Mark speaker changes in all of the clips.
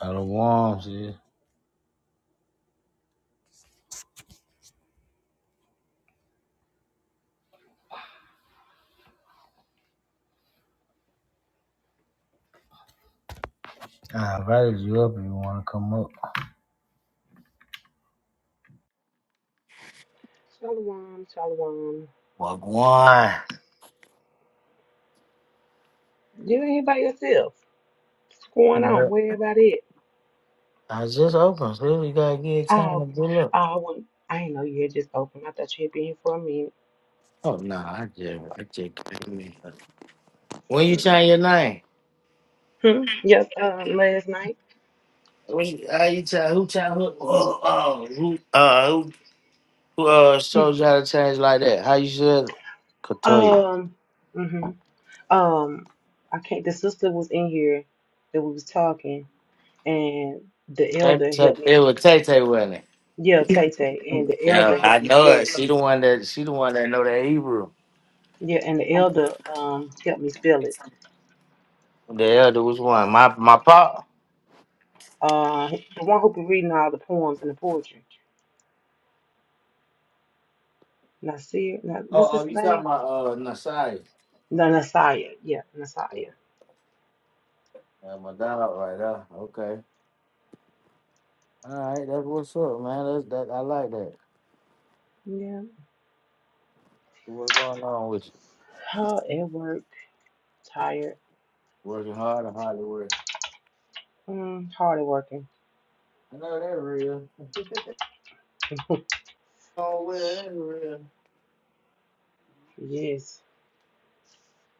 Speaker 1: Out of I invited you up if you want to come up.
Speaker 2: Shalom, shalom.
Speaker 1: Well, go
Speaker 2: You ain't by yourself. What's going on?
Speaker 1: I
Speaker 2: Where everybody at?
Speaker 1: was just open, so we gotta get time to
Speaker 2: Oh,
Speaker 1: build up.
Speaker 2: oh, well, I didn't know you had just opened. I thought you had been here for a minute.
Speaker 1: Oh no, I just, I just. came in. When you
Speaker 2: Mm.
Speaker 1: change your name,
Speaker 2: Hmm. Yes, um, last night.
Speaker 1: when you, uh, you change, who change who? Oh, oh, who? Uh, who? who, Uh,
Speaker 2: Hmm,
Speaker 1: showed you how to change like that? How you should? Katoy.
Speaker 2: Um, hmm um, I can't. The sister was in here that we was talking, and the
Speaker 1: Tay-
Speaker 2: elder
Speaker 1: Tay-
Speaker 2: helped me.
Speaker 1: It was Tay Tay, wasn't it?
Speaker 2: Yeah, Tay Tay, and the
Speaker 1: Yeah,
Speaker 2: elder
Speaker 1: I
Speaker 2: helped me
Speaker 1: know
Speaker 2: spell
Speaker 1: it.
Speaker 2: it.
Speaker 1: She the one that she the one that know that Hebrew.
Speaker 2: Yeah, and the elder um helped me spell it.
Speaker 1: The elder was one. My my pop.
Speaker 2: Uh, the one who been reading all the poems and the poetry. Nasir, Na-
Speaker 1: Oh,
Speaker 2: what's
Speaker 1: oh,
Speaker 2: his
Speaker 1: you
Speaker 2: name?
Speaker 1: talking about uh Nasai,
Speaker 2: No, Nasiah. Yeah, Nasiah.
Speaker 1: uh, my dog right there. Okay, all right, that's what's up, man. That's that I like that.
Speaker 2: Yeah.
Speaker 1: What's going on with you?
Speaker 2: Oh, at work, Tired.
Speaker 1: Working hard and hard to work.
Speaker 2: Mm, hard at working.
Speaker 1: I know that real. oh, well, that's real.
Speaker 2: yes.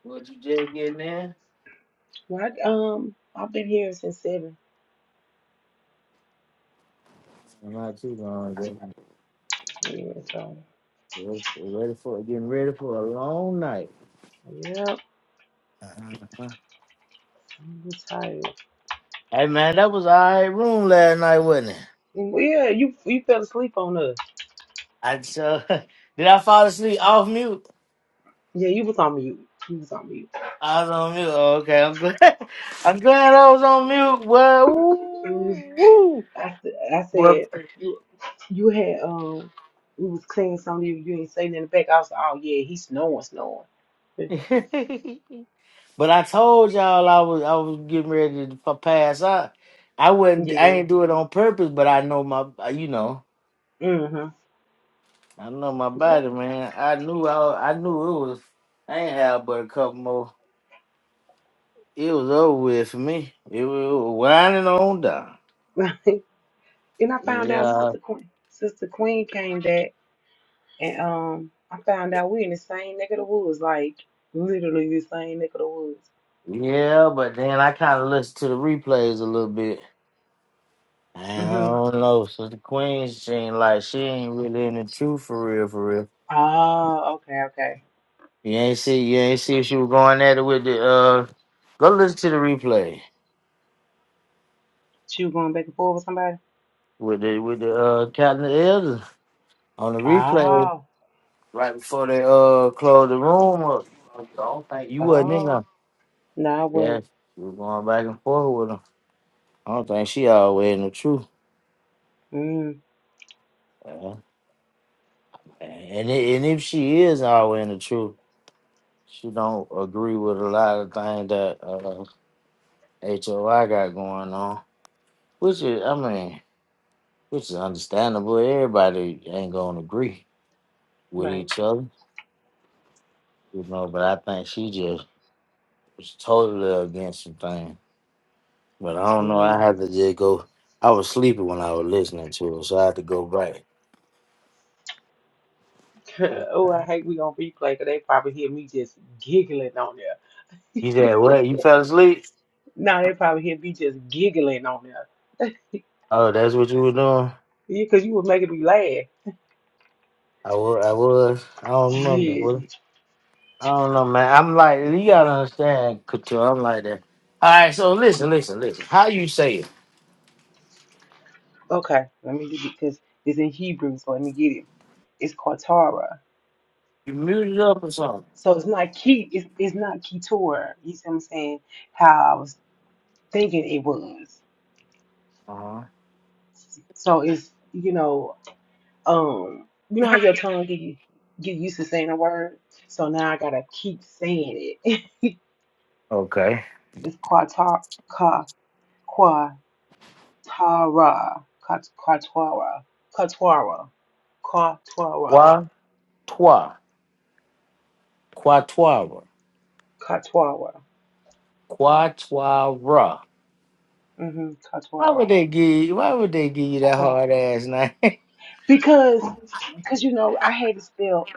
Speaker 1: What you just getting in?
Speaker 2: Well, I, um, I've been here since seven.
Speaker 1: I'm not too long ago.
Speaker 2: Yeah, so
Speaker 1: We're Ready for getting ready for a long night.
Speaker 2: yep.
Speaker 1: Uh-huh.
Speaker 2: I'm tired.
Speaker 1: Hey man, that was all right room last night, wasn't it?
Speaker 2: Yeah, you you fell asleep on us.
Speaker 1: I so did I fall asleep off mute?
Speaker 2: Yeah, you was on mute. You was on mute.
Speaker 1: I was on mute. Oh, okay, I'm glad. I'm glad I was on mute. Well,
Speaker 2: Mm,
Speaker 1: ooh, ooh.
Speaker 2: I, s- I
Speaker 1: Well,
Speaker 2: said you you had um we was cleaning something you, you ain't say nothing back. I was like, oh yeah, he's snowing, snowing.
Speaker 1: but I told y'all I was I was getting ready to p- pass out. I wasn't. I
Speaker 2: Yeah.
Speaker 1: ain't do it on purpose, but I know my. You know,
Speaker 2: Mm-hmm.
Speaker 1: I know my body,
Speaker 2: Yep.
Speaker 1: man. I knew. I I knew it was. I ain't had but a couple more. It was over with for me. It was winding on down.
Speaker 2: Right. Then I found out
Speaker 1: Yeah,
Speaker 2: Sister Queen Sister Queen came back and um I found out we in the same neck of the woods, like literally the same neck of the woods.
Speaker 1: yeah. But then I kind of listened to the replays a little bit. I
Speaker 2: Mm-hmm.
Speaker 1: don't know. So the queen, she ain't like she ain't really in the truth for real, for real.
Speaker 2: Oh, okay, okay.
Speaker 1: You ain't see, you ain't see if she was going at it with the. uh Go listen to the replay
Speaker 2: She was going back and forth with somebody?
Speaker 1: with the with the uh captain of the elders on the replay
Speaker 2: Oh.
Speaker 1: right before they uh closed the room up. I don't think you wasn't in
Speaker 2: Oh.
Speaker 1: there.
Speaker 2: No, I
Speaker 1: Yeah,
Speaker 2: wouldn't.
Speaker 1: she was going back and forth with him. I don't think she always in the truth.
Speaker 2: Mm.
Speaker 1: Yeah. And i- and if she is always in the truth, she don't agree with a lot of things that. uh. HOI got going on, which is, I mean, which is understandable. Everybody ain't gonna agree with
Speaker 2: Right.
Speaker 1: each other, you know. But I think she just was totally against some things. But I don't know. I
Speaker 2: Mm.
Speaker 1: had to just go. I was sleepy when I was listening to it, so I had to go back.
Speaker 2: oh, I hate we on replay because they probably hear me just giggling on there.
Speaker 1: You said what? You fell asleep?
Speaker 2: No, they probably hear me just giggling on there.
Speaker 1: Oh, that's what you were doing.
Speaker 2: Yeah, because you was making me laugh.
Speaker 1: I was. I was. I don't remember.
Speaker 2: Yes.
Speaker 1: Was it? I don't know, man. I'm like, you gotta understand, Couture. I'm like that. All right, so listen, listen, listen. How you say it?
Speaker 2: Okay. Let me get it because it's in Hebrew, so let me get it. It's called Torah.
Speaker 1: You muted up or something?
Speaker 2: So it's not key. It's, it's not Keturah. You see what I'm saying? How I was thinking it was.
Speaker 1: Uh-huh.
Speaker 2: So it's you know um you know how your tongue get you get used to saying a word. So now I gotta keep saying it.
Speaker 1: Okay.
Speaker 2: it's Quatara, Quatara, Quatara, Quatara, Quatara,
Speaker 1: Qua twa. Quatuara.
Speaker 2: Quatara.
Speaker 1: Quatuara.
Speaker 2: hmm
Speaker 1: Why would
Speaker 2: Katwara.
Speaker 1: they give you why would they give you that
Speaker 2: Kwa.
Speaker 1: hard ass name?
Speaker 2: Because, because you know, I had to spell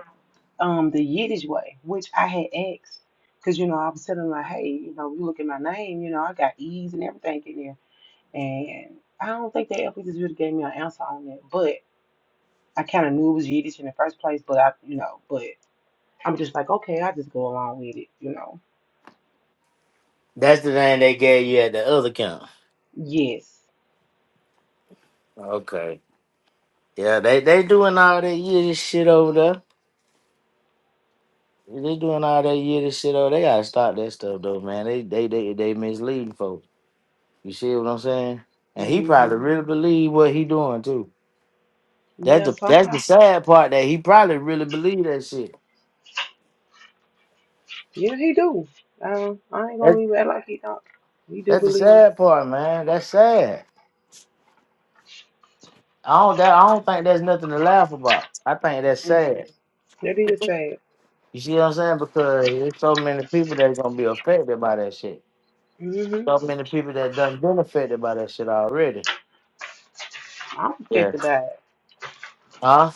Speaker 2: um the Yiddish way, which I had asked. Because you know, I was telling them like, hey, you know, you look at my name, you know, I got E's and everything in there, and I don't think they ever just really gave me an answer on that. But I kind of knew it was Yiddish in the first place, but I, you know, but I'm just like, okay, I just go along with it, you know.
Speaker 1: That's the name they gave you at the other camp.
Speaker 2: Yes.
Speaker 1: Okay. Yeah, they they doing all that Yiddish shit over there. They doing all that Yiddish shit over They gotta stop that stuff though, man. They they they they misleading folks. You see what I'm saying? And he probably
Speaker 2: Mhm.
Speaker 1: really believe what he doing too. That's
Speaker 2: Yeah.
Speaker 1: the that's
Speaker 2: Somehow.
Speaker 1: the sad part that he probably really believe that shit.
Speaker 2: Yeah, he do. Um, I ain't
Speaker 1: That,
Speaker 2: gonna even act like he don't. He do
Speaker 1: that's the
Speaker 2: believe.
Speaker 1: sad part, man. That's sad. I don't that, I don't think there's nothing to laugh about. I think that's
Speaker 2: No.
Speaker 1: sad.
Speaker 2: What do you say?
Speaker 1: You see what I'm saying? Because there's so many people that's gonna be affected by that shit.
Speaker 2: hmm
Speaker 1: So many people that done been affected by that shit already.
Speaker 2: I'm
Speaker 1: Yeah.
Speaker 2: affected by it.
Speaker 1: Huh?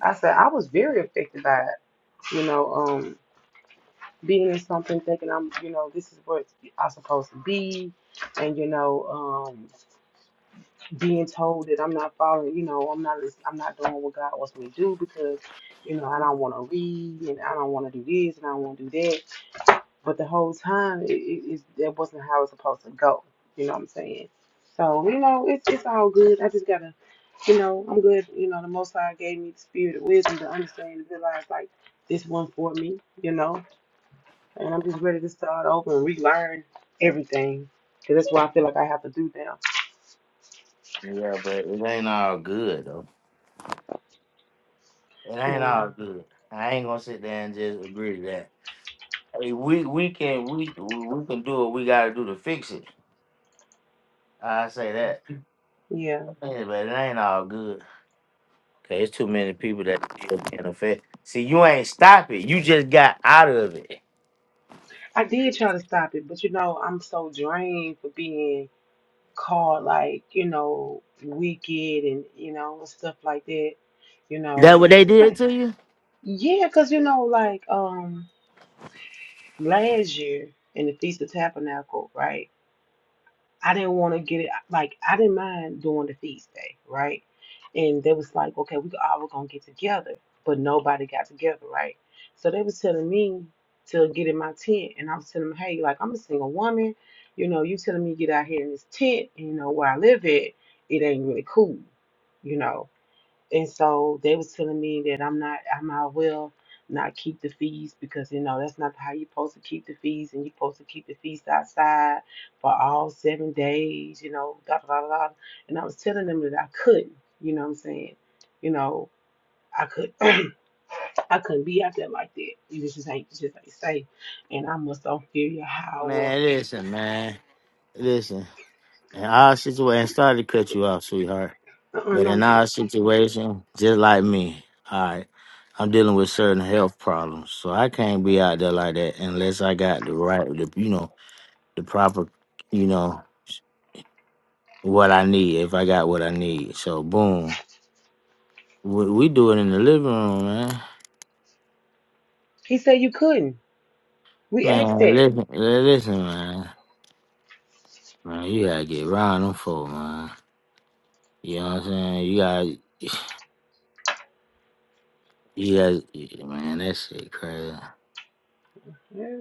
Speaker 2: I said I was very affected by it. You know, um, being in something, thinking I'm, you know, this is what I'm supposed to be, and you know, um, being told that I'm not following, you know, I'm not, lis- I'm not doing what God wants me to do because, you know, I don't want to read and I don't want to do this and I don't want to do that But the whole time, it, it, it, that wasn't how it's supposed to go. You know what I'm saying? So, you know, it's, it's all good. I just got to, you know, I'm good. You know, the Most High gave me the spirit of wisdom to understand and realize, like, this one for me, you know? And I'm just ready to start over and relearn everything. Because that's what I feel like I have to do now.
Speaker 1: Yeah, but it ain't all good though. It ain't all
Speaker 2: No.
Speaker 1: good. I ain't gonna sit there and just agree to that. I we we can we we can do what we gotta do to fix it. I say that.
Speaker 2: Yeah.
Speaker 1: Yeah, but it ain't all good. Cause there's too many people that still being affected. See, you ain't stop it. You just got out of it.
Speaker 2: I did try to stop it, but, you know, I'm so drained for being called like, you know, wicked and, you know, stuff like that. You
Speaker 1: That what
Speaker 2: know,
Speaker 1: they
Speaker 2: this
Speaker 1: did
Speaker 2: like,
Speaker 1: to you?
Speaker 2: yeah, because, you know, like um last year in the Feast of Tabernacle, right? I didn't want to get it. Like I didn't mind doing the feast day, right? And they was like, okay, we all were gonna get together, but nobody got together, right? So they was telling me to get in my tent, and I was telling them, hey, like I'm a single woman, you know, you telling me to get out here in this tent, and you know where I live at, it ain't really cool, you know. And so they was telling me that I'm not, I might well not keep the fees because you know that's not how you're supposed to keep the fees, and you're supposed to keep the feast outside for all seven days, you know, da da da da. And I was telling them that I couldn't, you know what I'm saying, you know. I could I couldn't be out there like that. You just ain't it just ain't safe. And I must don't feel your how well
Speaker 1: Man, listen, man. Listen. In our situation, sorry to cut you off, sweetheart.
Speaker 2: uh-uh,
Speaker 1: But
Speaker 2: no
Speaker 1: in
Speaker 2: good.
Speaker 1: our situation, just like me, all right, I'm dealing with certain health problems. So I can't be out there like that unless I got the right, the, you know, the proper, you know, what I need, if I got what I need. So, boom. We, we do it in the living room, man.
Speaker 2: He said you couldn't. We asked
Speaker 1: Man,
Speaker 2: that.
Speaker 1: listen, listen, man. Man, you gotta get round them folk, man. You know what I'm saying? You gotta, you gotta, yeah, man, that shit crazy.
Speaker 2: Yeah.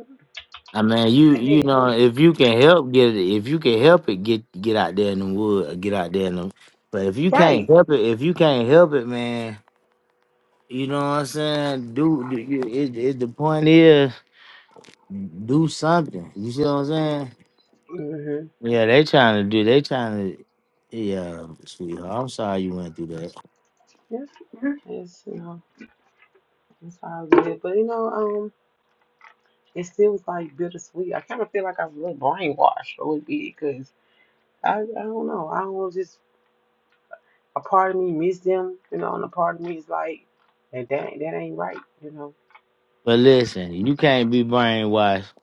Speaker 1: I mean, you,
Speaker 2: And
Speaker 1: you
Speaker 2: then
Speaker 1: know, if you can help get it, if you can help it, get get out there in the wood, or get out there in the. But if you can't
Speaker 2: right.
Speaker 1: help it, if you can't help it, man, you know what I'm saying? Do, do you- it, it, the point is, do something. You see what I'm saying?
Speaker 2: Mm-hmm.
Speaker 1: Yeah, they trying to do. They trying to. Yeah, sweetheart. I'm sorry you went through that.
Speaker 2: Yes, yes, You know. It's all good. But you know, um, it still was like bittersweet. I kind of feel like I was a little brainwashed a little bit because I, I don't know. I don't know, just a part of me miss them, you know, and a part of me is like, that that, ain't- that ain't right, you know.
Speaker 1: But listen, you can't be brainwashed.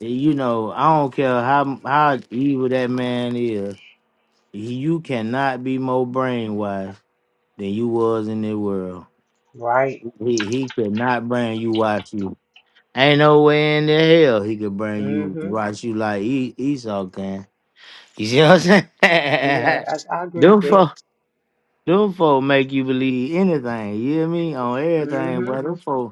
Speaker 1: You know, I don't care how how evil that man is. You cannot be more brainwashed than you was in the world.
Speaker 2: Right.
Speaker 1: He he could not brain you watch you. Ain't no way in the hell he could brain you
Speaker 2: hmm
Speaker 1: watch you like e- Esau can. You see what I'm
Speaker 2: Yeah,
Speaker 1: saying?
Speaker 2: I, I agree with
Speaker 1: them
Speaker 2: that.
Speaker 1: folk, them folk make you believe anything. You hear me on everything,
Speaker 2: hmm
Speaker 1: but brother.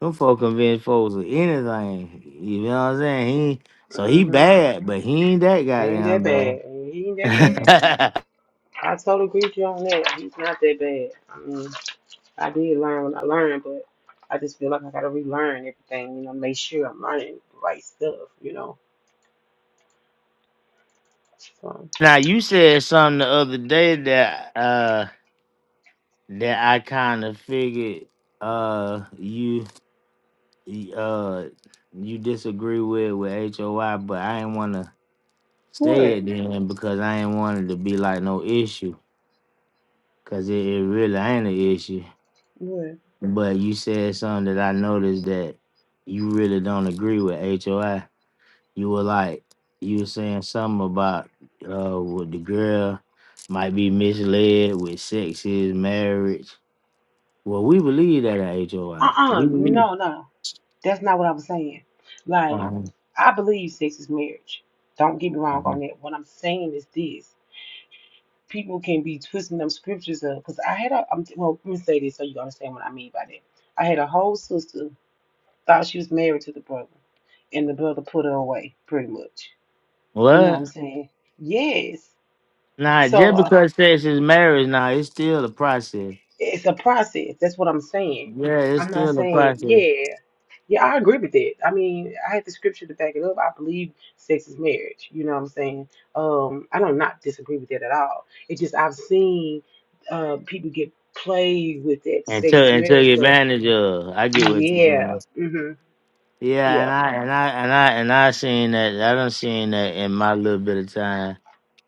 Speaker 1: Them folk convince folks of anything. You know what I'm saying? He so he
Speaker 2: hmm
Speaker 1: bad, but he ain't that
Speaker 2: Ain't that
Speaker 1: goddamn
Speaker 2: bad. He ain't that bad.
Speaker 1: bad.
Speaker 2: I totally agree with you on that. He's not that bad. I mean. I did learn what I learned, but I just feel like I gotta relearn everything, you know, make sure I'm learning the right stuff, you know. So
Speaker 1: now you said something the other day that uh that I kind of figured uh you uh you disagree with with HOI, but I ain't wanna say
Speaker 2: what?
Speaker 1: it then because I ain't wanted to be like no issue. Cause it, it really ain't an issue.
Speaker 2: What?
Speaker 1: But you said something that I noticed that you really don't agree with HOI. You were like, you were saying something about uh with the girl might be misled with sex is marriage. Well, we believe that at HOI.
Speaker 2: Uh-uh.
Speaker 1: We believe.
Speaker 2: No, no. That's not what I was saying. Like,
Speaker 1: Uh-huh.
Speaker 2: I believe sex is marriage. Don't get me wrong
Speaker 1: Uh-huh.
Speaker 2: on that. What I'm saying is this. People can be twisting them scriptures up. Because I had a, I'm, well, let me say this so you understand what I mean by that. I had a whole sister thought she was married to the brother, and the brother put her away, pretty much. You know what
Speaker 1: What?
Speaker 2: I'm saying? Yes.
Speaker 1: Nah,
Speaker 2: So
Speaker 1: just
Speaker 2: uh,
Speaker 1: because sex is marriage, nah, it's still a process.
Speaker 2: it's a process. That's what I'm saying.
Speaker 1: Yeah, it's
Speaker 2: I'm not
Speaker 1: still a
Speaker 2: saying,
Speaker 1: process.
Speaker 2: yeah, yeah, I agree with that. I mean, I had the scripture to back it up. I believe sex is marriage. You know what I'm saying? Um, I don't not disagree with that at all. It's just I've seen uh, people get played with that
Speaker 1: And
Speaker 2: sex
Speaker 1: took
Speaker 2: is
Speaker 1: and took
Speaker 2: marriage stuff.
Speaker 1: advantage of. I get what you're saying.
Speaker 2: Yeah. hmm
Speaker 1: Yeah,
Speaker 2: Yeah.
Speaker 1: and I and I and I and I seen that. I done seen that in my little bit of time.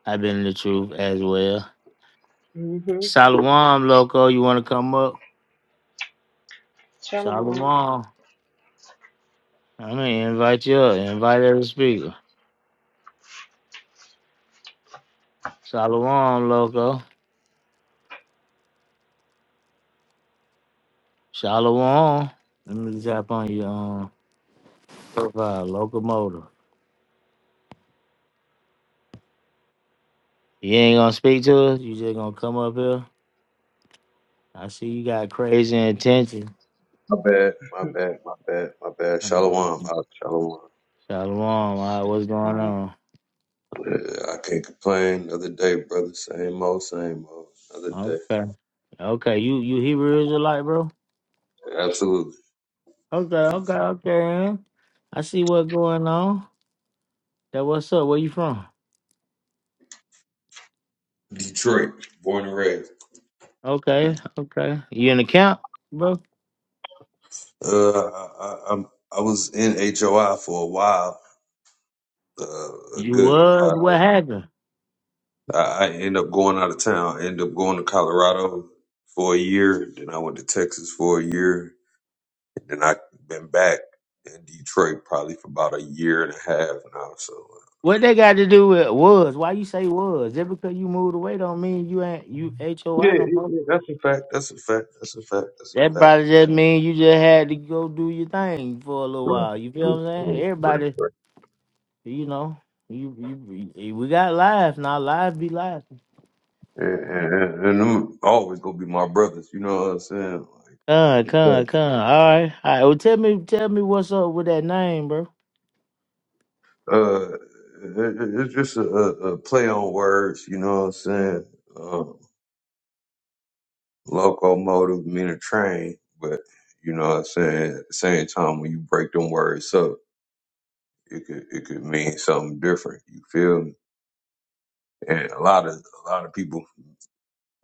Speaker 1: I've been in the truth as well.
Speaker 2: Mm-hmm.
Speaker 1: Salawam, loco, you want to come up?
Speaker 2: Shalom.
Speaker 1: Salawam. I mean, invite you up. Invite every speaker. Salawam, loco. Salawam. Let me tap on your um, profile, locomotive. You ain't gonna speak to us. You just gonna come up here. I see you got crazy intention.
Speaker 3: My bad, my bad, my bad, my bad. Shalom, uh,
Speaker 1: Shalom.
Speaker 3: shalom.
Speaker 1: All right, what's going
Speaker 2: Um,
Speaker 1: on?
Speaker 3: Yeah, I can't complain. Another day, brother. Same old, same old. Another day.
Speaker 1: Okay. Okay. You you Hebrew Israelite, bro?
Speaker 3: Absolutely.
Speaker 1: Okay, okay, okay. huh? I see what's going on. That what's up? Where you from?
Speaker 3: Detroit, born and raised.
Speaker 1: Okay, okay. You in the camp, bro?
Speaker 3: Uh, I, I, I'm, I was in HOI for a while. Uh,
Speaker 1: You
Speaker 3: good. I,
Speaker 1: was? What happened?
Speaker 3: I I end up going out of town. I end up going to Colorado for a year. Then I went to Texas for a year. And then I been back in Detroit probably for about a year and a half now. So. uh,
Speaker 1: What they got to do with was? Why you say was? Just because you moved away don't mean you ain't you H O
Speaker 3: Yeah,
Speaker 1: I no
Speaker 3: yeah,
Speaker 1: more.
Speaker 3: yeah, that's a fact. That's a fact. That's a fact. That's
Speaker 1: That
Speaker 3: a fact.
Speaker 1: probably just mean you just had to go do your thing for a little
Speaker 3: Right.
Speaker 1: while. You
Speaker 3: Yeah,
Speaker 1: feel what I'm
Speaker 3: yeah,
Speaker 1: saying?
Speaker 3: right,
Speaker 1: Everybody,
Speaker 3: right.
Speaker 1: you know, you you we got life now. Life be life.
Speaker 3: And, and, and them always gonna be my brothers. You know what I'm saying? Like,
Speaker 1: Con,
Speaker 3: for
Speaker 1: con, con. All right, all right. Well, tell me, tell me what's up with that name, bro.
Speaker 3: sure. Uh, it, it- it's just a, a a play on words. You know what I'm saying? Um, locomotive mean a train, but you know what I'm saying. At the same time, when you break them words up, it could it could mean something different. You feel me? And a lot of a lot of people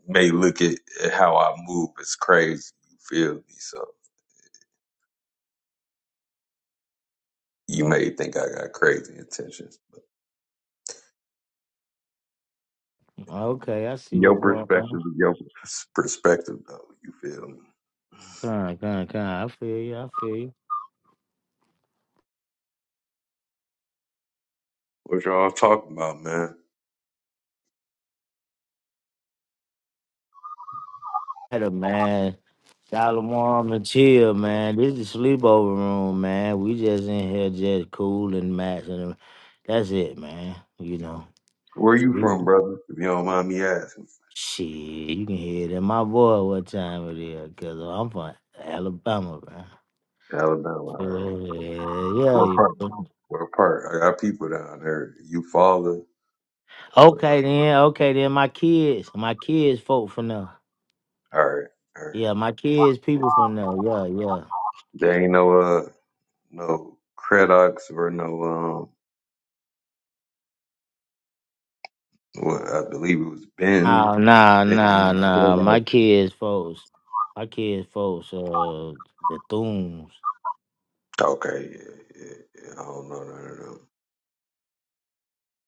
Speaker 3: may look at, at how I move as crazy. You feel me? So you may think I got crazy intentions.
Speaker 1: Okay, I see
Speaker 3: Your
Speaker 1: what's going
Speaker 3: perspective
Speaker 1: on.
Speaker 3: is your pers- perspective, though. You feel me?
Speaker 1: Con, con, con. I feel you. I feel you.
Speaker 3: What y'all talking about, man?
Speaker 1: Had a man, dollar warm and chill, man. This is sleepover room, man. We just in here, just cool and matching. That's it, man. You know,
Speaker 3: Where you from,
Speaker 1: we
Speaker 3: brother? If you don't mind me asking.
Speaker 1: shit. You can hear it in my voice what time it is, cause I'm from Alabama, man.
Speaker 3: Alabama, all right.
Speaker 1: Yeah,
Speaker 3: What
Speaker 1: yeah.
Speaker 3: part?
Speaker 1: yeah.
Speaker 3: What part? I got people down there. You father? Uh,
Speaker 1: Okay then, okay then. My kids, my kids, folk from there.
Speaker 3: all right, all right.
Speaker 1: Yeah, my kids, people from there. Yeah, yeah.
Speaker 3: There ain't no uh no Credox or no um. What I believe it was
Speaker 1: Nah,
Speaker 3: Ben
Speaker 1: nah, nah,
Speaker 3: Ben.
Speaker 1: nah. My kids, folks. My kids, folks. Uh, the Thunes.
Speaker 3: Okay, yeah, yeah, yeah. I don't know none of them.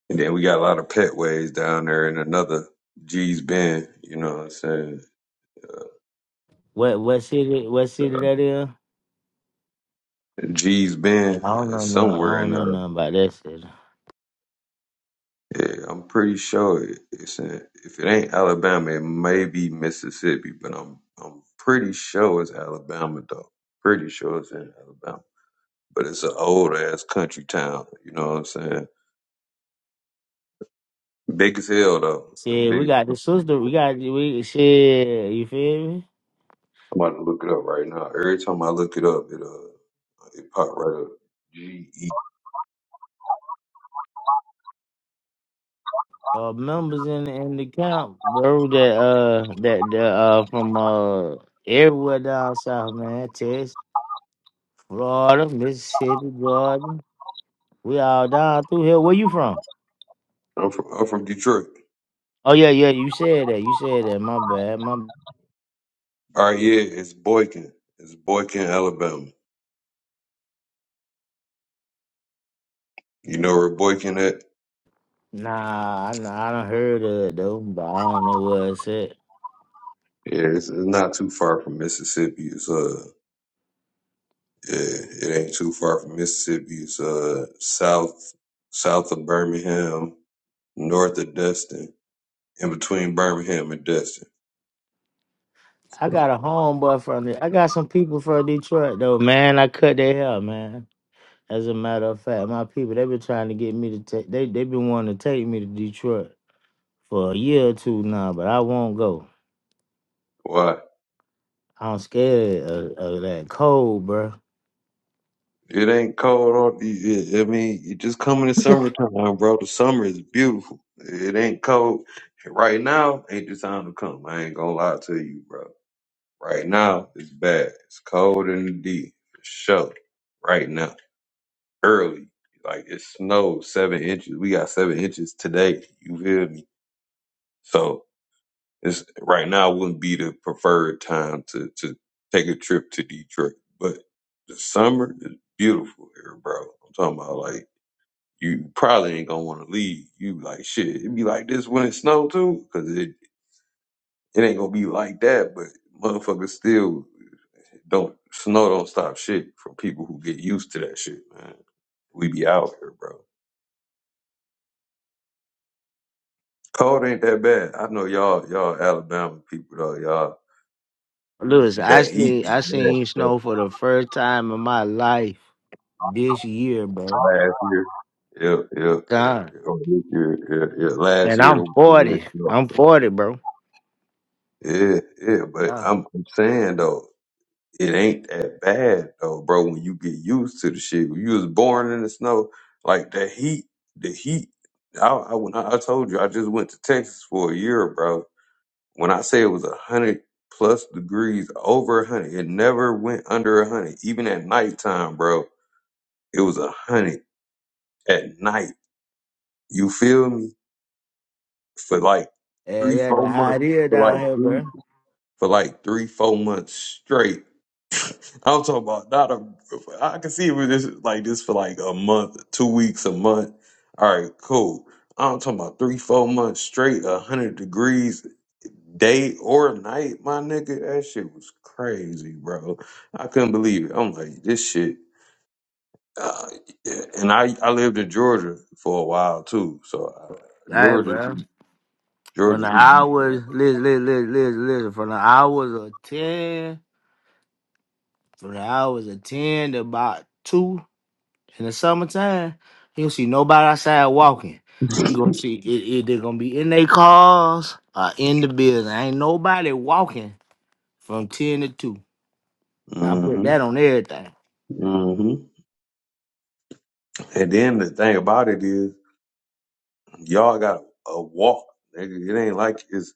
Speaker 3: And then we got a lot of pet ways down there in another G's Bend. You know what I'm saying?
Speaker 1: What, what city? What city that is?
Speaker 3: G's
Speaker 1: Yeah,
Speaker 3: Bend.
Speaker 1: I
Speaker 3: uh,
Speaker 1: don't know.
Speaker 3: It's
Speaker 1: Nothing. I
Speaker 3: somewhere in
Speaker 1: don't know
Speaker 3: the.
Speaker 1: nothing about that city.
Speaker 3: Yeah, I'm pretty sure it- it's in. If it ain't Alabama, it may be Mississippi, but I'm I'm pretty sure it's Alabama though. Pretty sure it's in Alabama. But it's an old ass country town. You know what I'm saying? Big as hell though. It's
Speaker 1: Shit, we
Speaker 3: big.
Speaker 1: got
Speaker 3: I'm
Speaker 1: the sister. We got we shit. You feel me?
Speaker 3: about to look it up right now. Every time I look it up, it uh. It popped right up. G E.
Speaker 1: Uh, members in in the camp, bro. That uh, that that uh from uh everywhere down south, man. Texas. Florida, Mississippi, Georgia. We all down through here. Where you from?
Speaker 3: I'm from I'm from Detroit.
Speaker 1: Oh yeah, yeah. You said that. You said that. My bad. My b-
Speaker 3: All right, yeah, it's Boykin. It's Boykin, Alabama. You know where Boykin at?
Speaker 1: nah. I I done heard of it though, but I don't know what it said.
Speaker 3: Yeah, it's, it's not too far from Mississippi. It's uh, yeah, it ain't too far from Mississippi. It's uh, south south of Birmingham, north of Destin, in between Birmingham and Destin.
Speaker 1: I got a homeboy from the. I got some people from Detroit though, man. I cut their hair, man. As a matter of fact, my people they been trying to get me to take. They they been wanting to take me to Detroit for a year or two now, but I won't go.
Speaker 3: Why?
Speaker 1: I'm scared of, of that cold, bro.
Speaker 3: It ain't cold. All, it- it- I mean, it just coming in summertime, bro. The summer is beautiful. It ain't cold. Right now ain't the time to come. I ain't gonna lie to you, bro. Right now it's bad. It's cold in the D. For sure. Right now, early. Like it snowed seven inches. We got seven inches today. You feel me? So it's right now wouldn't be the preferred time to to take a trip to Detroit. But the summer is beautiful here, bro. I'm talking about like you probably ain't gonna want to leave. You like shit. It be like this when it snow too, cause it it ain't gonna be like that. But motherfuckers still don't snow don't stop shit from people who get used to that shit, man. We be out here, bro. Cold ain't that bad. I know y'all y'all Alabama people though. Y'all
Speaker 1: Lewis, I
Speaker 3: that heat
Speaker 1: seen
Speaker 3: be
Speaker 1: I
Speaker 3: bad.
Speaker 1: seen
Speaker 3: but
Speaker 1: snow for the first time in my life this year, bro.
Speaker 3: Last year, yeah, yeah, yeah,
Speaker 1: God.
Speaker 3: yeah, Oh, this year, yeah, yeah. Last
Speaker 1: And
Speaker 3: year,
Speaker 1: I'm
Speaker 3: it
Speaker 1: 40. I'm
Speaker 3: was-
Speaker 1: 40, bro.
Speaker 3: yeah, yeah. But
Speaker 1: Yeah,
Speaker 3: I'm, I'm saying though. it ain't that bad though, bro. When you get used to the shit, when you was born in the snow, like the heat, the heat. I, I when I, I told you, I just went to Texas for a year, bro. When I say it was a hundred plus degrees, over a hundred, it never went under a hundred. Even at nighttime, bro, it was a hundred at night. You feel me? For like
Speaker 1: yeah,
Speaker 3: three,
Speaker 1: yeah the
Speaker 3: four months.
Speaker 1: hot air
Speaker 3: For like
Speaker 1: down here,
Speaker 3: three,
Speaker 1: bro.
Speaker 3: for like three, four months straight. I'm talking about not a. I can see it was just like this for like a month, two weeks, a month. All right, cool. I'm talking about three, four months straight, a hundred degrees, day or night. My nigga, that shit was crazy, bro. I couldn't believe it. I'm like, this shit. Uh, and I I lived in Georgia for a while too, so I,
Speaker 1: Hey,
Speaker 3: Georgia,
Speaker 1: bro. From
Speaker 3: Georgia
Speaker 1: the
Speaker 3: heat. mm
Speaker 1: hours, listen, listen, listen, listen, listen. From the hours of 10, from the hours of 10 to about 2 in the summertime, you don't see nobody outside walking. You gonna see it, it they're gonna be in their cars or in the building. Ain't nobody walking from 10 to 2. I put
Speaker 3: hmm
Speaker 1: that on everything.
Speaker 3: mm hmm And then the thing about it is. Y'all got a walk. Nigga. It ain't like it's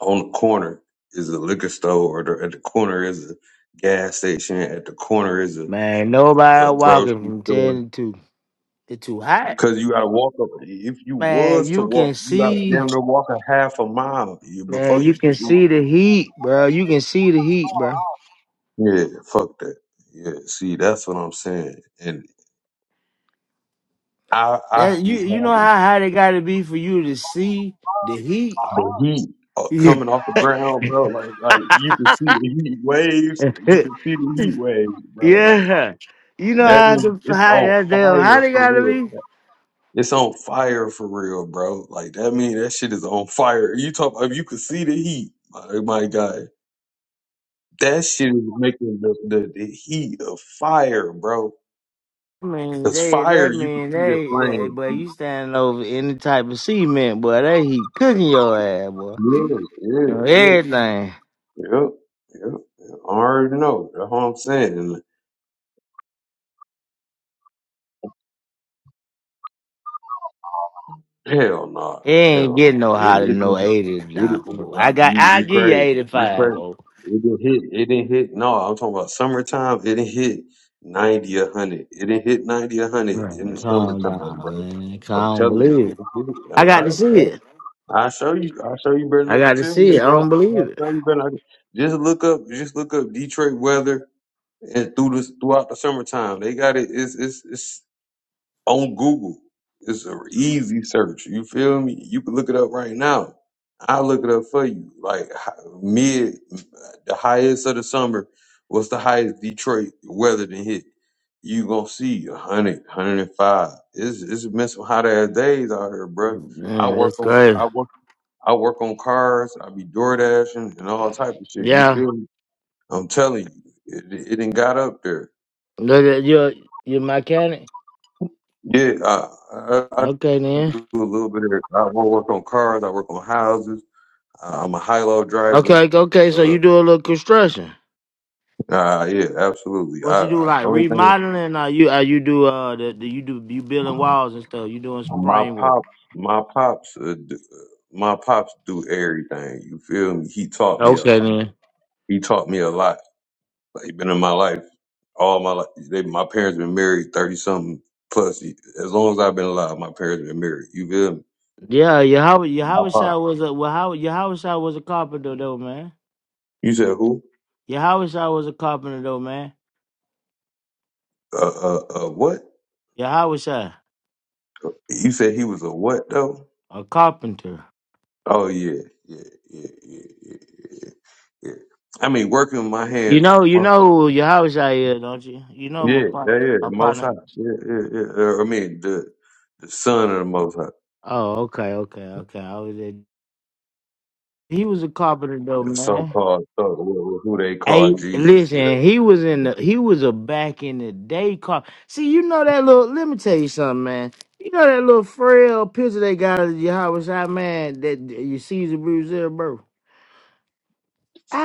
Speaker 3: on the corner is a liquor store, or the, at the corner is a gas station, at the corner is a,
Speaker 1: Man,
Speaker 3: a
Speaker 1: nobody walking
Speaker 3: grocery
Speaker 1: from
Speaker 3: store.
Speaker 1: 10 to 2. It's too hot.
Speaker 3: Cause you gotta walk up. If you
Speaker 1: Man,
Speaker 3: was to
Speaker 1: you
Speaker 3: walk,
Speaker 1: can
Speaker 3: you gotta
Speaker 1: see,
Speaker 3: damn near walk a half a mile You- before
Speaker 1: man, you
Speaker 3: you get.
Speaker 1: can
Speaker 3: to-
Speaker 1: see the heat, bro. You can see the heat, bro.
Speaker 3: Yeah, fuck that. Yeah, see, that's what I'm saying. And I I
Speaker 1: That
Speaker 3: be
Speaker 1: you you know
Speaker 3: having
Speaker 1: how hot it gotta be for you to see the heat?
Speaker 3: the heat uh,
Speaker 1: Yeah.
Speaker 3: coming off the ground, bro. Like, like you can see the heat waves. You can see the heat waves, bro. Like
Speaker 1: yeah. You know
Speaker 3: that
Speaker 1: how
Speaker 3: means
Speaker 1: the
Speaker 3: it's
Speaker 1: how
Speaker 3: on
Speaker 1: that damn
Speaker 3: fire
Speaker 1: hot it
Speaker 3: for
Speaker 1: gotta
Speaker 3: real.
Speaker 1: be?
Speaker 3: It's on fire for real, bro. Like that mean that shit is on fire. You talk if you could see the heat, my, my guy. That shit is making the, the, the heat of fire, bro.
Speaker 1: I mean,
Speaker 3: Cause
Speaker 1: they
Speaker 3: fire,
Speaker 1: that
Speaker 3: you can
Speaker 1: mean
Speaker 3: see the
Speaker 1: they, they
Speaker 3: flame.
Speaker 1: boy, you standing over any type of cement, boy. They heat cooking your ass, boy.
Speaker 3: Yeah,
Speaker 1: And
Speaker 3: yeah,
Speaker 1: everything.
Speaker 3: yeah, yep, yep. yep, I already know. That's what I'm saying. Hell no.
Speaker 1: It ain't
Speaker 3: Hell
Speaker 1: getting
Speaker 3: no.
Speaker 1: no
Speaker 3: It it didn't
Speaker 1: hotter than no eighty
Speaker 3: It
Speaker 1: now,
Speaker 3: didn't
Speaker 1: folks. I
Speaker 3: drop.
Speaker 1: got
Speaker 3: You
Speaker 1: I
Speaker 3: you
Speaker 1: give you
Speaker 3: crazy.
Speaker 1: eighty
Speaker 3: You
Speaker 1: five,
Speaker 3: crazy.
Speaker 1: folks.
Speaker 3: It didn't hit. It didn't hit. No, I'm talking about summertime. It didn't hit ninety or hundred. It didn't hit ninety or hundred in
Speaker 1: Man,
Speaker 3: the
Speaker 1: calm
Speaker 3: summertime,
Speaker 1: down,
Speaker 3: bro.
Speaker 1: man. 'Cause I
Speaker 3: I'm
Speaker 1: don't
Speaker 3: telling
Speaker 1: believe
Speaker 3: you, it
Speaker 1: it.
Speaker 3: didn't hit. it.
Speaker 1: I
Speaker 3: All
Speaker 1: got to
Speaker 3: right,
Speaker 1: see
Speaker 3: bro.
Speaker 1: it.
Speaker 3: I show you. I show you better than
Speaker 1: I
Speaker 3: I can
Speaker 1: got to
Speaker 3: tell you,
Speaker 1: see it. I
Speaker 3: bro.
Speaker 1: don't
Speaker 3: I
Speaker 1: believe it.
Speaker 3: show you better. Than I can. Just look up. Just look up Detroit weather and through this throughout the summertime. They got it. It's it's it's on Google. It's an easy search. You feel me? You can look it up right now. I'll look it up for you. Like hi- mid, the highest of the summer, what's the highest Detroit weather than hit? You gonna see a hundred, hundred and five. It's, it's been some hot ass days out here, bro. I
Speaker 1: Man,
Speaker 3: work
Speaker 1: that's
Speaker 3: on,
Speaker 1: crazy.
Speaker 3: I work, I work on cars. I be door dashing and all type of shit. You
Speaker 1: Yeah.
Speaker 3: feel me? I'm telling you, it, it, it done got up there.
Speaker 1: Look at you you mechanic?
Speaker 3: Yeah, I, I,
Speaker 1: Okay then.
Speaker 3: do a little bit of. I work on cars. I work on houses. Uh, I'm a high low driver.
Speaker 1: Okay, okay, so
Speaker 3: Uh,
Speaker 1: you do a little construction.
Speaker 3: uh, yeah, absolutely.
Speaker 1: What
Speaker 3: I,
Speaker 1: you do
Speaker 3: I the
Speaker 1: like
Speaker 3: only thing
Speaker 1: remodeling? Or you uh, you do uh the, the you do you building walls and stuff. You doing some
Speaker 3: my
Speaker 1: framework.
Speaker 3: pops, my pops, uh, d- my pops do everything. You feel me? He taught me a
Speaker 1: Okay
Speaker 3: lot.
Speaker 1: then.
Speaker 3: He taught me a lot. Like, he been in my life all my life. They, my parents been married thirty something plus. y- As long as I've been alive, my parents been married. You feel me?
Speaker 1: Yeah, your Howard your
Speaker 3: My
Speaker 1: Howard
Speaker 3: pops.
Speaker 1: Shaw was a well how your Howard Shaw was a carpenter though man.
Speaker 3: You said who?
Speaker 1: Your Howard Shaw was a carpenter though man.
Speaker 3: Uh, uh, uh, what?
Speaker 1: Your Howard Shaw
Speaker 3: You said he was a what though?
Speaker 1: a carpenter.
Speaker 3: Oh yeah, yeah, yeah, yeah, yeah, yeah. yeah. I mean, working with my
Speaker 1: You
Speaker 3: hands.
Speaker 1: know you
Speaker 3: my-
Speaker 1: know who your Howard Shaw is, don't you? You know
Speaker 3: Yeah,
Speaker 1: my
Speaker 3: yeah,
Speaker 1: partner.
Speaker 3: yeah.
Speaker 1: My
Speaker 3: The Most High.
Speaker 1: partner.
Speaker 3: Yeah, yeah, yeah. Uh, I mean, the the Son of the Most High,
Speaker 1: Oh okay okay okay. I was a, he was a carpenter though
Speaker 3: so
Speaker 1: man.
Speaker 3: called who they call
Speaker 1: Hey,
Speaker 3: Jesus, whatever.
Speaker 1: listen, he was in the he was a back in the day car. See, you know that little let me tell you something, man. You know that little frail picture they got of Yahweh Shai, man, that you see the Brazil, bro.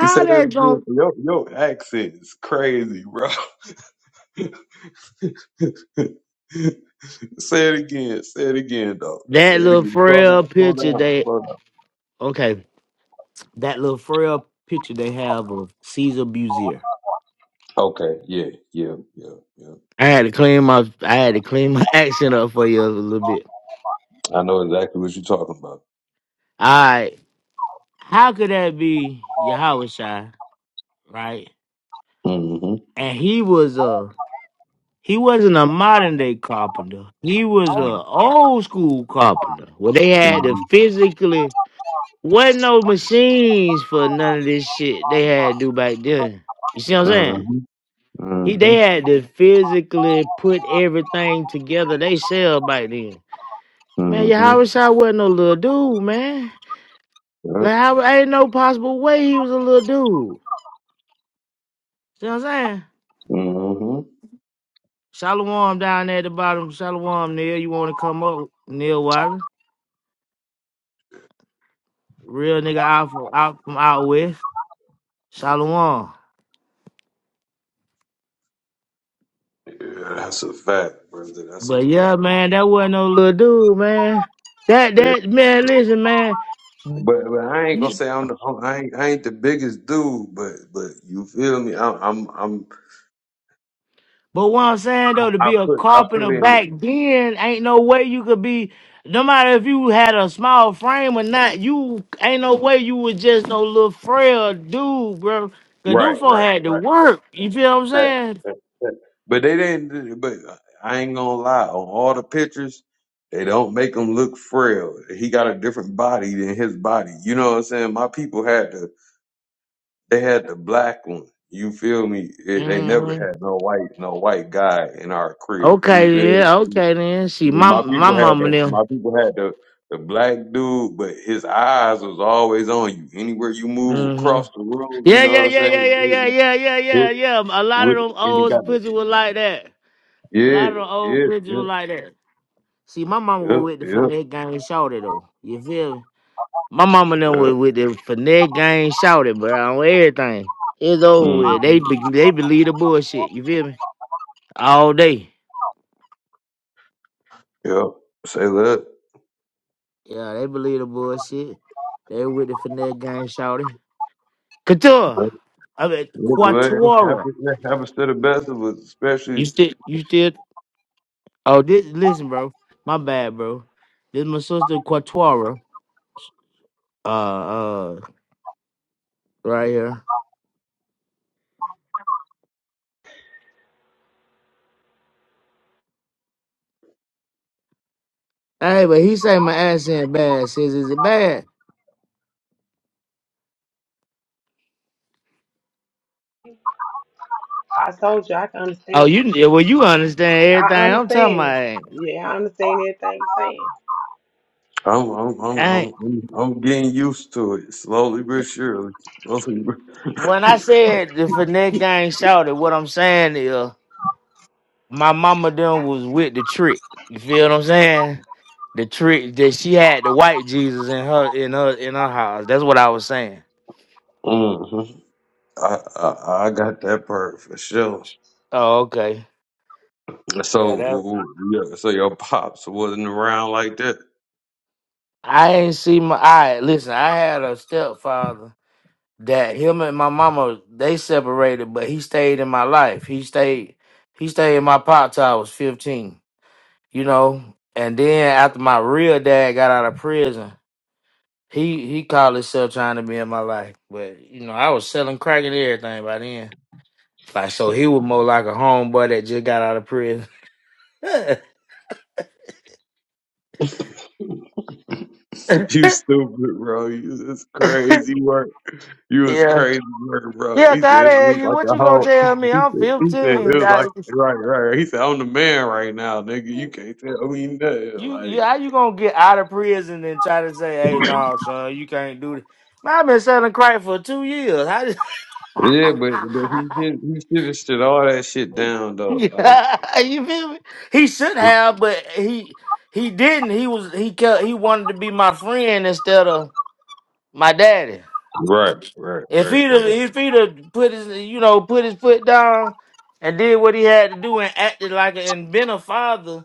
Speaker 3: You say that
Speaker 1: that
Speaker 3: again.
Speaker 1: going
Speaker 3: Your your accent is crazy, bro. say it again. Say it again, though. Say
Speaker 1: that
Speaker 3: it
Speaker 1: little
Speaker 3: again. Slow down.
Speaker 1: frail
Speaker 3: Slow
Speaker 1: picture
Speaker 3: down.
Speaker 1: they
Speaker 3: Slow down.
Speaker 1: okay, that little frail picture they have of Caesar Buzier.
Speaker 3: Okay. Yeah. Yeah. Yeah. Yeah.
Speaker 1: I
Speaker 3: yeah.
Speaker 1: had to clean my I had to clean my accent up for you a little bit.
Speaker 3: I know exactly what you're talking about.
Speaker 1: Alright. How could that be Yahweh Shai, right?
Speaker 3: hmm
Speaker 1: And he was a He wasn't a modern day carpenter. He was a old school carpenter where they had to
Speaker 3: Mm-hmm.
Speaker 1: physically wasn't no machines for none of this shit they had to do back then. You see what I'm saying? He
Speaker 3: Mm-hmm.
Speaker 1: they had to physically put everything together they sell back then. Man, your
Speaker 3: Mm-hmm.
Speaker 1: Howard wasn't no little dude, man.
Speaker 3: Yep.
Speaker 1: Like I ain't no possible way he was a little dude. See what I'm saying?
Speaker 3: Mm-hmm.
Speaker 1: Shalom down there at the bottom. Shalom, Neil. You want to come up, Neil Wiley? Real nigga out from out from out west. Shalom.
Speaker 3: Yeah, that's a fact, brother. That's a
Speaker 1: But
Speaker 3: fact.
Speaker 1: yeah, man, that wasn't no little dude, man. That
Speaker 3: Yeah.
Speaker 1: that man, listen, man.
Speaker 3: But, but I ain't gonna
Speaker 1: You-
Speaker 3: say I'm the I'm- I ain't, I ain't the biggest dude, but but you feel me? I'm I'm, I'm
Speaker 1: But what I'm saying though, to
Speaker 3: I
Speaker 1: be a
Speaker 3: put I put
Speaker 1: carpenter
Speaker 3: in
Speaker 1: back then, ain't no way you could be. No matter if you had a small frame or not, you ain't no way you was just no little frail dude, bro. Cause them
Speaker 3: right,
Speaker 1: folk
Speaker 3: right,
Speaker 1: had to
Speaker 3: right.
Speaker 1: work. You feel what I'm
Speaker 3: Fact,
Speaker 1: saying?
Speaker 3: fact, fact. But they didn't. But I ain't gonna lie. On all the pictures, they don't make him look frail. He got a different body than his body. You know what I'm saying? My people had to They had the black one. You feel me? It, they never
Speaker 1: hmm
Speaker 3: had no white, no white guy in our crib. You feel
Speaker 1: Okay,
Speaker 3: me?
Speaker 1: yeah, okay then. See, my
Speaker 3: My
Speaker 1: my
Speaker 3: people had
Speaker 1: mama
Speaker 3: the, my
Speaker 1: them.
Speaker 3: people had the, the black dude, but his eyes was always on you. Anywhere you move
Speaker 1: Mm-hmm.
Speaker 3: across the room, you
Speaker 1: Yeah,
Speaker 3: know
Speaker 1: yeah,
Speaker 3: what I'm
Speaker 1: yeah, yeah,
Speaker 3: saying?
Speaker 1: yeah, yeah, yeah, yeah,
Speaker 3: It,
Speaker 1: yeah, yeah. A lot of
Speaker 3: with,
Speaker 1: them
Speaker 3: and it got,
Speaker 1: old pigeons were like that. A
Speaker 3: yeah,
Speaker 1: lot of the old
Speaker 3: yeah,
Speaker 1: pigeons
Speaker 3: yeah,
Speaker 1: were like that. See, my mama
Speaker 3: yeah,
Speaker 1: was with the
Speaker 3: yeah,
Speaker 1: Finesse gang and though. You feel me? My mama them
Speaker 3: yeah.
Speaker 1: was with the Finesse gang and but on everything. It's over
Speaker 3: hmm
Speaker 1: with. They be, they believe the bullshit. You feel me? All day.
Speaker 3: Yeah. Say that.
Speaker 1: Yeah, they believe the bullshit. They with the Finesse gang shouted. Couture.
Speaker 3: Yeah,
Speaker 1: I mean
Speaker 3: it
Speaker 1: Quatora.
Speaker 3: happens, it happens to the best of us,
Speaker 1: You
Speaker 3: especially
Speaker 1: still you still Oh, this listen, bro. My bad, bro. This my sister Quatuara. Uh, uh, right here. Hey, but he say my ass ain't bad. Says is it bad?
Speaker 2: I told you I can
Speaker 1: Oh,
Speaker 2: understand.
Speaker 1: you yeah, well, you understand everything
Speaker 2: I
Speaker 1: I'm talking
Speaker 2: understand it.
Speaker 1: about.
Speaker 2: Yeah, I understand everything you're saying.
Speaker 3: I'm I'm
Speaker 1: I
Speaker 3: I'm I'm
Speaker 1: ain't,
Speaker 3: I'm, I'm getting used to it slowly but surely. Slowly but
Speaker 1: when I said the finesse gang shouted, what I'm saying is uh, my mama done was with the trick. You feel what I'm saying? The trick that she had the white Jesus in her in her in her house. That's what I was saying.
Speaker 3: Mhm. I, I I got that part for sure.
Speaker 1: Oh, okay. Yeah, that.
Speaker 3: So yeah, so your pops wasn't around like that.
Speaker 1: I ain't see my. I listen. I had a stepfather that him and my mama they separated, but he stayed in my life. He stayed. He stayed in my pop till I was fifteen. You know, and then after my real dad got out of prison, he he called himself trying to be in my life, but you know I was selling crack and everything by then. Like so, he was more like a homeboy that just got out of prison. yeah,
Speaker 3: You stupid, bro. You just crazy, work. You was crazy, bro.
Speaker 1: yeah,
Speaker 3: He said it
Speaker 1: God,
Speaker 3: was
Speaker 1: you what
Speaker 3: like
Speaker 1: you
Speaker 3: a
Speaker 1: gonna
Speaker 3: whole. He
Speaker 1: tell me? I'm
Speaker 3: said, he said it
Speaker 1: fifteen.
Speaker 3: was
Speaker 1: I,
Speaker 3: like right, right. right. He said I'm the man right now, nigga. You can't tell me nothing.
Speaker 1: You, you,
Speaker 3: Like
Speaker 1: how you gonna get out of prison and try to say, "Hey, no, son, you can't do this." Man, I've been selling crack for two years. How did-
Speaker 3: yeah, but but he should he should have stood all that shit down though. Like
Speaker 1: yeah, you feel me? He should
Speaker 3: he-
Speaker 1: have, but he he didn't. He was he kept, he wanted to be my friend instead of my daddy.
Speaker 3: right, right,
Speaker 1: If
Speaker 3: right,
Speaker 1: he'd have,
Speaker 3: right,
Speaker 1: if he'd have put his you know put his foot down and did what he had to do and acted like and been a father,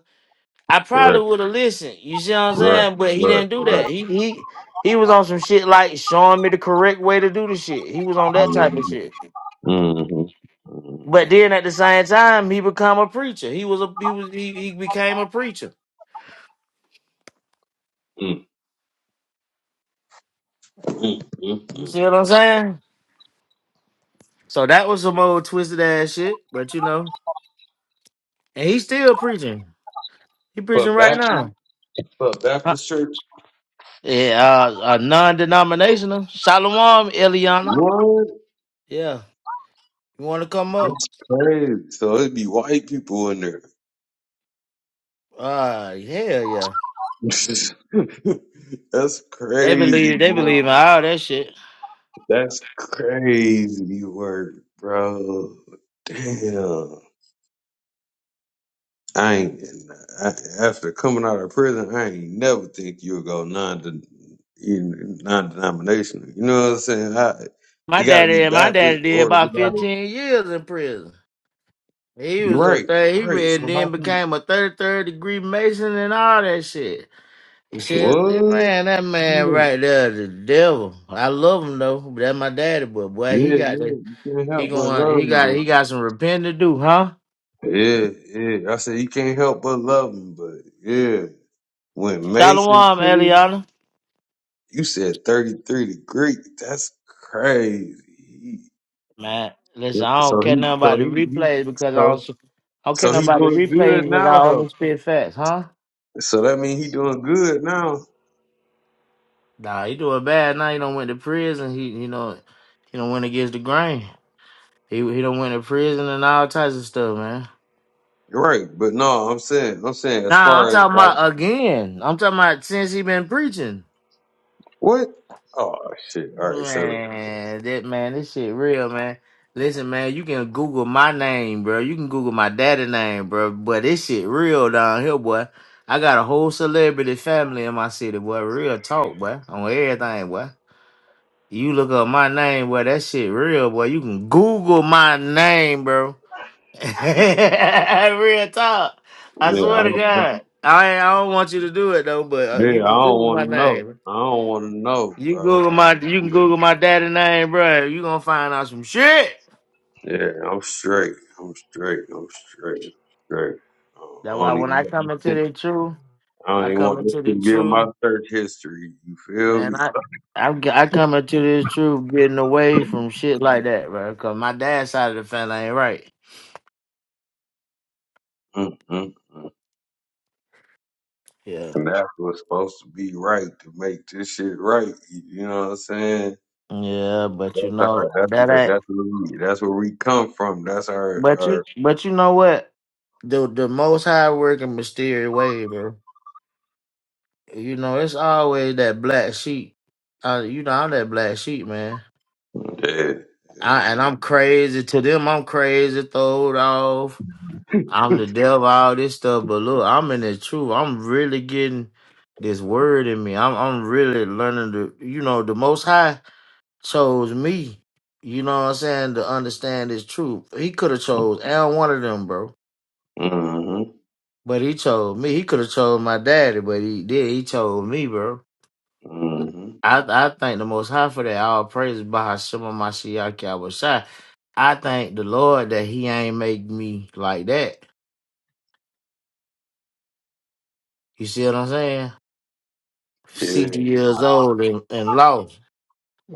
Speaker 1: I probably
Speaker 3: right,
Speaker 1: would have listened. You see what I'm
Speaker 3: right,
Speaker 1: saying? But he
Speaker 3: right,
Speaker 1: didn't do
Speaker 3: right.
Speaker 1: that. He he he was on some shit like showing me the correct way to do the shit. He was on that type of shit.
Speaker 3: Mm-hmm.
Speaker 1: But
Speaker 3: Mm-hmm.
Speaker 1: then at the same time, he become a preacher. He was a he was he, he became a preacher. You
Speaker 3: Mm-hmm.
Speaker 1: see what I'm saying? So that was some old twisted ass shit. But you know, and he's still preaching. He preaching
Speaker 3: But
Speaker 1: right
Speaker 3: Baptist,
Speaker 1: now.
Speaker 3: but
Speaker 1: Huh.
Speaker 3: Baptist church,
Speaker 1: Yeah, uh, uh non-denominational. Shalom, Eliana.
Speaker 3: what?
Speaker 1: Yeah, you want to come up?
Speaker 3: That's crazy. So it'd be white people in there.
Speaker 1: Uh, hell yeah.
Speaker 3: That's
Speaker 1: They
Speaker 3: crazy
Speaker 1: believe they
Speaker 3: work.
Speaker 1: believe in all that shit.
Speaker 3: That's crazy work, bro. Damn. I ain't I, after coming out of prison, I ain't never think you'll go non non denominational. You know what I'm saying? I,
Speaker 1: My
Speaker 3: you gotta be
Speaker 1: daddy my daddy
Speaker 3: Baptist
Speaker 1: did
Speaker 3: or you
Speaker 1: about
Speaker 3: gotta
Speaker 1: fifteen years in prison. He was a
Speaker 3: Right,
Speaker 1: third, he
Speaker 3: right.
Speaker 1: read,
Speaker 3: So how
Speaker 1: then
Speaker 3: can
Speaker 1: became a thirty third degree Mason and all that shit. He said, "Eh,
Speaker 3: what?
Speaker 1: man, that
Speaker 3: Yeah,
Speaker 1: man right there, is the devil. I love him though, but that's my daddy. But boy,
Speaker 3: yeah,
Speaker 1: he
Speaker 3: yeah.
Speaker 1: got that.
Speaker 3: You can't
Speaker 1: He
Speaker 3: help but
Speaker 1: going,
Speaker 3: love
Speaker 1: he
Speaker 3: him,
Speaker 1: got, he
Speaker 3: but
Speaker 1: got some repenting to do, huh?
Speaker 3: yeah, yeah. I said you can't help but love him, but yeah. When Mason
Speaker 1: Shalom,
Speaker 3: came,
Speaker 1: Eliana.
Speaker 3: you said 33 degrees. That's crazy.
Speaker 1: Man,
Speaker 3: He-
Speaker 1: listen, I don't
Speaker 3: So
Speaker 1: care
Speaker 3: he,
Speaker 1: nothing
Speaker 3: so
Speaker 1: about the
Speaker 3: he, he
Speaker 1: replays because I
Speaker 3: so,
Speaker 1: don't, s- I don't care
Speaker 3: so
Speaker 1: nothing
Speaker 3: he
Speaker 1: about the
Speaker 3: doing
Speaker 1: replays
Speaker 3: good
Speaker 1: because I
Speaker 3: now though.
Speaker 1: only spit facts, huh?
Speaker 3: So that means he doing good now.
Speaker 1: Nah, he do a bad now. He don't went to prison. He, you know, he don't went against the grain. He he don't went to prison and all types of stuff, man.
Speaker 3: Right. But no, I'm saying, I'm saying as
Speaker 1: Nah, I'm
Speaker 3: far as
Speaker 1: talking
Speaker 3: like,
Speaker 1: about again. I'm talking about since he been preaching.
Speaker 3: what? Oh shit. All right. So
Speaker 1: Man, that man, this shit real, man. Listen, man, you can Google my name, bro. You can Google my daddy name, bro. But this shit real down here, boy. I got a whole celebrity family in my city, boy. Real talk, boy. On everything, boy. You look up my name, boy. That shit real, boy. You can Google my name, bro. real talk. I
Speaker 3: yeah, I
Speaker 1: swear to
Speaker 3: don't,
Speaker 1: God. I ain't- I don't want you to do it though, but uh, you
Speaker 3: yeah, I
Speaker 1: can
Speaker 3: don't
Speaker 1: Google my
Speaker 3: want to know.
Speaker 1: name.
Speaker 3: I don't want to know,
Speaker 1: You
Speaker 3: bro.
Speaker 1: Google my you can Google my daddy name, bro. You gonna find out some shit.
Speaker 3: Yeah, I'm straight. I'm straight. I'm straight. I'm straight. I don't I
Speaker 1: That's why
Speaker 3: don't
Speaker 1: when I
Speaker 3: even
Speaker 1: come
Speaker 3: know.
Speaker 1: into the truth,
Speaker 3: I don't
Speaker 1: I
Speaker 3: even
Speaker 1: come
Speaker 3: want this
Speaker 1: into the
Speaker 3: to be in my
Speaker 1: truth,
Speaker 3: search history. You feel
Speaker 1: man.
Speaker 3: me?
Speaker 1: I I'm, g- I come into this truth getting away from shit like that, bro. Cause my dad's side of the family ain't right.
Speaker 3: mm mm mm.
Speaker 1: Yeah.
Speaker 3: And that's what's supposed to be right to make this shit right. You know what I'm saying?
Speaker 1: Yeah, but you
Speaker 3: That's our.
Speaker 1: know
Speaker 3: That's
Speaker 1: that
Speaker 3: where.
Speaker 1: ain't.
Speaker 3: That's where we. That's where we come from. That's our.
Speaker 1: But you,
Speaker 3: Our.
Speaker 1: but you know what? The the most high working mysterious way, bro. You know it's always that black sheep. Uh, you know I'm that black sheep, man.
Speaker 3: Yeah. yeah.
Speaker 1: I and I'm crazy to them. I'm crazy, throwed off. I'm the devil, all this stuff. But look, I'm in the truth. I'm really getting this word in me. I'm I'm really learning to. You know the most high. chose me, you know what I'm saying, to understand this truth. He could have chose Aaron one of them, bro.
Speaker 3: Mm-hmm.
Speaker 1: But he chose me. He could have chose my daddy, but he did. He chose me, bro.
Speaker 3: Mm-hmm.
Speaker 1: I I thank the most high for that. All praise by Hashem Mashiach Yahweh I thank the Lord that he ain't make me like that. You see what I'm saying?
Speaker 3: Yeah.
Speaker 1: 60 years old and, and lost.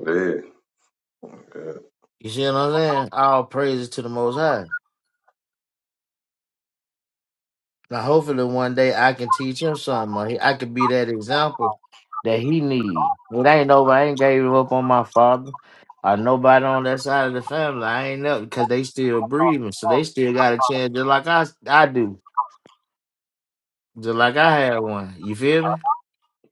Speaker 3: Yeah. yeah.
Speaker 1: You see what I'm saying? All praises to the most high. Now, hopefully, one day I can teach him something. or he- I could be that example that he need. It ain't over. I ain't gave up on my father or nobody on that side of the family. I ain't up because they still breathing, so they still got a chance, just like I I do, just like I had one. You feel me?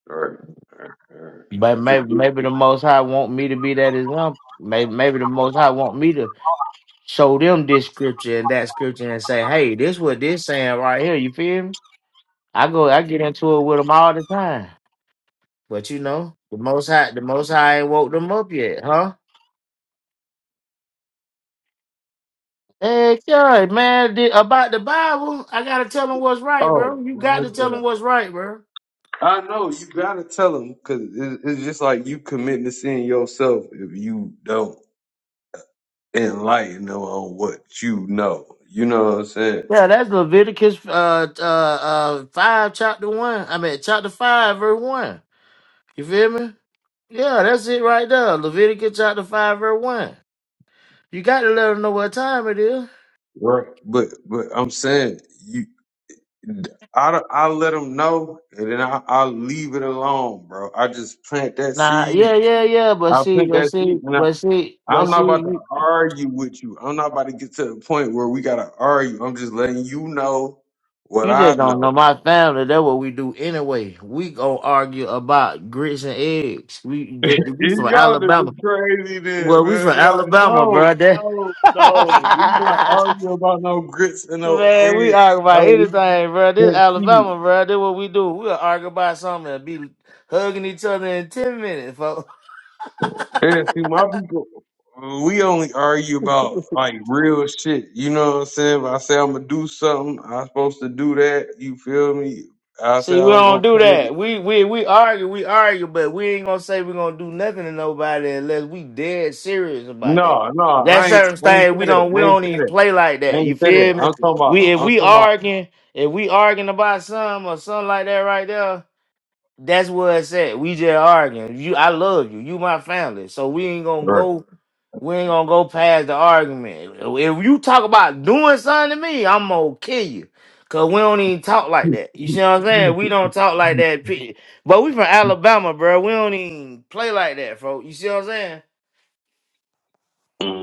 Speaker 3: Right. right, right.
Speaker 1: But
Speaker 3: I just-
Speaker 1: maybe maybe the Most High want me to be that example. Maybe maybe the Most High want me to show them this scripture and that scripture and say, hey, this what this saying right here. You feel me? I go I get into it with them all the time. But you know, the most high the most high ain't woke them up yet, huh? Hey, God, man, the, about the Bible, I gotta tell them what's right,
Speaker 3: Oh
Speaker 1: bro. You got
Speaker 3: my
Speaker 1: to tell them
Speaker 3: God!
Speaker 1: what's right, bro.
Speaker 3: I know you gotta tell them because it's just like you committing to sin yourself if you don't. enlighten them on what you know. You know what I'm saying?
Speaker 1: Yeah, that's Leviticus uh uh uh five chapter one. I mean chapter five verse one. You feel me? Yeah, that's it right there. Leviticus chapter five verse one. You got to let them know what time it is.
Speaker 3: Right. But but I'm saying you, I don't- I let them know, and then I I leave it alone, bro. I just plant that
Speaker 1: Nah,
Speaker 3: seed.
Speaker 1: yeah, yeah, yeah. But
Speaker 3: I
Speaker 1: see,
Speaker 3: plant
Speaker 1: but
Speaker 3: that seed,
Speaker 1: see,
Speaker 3: and I.
Speaker 1: but see, but
Speaker 3: I'm not about to
Speaker 1: see.
Speaker 3: argue with you. I'm not about to get to the point where we gotta argue. I'm just letting you know what
Speaker 1: You
Speaker 3: I
Speaker 1: just don't
Speaker 3: know.
Speaker 1: know my family. That's what we do anyway. We gonna argue about grits and eggs. We that, we from
Speaker 3: Y'all
Speaker 1: Alabama.
Speaker 3: niggas crazy then,
Speaker 1: Well, we from
Speaker 3: man. Like,
Speaker 1: Alabama,
Speaker 3: no,
Speaker 1: bro. That
Speaker 3: no, no. We not arguing about no grits and no
Speaker 1: man, we
Speaker 3: eggs.
Speaker 1: argue about anything, bro. This
Speaker 3: And see,
Speaker 1: Alabama, bro. That's what we do. We will argue about something and be hugging each other in ten minutes, folks.
Speaker 3: and see, my people, uh, we only argue about like real shit. You know what I'm saying? If I say I'm gonna do something, I'm supposed to do that. You feel me? I say
Speaker 1: See,
Speaker 3: I
Speaker 1: we
Speaker 3: was
Speaker 1: don't
Speaker 3: gonna
Speaker 1: do
Speaker 3: pay.
Speaker 1: that. We we we argue, we argue, but we ain't gonna say we're gonna do nothing to nobody unless we dead serious about that.
Speaker 3: No, no,
Speaker 1: That
Speaker 3: I ain't,
Speaker 1: certain
Speaker 3: I ain't
Speaker 1: thing we
Speaker 3: said it.
Speaker 1: don't
Speaker 3: I
Speaker 1: we
Speaker 3: ain't
Speaker 1: don't even
Speaker 3: said it.
Speaker 1: play like
Speaker 3: I
Speaker 1: that. You
Speaker 3: ain't said it.
Speaker 1: feel me?
Speaker 3: I'm talking about.
Speaker 1: We if
Speaker 3: I'm
Speaker 1: we
Speaker 3: talking about.
Speaker 1: arguing, if we arguing about something or something like that right there, that's what it's at. We just arguing. You I love you, you my family. So we ain't gonna
Speaker 3: Right.
Speaker 1: go we ain't gonna go past the argument. If you talk about doing something to me, I'm gonna kill you. Cause we don't even talk like that. You
Speaker 3: hmm
Speaker 1: see what I'm saying? We don't talk like that. pe- But we from Alabama, bro. We don't even play like that, folks. You see what I'm saying?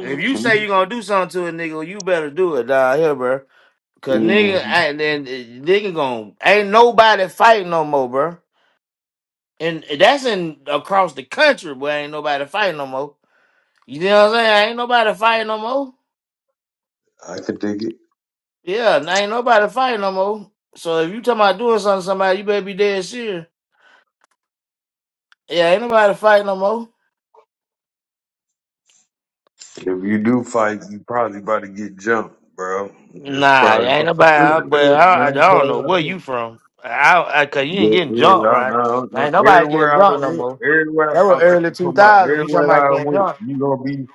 Speaker 1: If you say you gonna do something to a nigga, you better do it down here, bro. Cause nigga,
Speaker 3: hmm
Speaker 1: I- then eh, nigga gonna ain't nobody fighting no more, bro. And that's in across the country, but ain't nobody fighting no more. You know what I'm saying? Ain't nobody fighting no more.
Speaker 3: I could dig it.
Speaker 1: Yeah, now ain't nobody fighting no more. So if you talking about doing something to somebody, you better be dead serious. Yeah, ain't nobody fighting no more.
Speaker 3: If you do fight, you probably about to get jumped, bro. It's
Speaker 1: Nah,
Speaker 3: probably.
Speaker 1: ain't nobody. But I, I don't know where you from. I, I cause you ain't
Speaker 3: Yeah,
Speaker 1: getting
Speaker 3: yeah,
Speaker 1: drunk,
Speaker 3: I,
Speaker 1: right?
Speaker 3: I, I,
Speaker 1: Ain't nobody getting
Speaker 3: everywhere I
Speaker 1: drunk
Speaker 3: done
Speaker 1: no
Speaker 3: went,
Speaker 1: more.
Speaker 3: everywhere
Speaker 1: That
Speaker 3: I,
Speaker 1: was
Speaker 3: I'm
Speaker 1: early
Speaker 3: talking
Speaker 1: two
Speaker 3: about,
Speaker 1: thousand. You
Speaker 3: everywhere
Speaker 1: talking
Speaker 3: I
Speaker 1: about
Speaker 3: done
Speaker 1: getting
Speaker 3: went,
Speaker 1: drunk?
Speaker 3: you gonna be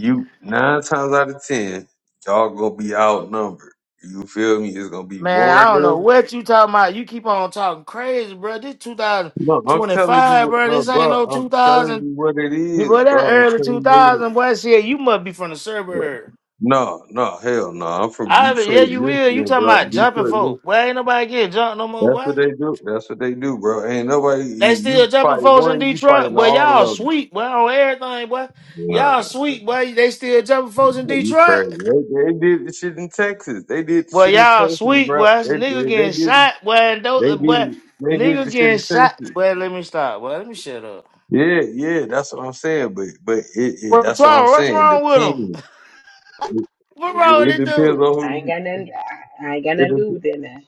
Speaker 3: you nine times out of ten, y'all gonna be outnumbered. You feel me? It's gonna be
Speaker 1: Man,
Speaker 3: more
Speaker 1: I
Speaker 3: of
Speaker 1: don't know
Speaker 3: them.
Speaker 1: what you talking about. You keep on talking crazy, bro. This two thousand
Speaker 3: No, I'm
Speaker 1: twenty
Speaker 3: telling you,
Speaker 1: five,
Speaker 3: what,
Speaker 1: bro.
Speaker 3: uh,
Speaker 1: This ain't
Speaker 3: bro.
Speaker 1: no two
Speaker 3: I'm telling
Speaker 1: thousand.
Speaker 3: you what it is,
Speaker 1: Bro, that
Speaker 3: bro. I'm
Speaker 1: early two
Speaker 3: telling you
Speaker 1: thousand, boy. Shit, you must be from the
Speaker 3: what it is.
Speaker 1: suburb.
Speaker 3: No, no, hell no. I'm from
Speaker 1: I be- yeah,
Speaker 3: Detroit,
Speaker 1: you will. You
Speaker 3: Michigan,
Speaker 1: talking
Speaker 3: bro.
Speaker 1: about jumping
Speaker 3: Detroit, Michigan.
Speaker 1: folks? Boy, ain't nobody getting jumped no more,
Speaker 3: That's what
Speaker 1: boy.
Speaker 3: they do. That's what they do, bro. Ain't nobody.
Speaker 1: They still
Speaker 3: You
Speaker 1: jumping
Speaker 3: fight
Speaker 1: folks in
Speaker 3: one, you
Speaker 1: Detroit,
Speaker 3: fighting
Speaker 1: boy.
Speaker 3: all
Speaker 1: Y'all
Speaker 3: of them.
Speaker 1: sweet, boy, on everything, boy.
Speaker 3: Yeah.
Speaker 1: Y'all sweet, boy. They still jumping folks in
Speaker 3: You
Speaker 1: Detroit.
Speaker 3: crazy. They, they did the shit in Texas. They did the
Speaker 1: Boy,
Speaker 3: shit in
Speaker 1: y'all
Speaker 3: Texas,
Speaker 1: sweet,
Speaker 3: bro.
Speaker 1: boy.
Speaker 3: They,
Speaker 1: Nigga
Speaker 3: did- they
Speaker 1: getting
Speaker 3: did
Speaker 1: shot, boy. And don't,
Speaker 3: they
Speaker 1: uh,
Speaker 3: did
Speaker 1: boy,
Speaker 3: they did
Speaker 1: nigga
Speaker 3: the shit
Speaker 1: getting
Speaker 3: in
Speaker 1: shot,
Speaker 3: Texas.
Speaker 1: boy. Let me stop, boy. Let me shut up.
Speaker 3: Yeah, yeah, that's what I'm saying. But but it, it
Speaker 1: Bro,
Speaker 3: that's what I'm
Speaker 1: Twyla, what's
Speaker 3: saying. It
Speaker 1: wrong with him?
Speaker 3: depends. It,
Speaker 1: What wrong
Speaker 3: it
Speaker 1: with this
Speaker 3: depends
Speaker 1: dude?
Speaker 3: on who
Speaker 2: I ain't
Speaker 3: you.
Speaker 2: got nothing. I I ain't got
Speaker 3: It,
Speaker 2: nothing to do with
Speaker 3: dep-
Speaker 2: that now.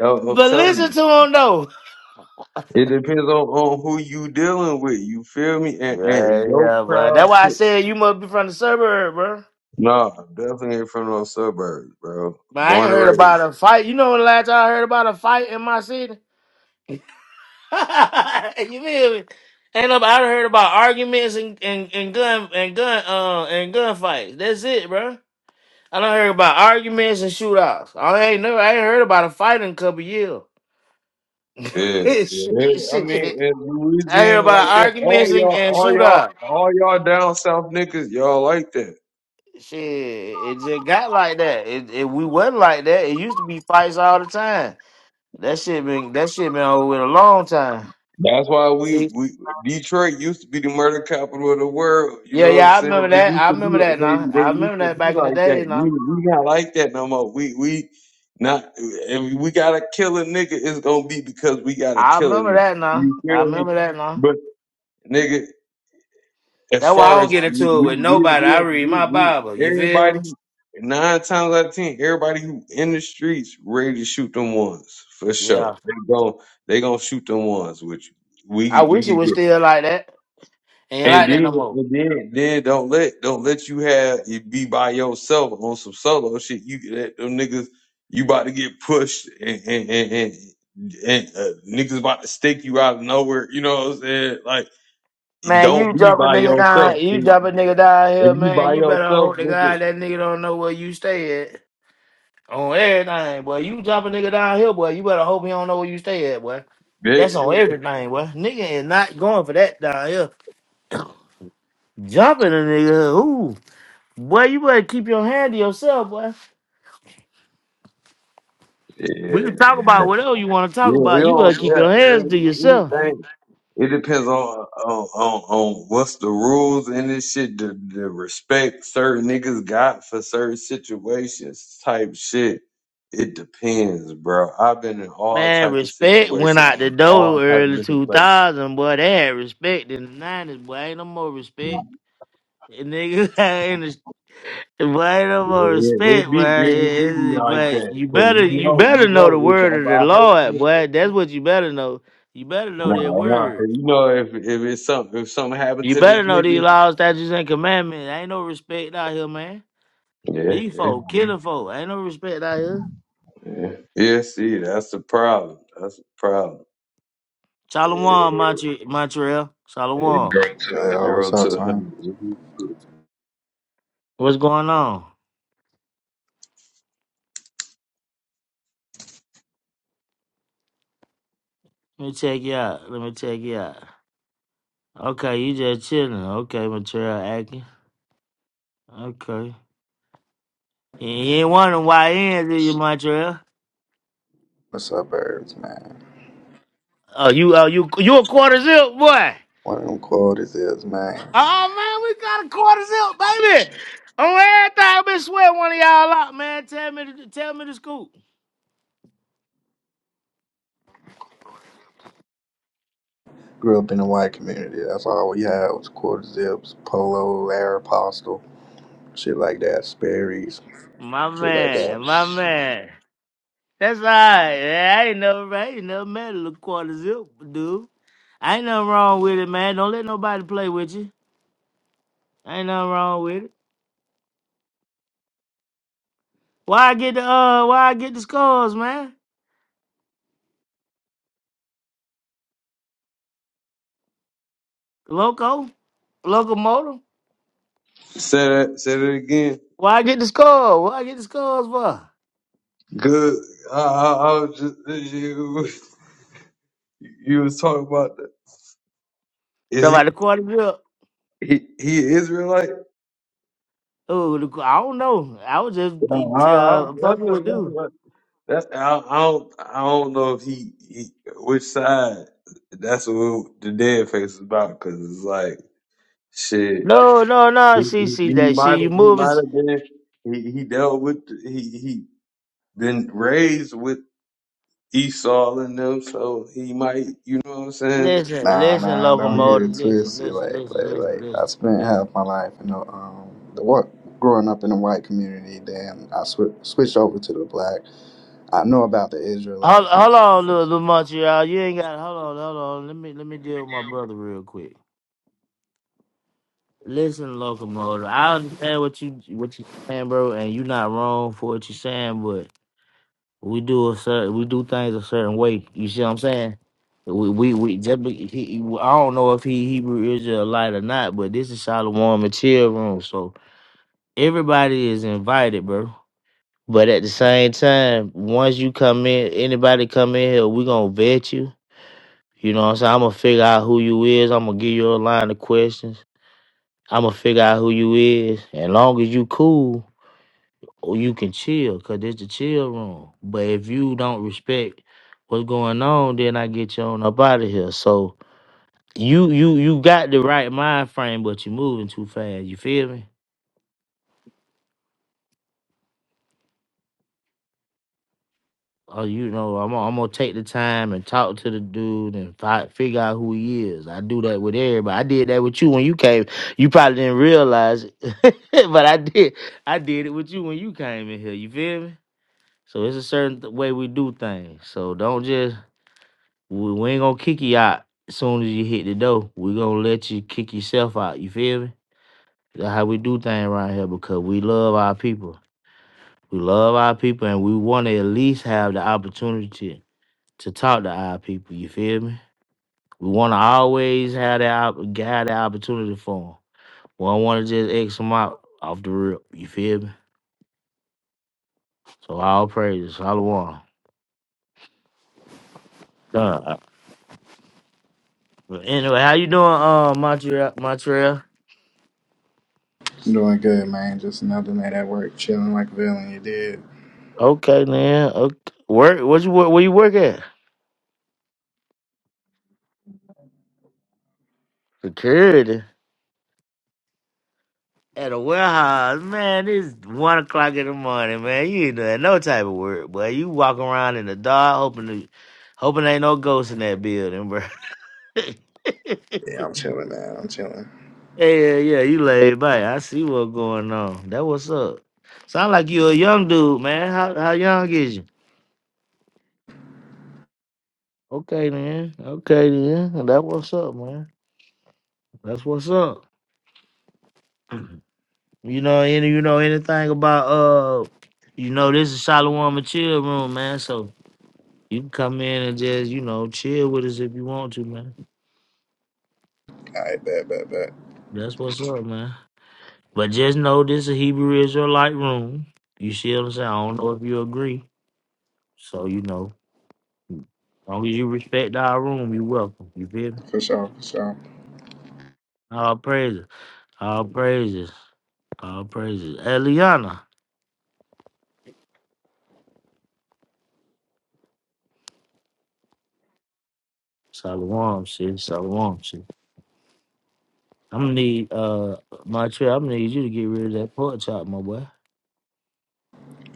Speaker 3: I'm I'm
Speaker 1: But
Speaker 3: telling
Speaker 1: listen
Speaker 3: them.
Speaker 1: to him though.
Speaker 3: It depends on, on who you dealing with. You feel me? And, and
Speaker 1: Yeah,
Speaker 3: your
Speaker 1: yeah, but that's
Speaker 3: crowd.
Speaker 1: why I said you must be from the suburb, bro.
Speaker 3: No, definitely ain't from those suburbs, bro.
Speaker 1: But I ain't
Speaker 3: Born and
Speaker 1: heard
Speaker 3: raised.
Speaker 1: about a fight. You know when the last time I heard about a fight in my city? you feel me? Ain't no, I done heard about arguments and, and, and gun and gun uh and gunfights. That's it, bro. I done heard about arguments and shootouts. I ain't never I ain't heard about a fight in a couple years.
Speaker 3: Yeah, yeah.
Speaker 1: shit,
Speaker 3: I mean,
Speaker 1: shit.
Speaker 3: in
Speaker 1: I heard
Speaker 3: Louisiana
Speaker 1: about
Speaker 3: like that, all
Speaker 1: arguments and,
Speaker 3: y'all,
Speaker 1: and
Speaker 3: all y'all,
Speaker 1: shootouts.
Speaker 3: all y'all down south niggas, y'all like that.
Speaker 1: Shit, it just got like that. It, it we wasn't like that. It used to be fights all the time. That shit been that shit been over with a long time.
Speaker 3: That's why we, we Detroit used to be the murder capital of the world. You
Speaker 1: Yeah,
Speaker 3: know what I'm
Speaker 1: yeah, I
Speaker 3: saying?
Speaker 1: remember
Speaker 3: They
Speaker 1: that.
Speaker 3: used
Speaker 1: I
Speaker 3: to
Speaker 1: remember that
Speaker 3: be, they,
Speaker 1: now. I
Speaker 3: they used
Speaker 1: remember
Speaker 3: to
Speaker 1: that
Speaker 3: be
Speaker 1: back in the
Speaker 3: like that.
Speaker 1: day
Speaker 3: We
Speaker 1: now.
Speaker 3: we not like that no more. We we not, and we gotta kill a nigga. It's gonna be because we gotta
Speaker 1: I
Speaker 3: kill a
Speaker 1: remember
Speaker 3: nigga.
Speaker 1: that now.
Speaker 3: You
Speaker 1: I
Speaker 3: feel me?
Speaker 1: remember that now.
Speaker 3: But nigga. As
Speaker 1: That's why I
Speaker 3: far
Speaker 1: don't
Speaker 3: as
Speaker 1: get
Speaker 3: we
Speaker 1: into it
Speaker 3: we
Speaker 1: with
Speaker 3: we,
Speaker 1: nobody.
Speaker 3: we,
Speaker 1: I read
Speaker 3: we,
Speaker 1: my Bible.
Speaker 3: we
Speaker 1: You feel? me?
Speaker 3: everybody nine times out of ten, everybody who in the streets ready to shoot them ones for sure.
Speaker 1: Yeah.
Speaker 3: They gon' they gonna shoot them ones with you. We
Speaker 1: I
Speaker 3: we
Speaker 1: wish
Speaker 3: can
Speaker 1: it was
Speaker 3: get
Speaker 1: still like that. Ain't
Speaker 3: and
Speaker 1: like that
Speaker 3: then
Speaker 1: no more.
Speaker 3: and then then don't let don't let you have it be by yourself on some solo shit. You that them niggas you about to get pushed and and and, and and uh, niggas about to stick you out of nowhere, you know what I'm saying? Like,
Speaker 1: Man,
Speaker 3: don't
Speaker 1: you
Speaker 3: be
Speaker 1: drop a
Speaker 3: by
Speaker 1: nigga
Speaker 3: yourself.
Speaker 1: down, you drop a nigga down
Speaker 3: If
Speaker 1: here,
Speaker 3: you
Speaker 1: man.
Speaker 3: by
Speaker 1: You better
Speaker 3: yourself,
Speaker 1: hope to
Speaker 3: nigga,
Speaker 1: God that nigga don't know where you stay at on everything, boy. You drop a nigga down here, boy. You better hope he don't know where you stay at, boy. That's on
Speaker 3: that,
Speaker 1: everything, boy. Nigga is not going for that down here. Jumping a nigga, ooh. Boy, you better keep your hand to yourself, boy.
Speaker 3: yeah,
Speaker 1: We can talk about
Speaker 3: man.
Speaker 1: whatever you want to
Speaker 3: yeah,
Speaker 1: talk
Speaker 3: it
Speaker 1: about. You better
Speaker 3: don't,
Speaker 1: keep
Speaker 3: yeah,
Speaker 1: your hands to
Speaker 3: man,
Speaker 1: yourself.
Speaker 3: anything. It depends on, on on on what's the rules in this shit, the, the respect certain niggas got for certain situations, type shit. It depends, bro. I've been in all
Speaker 1: Man,
Speaker 3: type of
Speaker 1: respect went
Speaker 3: situations,
Speaker 1: out the
Speaker 3: all
Speaker 1: door
Speaker 3: type of
Speaker 1: early
Speaker 3: different places.
Speaker 1: 2000, boy. They had respect in the 90s, boy. Ain't no more respect. And niggas in the Boy, ain't no more
Speaker 3: Yeah,
Speaker 1: respect,
Speaker 3: it be
Speaker 1: boy.
Speaker 3: it, it be
Speaker 1: It- it-
Speaker 3: like
Speaker 1: boy,
Speaker 3: that,
Speaker 1: you
Speaker 3: but
Speaker 1: better,
Speaker 3: you
Speaker 1: you
Speaker 3: know,
Speaker 1: better
Speaker 3: you
Speaker 1: know the
Speaker 3: know, it's
Speaker 1: word of the
Speaker 3: about hurt.
Speaker 1: Lord,
Speaker 3: you,
Speaker 1: boy. That's what you better know. You better know that
Speaker 3: No, no.
Speaker 1: word.
Speaker 3: you know if if it's something if something happened
Speaker 1: You
Speaker 3: to this
Speaker 1: better know these
Speaker 3: nigga,
Speaker 1: laws, statutes, and commandments. Ain't no respect out here, man.
Speaker 3: yeah,
Speaker 1: These
Speaker 3: yeah,
Speaker 1: folk killing folk. Ain't no respect out here.
Speaker 3: yeah. Yeah, see, that's the problem. That's the problem.
Speaker 1: Shalom,
Speaker 3: It,
Speaker 1: Montreal. Montreal.
Speaker 3: it
Speaker 1: Shalom.
Speaker 3: goes
Speaker 4: Yo, yo, what's
Speaker 3: zero to
Speaker 4: up,
Speaker 3: a
Speaker 4: twin?
Speaker 3: hundred. Mm-hmm.
Speaker 1: What's going on? Let me check you out. Let me check you out. Okay, you just chilling. Okay, Montreal acting. Okay. You you ain't wondering why he ain't in you, Montreal.
Speaker 4: What's up, birds, man?
Speaker 1: Oh, you, oh, you, you a quarter zip boy.
Speaker 4: One of them quarter zips, man.
Speaker 1: Oh man, we got a quarter zip, baby. On everything, I been sweating one of y'all out, man. Tell me, to, tell me the scoop.
Speaker 4: Grew up in the white community. That's all we had was quarter zips, polo, Aeropostale, shit like that, Sperry's,
Speaker 1: My
Speaker 4: shit like
Speaker 1: man, my
Speaker 4: that.
Speaker 1: man. That's right. Yeah, I ain't never, I ain't never met a quarter zip, dude. I ain't nothing wrong with it, man. Don't let nobody play with you. Ain't nothing wrong with it. Why I get the uh? Why I get the scores, man? Loco, locomotive.
Speaker 3: Say that. Say that again.
Speaker 1: Why I get the score? Why I get the scores for?
Speaker 3: Good. I, I, I was just you, you was talking about the,
Speaker 1: Talk
Speaker 3: is
Speaker 1: about the quarter zip.
Speaker 3: he he he Israelite?
Speaker 1: Oh, the, qu- I don't know. I was just
Speaker 3: Nah, I, I,
Speaker 1: uh
Speaker 3: that's,
Speaker 1: fucking
Speaker 3: a,
Speaker 1: with
Speaker 3: that's,
Speaker 1: dude.
Speaker 3: That's I, I don't I don't know if he, he which side. That's what the dead face is about because it's like shit.
Speaker 1: No, no, no.
Speaker 3: He
Speaker 1: See,
Speaker 3: he,
Speaker 1: see that.
Speaker 3: might
Speaker 1: See
Speaker 3: have
Speaker 1: you
Speaker 3: he
Speaker 1: moving.
Speaker 3: might have been he he dealt with he he been raised with Esau and them, so he might you know what I'm saying.
Speaker 1: Listen,
Speaker 4: Nah,
Speaker 1: listen,
Speaker 4: nah, don't
Speaker 3: He,
Speaker 4: get
Speaker 1: locomotive.
Speaker 4: it
Speaker 1: Listen,
Speaker 4: twisted.
Speaker 1: listen,
Speaker 4: Like,
Speaker 1: listen,
Speaker 4: like,
Speaker 1: listen,
Speaker 4: like, I
Speaker 1: listen,
Speaker 4: spent
Speaker 1: listen.
Speaker 4: half my life in the um the what growing up in the white community. Then I swi- switched over to the black. I know about the
Speaker 1: Hold,
Speaker 4: Israelites.
Speaker 1: hold on, little, little Montreal. You ain't got. Hold on, hold on. Let me let me deal with my brother real quick. Listen, locomotive. I understand what you what you saying, bro, and you not wrong for what you saying, but we do a certain we do things a certain way. You see what I'm saying? We we, we just be, he, I don't know if he Hebrew Israelite or not, but this is Shalom and chill room, so everybody is invited, bro. But at the same time, once you come in, anybody come in here, we gonna vet you You know what I'm saying? I'm gonna figure out who you is. I'm gonna give you a line of questions. I'm gonna figure out who you is. And long as you cool, or you can chill, cause it's the chill room. But if you don't respect what's going on, then I get you on up out of here. So you you you got the right mind frame, but you're moving too fast. You feel me? Oh, you know, I'm gonna- I'm gonna take the time and talk to the dude and fi- figure out who he is. I do that with everybody. I did that with you when you came. You probably didn't realize it, but I did. I did it with you when you came in here. You feel me? So it's a certain th- way we do things. So don't just we, we ain't gonna kick you out as soon as you hit the door. We gonna let you kick yourself out. You feel me? That's how we do things around here because we love our people. We love our people and we want to at least have the opportunity to talk to our people. You feel me? We want to always have that op- guy the opportunity for them. We don't want to just X them out off the rip. You feel me? So all praises, Shalom. Uh, anyway, how you doing, uh, Montreal? Montreal?
Speaker 4: Doing good, man. Just another night at work, chilling like a villain. You did.
Speaker 1: Okay, man. Okay. Work? What you work? Where you work at? Security. At a warehouse, man. It's one o'clock in the morning, man. You ain't doing no type of work, boy. You walk around in the dark, hoping to, hoping ain't no ghosts in that building, bro.
Speaker 4: Yeah, I'm chilling, man. I'm chilling.
Speaker 1: Yeah, yeah, yeah. You laid back. I see what's going on. That what's up. Sound like you a young dude, man. How how young is you? Okay man. Okay then. That what's up, man. That's what's up. You know any you know anything about uh you know this is Shalom and chill room, man. So you can come in and just, you know, chill with us if you want to, man.
Speaker 4: All right, bet, bet, bet.
Speaker 1: That's what's up, man. But just know this is a Hebrew Israelite room. You see what I'm saying? I don't know if you agree. So you know. long as you respect our room, you welcome. You feel me?
Speaker 4: For sure, for sure.
Speaker 1: All praises. All praises. All praises. Eliana. Shalom, sis. Shalom, sis. I'm gonna need uh my trip. I'm gonna need you to get rid of that pork chop, my boy.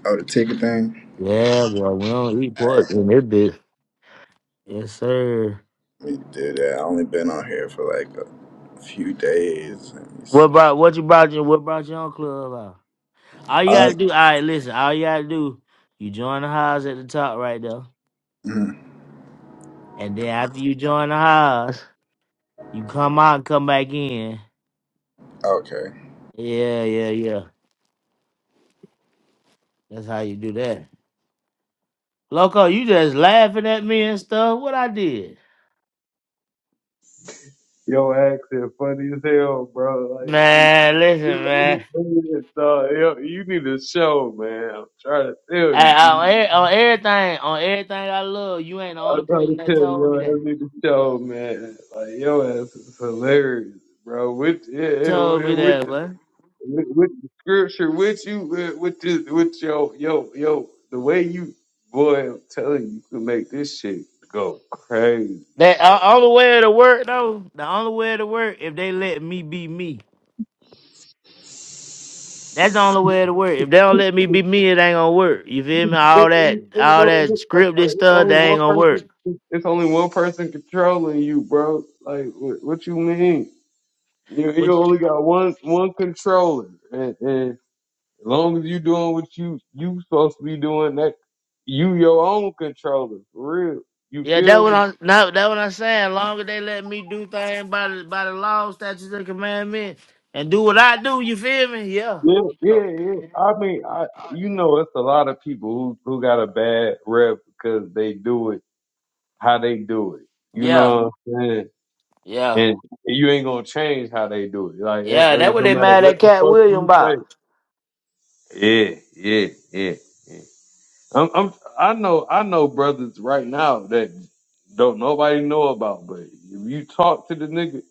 Speaker 4: Oh, the ticket thing?
Speaker 1: Yeah, boy, we don't eat pork in this bitch. Yes, sir.
Speaker 4: We did that. I only been on here for like a few days. Let me
Speaker 1: What
Speaker 4: see.
Speaker 1: about what you brought you what brought your own club out? All you
Speaker 4: Uh,
Speaker 1: gotta do, all right, listen, all you gotta do, you join the house at the top right there.
Speaker 4: mhm.
Speaker 1: And then after you join the house, you come out and come back in.
Speaker 4: okay.
Speaker 1: Yeah, yeah, yeah. That's how you do that. Loco, you just laughing at me and stuff. What I did?
Speaker 3: yo, accent funny as hell, bro. Like.
Speaker 1: Man, listen,
Speaker 3: he- he-
Speaker 1: man.
Speaker 3: he- dog, yo, You need a show, man. I'm trying to tell
Speaker 1: I,
Speaker 3: you.
Speaker 1: on, e- on everything, on everything I love, you ain't the only
Speaker 3: I'm trying to
Speaker 1: person that
Speaker 3: tell you,
Speaker 1: told
Speaker 3: yo,
Speaker 1: me that.
Speaker 3: that nigga show, man. Like, yo, ass is hilarious, bro. With yeah, it-
Speaker 1: Told me
Speaker 3: with
Speaker 1: that,
Speaker 3: the
Speaker 1: but
Speaker 3: with, with the scripture, with you, with with the, with yo, yo, yo, the way you, boy, I'm telling you, you can make this shit go crazy,
Speaker 1: that
Speaker 3: bro.
Speaker 1: uh, only way to work though. The only way to work if they let me be me. That's the only way to work. If they don't let me be me, it ain't gonna work. You feel me? All
Speaker 3: Ain't- ain't-
Speaker 1: that,
Speaker 3: ain't
Speaker 1: all
Speaker 3: no-
Speaker 1: that scripted
Speaker 3: It's
Speaker 1: stuff,
Speaker 3: only
Speaker 1: that
Speaker 3: one
Speaker 1: ain't gonna
Speaker 3: person.
Speaker 1: work.
Speaker 3: It's only one person controlling you, bro. Like, what, what you mean? You you only got one one controller, and. and As long as you doing what you you supposed to be doing, that you your own controller, for real. You
Speaker 1: Yeah, that
Speaker 3: feel
Speaker 1: what
Speaker 3: me?
Speaker 1: I no, that what I'm saying. Longer they let me do things by the by the law, statutes, and commandments, and do what I do. You feel me? Yeah.
Speaker 3: Yeah,
Speaker 1: Oh.
Speaker 3: yeah, yeah. I mean, I you know, it's a lot of people who who got a bad rep because they do it how they do it. You
Speaker 1: Yeah.
Speaker 3: know what I'm saying?
Speaker 1: Yeah.
Speaker 3: And you ain't gonna change how they do it. Like it-
Speaker 1: Yeah.
Speaker 3: it-
Speaker 1: That what
Speaker 3: no
Speaker 1: they
Speaker 3: matter
Speaker 1: mad
Speaker 3: what
Speaker 1: at
Speaker 3: the
Speaker 1: Cat
Speaker 3: fuck
Speaker 1: William
Speaker 3: you say.
Speaker 1: about.
Speaker 3: Yeah, yeah, yeah. yeah. I'm, I'm I know I know brothers right now that don't nobody know about, but if you talk to the nigga,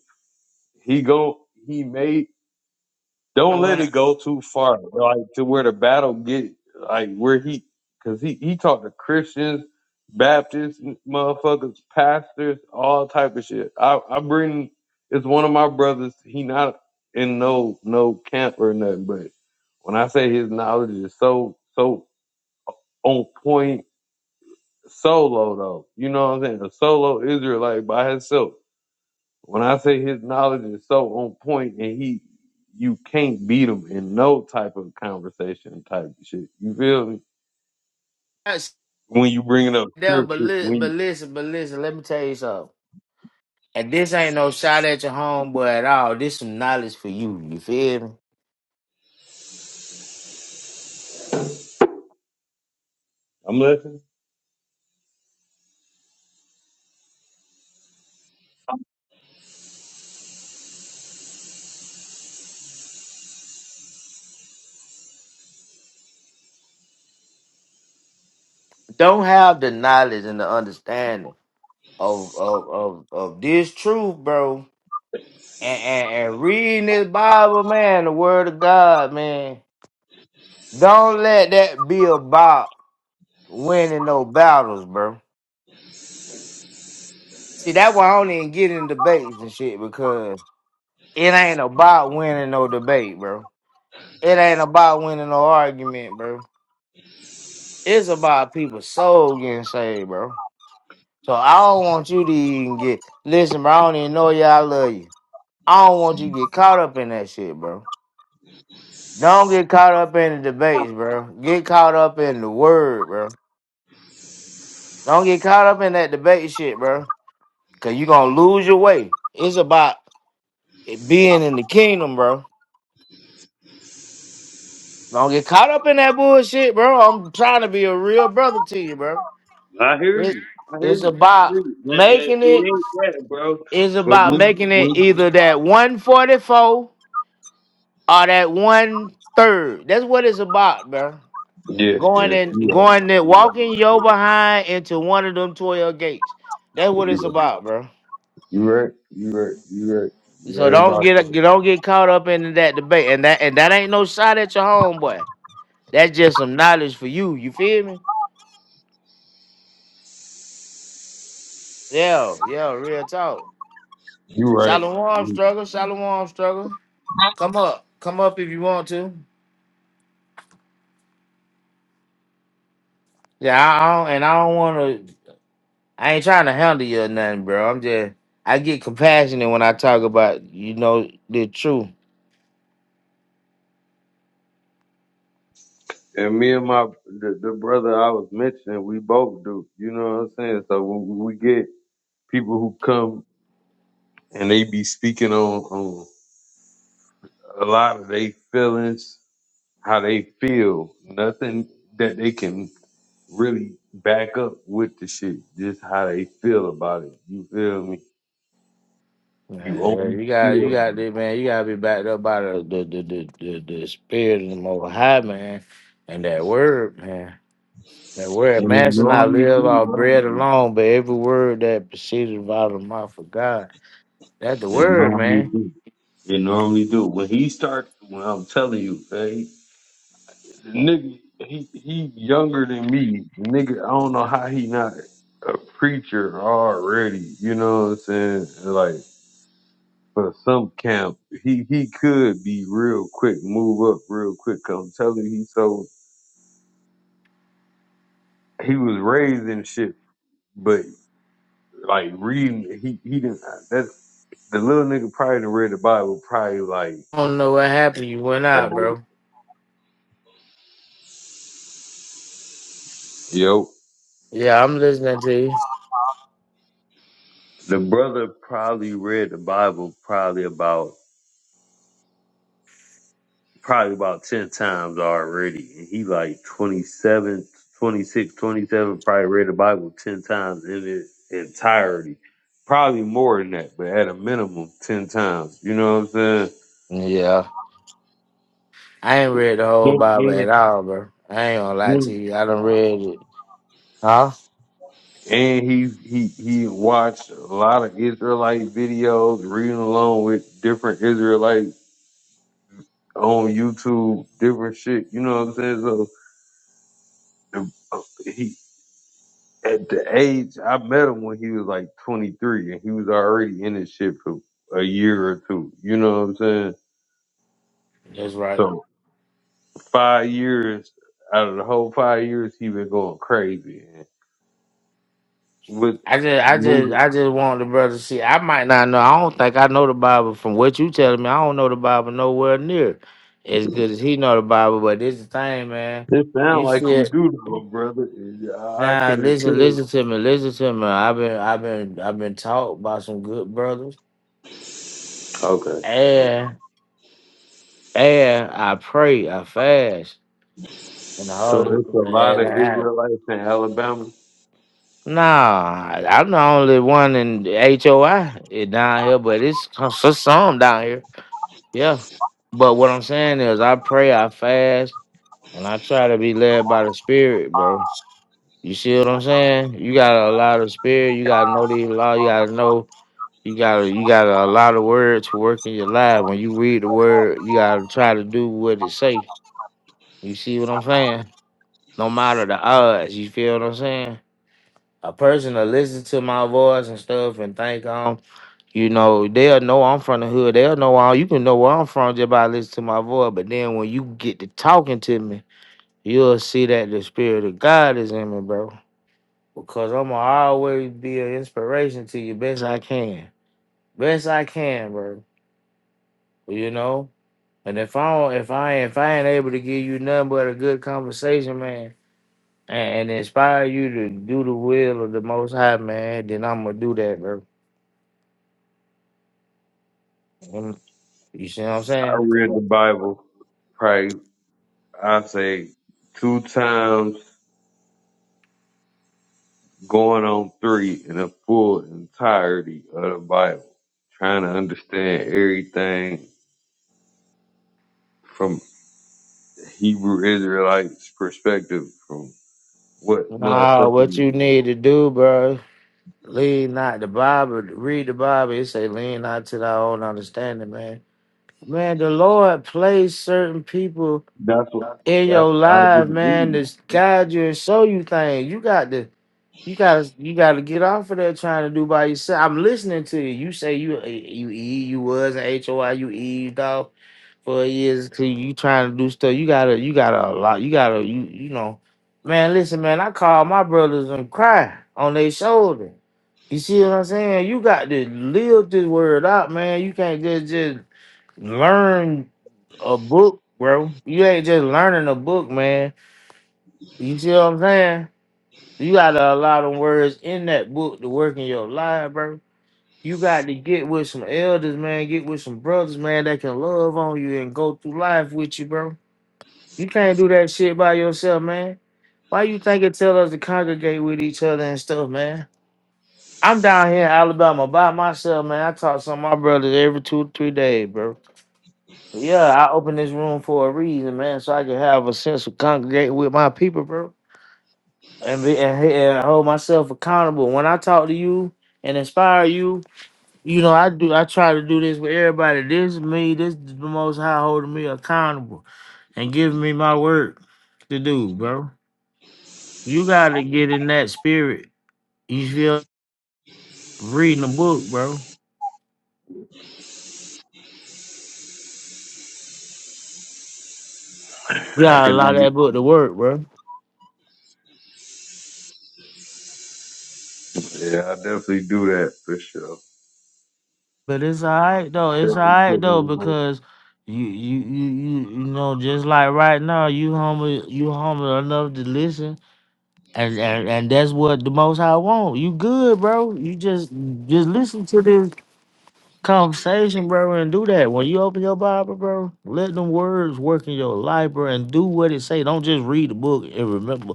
Speaker 3: he go he may don't
Speaker 1: And
Speaker 3: let
Speaker 1: when
Speaker 3: it go too far, like to where the battle get like where he cause he he talked to Christians, Baptists, motherfuckers, pastors, all type of shit. I I bring it's one of my brothers. He not in no no camp or nothing, but when I say his knowledge is so so on point solo though. You know what I'm saying? A solo Israelite by himself. When I say his knowledge is so on point and he you can't beat him in no type of conversation type of shit. You feel me?
Speaker 1: I
Speaker 3: When you bringing up
Speaker 1: there, but
Speaker 3: scripture,
Speaker 1: li-
Speaker 3: when
Speaker 1: but
Speaker 3: you,
Speaker 1: listen, but listen. Let me tell you something. And this ain't no shot at your homeboy at all. This some knowledge for you. You feel me?
Speaker 3: I'm listening.
Speaker 1: Don't have the knowledge and the understanding of of of, of this truth, bro and, and, and reading this Bible, man, the word of God, man. Don't let that be about winning no battles, bro. See, that's why I don't even get in debates and shit because it ain't about winning no debate, bro. It ain't about winning no argument, bro. It's about people's soul getting saved, bro. So I don't want you to even get listen, bro. I don't even know y'all love you. I don't want you to get caught up in that shit, bro. Don't get caught up in the debates, bro. Get caught up in the word, bro. Don't get caught up in that debate shit, bro. Cause you're gonna lose your way. It's about it being in the kingdom, bro. Don't get caught up in that bullshit, bro. I'm trying to be a real brother to you, bro.
Speaker 3: I hear
Speaker 1: It-
Speaker 3: you. I hear
Speaker 1: it's
Speaker 3: you. I
Speaker 1: about
Speaker 3: hear you. And, and it
Speaker 1: making it.
Speaker 3: ain't that, bro.
Speaker 1: It's
Speaker 3: But
Speaker 1: about
Speaker 3: when you,
Speaker 1: making it
Speaker 3: when
Speaker 1: either that 144 or that one third. That's what it's about, bro.
Speaker 3: yeah,
Speaker 1: Going
Speaker 3: yeah,
Speaker 1: and going and walking your behind into one of them twelve gates. That's what
Speaker 3: you
Speaker 1: it's about, bro.
Speaker 3: right, you right, you right, you right, you right, you right, you
Speaker 1: So
Speaker 3: right
Speaker 1: don't
Speaker 3: about
Speaker 1: get
Speaker 3: that.
Speaker 1: don't get caught up in that debate. And that and that ain't no shot at your homeboy. That's just some knowledge for you. You feel me? Yeah, yeah, real talk.
Speaker 3: You
Speaker 1: Shalom
Speaker 3: right.
Speaker 1: struggle, shalom struggle. Come up. Come up if you want to. Yeah, I don't, and I don't wanna I ain't trying to handle you or nothing, bro. I'm just I get compassionate when I talk about you know the truth.
Speaker 3: And me and my the, the brother I was mentioning, we both do. You know what I'm saying? So when we get people who come and they be speaking on on a lot of their feelings, how they feel, nothing that they can really back up with the shit, just how they feel about it. You feel me? You
Speaker 1: Man, yeah,
Speaker 3: always
Speaker 1: you got you
Speaker 3: feel,
Speaker 1: got this man. You gotta be backed up by the the the the, the, the spirit of the Most High, man, and that word, man. That word,
Speaker 3: and it
Speaker 1: man, shall not
Speaker 3: normally
Speaker 1: live
Speaker 3: do,
Speaker 1: off
Speaker 3: bro.
Speaker 1: bread alone, but every word that proceeded out of the mouth of God. That's the
Speaker 3: It
Speaker 1: word,
Speaker 3: normally
Speaker 1: man.
Speaker 3: do. It normally do. When he starts, when I'm telling you, hey. nigga, he he younger than me. Nigga, I don't know how he not a preacher already. You know what I'm saying? Like for some camp, he he could be real quick, move up real quick. 'Cause I'm telling you, he so he was raised in shit, but like reading, he he didn't. That's the little nigga probably done read the Bible probably like.
Speaker 1: I don't know what happened. You went
Speaker 3: At,
Speaker 1: out, bro.
Speaker 3: Yo,
Speaker 1: Yeah, I'm listening to you.
Speaker 3: the brother probably read the Bible probably about. probably about 10 times already. And he like 27, 26, 27. probably read the Bible 10 times in its entirety. Probably more than that, but at a minimum 10 times. You know what I'm
Speaker 1: Yeah, I ain't read the whole
Speaker 3: saying?
Speaker 1: Bible
Speaker 3: And
Speaker 1: at all, bro. I ain't gonna lie to
Speaker 3: and-
Speaker 1: you. I done read it. Huh?
Speaker 3: and he he he watched a lot of Israelite videos, reading along with different Israelites on YouTube, different shit. You know what I'm saying? So the, at the age I met him when he was like 23, and he was already in this shit for a year or two. You know what I'm saying?
Speaker 1: That's right.
Speaker 3: So five years out of the whole five years, he been going crazy and with
Speaker 1: I just, I just,
Speaker 3: moving.
Speaker 1: I just want the brother to see. I might not know. I don't think I know the Bible from what you telling me. I don't know the Bible nowhere near as good as he know the Bible. But this the thing, man.
Speaker 3: It sound
Speaker 1: You
Speaker 3: like you
Speaker 1: shit.
Speaker 3: do though, brother. I I
Speaker 1: Now
Speaker 3: can't
Speaker 1: listen,
Speaker 3: tell.
Speaker 1: listen to me, listen to me. I've been, I've been, I've been taught by some good brothers,
Speaker 3: Okay. Okay.
Speaker 1: and and I pray, I fast, and the
Speaker 3: So
Speaker 1: Holy,
Speaker 3: it's a lot
Speaker 1: and
Speaker 3: of
Speaker 1: I.
Speaker 3: Israelites in Alabama.
Speaker 1: Nah, I'm the only one in the HOI down here, but it's for some down here. Yeah. But what I'm saying is I pray, I fast, and I try to be led by the spirit, bro. You see what I'm saying? You gotta allow the spirit, you gotta know the law, you gotta know you gotta you gotta allow the word to work in your life. When you read the word, you gotta try to do what it say. You see what I'm saying? No matter the odds, you feel what I'm saying? a person to listen to my voice and stuff and think um you know they'll know i'm from the hood they'll know all you can know where i'm from just by listening to my voice but then when you get to talking to me you'll see that the spirit of god is in me bro because i'm gonna always be an inspiration to you best i can best i can bro you know and if i don't if i ain't if i ain't able to give you nothing but a good conversation man and, and inspire you to do the will of the most high man then i'm gonna do that bro Mm, You see what I'm
Speaker 3: I
Speaker 1: saying?
Speaker 3: read the Bible probably I say two times going on three in the full entirety of the Bible, trying to understand everything from Hebrew Israelites' perspective, from what
Speaker 1: Nah, what
Speaker 3: motherfucking
Speaker 1: you need to do, bro, lean not the Bible, read the Bible. It say lean not to thy own understanding, man. Man, the Lord placed certain people
Speaker 3: that's what
Speaker 1: in
Speaker 3: that's
Speaker 1: your
Speaker 3: what I do.
Speaker 1: life,
Speaker 3: to
Speaker 1: man, to
Speaker 3: do.
Speaker 1: guide you and show you things. You got to You gotta you gotta get off of there trying to do by yourself. I'm listening to you. You say you eh, you e you was an HOI, you eaved off for years till you trying to do stuff. You gotta you gotta a lot you gotta you you know. Man, listen, man, I call my brothers and cry on their shoulder. You see what I'm saying? You got to live this word out, man. You can't just just learn a book, bro. You ain't just learning a book, man. You see what I'm saying? You got a lot of words in that book to work in your life, bro. You got to get with some elders, man. Get with some brothers, man, that can love on you and go through life with you, bro. You can't do that shit by yourself, man. Why you think it tell us to congregate with each other and stuff, man? I'm down here in Alabama by myself, man. I talk to some of my brothers every two, three days, bro. Yeah, I open this room for a reason, man, so I can have a sense of congregating with my people, bro. and, be, and, he- and hold myself accountable. When I talk to you and inspire you, you know I do. I try to do this with everybody. This is me. This is the Most High holding me accountable and giving me my work to do, bro. You gotta get in that spirit. You feel reading a book, bro. You
Speaker 3: I
Speaker 1: gotta
Speaker 3: can
Speaker 1: allow
Speaker 3: do.
Speaker 1: that book to work, bro.
Speaker 3: Yeah, I definitely do that for sure.
Speaker 1: But it's alright though. It's
Speaker 3: Definitely
Speaker 1: alright though
Speaker 3: putting it on.
Speaker 1: because. You, you you you you know just like right now you humble you humble enough to listen And, and and that's what the most I want. You good, bro. You just just listen to this conversation, bro, and do that. When you open your Bible, bro, let them words work in your life, bro, and do what it say. Don't just read the book and remember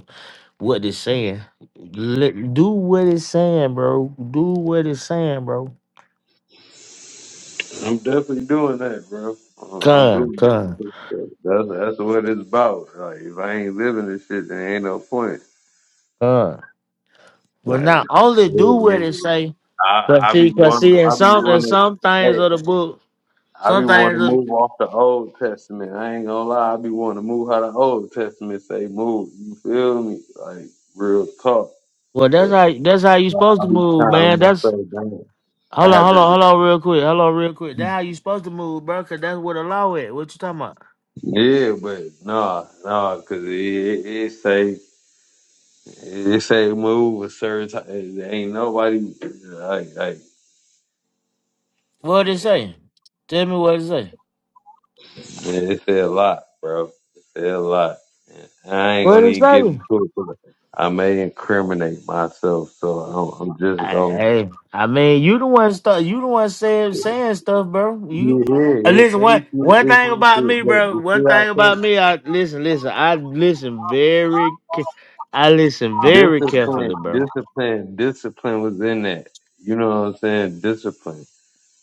Speaker 1: what it's saying. Let, do what it's saying, bro. Do what it's saying, bro.
Speaker 3: I'm definitely doing that, bro. Uh, I'm
Speaker 1: Come,
Speaker 3: doing
Speaker 1: come,
Speaker 3: it. That's that's what it's about. Like if I ain't living this shit, there ain't no point.
Speaker 1: come. But
Speaker 3: Like.
Speaker 1: not only
Speaker 3: yeah,
Speaker 1: do
Speaker 3: yeah.
Speaker 1: what it say,
Speaker 3: I
Speaker 1: but
Speaker 3: I be
Speaker 1: see, cause
Speaker 3: want,
Speaker 1: see, in
Speaker 3: I be
Speaker 1: some in
Speaker 3: want to
Speaker 1: some things
Speaker 3: hey
Speaker 1: of the book,
Speaker 3: I be
Speaker 1: some
Speaker 3: want to
Speaker 1: things.
Speaker 3: move off the Old Testament. I ain't gonna lie, I be want to move how the Old Testament say move. You feel me? Like real talk.
Speaker 1: Well, that's
Speaker 3: But
Speaker 1: how that's how you
Speaker 3: I
Speaker 1: supposed
Speaker 3: I
Speaker 1: to
Speaker 3: be
Speaker 1: move,
Speaker 3: trying
Speaker 1: man.
Speaker 3: to
Speaker 1: That's
Speaker 3: say damn. I
Speaker 1: hold on,
Speaker 3: have
Speaker 1: hold on,
Speaker 3: to
Speaker 1: hold on, real quick, hold on, real quick. That's how you supposed to move, bro. Cause that's what the law is. What you talking about?
Speaker 3: yeah, but nah, nah, cause it, it, it say it say move a certain time. Ain't nobody like like
Speaker 1: What it say? Tell me what it say.
Speaker 3: Man, it said a lot, bro. It said a lot. I ain't
Speaker 1: What
Speaker 3: gonna
Speaker 1: is
Speaker 3: even get
Speaker 1: that?
Speaker 3: into it, but I may incriminate myself, so I'm, I'm just
Speaker 1: I,
Speaker 3: gonna.
Speaker 1: hey, I mean, you the one stuff. You the one saying saying stuff, bro. You
Speaker 3: Yeah,
Speaker 1: uh,
Speaker 3: yeah, it's
Speaker 1: listen. One
Speaker 3: You
Speaker 1: one
Speaker 3: it's,
Speaker 1: thing
Speaker 3: it's,
Speaker 1: about
Speaker 3: it's
Speaker 1: me,
Speaker 3: but
Speaker 1: bro.
Speaker 3: the shit
Speaker 1: One
Speaker 3: I
Speaker 1: thing
Speaker 3: can't.
Speaker 1: about me. I listen, listen. I listen very. ca- I listen very
Speaker 3: Discipline,
Speaker 1: carefully, bro.
Speaker 3: discipline, discipline was in that. You know what I'm saying? Discipline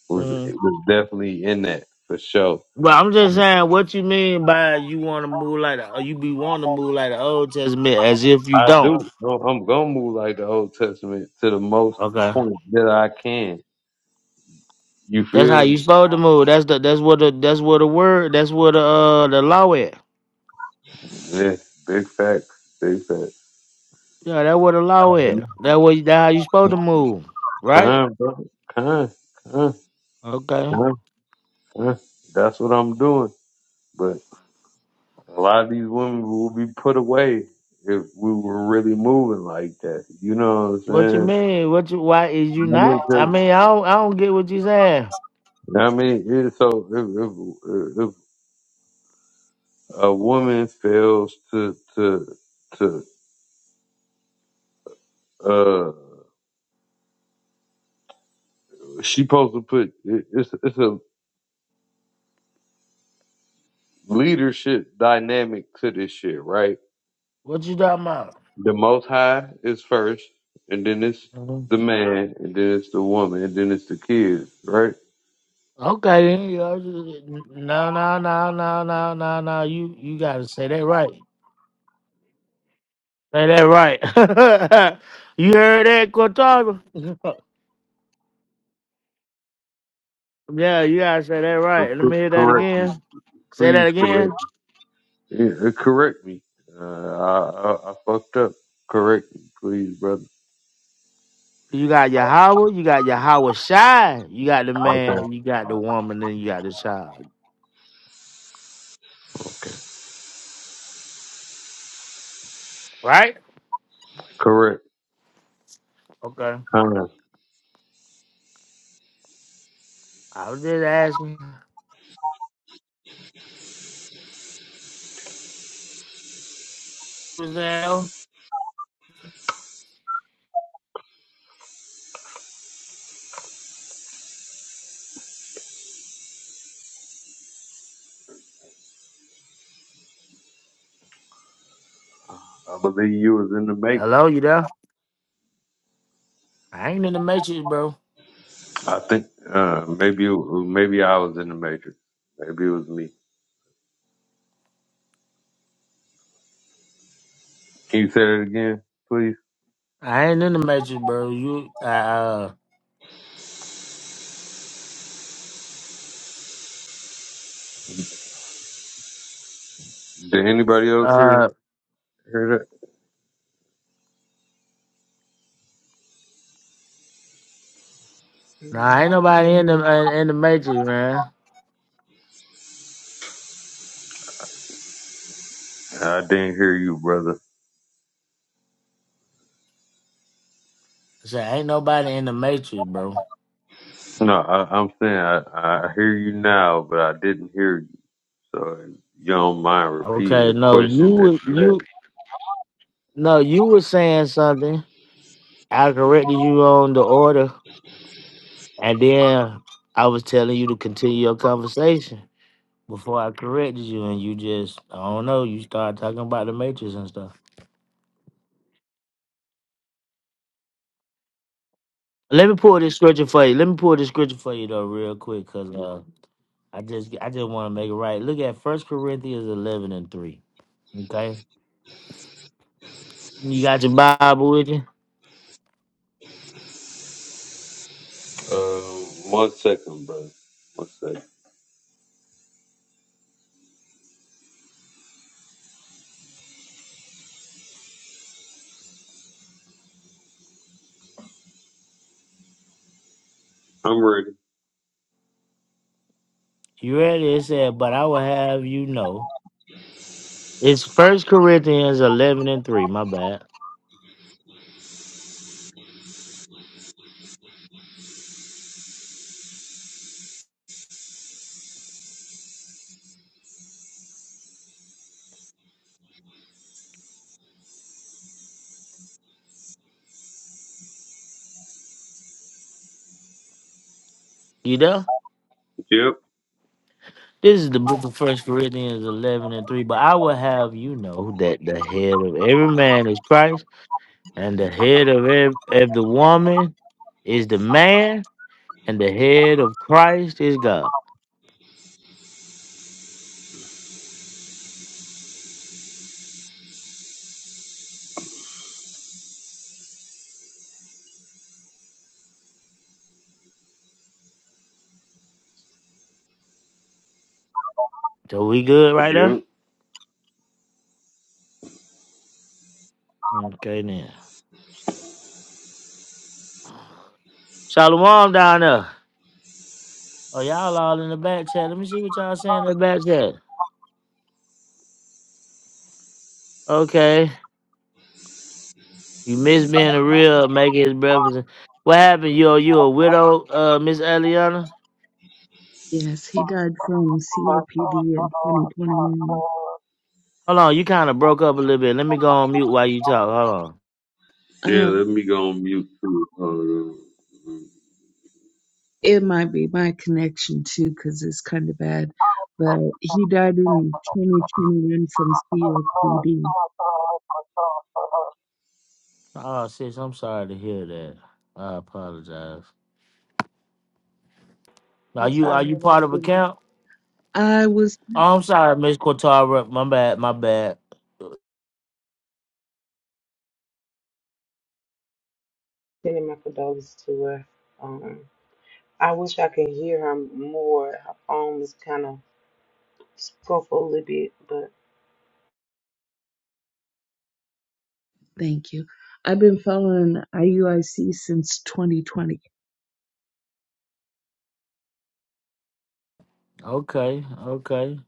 Speaker 3: was
Speaker 1: Mm-hmm.
Speaker 3: it was definitely in that for sure.
Speaker 1: But I'm
Speaker 3: I
Speaker 1: just saying, what you mean by you want to move like the, or you be wanting to move like the Old Testament as if you
Speaker 3: I
Speaker 1: don't?
Speaker 3: do. I'm I'm gonna move like the Old Testament to the most
Speaker 1: Okay,
Speaker 3: point that I can. You
Speaker 1: that's how
Speaker 3: feel me?
Speaker 1: you supposed to move. That's the that's what the that's what the word that's what the uh the law is.
Speaker 3: Yeah, big facts, big facts.
Speaker 1: Yeah, that what the law is. That what that how you supposed to move, right?
Speaker 3: Kind, brother, kind, kind,
Speaker 1: Okay.
Speaker 3: kind, kind. That's what I'm doing. But a lot of these women will be put away if we were really moving like that. You know what I'm
Speaker 1: What you
Speaker 3: saying?
Speaker 1: mean? What you why is you
Speaker 3: I mean,
Speaker 1: not? I
Speaker 3: 'cause-
Speaker 1: mean, I don't I don't get what you saying.
Speaker 3: I mean, it, so if, if if a woman fails to to to uh, she supposed to put it, it's it's a leadership dynamic to this shit, right?
Speaker 1: What you talking about?
Speaker 3: The Most High is first, and then it's
Speaker 1: Mhm.
Speaker 3: the man, and then it's the woman, and then it's the kids, right?
Speaker 1: Okay, then, you know, just- no, no, no, no, no, no, no. You you gotta say that right. Say that right. you heard that, Cortago? yeah, you gotta say that right. Let
Speaker 3: Co-
Speaker 1: me hear that
Speaker 3: Correct me.
Speaker 1: again. Say that
Speaker 3: Please correct
Speaker 1: again.
Speaker 3: me. Yeah, correct me. Uh, I, I, I fucked up. Correct me, please, brother.
Speaker 1: You got Yahweh, you got Yahweh Shai, you got the
Speaker 3: Okay.
Speaker 1: man, you got the woman, Then you got the child.
Speaker 3: okay.
Speaker 1: Right?
Speaker 3: Correct.
Speaker 1: Okay.
Speaker 3: Kind of.
Speaker 1: I was just asking. Who's there?
Speaker 3: I believe you was in the matrix.
Speaker 1: Hello, you there? I ain't in the matrix, bro.
Speaker 3: I think uh, maybe it- maybe I was in the matrix. Maybe it was me. Can you say that again, please?
Speaker 1: I ain't in the matrix, bro. You, uh, uh,
Speaker 3: Did anybody else hear
Speaker 1: uh,
Speaker 3: hear
Speaker 2: Mm,
Speaker 1: nah,
Speaker 2: I
Speaker 1: ain't
Speaker 2: ain't hear
Speaker 1: nobody in the
Speaker 2: anything.
Speaker 1: in, in the matrix, man.
Speaker 3: that? I didn't hear you, brother.
Speaker 1: I said, ain't nobody in the matrix, bro.
Speaker 3: No, I, I'm saying I, I hear you now, but I didn't hear you. So if you don't mind repeating
Speaker 1: Okay,
Speaker 3: the
Speaker 1: no,
Speaker 3: question
Speaker 1: you
Speaker 3: that
Speaker 1: were-
Speaker 3: you
Speaker 1: you no, you were saying something. I corrected you on the order, and then I was telling you to continue your conversation before I corrected you, and you just I don't know. You started talking about the matrix and stuff. Let me pull this scripture for you. Let me pull this scripture for you though, real quick, cause uh, I just I just want to make it right. Look at First Corinthians eleven and three. Okay, you got your Bible with you.
Speaker 3: asked. Um, one second, brother. One second. I'm ready.
Speaker 1: You ready? It said, "But I will have you know." It's First Corinthians eleven and three. My bad. You know,
Speaker 3: Yep.
Speaker 1: this is the book of First Corinthians eleven and three. But I will have you know that the head of every man is Christ, and the head of ev- of the woman is the man, and the head of Christ is God. So we good right there?
Speaker 3: Yep.
Speaker 1: Okay then. Shalom down there. Oh y'all all in the back chat. Let me see what y'all saying in the back chat. Okay. You miss being a real making his brothers. and- What happened? You you a widow, uh, Miss Eliana?
Speaker 5: Yes, he died from COPD in 2021.
Speaker 1: Hold on, you kind of broke up a little bit. Let me go on mute while you talk. Hold on.
Speaker 3: Yeah,
Speaker 5: Um,
Speaker 3: let me go on mute too. Uh,
Speaker 5: it might be my connection too, because it's kind of bad. But he died in 2021 from COPD.
Speaker 1: Oh, sis, I'm sorry to hear that. I apologize. Are
Speaker 2: I'm
Speaker 1: you are
Speaker 2: sorry to
Speaker 1: you
Speaker 2: hear that
Speaker 1: part of a
Speaker 2: too.
Speaker 1: camp?
Speaker 5: I was,
Speaker 1: Oh, I'm sorry, Miss Cortara. My bad. My bad.
Speaker 2: Sending my condolences to her. Um, I wish I could hear her more. Her phone was kind of broke a little bit, but
Speaker 5: thank you. I've been following IUIC since 2020.
Speaker 1: Okay. Okay.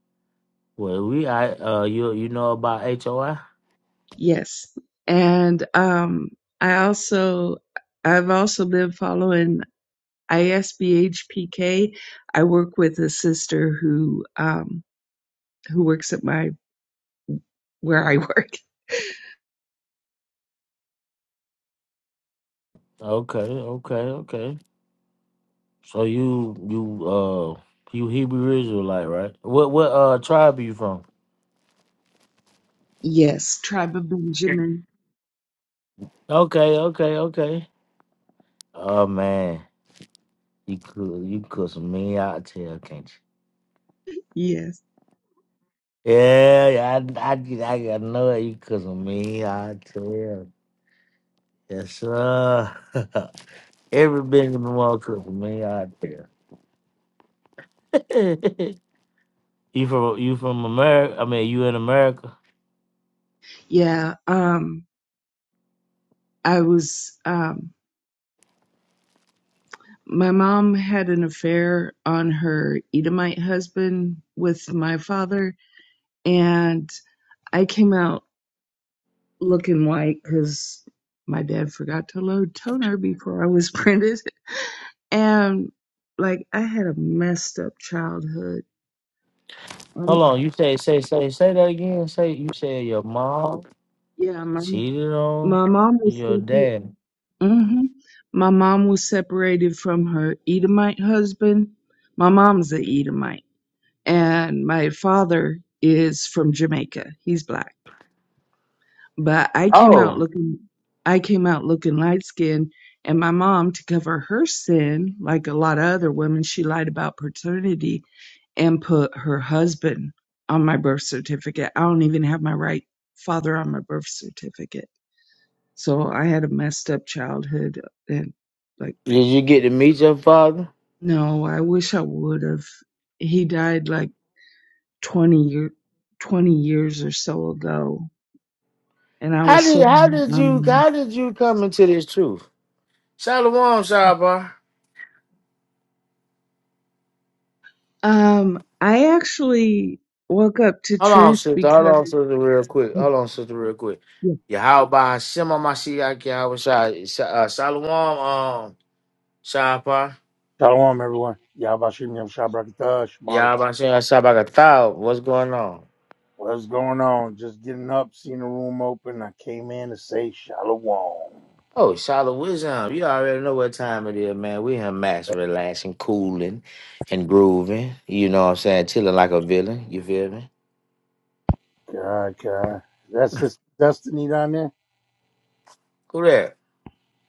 Speaker 1: Well, we I uh you you know about HOI?
Speaker 5: Yes. And um, I also, I've also been following ISBHPK. I work with a sister who, um, who works at my where I work.
Speaker 1: Okay. Okay. Okay. So you you uh you Hebrew Israelite, right? What what uh tribe are you from?
Speaker 5: Yes, Tribe of Benjamin.
Speaker 1: Okay, okay, okay. Oh man, you cook you cook some mean oxtail, can't you?
Speaker 5: Yes.
Speaker 1: Yeah, yeah, I I, I know it. You cook some mean oxtail. Yes, sir. Every Benjamin Wall cook some mean oxtail. you from you from America? I mean, you in America?
Speaker 5: Yeah. Um, I was, um, my mom had an affair on her Edomite husband with my father, and I came out looking white because my dad forgot to load toner before I was printed. And like, I had a messed up childhood. Um,
Speaker 1: Hold on. You say say say say that again. Say you said your mom
Speaker 5: yeah, my,
Speaker 1: cheated on
Speaker 5: my mom was.
Speaker 1: your dad.
Speaker 5: hmm My mom was separated from her Edomite husband. My mom's a Edomite, and my father is from Jamaica. He's black, but I came out
Speaker 1: Oh,
Speaker 5: looking, I came out looking light skinned, and my mom, to cover her sin, like a lot of other women, she lied about paternity and put her husband on my birth certificate. I don't even have my right father on my birth certificate. So I had a messed up childhood and like.
Speaker 1: did you get to meet your father?
Speaker 5: No, I wish I would have. He died like 20 year, 20 years or so ago, and I
Speaker 1: How
Speaker 5: was so
Speaker 1: did how did you
Speaker 5: um
Speaker 1: how did you come into this truth? Shalom, Shabba.
Speaker 5: um I actually woke up to
Speaker 1: Hold on,
Speaker 5: truth
Speaker 1: sister. Hold
Speaker 5: because
Speaker 1: on, sister, real quick. Hold on, sister, real quick.
Speaker 5: yeah.
Speaker 1: Yahweh Hashem Mashiach Yahweh Shai- Sha- uh, Shalom, um, Shabba.
Speaker 6: Shalom, everyone. Yabashim Yom Shabrakata, Shemar-
Speaker 1: Yahweh Hashem Shabbat. Gatau. What's going on?
Speaker 6: What's going on? Just getting up, seeing the room open. I came in to say Shalom.
Speaker 1: Oh, Shalom Wisdom. You already know what time it is, man. We here max relaxing, cooling, and grooving. You know what I'm saying? Chilling like a villain. You feel me?
Speaker 6: God, God. That's this Destiny down there?
Speaker 1: Correct.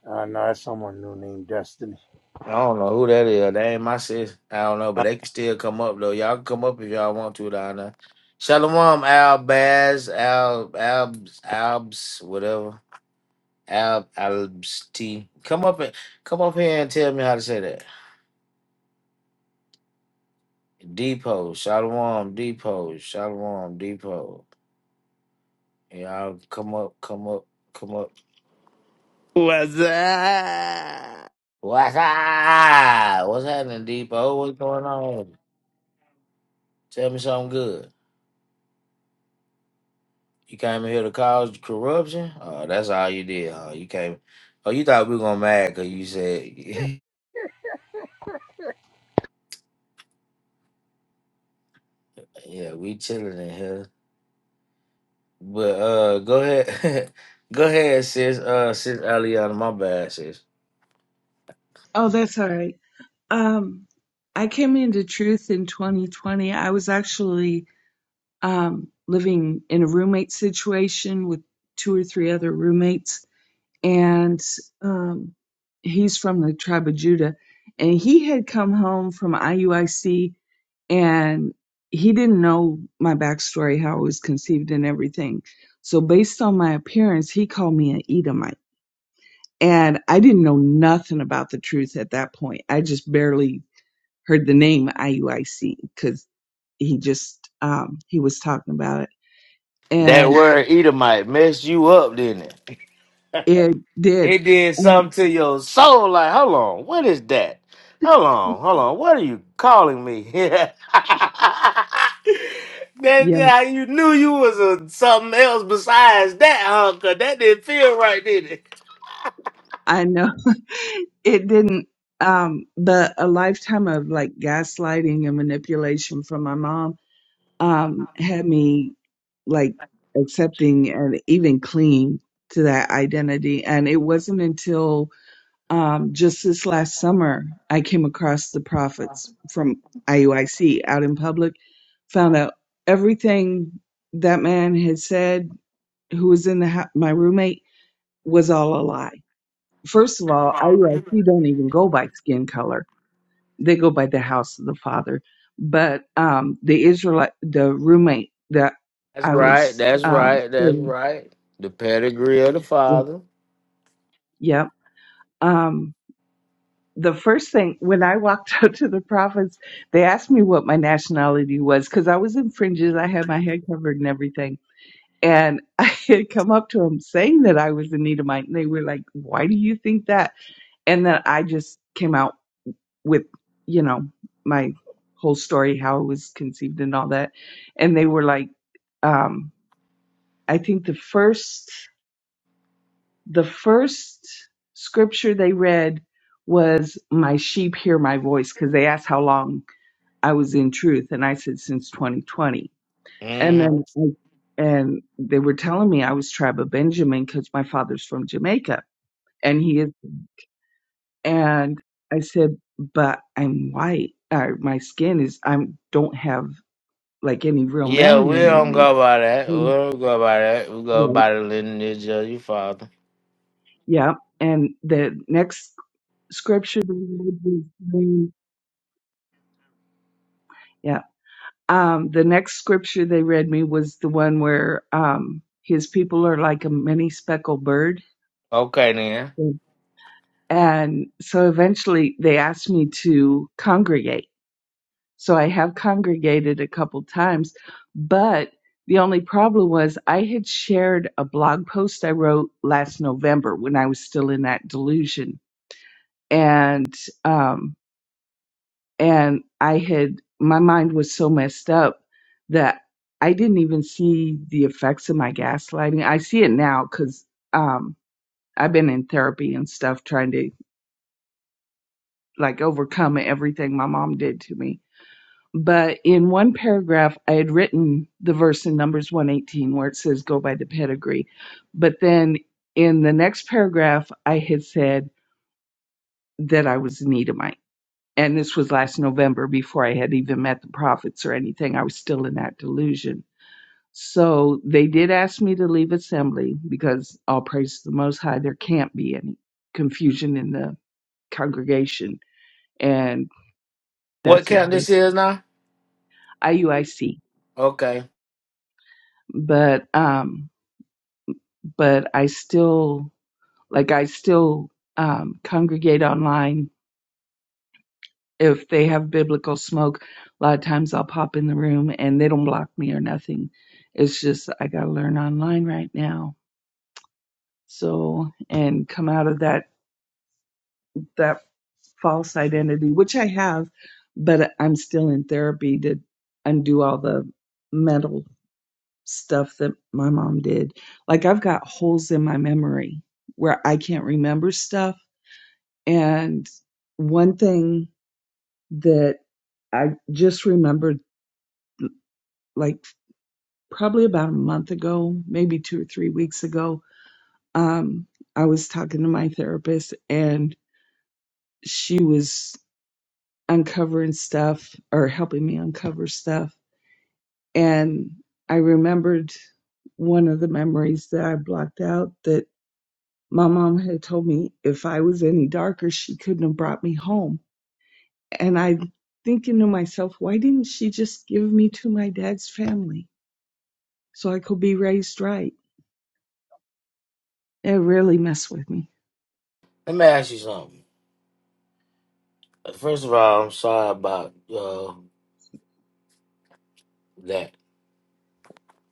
Speaker 6: Uh, no, that's someone new named Destiny.
Speaker 1: I don't know who that is. That ain't my sis. I don't know, but they can still come up though. Y'all can come up if y'all want to down there. Shalom, Al Baz, Al Albs, Albs, whatever. Al Albs T. Come up and come up here and tell me how to say that. Depot, Shalom, Depot, Shalom, Depot. Y'all come up, come up, come up.
Speaker 7: What's up?
Speaker 1: What's up? What's happening, Depot? What's going on? Tell me something good. You came in here to cause corruption? Oh, that's all you did, huh? You came. Oh, you thought we were gonna mad because you said, "Yeah, we chilling in here." But uh, go ahead, go ahead, sis. Uh, sis Aliana, my bad, sis.
Speaker 5: oh, that's all right. Um I came into truth in 2020. I was actually um living in a roommate situation with two or three other roommates and um, he's from the tribe of Judah. And he had come home from IUIC and he didn't know my backstory, how I was conceived and everything. So, based on my appearance, he called me an Edomite. And I didn't know nothing about the truth at that point. I just barely heard the name IUIC because he just, um, he was talking about it.
Speaker 1: That
Speaker 5: And
Speaker 1: word Edomite messed you up, didn't it?
Speaker 5: it did.
Speaker 1: It did something to your soul. Like, hold on, what is that? Hold on, hold on, what are you calling me? that, that you knew you was a, something else besides that, huh? 'Cause that didn't feel right, did it?
Speaker 5: I know it didn't um but a lifetime of like gaslighting and manipulation from my mom um had me like accepting and even clinging to that identity and it wasn't until um just this last summer I came across the prophets from IUIC out in public found out everything that man had said who was in the hou- my roommate was all a lie first of all, IUIC don't even go by skin color. They go by the house of the father. But um, the Israelite, the roommate that
Speaker 1: That's
Speaker 5: I
Speaker 1: right.
Speaker 5: was
Speaker 1: That's
Speaker 5: um,
Speaker 1: right. That's
Speaker 5: staying
Speaker 1: right. The pedigree of the
Speaker 5: with,
Speaker 1: father.
Speaker 5: yep. Um, the first thing when I walked up to the prophets, they asked me what my nationality was because I was in fringes. I had my head covered and everything. And I had come up to them saying that I was an Edomite. And they were like, Why do you think that? And then I just came out. with you know my whole story how it was conceived and all that and they were like um i think the first the first scripture they read was my sheep hear my voice because they asked how long i was in truth and i said since 2020 and
Speaker 1: hmm
Speaker 5: then I, and they were telling me i was tribe of benjamin because my father's from jamaica and he is and i said but i'm white or my skin is i am don't have like any real
Speaker 1: Yeah, we
Speaker 5: melanin in
Speaker 1: don't
Speaker 5: me.
Speaker 1: go by that. We
Speaker 5: And,
Speaker 1: don't go by that. We go
Speaker 5: right.
Speaker 1: by the lineage of your father.
Speaker 5: Yeah. And the next scripture they read was when- yeah. Um, the next scripture they read me was the one where um, his people are like a many speckled bird.
Speaker 1: Okay, then.
Speaker 5: And so eventually they asked me to congregate. So I have congregated a couple times, but the only problem was I had shared a blog post I wrote last November when I was still in that delusion and um and i had my mind was so messed up that i didn't even see the effects of my gaslighting i see it now because um i've been in therapy and stuff trying to like overcome everything my mom did to me but in one paragraph i had written the verse in numbers 118 where it says go by the pedigree but then in the next paragraph i had said that i was in Edomite. And this was last November before I had even met the prophets or anything. I was still in that delusion. So they did ask me to leave assembly because all praise to the Most High, there can't be any confusion in the congregation. And
Speaker 1: What
Speaker 5: that's a
Speaker 1: count this is now?
Speaker 5: IUIC.
Speaker 1: Okay.
Speaker 5: But, um, but I still, like, I still, um, congregate online if they have biblical smoke, a lot of times I'll pop in the room and they don't block me or nothing. It's just I gotta learn online right now. So and come out of that that false identity, which I have, but I'm still in therapy to undo all the mental stuff that my mom did. Like I've got holes in my memory where I can't remember stuff. And one thing that I just remembered like. probably about a month ago, maybe two or three weeks ago, um, I was talking to my therapist and she was uncovering stuff or helping me uncover stuff. And I remembered one of the memories that I blocked out that my mom had told me if I was any darker, she couldn't have brought me home. And I thinking to myself, why didn't she just give me to my dad's family so I could be raised right? It really messed with me.
Speaker 1: Let me ask you something. Uh, First of all, I'm sorry about uh, that.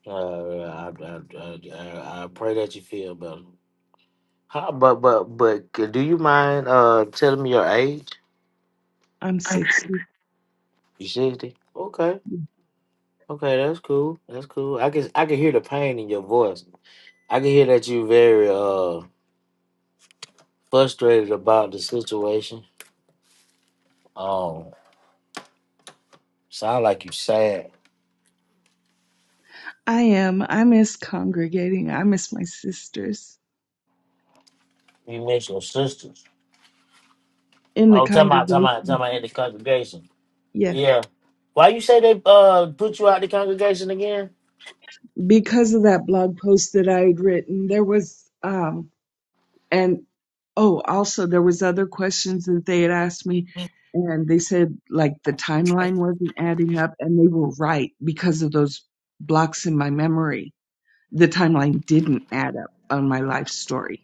Speaker 1: Uh, I, I, I, I I pray that you feel better. How, but but but c- do you mind uh telling me your age?
Speaker 5: I'm 60.
Speaker 1: You sixty? Okay, okay, that's cool. That's cool. I can I can hear the pain in your voice. I can hear that you very uh frustrated about the situation. Um, sound like you sad.
Speaker 5: I am. I miss congregating. I miss my sisters
Speaker 1: You miss your sisters.
Speaker 5: in the
Speaker 1: Oh, tell my tell my tell
Speaker 5: congregation.
Speaker 1: my in the congregation.
Speaker 5: Yes.
Speaker 1: Yeah. Why you say they uh put you out the congregation again?
Speaker 5: Because of that blog post that I had written, there was, um, and oh, also there was other questions that they had asked me and they said like the timeline wasn't adding up and they were right because of those blocks in my memory. The timeline didn't add up on my life story.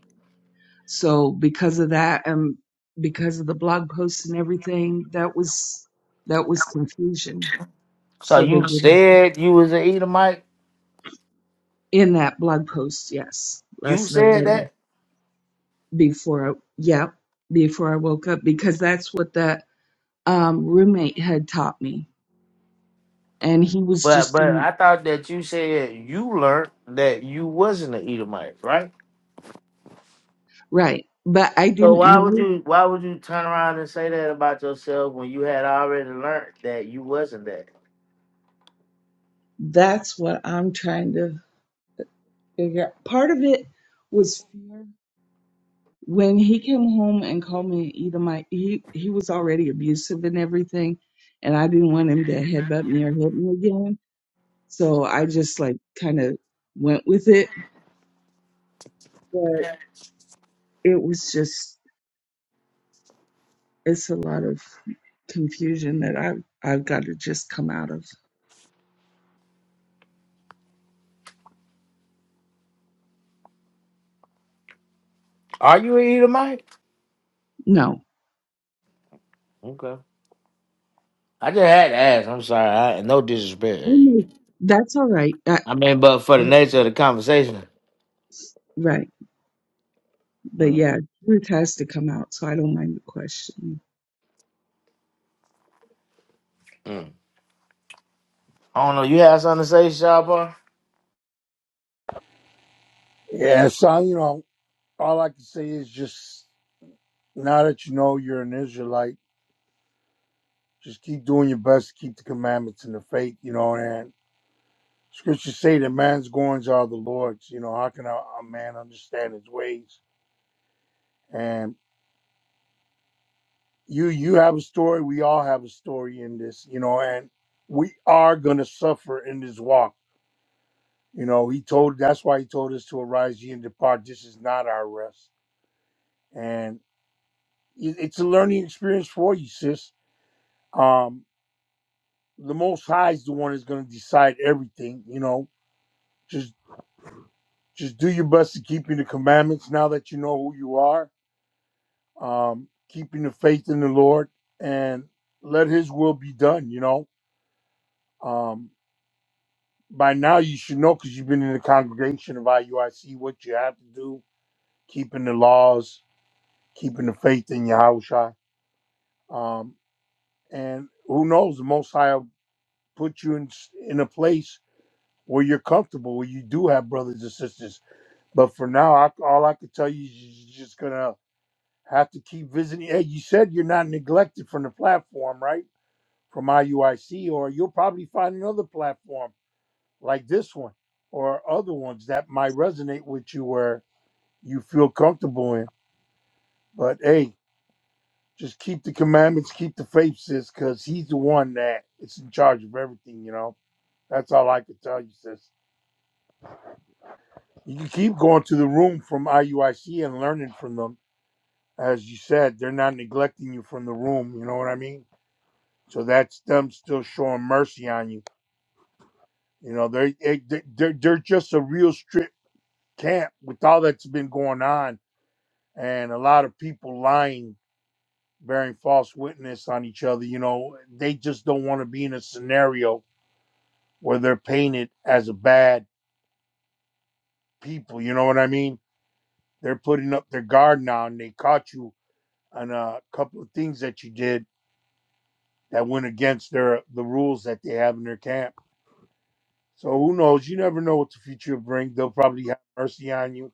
Speaker 5: So because of that and because of the blog posts and everything, that was that was confusion.
Speaker 1: So
Speaker 5: So they
Speaker 1: you
Speaker 5: didn't
Speaker 1: said you was an Edomite.
Speaker 5: in that blog post, yes,
Speaker 1: You
Speaker 5: last
Speaker 1: said
Speaker 5: November
Speaker 1: that,
Speaker 5: before I, yeah, before I woke up because that's what that um roommate had taught me. And he was
Speaker 1: but
Speaker 5: just
Speaker 1: but
Speaker 5: going
Speaker 1: I thought that you said you learned that you wasn't an Edomite, right?
Speaker 5: right. But I
Speaker 1: So
Speaker 5: didn't
Speaker 1: why would
Speaker 5: know
Speaker 1: you why would you turn around and say that about yourself when you had already learned that you wasn't that?
Speaker 5: that's what I'm trying to figure out. Part of it was fear when he came home and called me an Edomite, he, he was already abusive and everything. And I didn't want him to headbutt me or hit me again. So I just like kind of went with it. But it was just, it's a lot of confusion that I've, I've got to just come out of.
Speaker 1: Are you an Edomite?
Speaker 5: No,
Speaker 1: Okay. I just had to ask. I'm sorry. I, no disrespect.
Speaker 5: Mm, that's all right. I,
Speaker 1: I mean, but for the nature of the conversation,
Speaker 5: right. But
Speaker 1: mm,
Speaker 5: yeah, truth has to come out. So I don't mind the question.
Speaker 1: mm. I don't know. You had something to say, Shabba?
Speaker 6: Yeah, so, you know, all I can say is just now that you know you're an Israelite, just keep doing your best to keep the commandments and the faith, you know, and scriptures say that man's goings are the Lord's. You know, how can a, a man understand his ways? and? you you have a story we all have a story in this you know and we are going to suffer in this walk you know he told that's why he told us to arise ye and depart this is not our rest and it- it's a learning experience for you sis um the most high is the one that's going to decide everything you know just just do your best to keeping the commandments now that you know who you are um keeping the faith in the lord and let his will be done you know um. by now you should know because you've been in the congregation of IUIC what you have to do, keeping the laws, keeping the faith in Yahushua. Um, and who knows, the Most High will put you in, in a place where you're comfortable, where you do have brothers and sisters. But for now, I, all I can tell you is you're just going to have to keep visiting. Hey, you said you're not neglected from the platform, right? From IUIC, or you'll probably find another platform like this one or other ones that might resonate with you where you feel comfortable in. But hey, just keep the commandments, keep the faith, sis, because he's the one that is in charge of everything, you know. That's all I can tell you, sis. You can keep going to the room from IUIC and learning from them. As you said, they're not neglecting you from the room, you know what I mean? So that's them still showing mercy on you. You know, they're, they- they're, they're just a real strict camp with all that's been going on and a lot of people lying bearing false witness on each other. You know, they just don't want to be in a scenario where they're painted as a bad people. You know what I mean? They're putting up their guard now, and they caught you on a couple of things that you did that went against their the rules that they have in their camp. So who knows? You never know what the future will bring. They'll probably have mercy on you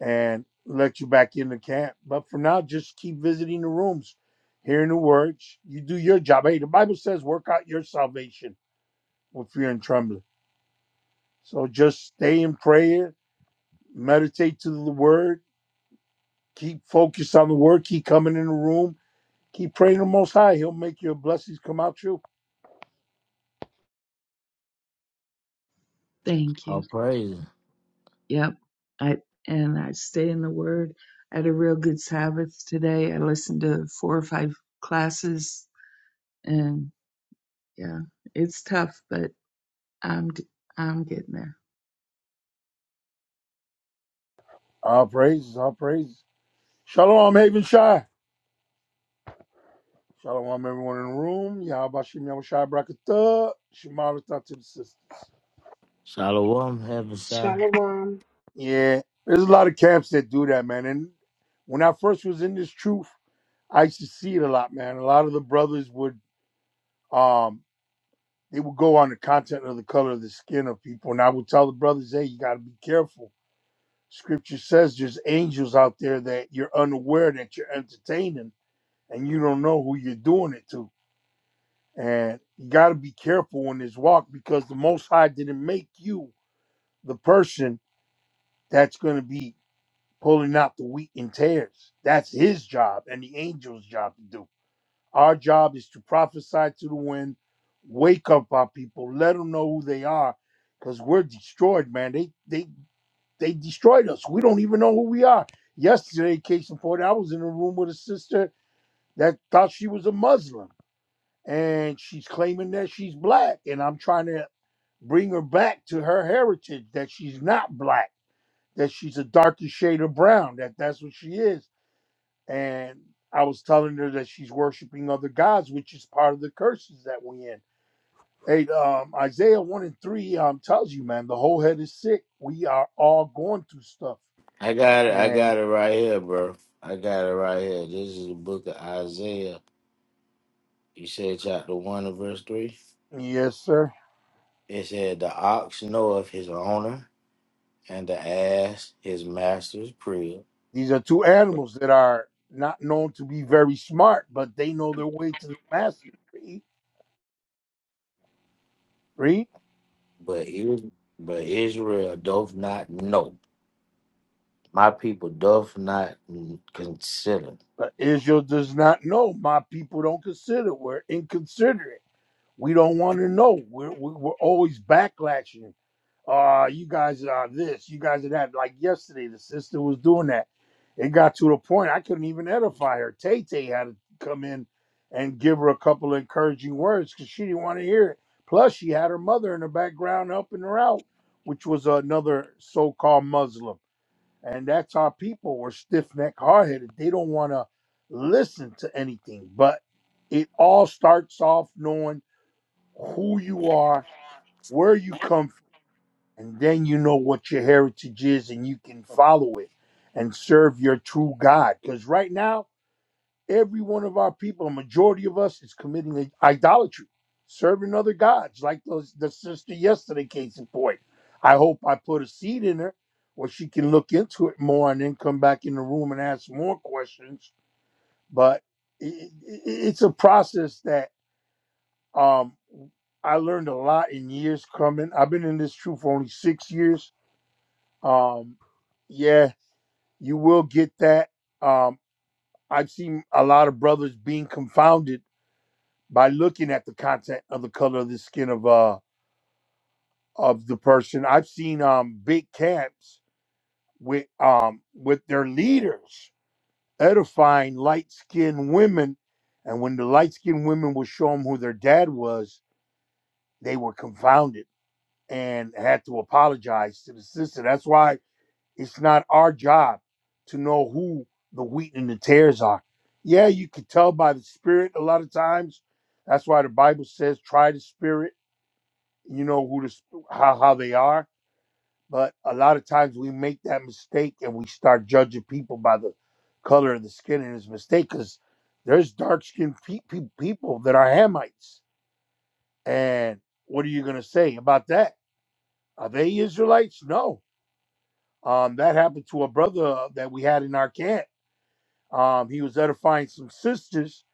Speaker 6: and let you back in the camp. But for now, just keep visiting the rooms, hearing the words. You do your job. Hey, the Bible says, work out your salvation with fear and trembling. So just stay in prayer, meditate to the word, keep focused on the word, keep coming in the room, keep praying the most high. He'll make your blessings come out you.
Speaker 5: Thank you.
Speaker 1: All praise.
Speaker 5: Yep. I and I stay in the Word. I had a real good Sabbath today. I listened to four or five classes, and yeah, it's tough, but I'm I'm getting there.
Speaker 6: Our praises, our praises. Shalom, Haven Shai. Shalom, everyone in the room. Yahabashim Yahushai Brakatah. Shemaratah to the sisters.
Speaker 1: Shalom, heaven side.
Speaker 2: shalom,
Speaker 6: Yeah, there's a lot of camps that do that, man. And when I first was in this truth, I used to see it a lot, man. A lot of the brothers would. um. they would go on the content of the color of the skin of people. And I would tell the brothers, hey, you got to be careful. Scripture says there's angels out there that you're unaware that you're entertaining and you don't know who you're doing it to. And you got to be careful in this walk because the Most High didn't make you the person that's going to be pulling out the wheat and tares. That's his job and the angel's job to do. Our job is to prophesy to the wind, wake up our people, let them know who they are, because we're destroyed, man. They they they destroyed us. We don't even know who we are. Yesterday, case in point, I was in a room with a sister that thought she was a Muslim, and she's claiming that she's black, and I'm trying to bring her back to her heritage that she's not black, that she's a darker shade of brown, that that's what she is and I was telling her that she's worshiping other gods, which is part of the curses that we in. Hey, um, Isaiah one and three um tells you, man, the whole head is sick. We are all going through stuff,
Speaker 1: I got it. I
Speaker 6: and
Speaker 1: got it right here, bro. I got it right here. This is the book of Isaiah. You said chapter 1 and verse 3.
Speaker 6: yes, sir,
Speaker 1: It said, The ox knoweth his owner, and the ass his master's crib.
Speaker 6: these are two
Speaker 1: But
Speaker 6: animals that are not known to be very smart, but they know their way to the master. Read, read.
Speaker 1: Is- but Israel doth not know. My people doth not consider.
Speaker 6: But Israel does not know. My people don't consider. We're inconsiderate. We don't want to know. We're, we're we're always backlashing. uh you guys are this you guys are that like yesterday the sister was doing that it got to the point i couldn't even edify her tay tay had to come in and give her a couple of encouraging words because she didn't want to hear it plus she had her mother in the background helping her out which was another so-called muslim and that's how people were stiff-necked hard-headed they don't want to listen to anything but it all starts off knowing who you are where you come and then you know what your heritage is and you can follow it and serve your true God. Because right now, every one of our people, a majority of us, is committing idolatry, serving other gods, like those, the sister yesterday, case in point. I hope I put a seed in her where she can look into it more and then come back in the room and ask more questions. But it, it, it's a process that um, I learned a lot in years coming. I've been in this truth for only six years um, yeah, you will get that. Um, I've seen a lot of brothers being confounded by looking at the content of the color of the skin of uh of the person. I've seen um big camps with um with their leaders edifying light skinned women, and when the light skinned women would show them who their dad was, they were confounded and had to apologize to the sister. That's why It's not our job to know who the wheat and the tares are. Yeah, you can tell by the spirit a lot of times. That's why the Bible says, "Try the spirit." You know who the sp- how how they are. But a lot of times we make that mistake and we start judging people by the color of the skin, and it's a mistake because there's dark skinned pe- pe- people that are Hamites. And what are you gonna say about that? Are they Israelites? No. Um, that happened to a brother uh, that we had in our camp Um, he was edifying some sisters,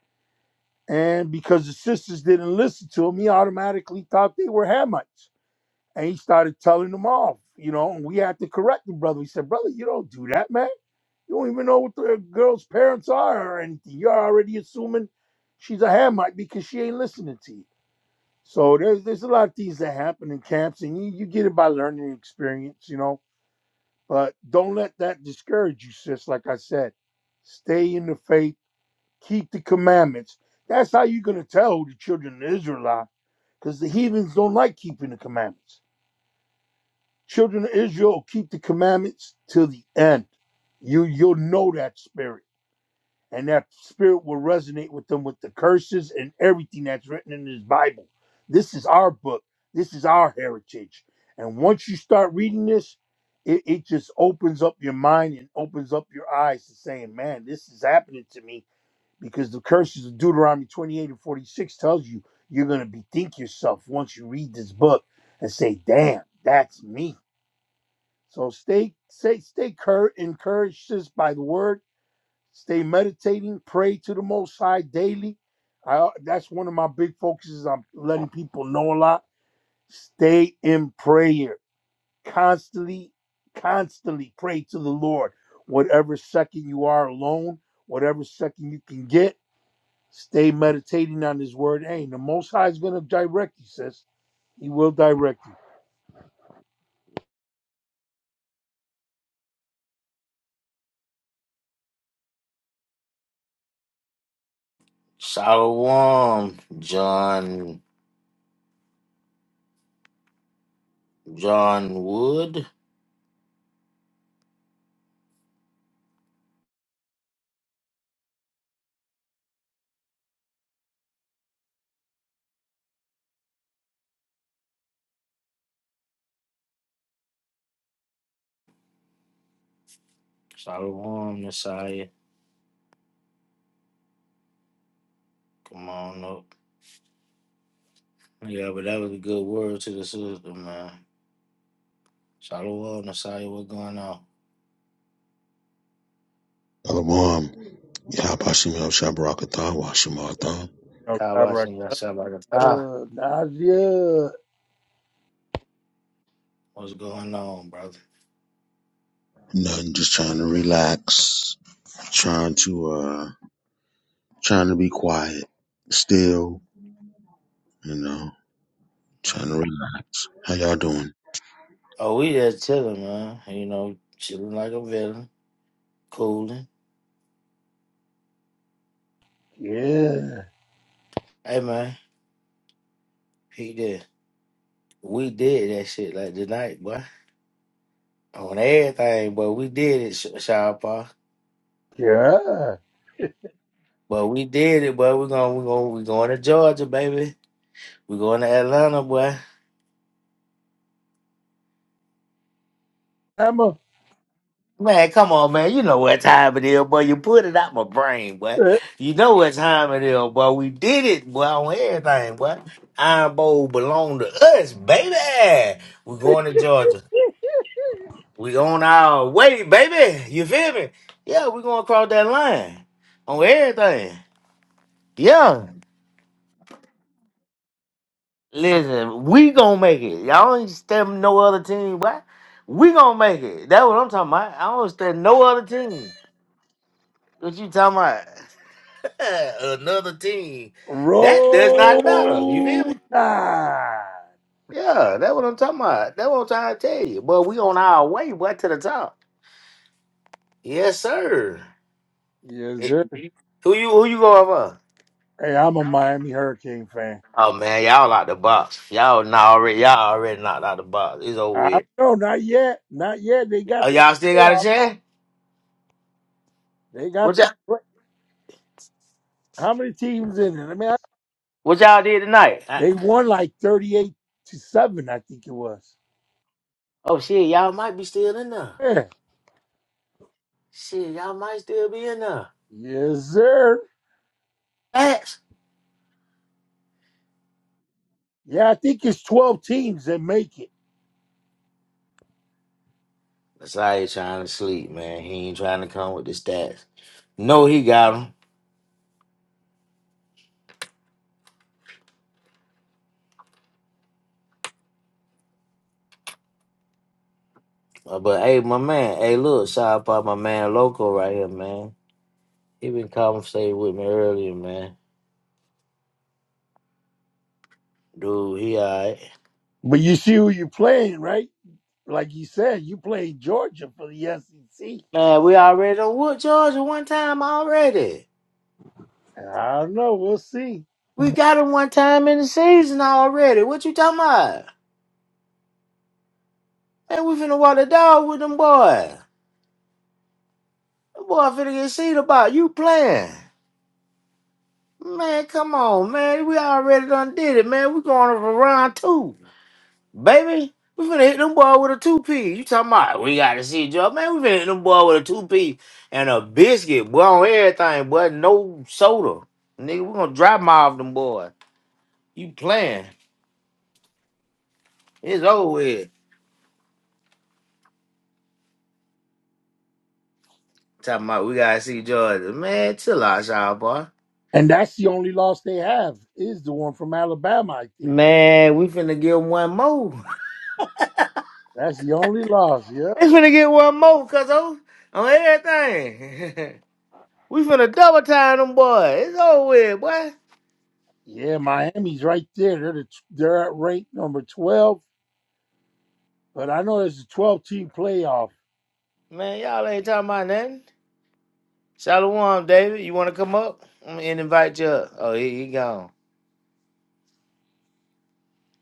Speaker 6: and because the sisters didn't listen to him, he automatically thought they were Hamites, and he started telling them off. You know, and we had to correct the brother. We said, "Brother, you don't do that, man. You don't even know what the girl's parents are or anything. You're already assuming she's a Hamite because she ain't listening to you." So there's there's a lot of things that happen in camps, and you, you get it by learning experience, you know. But don't let that discourage you, sis. Like I said, stay in the faith keep the commandments. That's how you're going to tell who the children of Israel are, because the heathens don't like keeping the commandments. Children of Israel keep the commandments till the end. You you'll know that spirit, and that spirit will resonate with them with the curses and everything that's written in this Bible. This is our book. This is our heritage. And once you start reading this, it, it just opens up your mind and opens up your eyes to saying, man, this is happening to me because the curses of Deuteronomy 28 and 46 tells you you're going to bethink yourself once you read this book and say, "Damn, that's me." So stay stay stay cur- encouraged sis, by the word, stay meditating, pray to the most high daily. I, that's one of my big focuses. I'm letting people know a lot. Stay in prayer. Constantly constantly pray to the Lord. Whatever second you are alone, whatever second you can get Stay meditating on His word. Hey, the Most High is going to direct you, sis. He will direct you.
Speaker 1: Shalom, John John Wood. Shalom, Messiah. Come on up. Yeah, but that was a good word to the sister, man. Shalom, Nasiah, what's going on?
Speaker 8: Shalom. Yahbashim Yahshabarakatah, Washamata.
Speaker 6: No,
Speaker 1: How about
Speaker 6: direct.
Speaker 1: some Yashabakata?
Speaker 6: Uh, Nadia.
Speaker 1: What's going on, brother?
Speaker 8: Nothing, just trying to relax, trying to, uh, trying to be quiet still, you know, trying to
Speaker 1: Mm.
Speaker 8: relax. How y'all doing?
Speaker 1: Oh, we just chilling, man. You know, chilling like a villain, cooling.
Speaker 6: Yeah.
Speaker 1: Hey, man, he did. We did that shit like tonight, boy. On everything, but we did it, Sh- Sharpa.
Speaker 6: Yeah.
Speaker 1: But we did it, boy. We're going, we're going, we're going to Georgia, baby. We're going to Atlanta, boy.
Speaker 6: Emma.
Speaker 1: Man, come on, man. You know what time it is, boy. You put it out my brain, boy.
Speaker 6: eh,
Speaker 1: You know what time it is, boy. We did it, boy, on everything, boy. Iron Bowl belong to us, baby. We're going to Georgia. We on our way, baby. You feel me? Yeah, we are going to cross that line on everything. Yeah. Listen, we going to make it. Y'all ain't stepping no other team, boy. We going to make it. That's what I'm talking about. I don't step no other team. What you talking about? Yeah, another team. That does not matter. You feel
Speaker 6: Roll
Speaker 1: me?
Speaker 6: Tide.
Speaker 1: Yeah, that's what I'm talking about. That's what I'm trying to tell you. But we on our way, boy, to the top. Yes, sir.
Speaker 6: Yes,
Speaker 1: Eh,
Speaker 6: sir.
Speaker 1: Who you who you going for?
Speaker 6: Hey, I'm a Miami Hurricane fan.
Speaker 1: Oh man, y'all out the box. Y'all not already y'all already knocked out the box. It's over
Speaker 6: I
Speaker 1: with.
Speaker 6: don't know. Not yet. Not yet. They got
Speaker 1: Oh,
Speaker 6: that
Speaker 1: y'all still got a
Speaker 6: playoff.
Speaker 1: chance?
Speaker 6: They got
Speaker 1: What y'all
Speaker 6: that. play- How many teams in it? I mean, I-
Speaker 1: what y'all did tonight? I-
Speaker 6: they won like 38 to 7, I think it was.
Speaker 1: oh shit, y'all might be still in there.
Speaker 6: Yeah.
Speaker 1: Shit, y'all might still be in
Speaker 6: Yes, sir.
Speaker 1: there.
Speaker 6: Yeah, I think it's 12 teams that make it.
Speaker 1: Messiah trying to sleep, man. He ain't trying to come with the stats. No, he got him. Uh, But hey, my man, hey, look, shout out my man Loco right here, man. He been conversating with me earlier, man. Dude, he alright.
Speaker 6: But you see who you're playing, right? Like you said, you playing Georgia for the SEC.
Speaker 1: Man, we already done whooped Georgia one time already.
Speaker 6: I don't know. We'll see.
Speaker 1: We got him one time in the season already. What you talking about? Man, we finna walk the dog with them boy. The boy finna get seen about you playing. Man, come on, man. We already done did it, man. We going for round two. Baby, we finna hit them boy with a two piece. You talking about we gotta see Joe. Man, we finna hit them boy with a two piece and a biscuit, boy, on everything, boy. No soda. Nigga, we gonna drop off them boy. You playing. It's over with. Talking about we gotta see Jordan. Man, chill out, y'all boy.
Speaker 6: And that's the only loss they have is the one from Alabama, I think.
Speaker 1: Man, we finna get one more.
Speaker 6: That's the only loss. Yeah.
Speaker 1: They finna get one more, cuz on on everything. we finna double time them boy. It's over with, boy.
Speaker 6: Yeah, Miami's right there. They're the, they're at rank number 12. But I know there's a 12 team playoff.
Speaker 1: Man, y'all ain't talking about nothing. Shalom, David. You want to come up Mm, and invite you up? Oh, he, he gone.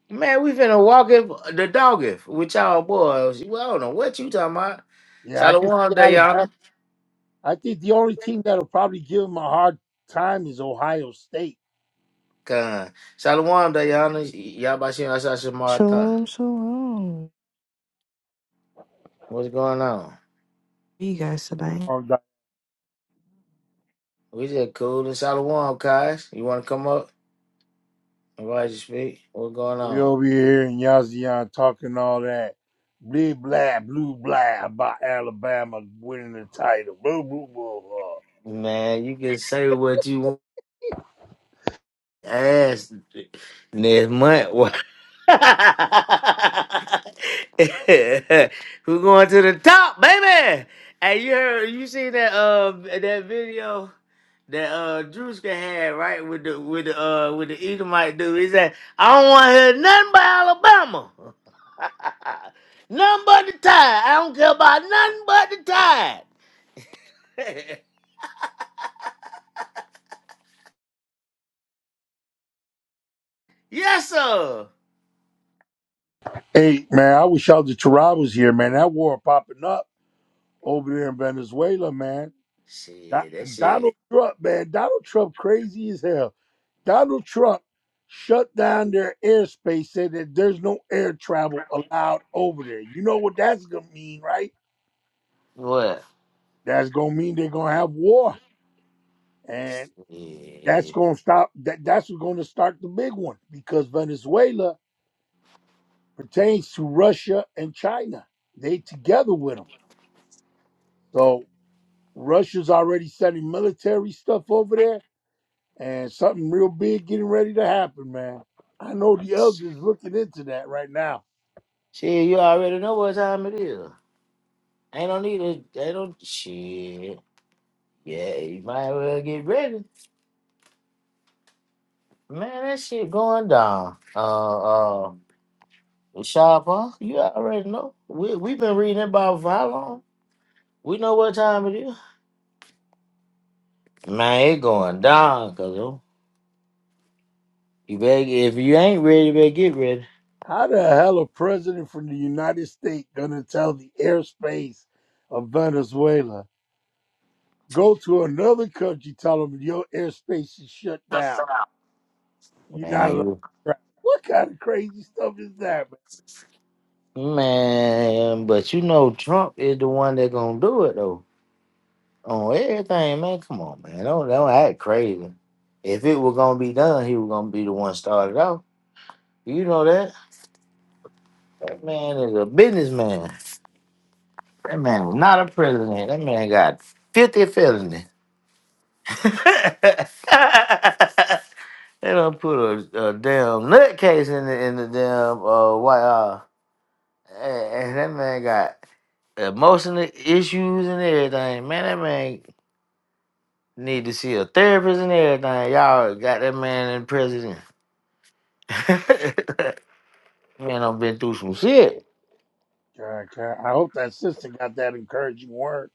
Speaker 1: Man, we finna walk it, the dog if with y'all boys. Well, I don't know what you talking about.
Speaker 6: Yeah, I can
Speaker 1: Shalom,
Speaker 6: see Alabama.
Speaker 1: Dayana.
Speaker 6: I think the only team that'll probably give them a hard time is Ohio State.
Speaker 1: Con. Shalom, Dayana. Yabashim Asasha Martha.
Speaker 9: Shalom, shalom.
Speaker 1: What's going on?
Speaker 9: How you guys tonight?
Speaker 1: We just cool and Shalom, guys. You want to come up? Invite you to speak. What's going
Speaker 6: We
Speaker 1: on?
Speaker 6: over here in Yazian talking all that. Blah, blah, blue, blah about Alabama winning the title. Blah, blah, blah, blah.
Speaker 1: Man, you can say what you ask next month. Who going to the top, baby? Hey, you heard you seen that um that video that uh Drewska had right with the with the uh with the Edomite dude. He said, I don't want to hear nothing but Alabama. nothing but the tide. I don't care about nothing but the tide. yes, sir.
Speaker 6: Hey, man, I wish y'all the Torah was here, man. That war popping up over there in Venezuela, man. That,
Speaker 1: Shit, that shit.
Speaker 6: Donald Trump, man. Donald Trump crazy as hell. Donald Trump shut down their airspace, said that there's no air travel allowed over there. You know what that's going to mean, right?
Speaker 1: What?
Speaker 6: That's going to mean they're going to have war. and. That's
Speaker 1: Yeah.
Speaker 6: going to stop. That that's going to start the big one because Venezuela pertains to Russia and China. They together with them. So Russia's already sending military stuff over there, and something real big getting ready to happen, man. I know the elders looking into that right now.
Speaker 1: Shit, you already know what time it is. I don't need to, I don't. Shit. Yeah, you might as well get ready. Man, that shit going down. Uh, uh, Sharp, huh? You already know. We we been reading about for how long? We know what time it is. Man, it going down, cuz you better get, if you ain't ready, you better get ready.
Speaker 6: How the hell a president from the United States gonna tell the airspace of Venezuela go to another country, tell them your airspace is shut down? You're not
Speaker 1: Man,
Speaker 6: allowed to
Speaker 1: you,
Speaker 6: drive. What kind of crazy stuff is that? man?
Speaker 1: man, but you know Trump is the one that gonna do it though. on everything, man. Come on, man. Don't don't act crazy. If it was gonna be done, he was gonna be the one started off. You know that. That man is a businessman. That man is not a president. That man got 50 felonies. they don't put a, a damn nutcase in the in the damn uh white uh and that man got emotional issues and everything. Man, that man need to see a therapist and everything. Y'all got that man in prison. man, I've been through some shit.
Speaker 6: God, God, I hope that sister got that encouraging word.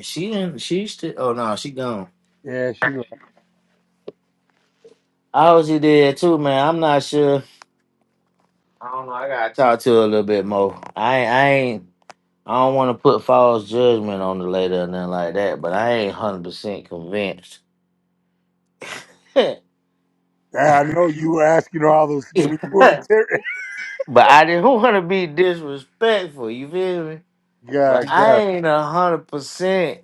Speaker 1: She in she still oh no, she gone.
Speaker 6: Yeah, she. like,
Speaker 1: I was you did too, man. I'm not sure. I don't know. I gotta talk to her a little bit more. I ain't- I ain't. I don't want to put false judgment on the lady or nothing like that, but I ain't hundred percent convinced. but
Speaker 6: I know you were asking all those when you were in ter-
Speaker 1: I didn't want to be disrespectful. You feel me?
Speaker 6: God,
Speaker 1: But I
Speaker 6: God,
Speaker 1: ain't a hundred percent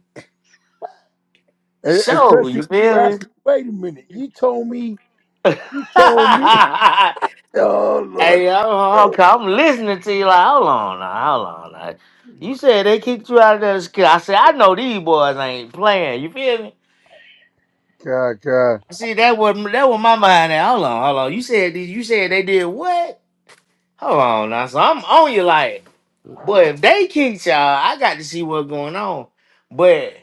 Speaker 6: E- especially
Speaker 1: sure. You
Speaker 6: when you were
Speaker 1: feel
Speaker 6: asking. Wait a minute, you told me,
Speaker 1: me?
Speaker 6: you told me. Oh Lord,
Speaker 1: Hey, yo,
Speaker 6: God,
Speaker 1: Hawk, I'm listening to you. Like, hold on, now, hold on. Now. You said they kicked you out of the school. I said, I know these boys ain't playing. You feel me?
Speaker 6: God, God,
Speaker 1: See, that was that was my mind. At. Hold on, hold on. You said you said they did what? Hold on now. So I'm on you like, but if they kicked y'all, I got to see what's going on. But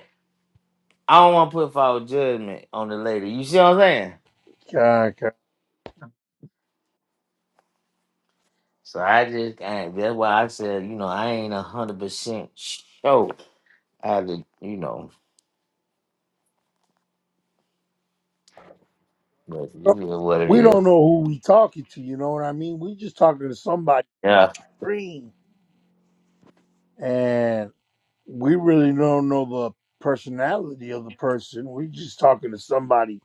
Speaker 1: I don't want to put forward judgment on the lady. You see what I'm saying?
Speaker 6: God.
Speaker 1: So I just, I, that's why I said, you know, I ain't a hundred percent sure. I had to, you know. But you
Speaker 6: God.
Speaker 1: know what it
Speaker 6: We
Speaker 1: is.
Speaker 6: don't know who we talking to. You know what I mean? We just talking to somebody.
Speaker 1: Yeah.
Speaker 6: Green. and we really don't know the personality of the person. We just talking to somebody.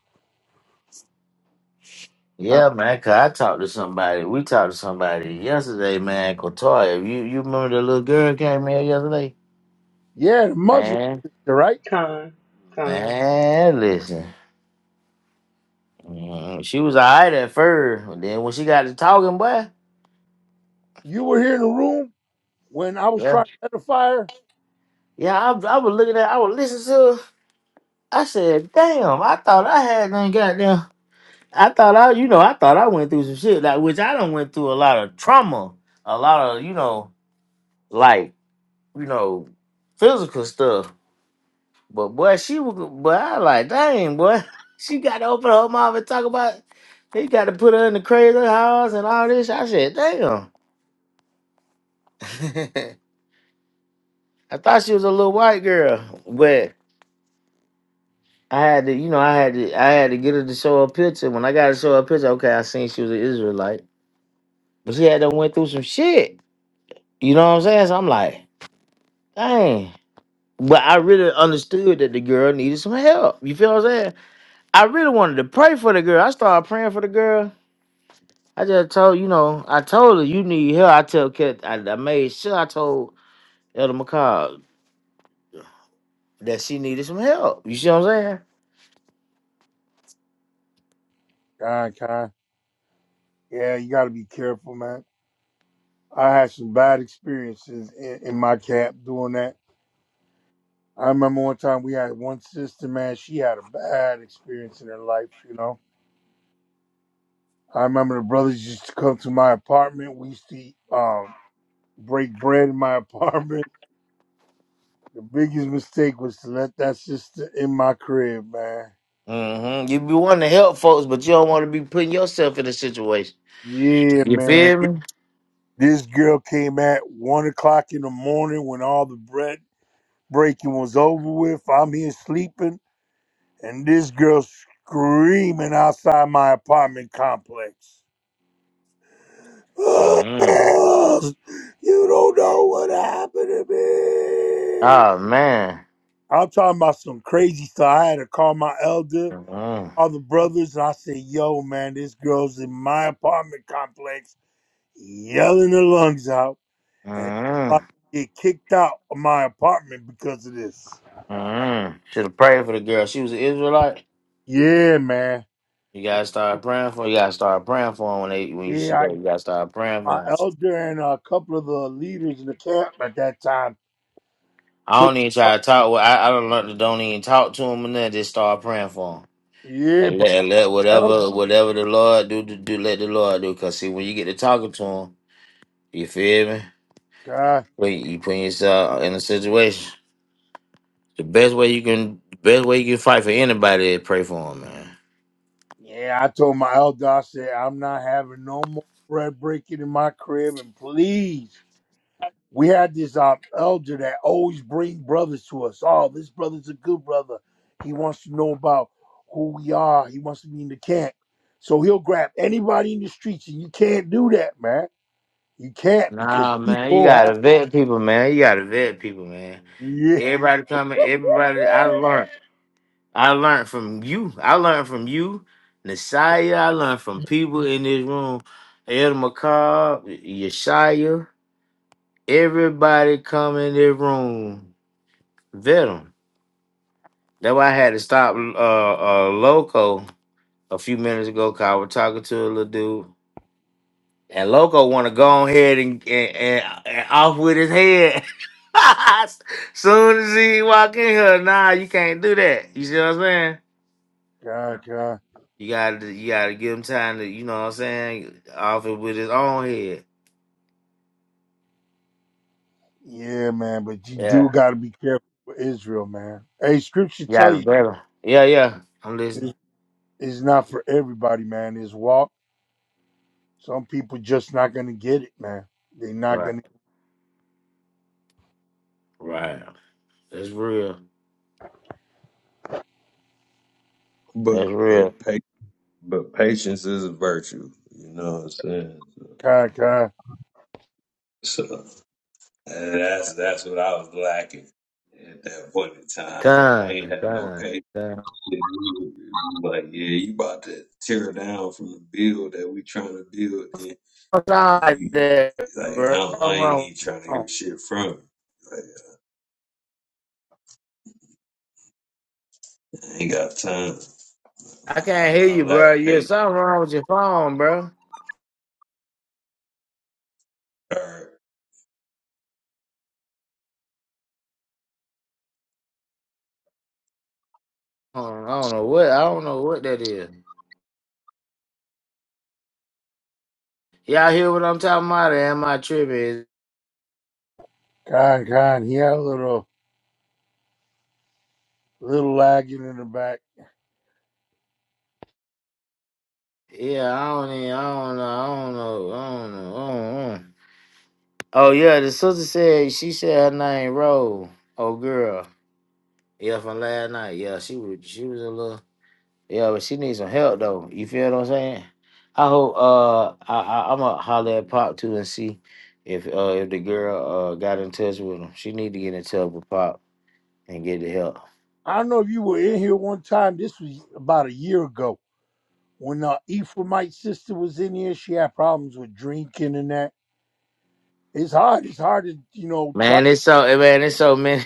Speaker 6: Uh,
Speaker 1: Yeah, man, 'cause I talked to somebody. We talked to somebody yesterday, man, Kotoya. You you remember the little girl came here yesterday?
Speaker 6: yeah, the Muslim
Speaker 1: Man.
Speaker 6: sister, right?
Speaker 2: come, come.
Speaker 1: Man, listen. Mm, She was alright at first. but Then when she got to talking, boy.
Speaker 6: You were here in the room when I was
Speaker 1: Yeah.
Speaker 6: trying to edify her.
Speaker 1: Yeah, I, I was looking at I was listening to her. I said, damn, I thought I had done goddamn I thought I you know, I thought I went through some shit, like which I done went through a lot of trauma. A lot of, you know, like you know, physical stuff. But boy, she was, but I like, dang, boy, she got to open her mouth and talk about. They got to put her in the crazy house and all this. I said, damn. I thought she was a little white girl, but I had to, you know, I had to, I had to get her to show her picture. When I got to show her picture, okay, I seen she was an Israelite, but she had to went through some shit. You know what I'm saying? So I'm like, dang. But I really understood that the girl needed some help. You feel what I'm saying? I really wanted to pray for the girl. I started praying for the girl. I just told you know, I told her you need help. I tell Kat, I, I made sure I told Elder McCall that she needed some help. You see what I'm saying?
Speaker 6: God, God. Yeah, you got to be careful, man. I had some bad experiences in, in my camp doing that. I remember one time we had one sister, man. She had a bad experience in her life, you know. I remember the brothers used to come to my apartment. We used to um, break bread in my apartment The biggest mistake was to let that sister in my crib, man.
Speaker 1: hmm You be wanting to help folks, but you don't want to be putting yourself in a situation.
Speaker 6: Yeah,
Speaker 1: You
Speaker 6: man.
Speaker 1: feel me?
Speaker 6: This girl came at one o'clock in the morning when all the bread breaking was over with. I'm here sleeping, and this girl screaming outside my apartment complex.
Speaker 1: hmm
Speaker 6: You don't know what happened to me.
Speaker 1: Oh man.
Speaker 6: I'm talking about some crazy stuff. I had to call my elder.
Speaker 1: hmm
Speaker 6: all the brothers. and I said, yo, man, this girl's in my apartment complex yelling her lungs out, and I'm
Speaker 1: hmm
Speaker 6: about to get kicked out of my apartment because of this.
Speaker 1: hmm Should have prayed for the girl. She was an Israelite.
Speaker 6: Yeah, man.
Speaker 1: You gotta start praying for. You gotta start praying for her when they when you
Speaker 6: Yeah,
Speaker 1: see
Speaker 6: I,
Speaker 1: her. You gotta start praying
Speaker 6: my
Speaker 1: for. 'em.
Speaker 6: elder and a couple of the leaders in the camp at that time
Speaker 1: I
Speaker 6: took.
Speaker 1: don't even try to talk. Well, I, I don't learn to don't even talk to him and then just start praying for him.
Speaker 6: Yeah,
Speaker 1: And let,
Speaker 6: but
Speaker 1: and let
Speaker 6: elder,
Speaker 1: whatever whatever the Lord do, do do let the Lord do. Cause see, when you get to talking to him, you feel me?
Speaker 6: God,
Speaker 1: When you put yourself in a situation, the best way you can, best way you can fight for anybody is pray for him, man.
Speaker 6: yeah, I told my elder, I said, I'm not having no more bread breaking in my crib, and please. we had this uh, elder that always bring brothers to us. Oh, this brother's a good brother. He wants to know about who we are. He wants to be in the camp. So he'll grab anybody in the streets, and you can't do that, man. You can't because
Speaker 1: Nah, man, you
Speaker 6: people have
Speaker 1: gotta vet people, man. You gotta vet people, man.
Speaker 6: yeah,
Speaker 1: Everybody coming, everybody. I learned. I learned from you. I learned from you, Nasiah. I learned from people in this room. El McCobb, Yeshaya, everybody come in this room. Veteran. That's why I had to stop uh, uh Loco a few minutes ago because I was talking to a little dude. And Loco wanna go on ahead and, and, and, and off with his head. Soon as he walk in here, nah, you can't do that. You see what I'm saying?
Speaker 6: God, God.
Speaker 1: You gotta you gotta give him time to, you know what I'm saying, off it with his own head.
Speaker 6: yeah, man. But you
Speaker 1: Yeah.
Speaker 6: do got to be careful with Israel, man. Hey, Scripture
Speaker 1: You
Speaker 6: tell
Speaker 1: gotta
Speaker 6: you
Speaker 1: better. Yeah, yeah. I'm listening.
Speaker 6: it's, it's not for everybody, man. It's walk. Some people just not gonna get it, man. They're not
Speaker 1: Right,
Speaker 6: gonna
Speaker 1: right. That's real.
Speaker 3: but
Speaker 1: That's real.
Speaker 3: but pa- but patience is a virtue. You know what I'm saying?
Speaker 6: God, God,
Speaker 3: So and that's that's what I was lacking at that point in time. I ain't
Speaker 1: Con,
Speaker 3: had no patience.
Speaker 1: con, con.
Speaker 3: Like, yeah, you about to tear down from the build that we trying to build, and
Speaker 1: What's wrong like
Speaker 3: you
Speaker 1: that,
Speaker 3: like, I,
Speaker 1: bro?
Speaker 3: don't, I
Speaker 1: Something
Speaker 3: ain't
Speaker 1: wrong.
Speaker 3: even
Speaker 1: with your
Speaker 3: trying to
Speaker 1: phone.
Speaker 3: hear shit from you. Like, I ain't got time.
Speaker 1: I
Speaker 3: I,
Speaker 1: can't hear
Speaker 3: I
Speaker 1: you,
Speaker 3: lack
Speaker 1: bro. Yeah,
Speaker 3: patience.
Speaker 1: something wrong with your phone, bro.
Speaker 3: All right.
Speaker 1: I don't, I don't know what I don't know what that is. Y'all hear what I'm talking about? Or am I tripping?
Speaker 6: God, God. He had a little. a little lagging in the back.
Speaker 1: Yeah, I don't even, I don't know, I don't know, I don't know, I don't know. Oh yeah, the sister said she said her name Roll. Oh girl. Yeah, from last night. Yeah, she was she was a little Yeah, but she needs some help though. You feel what I'm saying? I hope uh I, I I'ma holler at Pop too and see if uh if the girl uh got in touch with him. She need to get in touch with Pop and get the help.
Speaker 6: I don't know if you were in here one time. This was about a year ago when uh, Ephraimite sister was in here. She had problems with drinking and that. It's hard. It's hard to you know try.
Speaker 1: Man, it's so eh, man, it's so many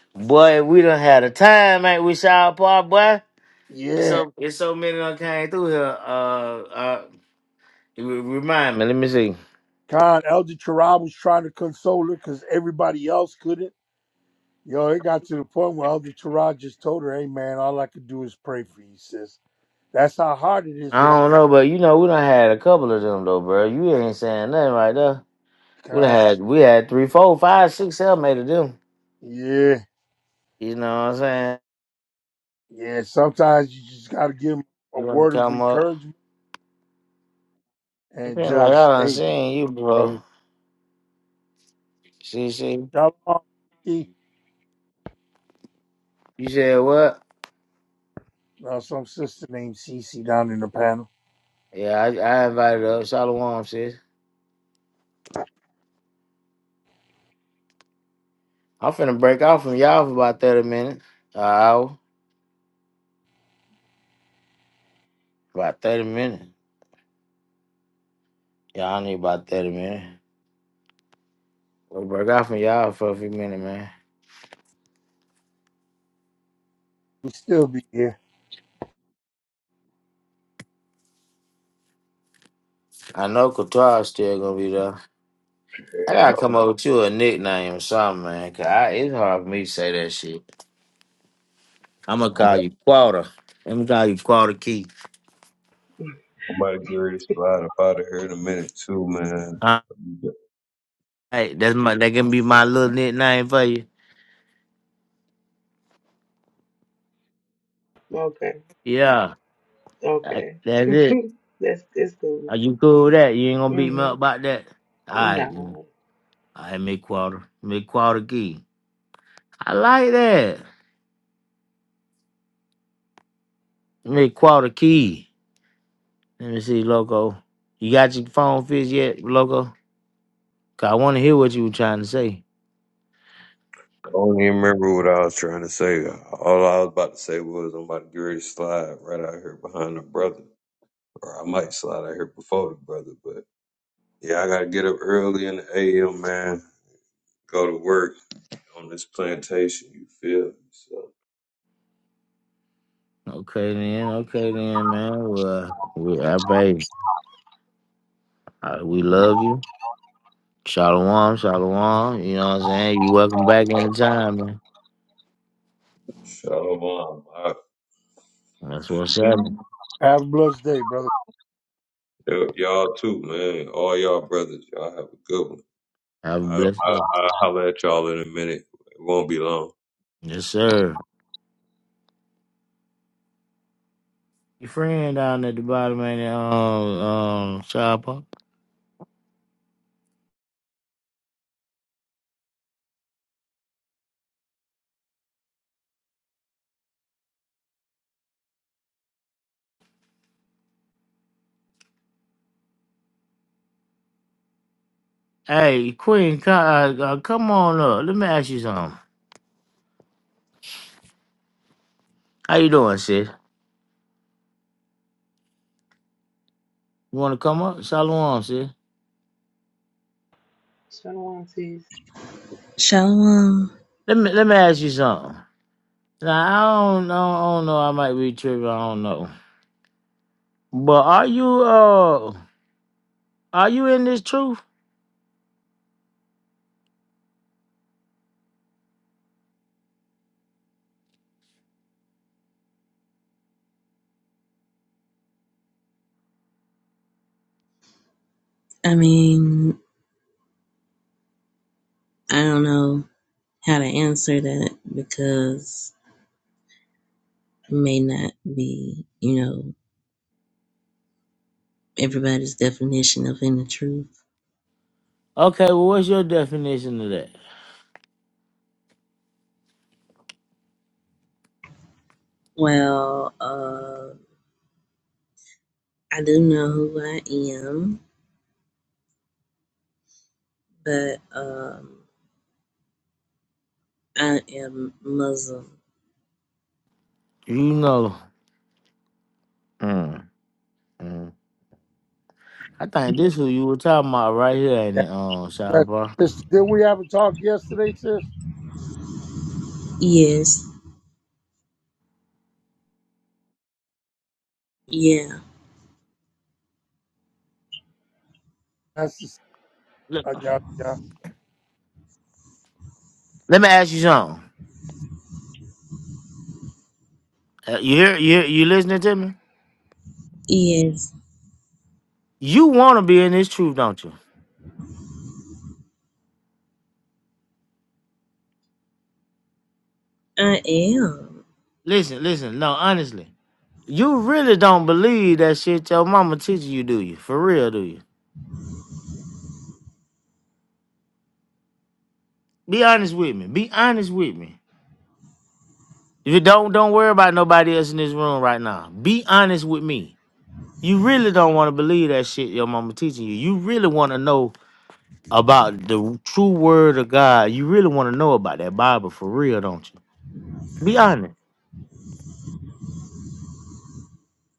Speaker 1: boy, we done had a time, ain't we Shaw Pop boy? It's
Speaker 6: Yeah,
Speaker 1: so it's so many done came through here. Uh uh re- remind me, let me see.
Speaker 6: God, Elder Terah was trying to console her because everybody else couldn't. Yo, it got to the point where Elder Terah just told her, "Hey, man, all I could do is pray for you, sis." That's how hard it is
Speaker 1: I
Speaker 6: without
Speaker 1: don't know, but you know, we done had a couple of them though, bro. You ain't saying nothing right there. We done
Speaker 6: God.
Speaker 1: had we had three, four, five, six, seven, eight of them.
Speaker 6: Yeah,
Speaker 1: You know what I'm saying?
Speaker 6: yeah. Sometimes you just got to give give 'em a
Speaker 1: You wanna
Speaker 6: word of
Speaker 1: come up?
Speaker 6: encouragement
Speaker 1: It
Speaker 6: and
Speaker 1: been like I
Speaker 6: just
Speaker 1: done
Speaker 6: hey
Speaker 1: seen you
Speaker 6: brother
Speaker 1: bro. See, see.
Speaker 6: Shalom, Cece.
Speaker 1: You said what?
Speaker 6: uh, some sister named Cece down in the panel.
Speaker 1: Yeah, I, I invited her up. Shalom, sis. I'm finna break off from y'all for about thirty minutes. An hour. About thirty minutes. Y'all need about thirty minutes. We'll break off from y'all for a few minutes, man.
Speaker 6: We still be here.
Speaker 1: I know Couture still gonna be there. I gotta come
Speaker 3: I'm,
Speaker 1: up with you a nickname or something, man. Cause I, it's hard for me to say that shit. I'm gonna
Speaker 3: I'm,
Speaker 1: call you Quarter. I'm gonna call you Quarter Keith.
Speaker 3: I'm about to get ready slide up out of here in a minute too, man.
Speaker 1: All
Speaker 3: I
Speaker 1: right, that's my that gonna be my little nickname for you.
Speaker 2: Okay,
Speaker 1: Yeah, like,
Speaker 2: okay.
Speaker 1: that's it.
Speaker 2: That's that's cool.
Speaker 1: Are you cool with that? You ain't gonna beat me up
Speaker 2: Mhm.
Speaker 1: about that. All right, then.
Speaker 2: Nah,
Speaker 1: all right, Mick Quarter, Mick Quarter Key. I like that, Mick Quarter Key. Let me see, Loco. You got your phone fixed yet, Loco? Cause I want to hear what you were trying to say.
Speaker 3: don't even remember what I was trying to say. All I was about to say was I'm about to get ready to slide right out here behind the brother, or I might slide out here before the brother, but. Yeah, I gotta get up early in the AM, man. Go to work on this plantation. You feel me? So,
Speaker 1: Okay then, okay then, man. Well, we, I baby, uh, we love you. Shalom, shalom. You know what I'm saying? You welcome back anytime, man.
Speaker 3: shalom. I,
Speaker 1: That's
Speaker 3: and
Speaker 1: what's
Speaker 3: y-
Speaker 1: happening.
Speaker 6: Have a blessed day, brother.
Speaker 3: y'all too, man. All y'all brothers, y'all have a good one.
Speaker 1: Have a
Speaker 3: I,
Speaker 1: blessed
Speaker 3: I,
Speaker 1: day.
Speaker 3: I'll holler at y'all in a minute. It won't be long.
Speaker 1: Yes, sir. Your friend down at the bottom, man. Um, um, shop up. Hey, Queen, co- uh, uh, come on up. Let me ask you something. How you doing, sis? You want to come up? Shalom, sis.
Speaker 2: shalom, sis.
Speaker 10: Shalom,
Speaker 1: Let me let me ask you something. Now I don't, I don't, I don't know. I might be tripping. I don't know. But are you uh are you in this truth?
Speaker 10: I mean, I don't know how to answer that because it may not be, you know, everybody's definition of inner truth.
Speaker 1: Okay, well what's your definition of that?
Speaker 10: Well, uh, I do know who I am, but um, I am Muslim.
Speaker 1: You know. Mm, mm. I think this who you were talking about right here in
Speaker 6: Yeah,
Speaker 1: the um
Speaker 6: that's
Speaker 1: sidebar.
Speaker 6: sister. Didn't we have a talk yesterday, sis?
Speaker 10: Yes, yeah,
Speaker 6: That's the,
Speaker 1: Look,
Speaker 6: uh, yeah, yeah.
Speaker 1: Let me ask you something. Uh, you hear you hear- you listening to me?
Speaker 10: yes,
Speaker 1: You wanna be in this truth, don't you?
Speaker 10: I am.
Speaker 1: Listen, listen, no, honestly. You really don't believe that shit your mama teaching you, do you? For real, do you? Be honest with me. Be honest with me. If you don't, don't worry about nobody else in this room right now. Be honest with me. You really don't want to believe that shit your mama teaching you. You really want to know about the true word of God. You really want to know about that Bible for real, don't you? Be honest.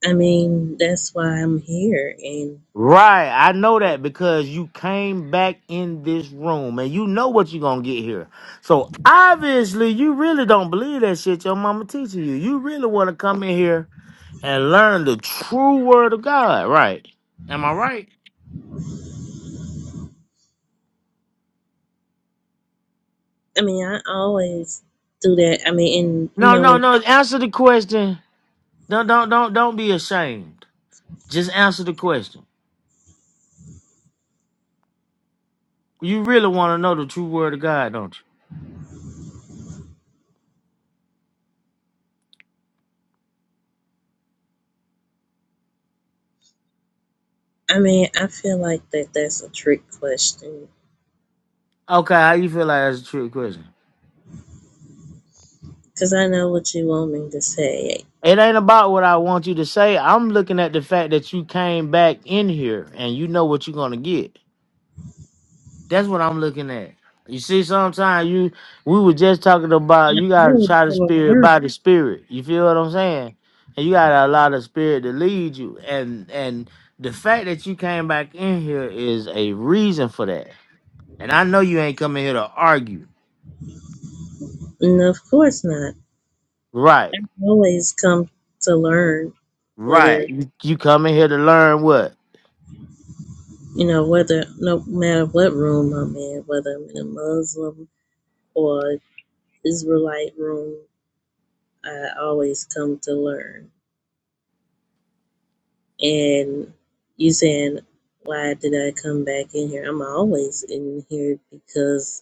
Speaker 10: I mean, that's why I'm here. And
Speaker 1: Right. I know that because you came back in this room and you know what you're going to get here. So obviously, you really don't believe that shit your mama teaching you. You really want to come in here and learn the true word of God. Right. Am I right?
Speaker 10: I mean, I always do that. I mean, and you
Speaker 1: No,
Speaker 10: know,
Speaker 1: no, no. Answer the question. Don't, don't, don't, don't be ashamed. Just answer the question. You really want to know the true word of God, don't
Speaker 10: I mean, I feel like that that's a trick question
Speaker 1: you? Okay, how you feel like that's a true question?
Speaker 10: because I know what you want me to say.
Speaker 1: It ain't about what I want you to say. I'm looking at the fact that you came back in here and you know what you're gonna get. That's what I'm looking at. You see, sometimes you we were just talking about you gotta
Speaker 10: Oh,
Speaker 1: try the
Speaker 10: well,
Speaker 1: spirit
Speaker 10: no,
Speaker 1: by the spirit. You feel what I'm saying? And you gotta allow the spirit to lead you. And and the fact that you came back in here is a reason for that. And I know you ain't coming here to argue.
Speaker 10: And of course not.
Speaker 1: Right,
Speaker 10: I always come to learn whether,
Speaker 1: right. You, you come in here to learn what?
Speaker 10: you know, whether, no matter what room I'm in, whether I'm in a Muslim or Israelite room, I always come to learn. And you saying, why did I come back in here? I'm always in here because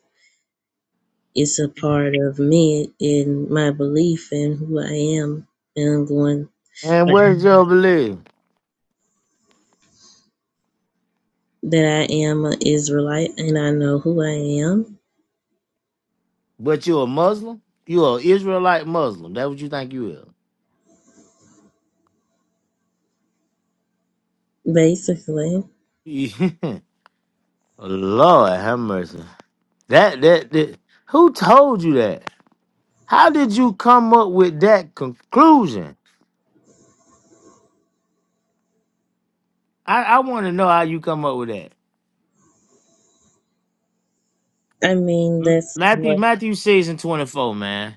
Speaker 10: it's a part of me and my belief in who I am and I'm going
Speaker 1: And where's your belief?
Speaker 10: that I am an Israelite and I know who I am,
Speaker 1: But you a Muslim? You a Israelite Muslim. That what you think you
Speaker 10: basically.
Speaker 1: is? Yeah. Lord have mercy. That, that that who told you that? How did you come up with that conclusion? I, I want to know how you come up with that.
Speaker 10: I mean
Speaker 1: M-
Speaker 10: that's
Speaker 1: Matthew
Speaker 10: what
Speaker 1: Matthew six and twenty four, man.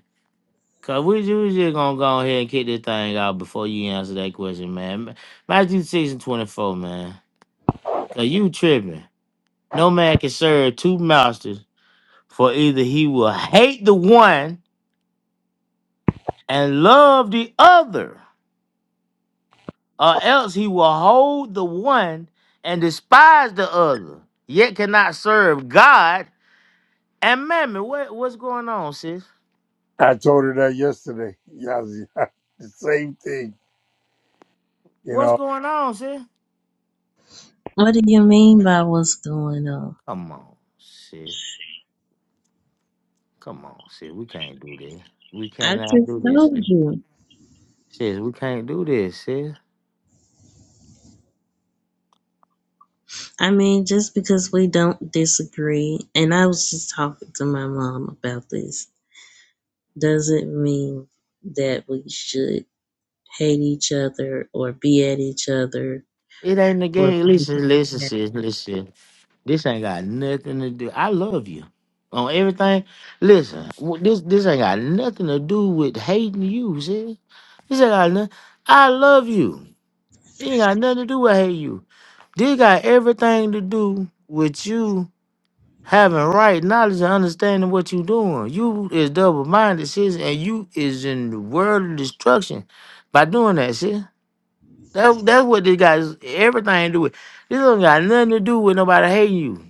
Speaker 1: Cause we, ju- we just gonna go ahead and kick this thing out before you answer that question, man. Ma- Matthew six and twenty four, man. Cause you tripping. No man can serve two masters, for either he will hate the one and love the other, or else he will hold the one and despise the other. Yet cannot serve God and mammon. What what's going on, sis?
Speaker 6: I told her that yesterday. Yeah, yeah. the same thing. You
Speaker 1: What's
Speaker 6: know,
Speaker 1: going on, sis?
Speaker 10: what do you mean by what's going on?
Speaker 1: Come on, sis. Come on, sis. We can't do this. We
Speaker 10: I
Speaker 1: cannot
Speaker 10: just
Speaker 1: do this,
Speaker 10: told
Speaker 1: sis.
Speaker 10: you.
Speaker 1: Sis, we can't do this, sis.
Speaker 10: I mean, just because we don't disagree and I was just talking to my mom about this, doesn't mean that we should hate each other or be at each other
Speaker 1: It ain't the
Speaker 10: or
Speaker 1: game. Listen, listen,
Speaker 10: be
Speaker 1: sis, listen. This ain't got nothing to do. I love you on everything. Listen, w- this this ain't got nothing to do with hating you, sis. This ain't got nothing. I love you. It ain't got nothing to do with hating you. This got everything to do with you having right knowledge and understanding what you doing. You is double minded, sis, and you is in the world of destruction by doing that, sis. That's that's what this got is everything to do with. This don't got nothing to do with nobody hating you.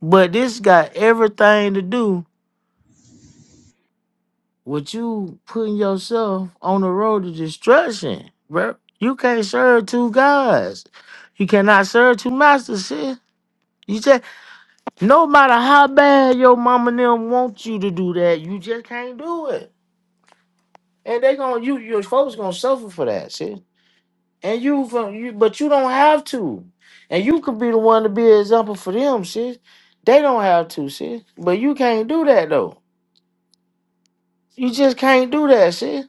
Speaker 1: But this got everything to do with you putting yourself on the road to destruction, bro. You can't serve two gods. You cannot serve two masters, sis. You just no matter how bad your mama and them want you to do that, you just can't do it. And they gonna you your folks gonna suffer for that, sis. And you from you, but you don't have to. And you could be the one to be an example for them, sis. They don't have to, sis. But you can't do that though. You just can't do that, sis.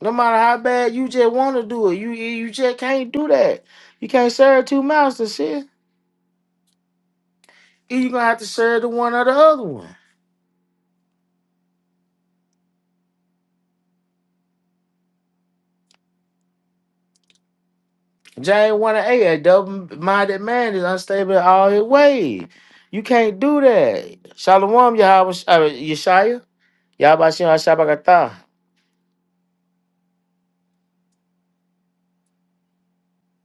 Speaker 1: No matter how bad you just want to do it, you you just can't do that. You can't serve two masters, sis. Either you gonna have to serve the one or the other one. James one and eight, a double-minded man is unstable in all his ways. You can't do that. Shalom, Yahweh, uh, Yeshaya, Yahweh Shem HaShabakatah.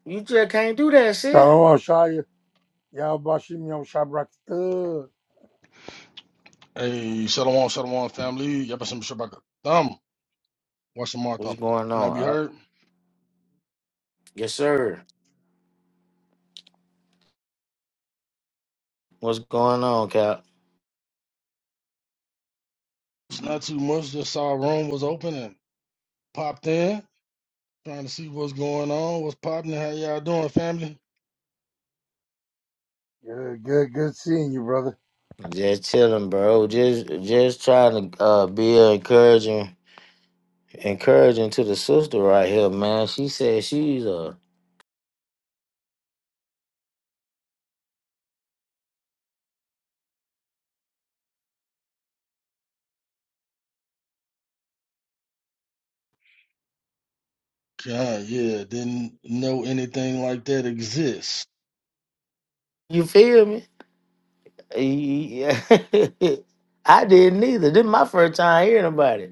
Speaker 1: You just can't do that, sis.
Speaker 6: Shalom, Shaya. Y'all bashim yom shabrak. Uh,
Speaker 11: Hey, Shalom, Shalom family. Y'all some Shabaka Thumb. Watch the mark
Speaker 1: What's
Speaker 11: thumb.
Speaker 1: going
Speaker 11: Can I be
Speaker 1: on? Up?
Speaker 11: heard?
Speaker 1: Yes, sir. What's going on, Cap?
Speaker 11: It's not too much. Just saw a room was open and popped in, trying to see what's going on, what's popping, how y'all doing, family.
Speaker 6: Good, good, good seeing you, brother.
Speaker 1: Just chilling, bro. Just just trying to uh, be encouraging, encouraging to the sister right here, man. She said she's a.
Speaker 11: God, yeah, didn't know anything like that exists.
Speaker 1: You feel me? Yeah. I didn't either. This my first time hearing about it.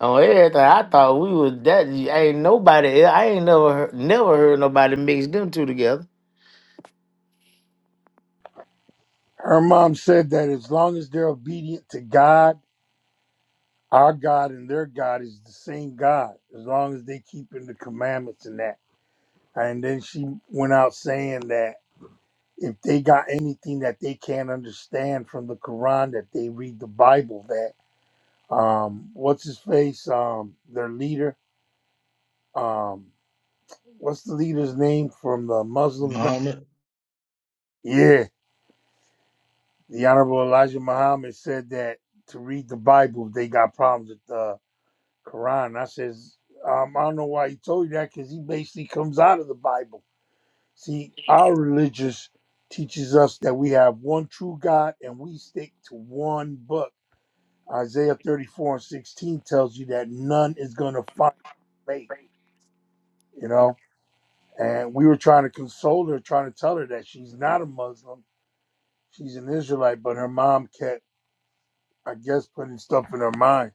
Speaker 1: On everything, I thought we was that ain't nobody. I ain't never heard, never heard nobody mix them two together.
Speaker 6: Her mom said that as long as they're obedient to God Our God and their God is the same God, as long as they keeping the commandments and that. And then she went out saying that if they got anything that they can't understand from the Quran, that they read the Bible. That um, what's his face? Um, their leader. Um, what's the leader's name from the Muslims? Now?
Speaker 11: Muhammad.
Speaker 6: Yeah, the Honorable Elijah Muhammad said that to read the Bible, if they got problems with. the Quran. I says, um, I don't know why he told you that because he basically comes out of the Bible. See, our religious teaches us that we have one true God and we stick to one book. Isaiah 34 and 16 tells you that none is going to find faith, you know? And we were trying to console her, trying to tell her that she's not a Muslim. She's an Israelite, but her mom kept, I guess, putting stuff in her mind.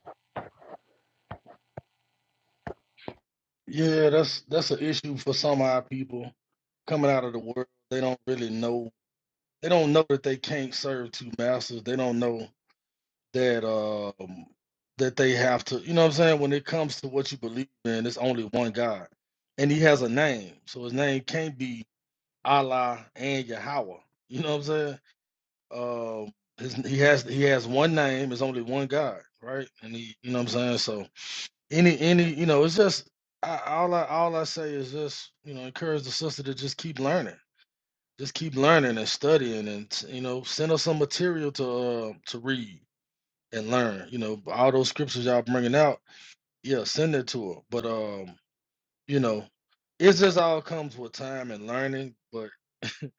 Speaker 11: Yeah, that's that's an issue for some of our people coming out of the world. They don't really know. They don't know that they can't serve two masters. They don't know that um that they have to you know what I'm saying when it comes to what you believe in it's only one God and he has a name so his name can't be Allah and Yahweh you know what I'm saying um his, he has he has one name It's only one God right and he you know what I'm saying so any any you know it's just I, all I all I say is just you know encourage the sister to just keep learning just keep learning and studying and you know send us some material to uh, to read and learn. You know, all those scriptures y'all bringing out, yeah, send it to her. But um, you know, it just all comes with time and learning. But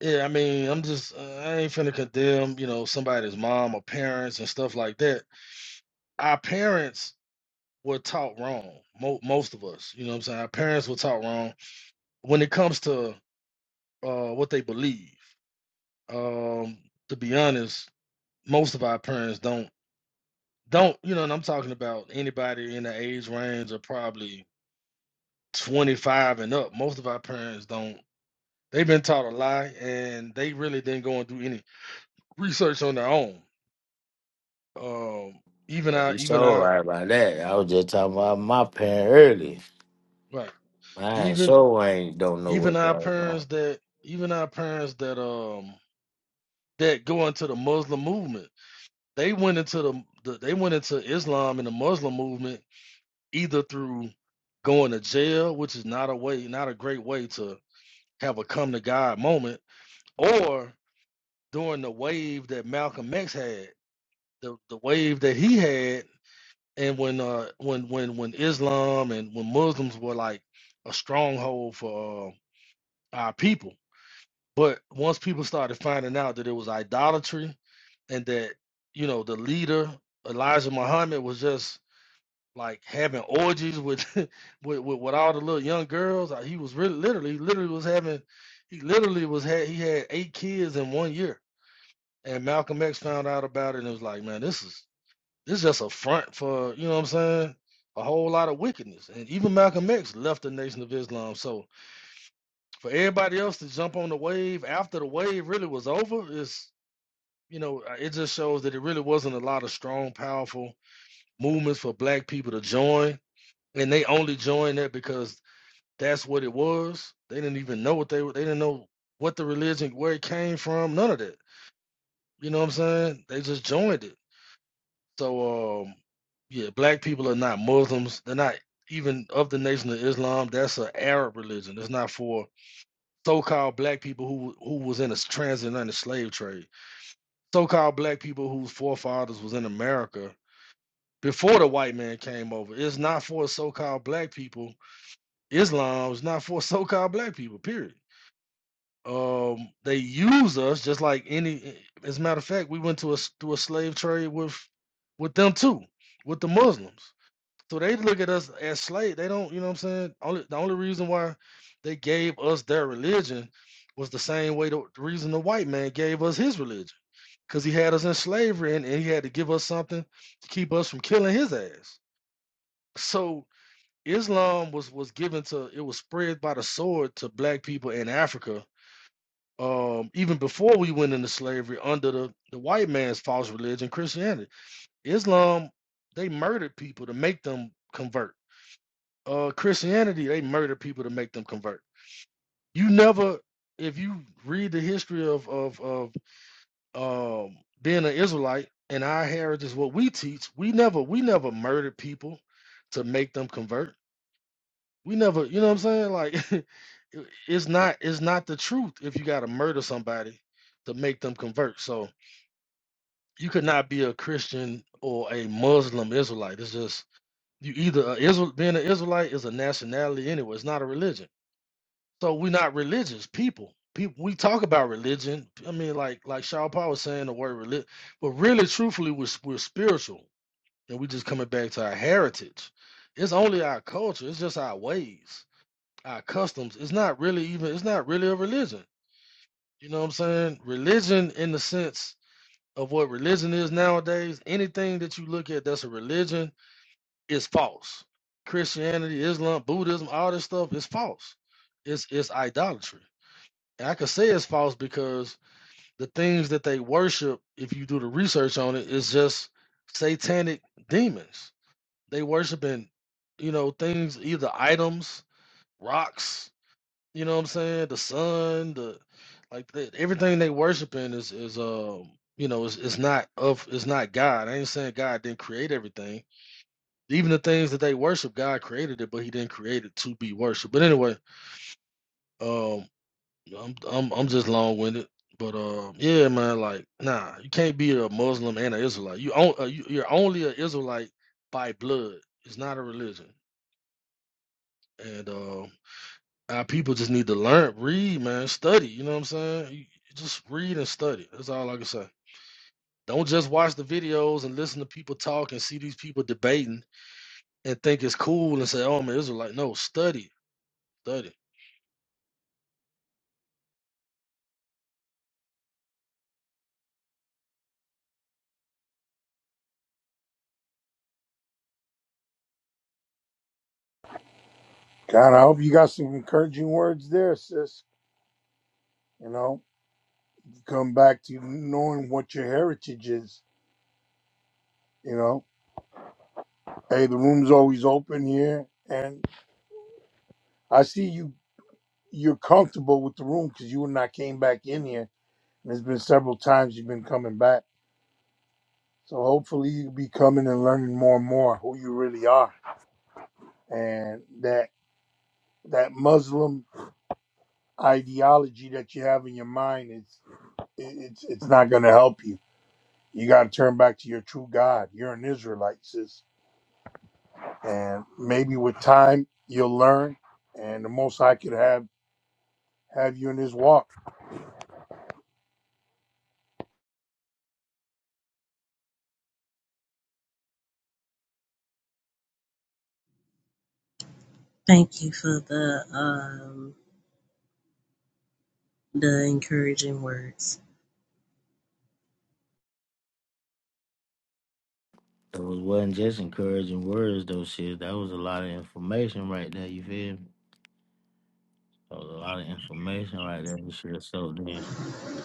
Speaker 11: yeah, I mean, I'm just uh, I ain't finna condemn you know somebody's mom or parents and stuff like that. Our parents were taught wrong. Mo- most of us, you know, what I'm saying our parents were taught wrong when it comes to uh what they believe. Um, to be honest, most of our parents don't. Don't you know? And I'm talking about anybody in the age range of probably 25 and up. Most of our parents don't. They've been taught a lie, and they really didn't go and do any research on their own. Um, even our,
Speaker 1: You
Speaker 11: even
Speaker 1: so
Speaker 11: our,
Speaker 1: right about that. I was just talking about my parent earlier.
Speaker 11: right,
Speaker 1: Man,
Speaker 11: even
Speaker 1: so ain't don't know
Speaker 11: even
Speaker 1: what's
Speaker 11: our
Speaker 1: going on.
Speaker 11: parents that, even our parents that, um, that go into the Muslim movement, they went into the, the they went into Islam and the Muslim movement either through going to jail, which is not a way, not a great way to have a come to God moment, or during the wave that Malcolm X had, the, the wave that he had, and when uh when when when Islam and when Muslims were like a stronghold for uh, our people. But once people started finding out that it was idolatry and that you know the leader Elijah Muhammad was just like having orgies with with, with with all the little young girls. Uh, He was really literally he literally was having he literally was had he had eight kids in one year. And Malcolm X found out about it and was like, man, this is this is just a front for you know what I'm saying. A whole lot of wickedness, and even Malcolm X left the Nation of Islam. So for everybody else to jump on the wave after the wave really was over, is you know uh, it just shows that it really wasn't a lot of strong, powerful movements for Black people to join and they only joined it because that's what it was. They didn't even know what they were. They didn't know what the religion, where it came from, none of that. You know what I'm saying? They just joined it. So, um, yeah, black people are not Muslims. They're not even of the Nation of Islam. That's an Arab religion. It's not for so-called black people who who was in a transatlantic slave trade. So-called black people whose forefathers was in America before the white man came over. It's not for so-called black people Islam is not for so-called black people, period. Um, they use us just like any. eh, As a matter of fact, we went to a s- to a slave trade with with them too, with the Muslims. So they look at us as slave. They don't, you know what I'm saying. Only the only reason why they gave us their religion was the same way the, the reason the white man gave us his religion, because he had us in slavery and, and he had to give us something to keep us from killing his ass. So Islam was was given to it was spread by the sword to black people in Africa um even before we went into slavery under the the white man's false religion Christianity Islam they murdered people to make them convert uh Christianity they murdered people to make them convert you never if you read the history of of of um being an Israelite and our heritage is what we teach we never we never murdered people to make them convert we never you know what i'm saying like it- it's not it's not the truth if you got to murder somebody to make them convert so you could not be a christian or a muslim israelite it's just you either a israel being an israelite is a nationality anyway it's not a religion so we're not religious people people we talk about religion i mean like like Shaw paul was saying the word religion but really truthfully we're, s- we're spiritual and we just coming back to our heritage it's only our culture it's just our ways our customs it's not really even it's not really a religion you know what i'm saying religion in the sense of what religion is nowadays anything that you look at that's a religion is false christianity islam buddhism all this stuff is false it's it's idolatry and i could say it's false because the things that they worship if you do the research on it is just satanic demons they worshiping you know things either items rocks You know what I'm saying? The sun, the like that everything they worshiping is is um you know is is not of is not God. I ain't saying God didn't create everything. Even the things that they worship, God created it, but He didn't create it to be worshipped. But anyway, um, I'm I'm I'm just long winded. But um, yeah, man, like nah, you can't be a Muslim and an Israelite. You, on, uh, you you're only an Israelite by blood. It's not a religion. And um Our people just need to learn, read, man, study. You know what I'm saying? You- you Just read and study. That's all I can say. Don't just watch the videos and listen to people talk and see these people debating and think it's cool and say, "Oh, man, Israelite." No, study, study.
Speaker 6: God, I hope you got some encouraging words there, sis. You know, come back to knowing what your heritage is. You know, hey, the room's always open here, and I see you. You're comfortable with the room because you and I came back in here, and there's been several times you've been coming back. So hopefully you'll be coming and learning more and more who you really are, and that that Muslim ideology that you have in your mind is it- it's it's not going to help you. You got to turn back to your true God. You're an Israelite, sis and maybe with time you'll learn and the most i could have have you in his walk
Speaker 10: Thank you for the um the encouraging words.
Speaker 1: Those wasn't just encouraging words, though. Shit, that was a lot of information right there. You feel me? That was a lot of information right there. and Shit, so then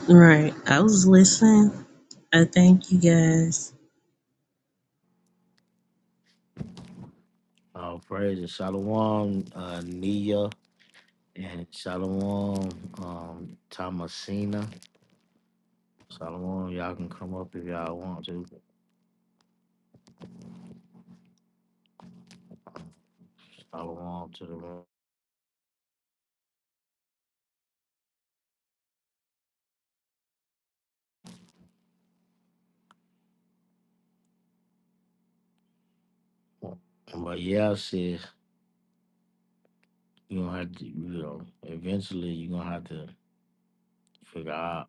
Speaker 10: Right. I was listening. I thank you guys.
Speaker 1: all praises, Shalom, uh, Nia, and Shalom, um, Thomasina. Shalom, y'all can come up if y'all want to. Shalom to the room. But yeah, shit. You're gonna have to, you know, eventually you're gonna have to figure out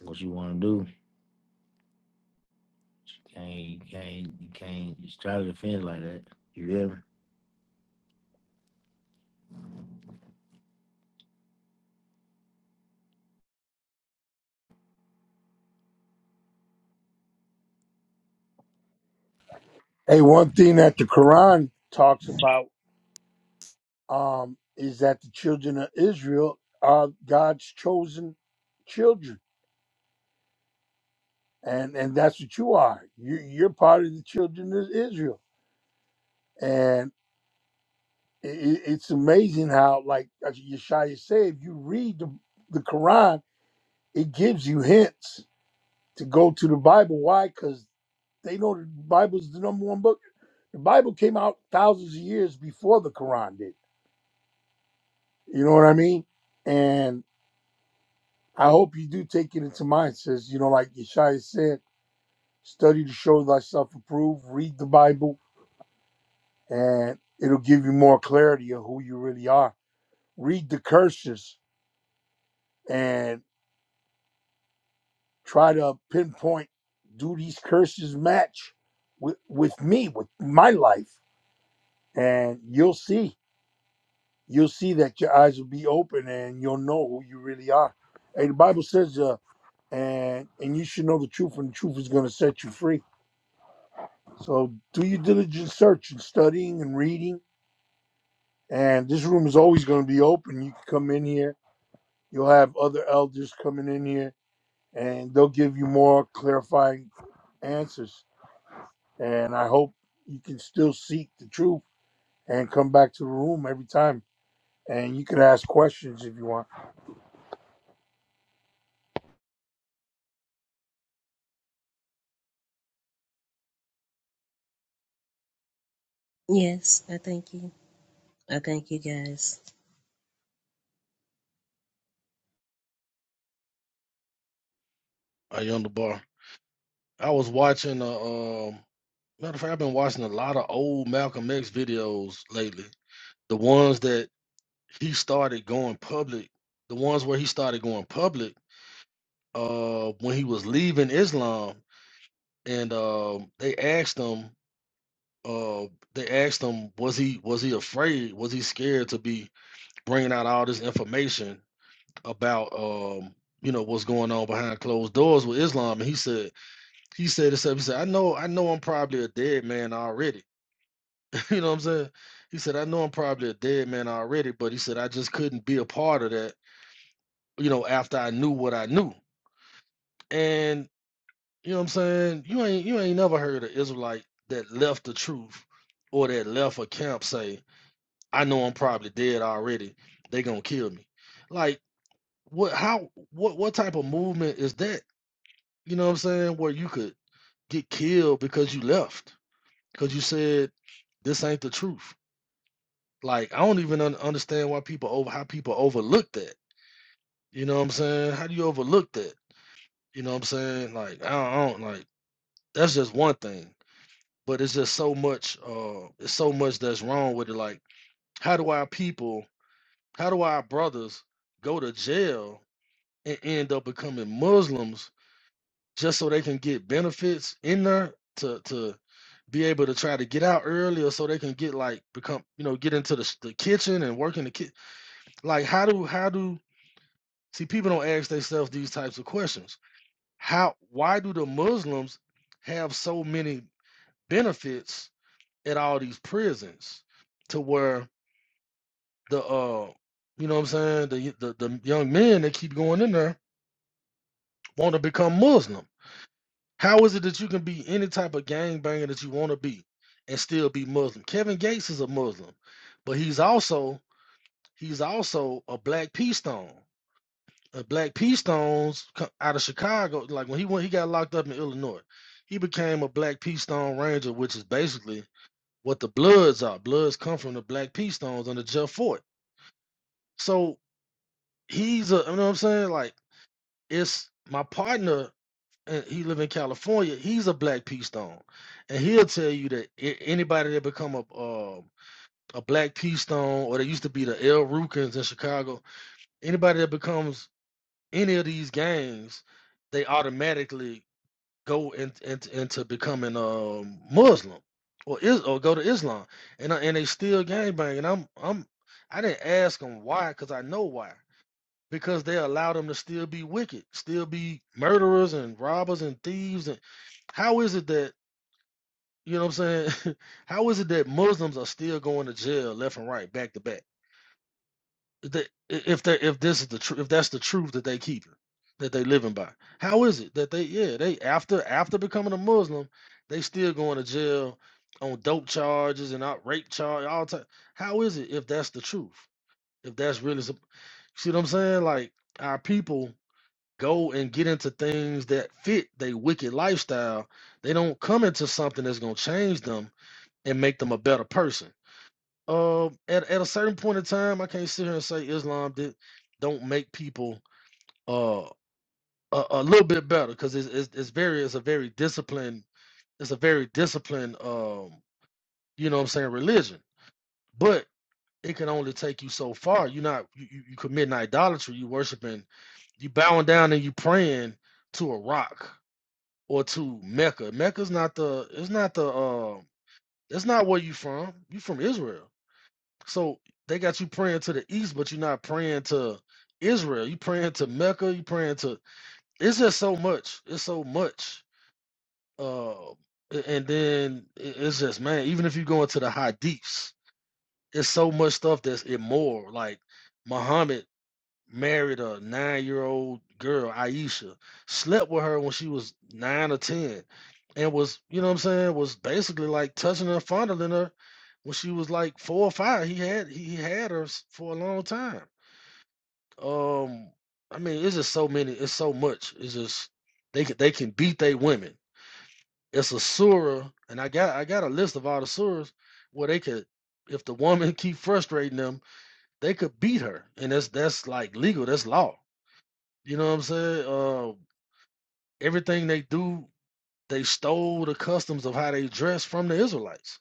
Speaker 1: what you wanna do. You can't you can't you can't just try to defend like that. You hear me?
Speaker 6: hey one thing that the quran talks about um is that the children of israel are god's chosen children and and that's what you are you you're part of the children of israel and i i- it's amazing how like as yeshaya said if you read the, the quran it gives you hints to go to the Bible. Why? Because they know the Bible's the number one book. The Bible came out thousands of years before the Quran did. You know what I mean? And I hope you do take it into mind. It says, you know, like Yeshaya said, study to show thyself approved, read the Bible, and it'll give you more clarity of who you really are. Read the curses and try to pinpoint do these curses match with, with me, with my life? And you'll see. you'll see that your eyes will be open and you'll know who you really are. And the Bible says, uh, and and you should know the truth, and the truth is going to set you free. So do your diligent search and studying and reading. And this room is always going to be open. You can come in here. You'll have other elders coming in here, and they'll give you more clarifying answers. And I hope you can still seek the truth and come back to the room every time. And you can ask questions if you want.
Speaker 10: Yes, I thank you. I thank you guys.
Speaker 11: I on the bar. I was watching a um, Matter of fact, I've been watching a lot of old Malcolm X videos lately. The ones that he started going public, the ones where he started going public, uh, when he was leaving Islam, and um, they asked him uh they asked him was he was he afraid was he scared to be bringing out all this information about um you know what's going on behind closed doors with Islam and he said he said himself he said I know I know I'm probably a dead man already you know what I'm saying he said I know I'm probably a dead man already but he said I just couldn't be a part of that you know after I knew what I knew and you know what I'm saying you ain't you ain't never heard an Israelite that left the truth or that left a camp say." I know I'm probably dead already. They gonna kill me. Like what? How? What? What type of movement is that? You know what I'm saying? Where you could get killed because you left because you said this ain't the truth. Like I don't even un- understand why people over how people overlook that. You know what I'm saying? How do you overlook that? You know what I'm saying? Like I don't, I don't like that's just one thing, but it's just so much. Uh, it's so much that's wrong with it. Like how do our people? How do our brothers go to jail and end up becoming Muslims just so they can get benefits in there to to be able to try to get out earlier so they can get like become you know get into the, s- the kitchen and work in the kitchen like how do how do see people don't ask themselves these types of questions how why do the muslims have so many benefits at all these prisons to where the uh you know what i'm saying the y- the, the young men that keep going in there want to become muslim How is it that you can be any type of gangbanger that you want to be and still be Muslim? Kevin Gates is a Muslim, but he's also he's also a black peace stone. A black peace stones co- out of Chicago. Like when he went, he got locked up in Illinois. He became a black peace stone ranger, which is basically what the Bloods are. Bloods come from the black peace stones under Jeff Fort. So he's a, you know what I'm saying? Like it's my partner and he live in California, he's a black peace stone, and he'll tell you that a- anybody that become a um a black peace stone, or they used to be the El Rukins in Chicago, anybody that becomes any of these gangs, they automatically go in, in, into becoming um Muslim or is or go to Islam, and I- and they still gangbang, and I'm I'm I didn't ask him why because I know why because they allow them to still be wicked, still be murderers and robbers and thieves. And how is it that you know what I'm saying? how is it that Muslims are still going to jail left and right, back to back? If they- if they, if this is the truth, if that's the truth that they keep that they living by, how is it that they yeah they after after becoming a Muslim, they still going to jail on dope charges and out rape charge all time. How is it if that's the truth? If that's really some, see what I'm saying? Like our people go and get into things that fit they wicked lifestyle. They don't come into something that's gonna change them and make them a better person. Uh, at at a certain point in time, I can't sit here and say Islam did don't make people uh a, a little bit better because it's, it's it's very it's a very disciplined it's a very disciplined um you know what I'm saying religion, but it can only take you so far. You're not you you, you committing idolatry. You worshiping, you bowing down and you praying to a rock or to Mecca. Mecca's not the it's not the uh it's not where you from. You from Israel. So they got you praying to the east, but you're not praying to Israel. You praying to Mecca, you praying to it's just so much. It's so much. Uh a- and then i- it's just man, even if you go into the hadiths, it's so much stuff that's immoral. Like Muhammad married a nine-year-old girl, Aisha, slept with her when she was nine or ten, and was, you know what I'm saying, was basically like touching her, fondling her when she was like four or five. He had he he had her s- for a long time. Um, I mean, it's just so many, it's so much. It's just they can they can beat they women. It's a surah, and I got I got a list of all the surahs where they could if the woman keep frustrating them, they could beat her. And that's that's like legal, that's law. You know what I'm saying? Uh, everything they do, they stole the customs of how they dress from the Israelites.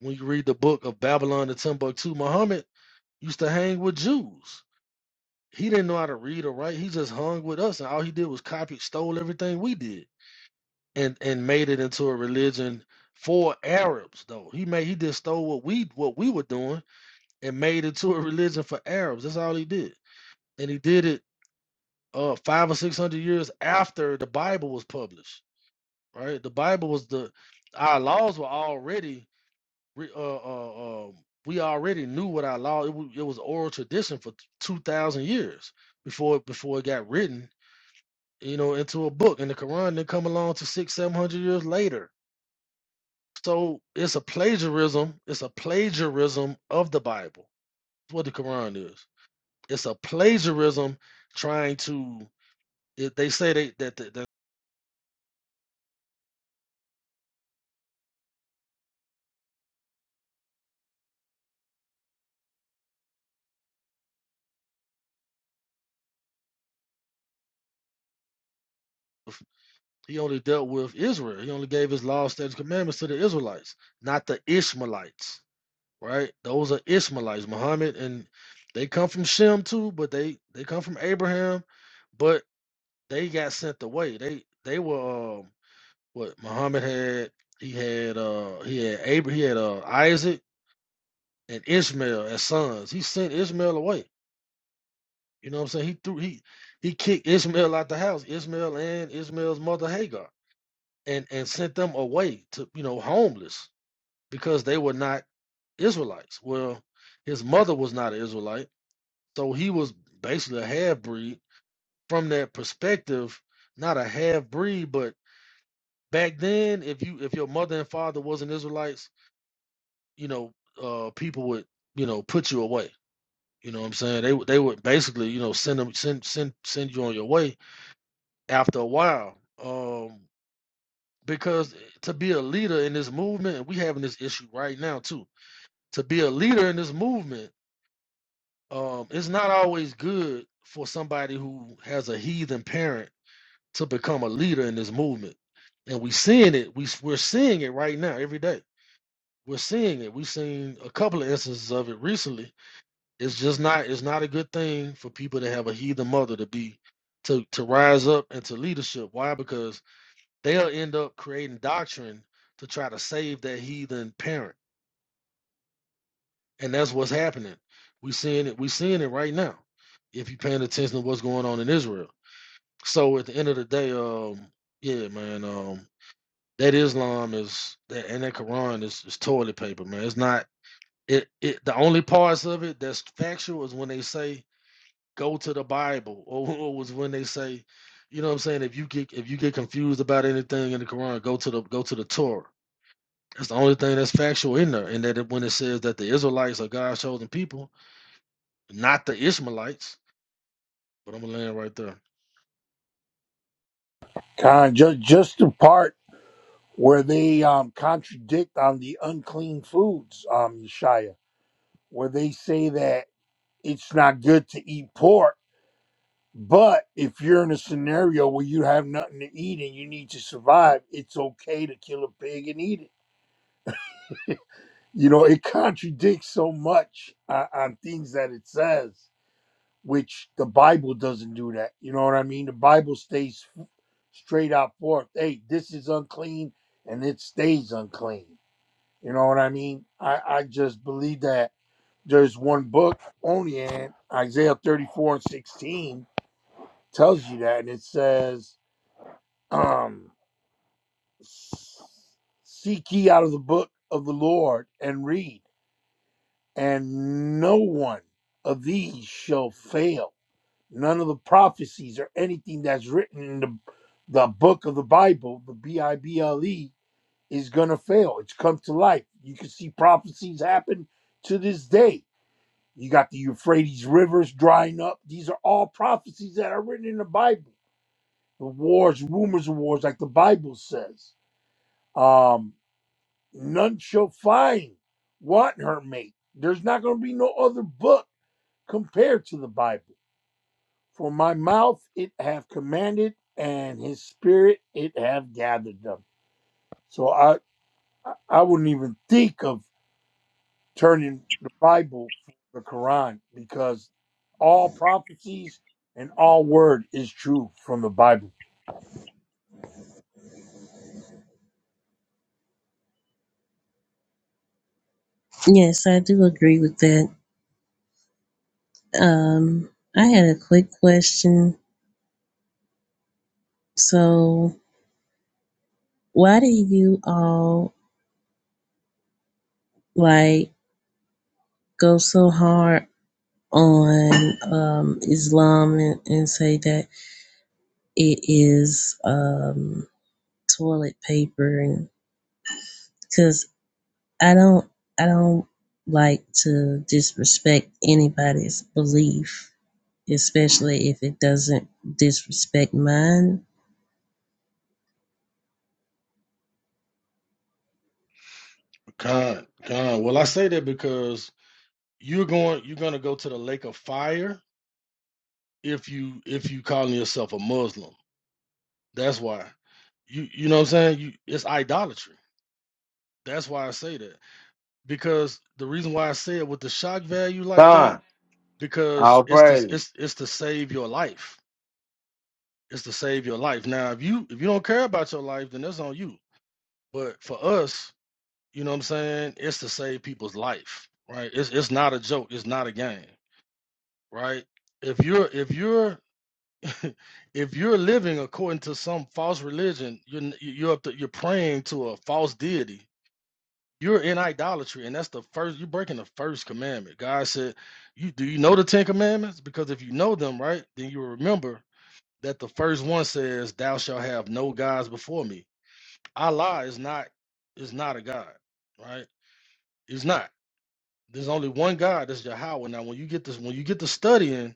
Speaker 11: When you read the book of Babylon and Timbuktu, Muhammad used to hang with Jews. He didn't know how to read or write. He just hung with us, and all he did was copy, stole everything we did, and and made it into a religion for Arabs. Though he made, he just stole what we what we were doing and made it to a religion for Arabs. That's all he did, and he did it uh, five or six hundred years after the Bible was published. right? The Bible was the our laws were already re- uh, uh, uh, we already knew what our law it, wa- it was oral tradition for two thousand years before it- before it got written, you know, into a book. And the Quran didn't come along to six seven hundred years later. So it's a plagiarism. It's a plagiarism of the Bible. That's what the Quran is. It's a plagiarism trying to. It, they say they that the, the He only dealt with Israel. He only gave his law, statutes, commandments to the Israelites, not the Ishmaelites. Right? Those are Ishmaelites, Muhammad, and they come from Shem too, but they they come from Abraham, but they got sent away. They they were um, what Muhammad had. He had uh he had Abraham, he had uh Isaac and Ishmael as sons. He sent Ishmael away. You know what I'm saying? He threw he he kicked Ishmael out the house. Ishmael and Ishmael's mother Hagar. and and sent them away to you know homeless because they were not Israelites. Well, his mother was not an Israelite, so he was basically a half breed. From that perspective, not a half breed, but back then, if you if your mother and father wasn't Israelites, you know, uh, people would you know put you away. You know what I'm saying? They would they would basically you know send them send send send you on your way after a while. Um, because to be a leader in this movement, and we having this issue right now too to be a leader in this movement, um, it's not always good for somebody who has a heathen parent to become a leader in this movement. And we seeing it. We we're seeing it right now every day. We're seeing it. We've seen a couple of instances of it recently. It's just not. It's not a good thing for people to have a heathen mother to be to to rise up into leadership. Why? Because they'll end up creating doctrine to try to save that heathen parent and that's what's happening. We seeing it. We seeing it right now. If you're paying attention to what's going on in Israel. So at the end of the day, um, yeah, man, um, that Islam is that and that Quran is, is toilet paper, man. It's not it, it. The only parts of it that's factual is when they say go to the Bible, or, or was when they say, you know what I'm saying. If you get if you get confused about anything in the Quran, go to the go to the Torah. That's the only thing that's factual in there, and that it, when it says that the Israelites are God's chosen people, not the Ishmaelites. But I'm gonna land right there.
Speaker 6: Kind just just the part. where they um, contradict on the unclean foods, um, Yeshaya, where they say that it's not good to eat pork, but if you're in a scenario where you have nothing to eat and you need to survive, it's okay to kill a pig and eat it. You know, it contradicts so much uh, on things that it says, which the Bible doesn't do that. You know what I mean? The Bible stays straight out forth. Hey, this is unclean and it stays unclean. You know what I mean? I, I just believe that there's one book only and Isaiah 34 and 16 tells you that. And it says, um, Seek ye out of the book of the Lord and read, and no one of these shall fail. None of the prophecies or anything that's written in the, the book of the Bible, the B I B L E, is going to fail. It's come to life. You can see prophecies happen to this day You got the Euphrates rivers drying up. These are all prophecies that are written in the Bible. The wars, rumors of wars, like the Bible says. Um, none shall find want her mate. There's not going to be no other book compared to the Bible. For my mouth it have commanded, and his spirit it have gathered them. So I, I I wouldn't even think of turning the Bible for the Quran because all prophecies and all word is true from the Bible.
Speaker 10: Yes, I do agree with that. Um I had a quick question. So why do you all like go so hard on um Islam and, and say that it is um toilet paper and because I don't I don't like to disrespect anybody's belief, especially if it doesn't disrespect mine.
Speaker 11: God, God. Well, I say that because you're going, you're gonna go to the lake of fire if you if you calling yourself a Muslim. That's why you you know what I'm saying. You, it's idolatry. That's why I say that because the reason why I say it with the shock value like that
Speaker 1: Con,
Speaker 11: because
Speaker 1: all
Speaker 11: it's to
Speaker 1: praise.
Speaker 11: it's it's to save your life. It's to save your life. Now, if you if you don't care about your life, then that's on you. But for us, You know what I'm saying? It's to save people's life, right? It's it's not a joke. It's not a game, right? If you're if you're if you're living according to some false religion, you're n- you're up to, you're praying to a false deity. You're in idolatry, and that's the first. You're breaking the first commandment. God said, "You do you know the Ten Commandments? Because if you know them, right, then you will remember that the first one says, "Thou shalt have no gods before me." Allah is not is not a god, right? He's not. There's only one God, that's Yahweh. Now, when you get this, when you get to studying,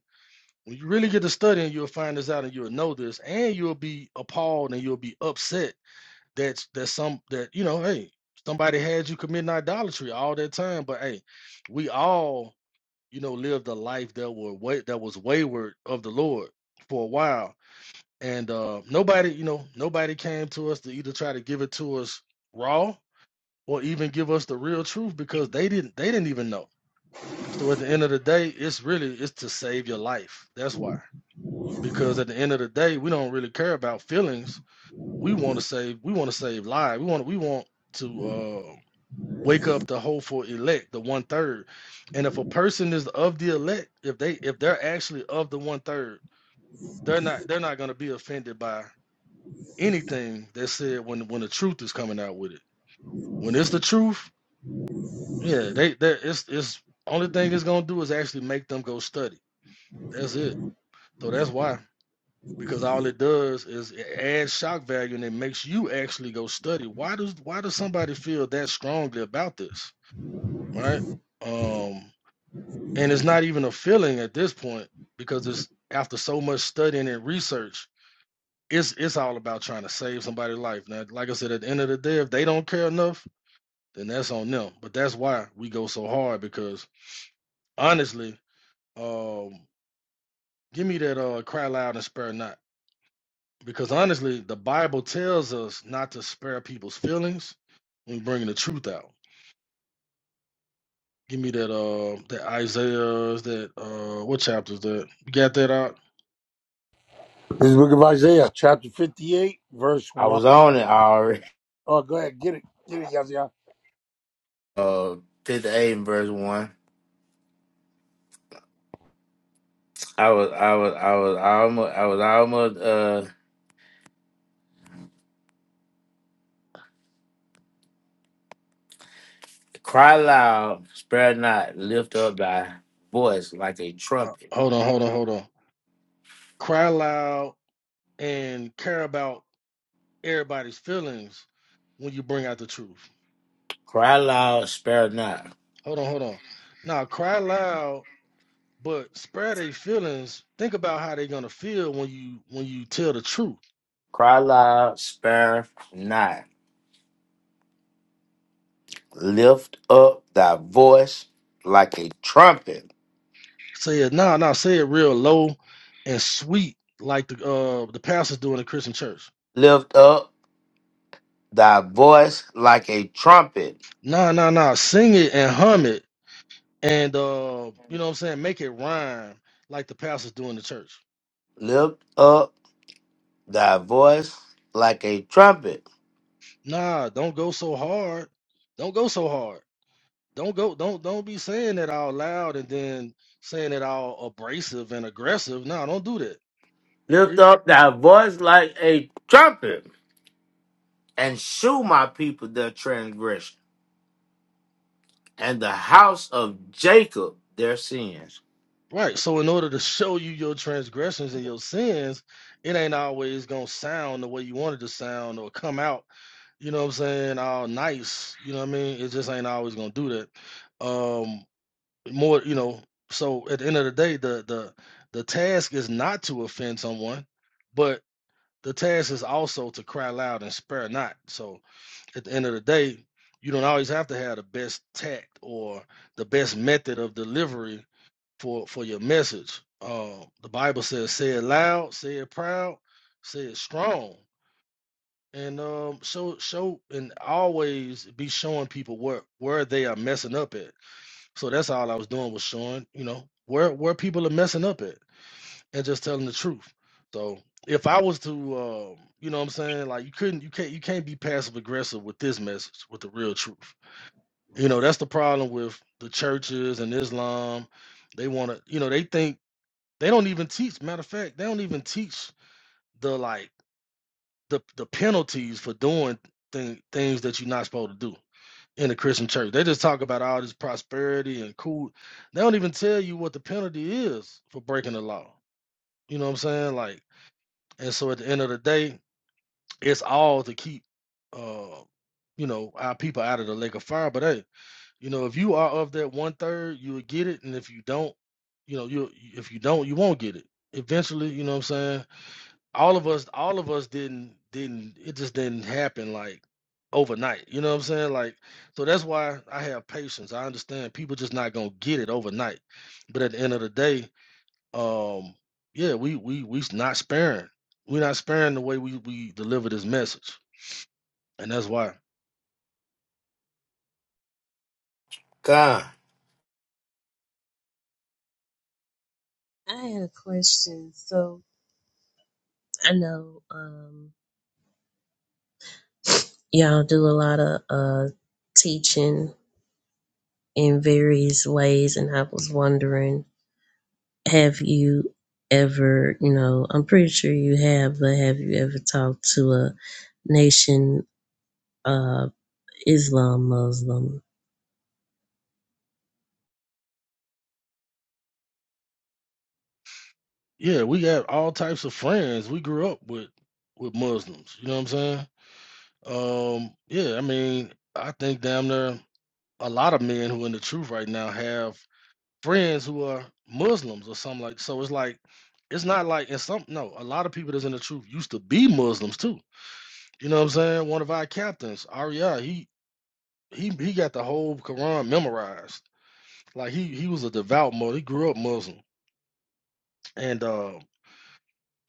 Speaker 11: when you really get to studying, you'll find this out and you'll know this, and you'll be appalled and you'll be upset that that some that you know, hey, somebody had you committing idolatry all that time. But hey, we all, you know, lived a life that were way that was wayward of the Lord for a while. And uh nobody, you know, nobody came to us to either try to give it to us raw or even give us the real truth because they didn't they didn't even know so at the end of the day, it's really it's to save your life. That's why. Because at the end of the day, we don't really care about feelings. We want to save. We want to save lives. We want. We want to uh, wake up the hopeful elect, the one third. And if a person is of the elect, if they if they're actually of the one third, they're not they're not going to be offended by anything that's said when when the truth is coming out with it. When it's the truth, yeah, they they it's it's only thing it's gonna do is actually make them go study. That's it. So that's why, because all it does is it adds shock value and it makes you actually go study. Why does why does somebody feel that strongly about this, right? Um, and it's not even a feeling at this point because it's after so much studying and research. It's it's all about trying to save somebody's life. Now, like I said, at the end of the day, if they don't care enough, then that's on them. But that's why we go so hard because honestly, um, give me that uh, cry loud and spare not. Because honestly, the Bible tells us not to spare people's feelings when bringing the truth out. Give me that uh that Isaiah's that uh what chapter is that? You got that out?
Speaker 6: This is the book of Isaiah, chapter 58, verse
Speaker 1: I
Speaker 6: 1.
Speaker 1: was on it already.
Speaker 6: Oh, go ahead, get it. Get it, Yazian.
Speaker 1: Uh, fifty eight and verse one. I was, I was, I was almost, I was almost. Uh, cry loud, spare not, lift up thy voice like a
Speaker 11: Uh,
Speaker 1: trumpet.
Speaker 11: hold on, hold on, hold on. Cry loud and care about everybody's feelings when you bring out the truth.
Speaker 1: Cry loud, spare not.
Speaker 11: Hold on, hold on. Now cry loud, but spare their feelings. Think about how they're gonna feel when you when you tell the truth
Speaker 1: Cry loud, spare not. Lift up thy voice like a trumpet.
Speaker 11: Say it nah, nah, say it real low and sweet, like the uh the pastors do in the Christian church.
Speaker 1: Lift up thy voice like a trumpet.
Speaker 11: Nah, nah, nah. Sing it and hum it and uh you know what I'm saying, make it rhyme like the pastors do in the church.
Speaker 1: Lift up thy voice like a trumpet.
Speaker 11: Nah, don't go so hard. Don't go so hard. Don't go don't don't be saying it all loud and then saying it all abrasive and aggressive. Nah, don't do that.
Speaker 1: Lift up thy voice like a trumpet. And shew my people their transgression and the house of Jacob their sins.
Speaker 11: Right. So in order to show you your transgressions and your sins, it ain't always gonna sound the way you want it to sound or come out, you know what I'm saying, all nice. You know what I mean? It just ain't always gonna do that. Um more, you know, so at the end of the day, the the the task is not to offend someone, but the task is also to cry loud and spare not. So at the end of the day, you don't always have to have the best tact or the best method of delivery for for your message. Uh, the Bible says, "Say it loud, say it proud, say it strong." And um, show show and always be showing people where where they are messing up at. So that's all I was doing was showing, you know, where where people are messing up at, and just telling the truth. So if I was to, um, you know, what I'm saying like you couldn't, you can't, you can't be passive aggressive with this message, with the real truth. You know, that's the problem with the churches and Islam. They want to, you know, they think they don't even teach. Matter of fact, they don't even teach the like the the penalties for doing thing, things that you're not supposed to do in the Christian church. They just talk about all this prosperity and cool. They don't even tell you what the penalty is for breaking the law. You know what I'm saying? Like, and so at the end of the day, it's all to keep, uh, you know, our people out of the lake of fire. But hey, you know, if you are of that one third, you will get it, and if you don't, you know, you if you don't, you won't get it eventually. You know what I'm saying? all of us all of us didn't didn't it just didn't happen like overnight you know what i'm saying like so that's why i have patience i understand people just not gonna get it overnight but at the end of the day um yeah we we we's not sparing we're not sparing the way we we deliver this message and that's why
Speaker 1: God.
Speaker 10: I had a question. So I know um y'all do a lot of uh teaching in various ways and I was wondering, have you ever, you know, I'm pretty sure you have, but have you ever talked to a nation of Islam Muslim?
Speaker 11: yeah we have all types of friends we grew up with with muslims you know what i'm saying um yeah i mean i think damn near a lot of men who in the truth right now have friends who are Muslims or something like so it's like it's not like and some no, a lot of people that's in the truth used to be Muslims too. You know what I'm saying? One of our captains, Arya, he he he got the whole Quran memorized. Like he he was a devout Muslim. He grew up Muslim. And uh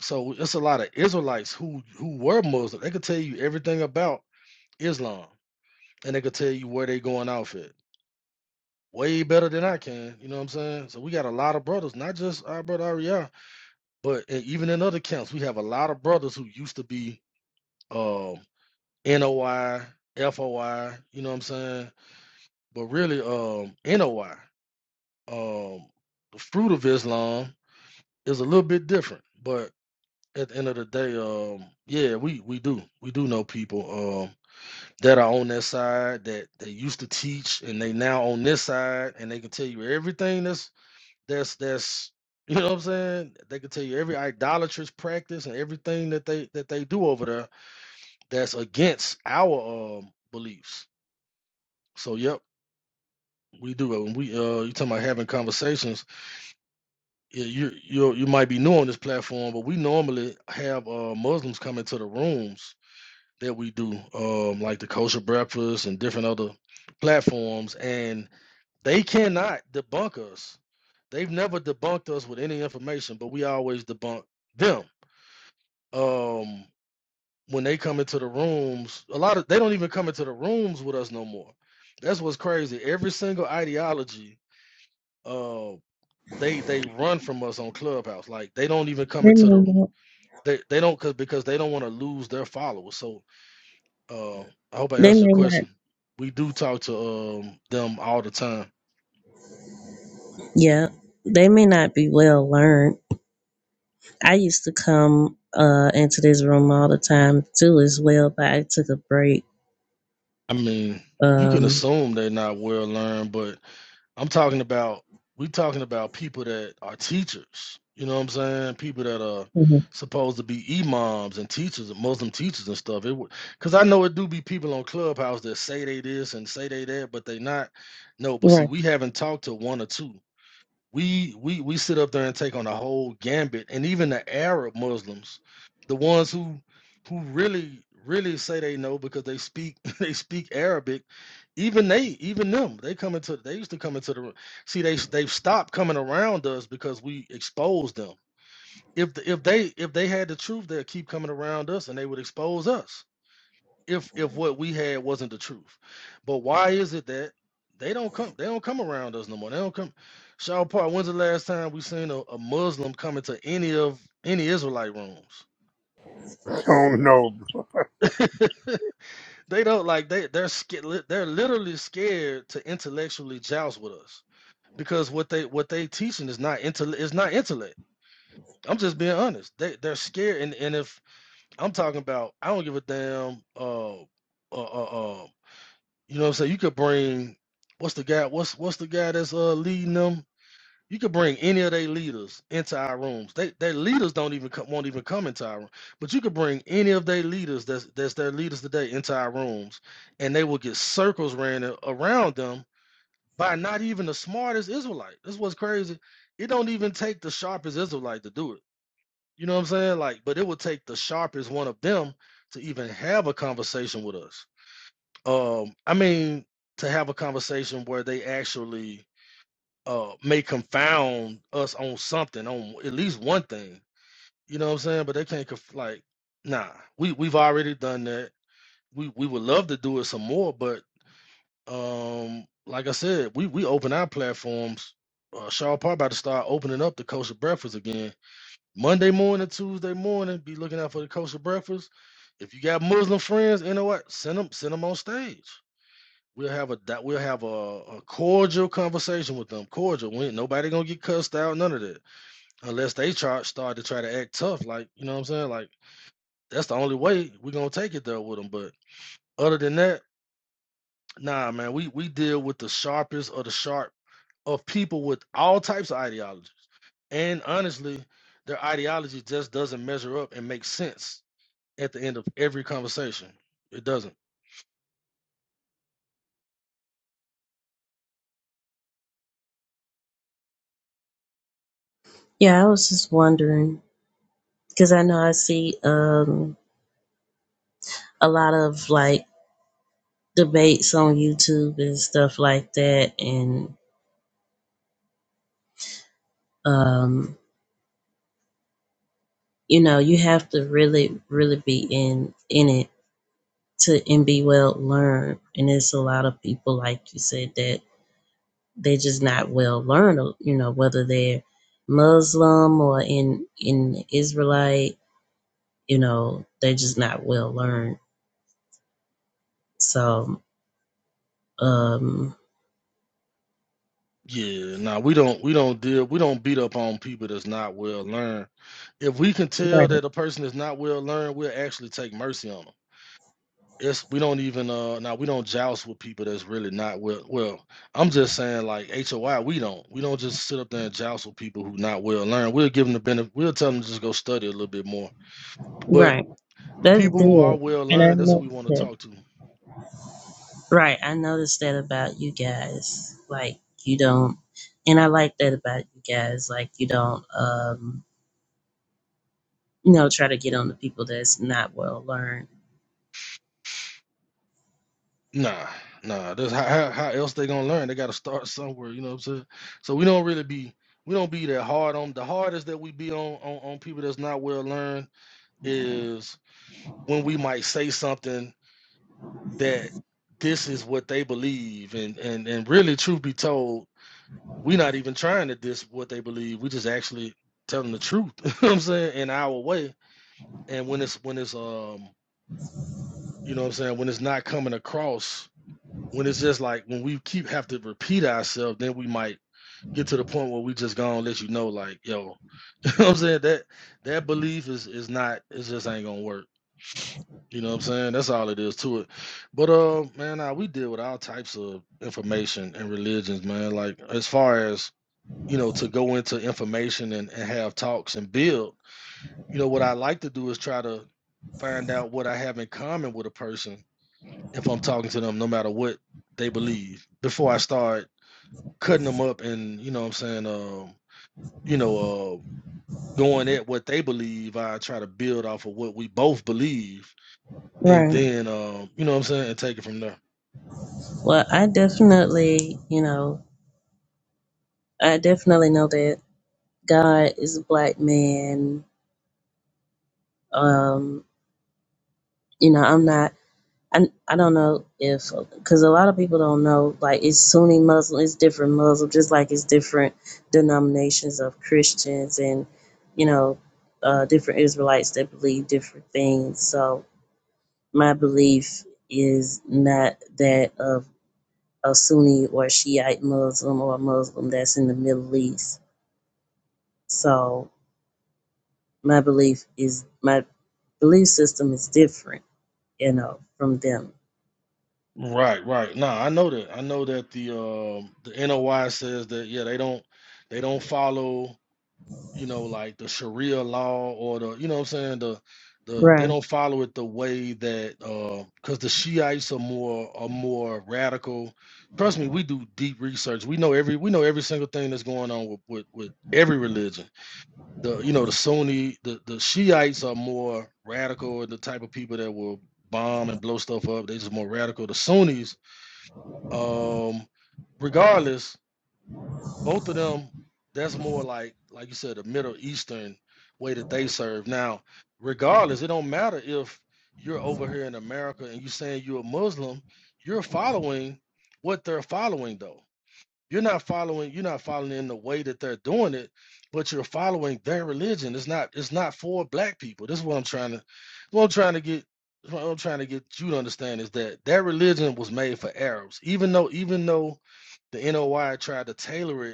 Speaker 11: so it's a lot of Israelites who who were Muslim. They could tell you everything about Islam and they could tell you where they going off at. Way better than I can, you know what I'm saying? So we got a lot of brothers, not just our brother Arya But e- even in other camps, we have a lot of brothers who used to be um, NOI, you know what I'm saying? But really, um, NOI, um, the fruit of Islam is a little bit different. But at the end of the day, um, yeah, we, we do. We do know people um, that are on that side that they used to teach and they now on this side and they can tell you everything that's. That's that's you know what I'm saying. They can tell you every idolatrous practice and everything that they that they do over there that's against our um beliefs. So yep, we do it. When we uh you talking about having conversations, yeah, you you you might be new on this platform, but we normally have uh Muslims come into the rooms that we do, um like the kosher breakfast and different other platforms, and they cannot debunk us. They've never debunked us with any information, but we always debunk them um when they come into the rooms a lot of they don't even come into the rooms with us no more that's what's crazy every single ideology uh they they run from us on clubhouse like they don't even come into the they, they don't cause, because they don't want to lose their followers so uh, i hope i
Speaker 10: They
Speaker 11: answered your
Speaker 10: may
Speaker 11: question
Speaker 10: not,
Speaker 11: we do talk to um them all the time
Speaker 10: yeah, they may not be well learned. I used to come uh, into this room all the time too, as well, but I took a break.
Speaker 11: i mean you can
Speaker 10: Um,
Speaker 11: assume they're not well learned but I'm talking about we talking about people that are teachers. You know what I'm saying? People that are
Speaker 10: Mhm.
Speaker 11: supposed to be imams and teachers, and Muslim teachers and stuff. It would, cause I know it do be people on Clubhouse that say they this and say they that, but they not. No, but see,
Speaker 10: Right.
Speaker 11: we haven't talked to one or two we we we sit up there and take on the whole gambit and even the arab muslims the ones who who really really say they know because they speak they speak arabic even they even them they come into they used to come into the r- see they they've stopped coming around us because we exposed them if the, if they if they had the truth they'd keep coming around us and they would expose us if if what we had wasn't the truth. But why is it that they don't come they don't come around us no more. They don't come Shaw Park, when's the last time we seen a, a Muslim come into any of any Israelite rooms?
Speaker 6: I don't know.
Speaker 11: they don't like they they're scared they're literally scared to intellectually joust with us because what they what they teaching is not intellect is not intellect. I'm just being honest. They they're scared and, and if I'm talking about I don't give a damn uh uh uh, uh, You know what I'm saying? You could bring what's the guy what's what's the guy that's uh leading them? You could bring any of their leaders into our rooms. They their leaders don't even come, won't even come into our room. But you could bring any of their leaders that's that's their leaders today into our rooms, and they will get circles ran a- around them by not even the smartest Israelite. This what's crazy. It don't even take the sharpest Israelite to do it. You know what I'm saying? Like, but it would take the sharpest one of them to even have a conversation with us. Um, I mean, to have a conversation where they actually uh may confound us on something, on at least one thing. You know what I'm saying? But they can't conf- like, nah. We we've already done that. We we would love to do it some more, but um, like I said, we we open our platforms. Uh, Shaw Park about to start opening up the kosher breakfast again. Monday morning, Tuesday morning, be looking out for the kosher breakfast. If you got Muslim friends, you know what? Send them, send them on stage. We'll have a di- we'll have a, a cordial conversation with them. Cordial. We ain't nobody gonna get cussed out. None of that, unless they try start to try to act tough. Like you know what I'm saying. Like that's the only way we're gonna take it there with them. But other than that, nah, man. We we deal with the sharpest of the sharp of people with all types of ideologies. And honestly, their ideology just doesn't measure up and make sense at the end of every conversation. It doesn't.
Speaker 10: Yeah, I was just wondering because I know I see um, a lot of like debates on YouTube and stuff like that, and um, you know, you have to really, really be in in it to and be well learned. And it's a lot of people, like you said, that they're just not well learned you know whether they're muslim or in in israelite you know they're just not well learned so um
Speaker 11: Yeah, nah, we don't we don't deal we don't beat up on people that's not well learned. If we can tell
Speaker 10: right
Speaker 11: that a person is not well learned, we'll actually take mercy on them. It's we don't even uh now we don't joust with people that's really not well well. I'm just saying like HOI we don't we don't just sit up there and joust with people who not well learned. We'll give them the benefit. We'll tell them to just go study a little bit more. But
Speaker 10: right
Speaker 11: the
Speaker 10: that's
Speaker 11: people who are
Speaker 10: good
Speaker 11: well
Speaker 10: and i
Speaker 11: learned, that's who we
Speaker 10: noticed
Speaker 11: want to
Speaker 10: that
Speaker 11: talk to.
Speaker 10: right i noticed that about you guys like you don't and i like that about you guys like you don't um you know try to get on the people that's not well learned
Speaker 11: Nah, nah. That's how, how how else they gonna learn? They gotta start somewhere. You know what I'm saying? So we don't really be we don't be that hard on the hardest that we be on on, on people that's not well learned is when we might say something that this is what they believe and and and really truth be told, we not even trying to diss what they believe. We just actually telling the truth. you know what I'm saying? In our way. And when it's when it's um you know what I'm saying when it's not coming across when it's just like when we keep have to repeat ourselves, then we might get to the point where we just gonna let you know, like, yo, you know what I'm saying? That that belief is is not it just ain't gonna work. You know what I'm saying? That's all it is to it. But uh man, nah, we deal with all types of information and religions, man. Like as far as, you know, to go into information and, and have talks and build, you know, what I like to do is try to find out what I have in common with a person if I'm talking to them, no matter what they believe, before I start cutting them up and you know what I'm saying um you know uh going at what they believe I try to build off of what we both believe and
Speaker 10: right
Speaker 11: then um you know what I'm saying and take it from there
Speaker 10: well i definitely you know i definitely know that God is a black man. Um, you know, I'm not. I, I don't know if because a lot of people don't know. Like it's Sunni Muslim, it's different Muslim, just like it's different denominations of Christians and you know uh, different Israelites that believe different things. So my belief is not that of a Sunni or Shiite Muslim or a Muslim that's in the Middle East. So my belief is my belief system is different you know, from them.
Speaker 11: right right nah I know that I know that the um the NOI says that yeah they don't they don't follow you know, like the Sharia law or the, you know what I'm saying, the the they
Speaker 10: Right.
Speaker 11: don't follow it the way that because the Shiites are more are more radical. Trust me, we do deep research. We know every we know every single thing that's going on with with, with every religion. The you know the Sunni the the Shiites are more radical. The type of people that will bomb and blow stuff up. They just more radical. The Sunnis, um, regardless, both of them that's more like like you said a middle eastern way that they serve now regardless it don't matter if you're over here in america and you're saying you're a muslim you're following what they're following though you're not following you're not following in the way that they're doing it but you're following their religion it's not it's not for black people this is what i'm trying to what i'm trying to get what i'm trying to get you to understand is that their religion was made for arabs even though even though the NOI tried to tailor it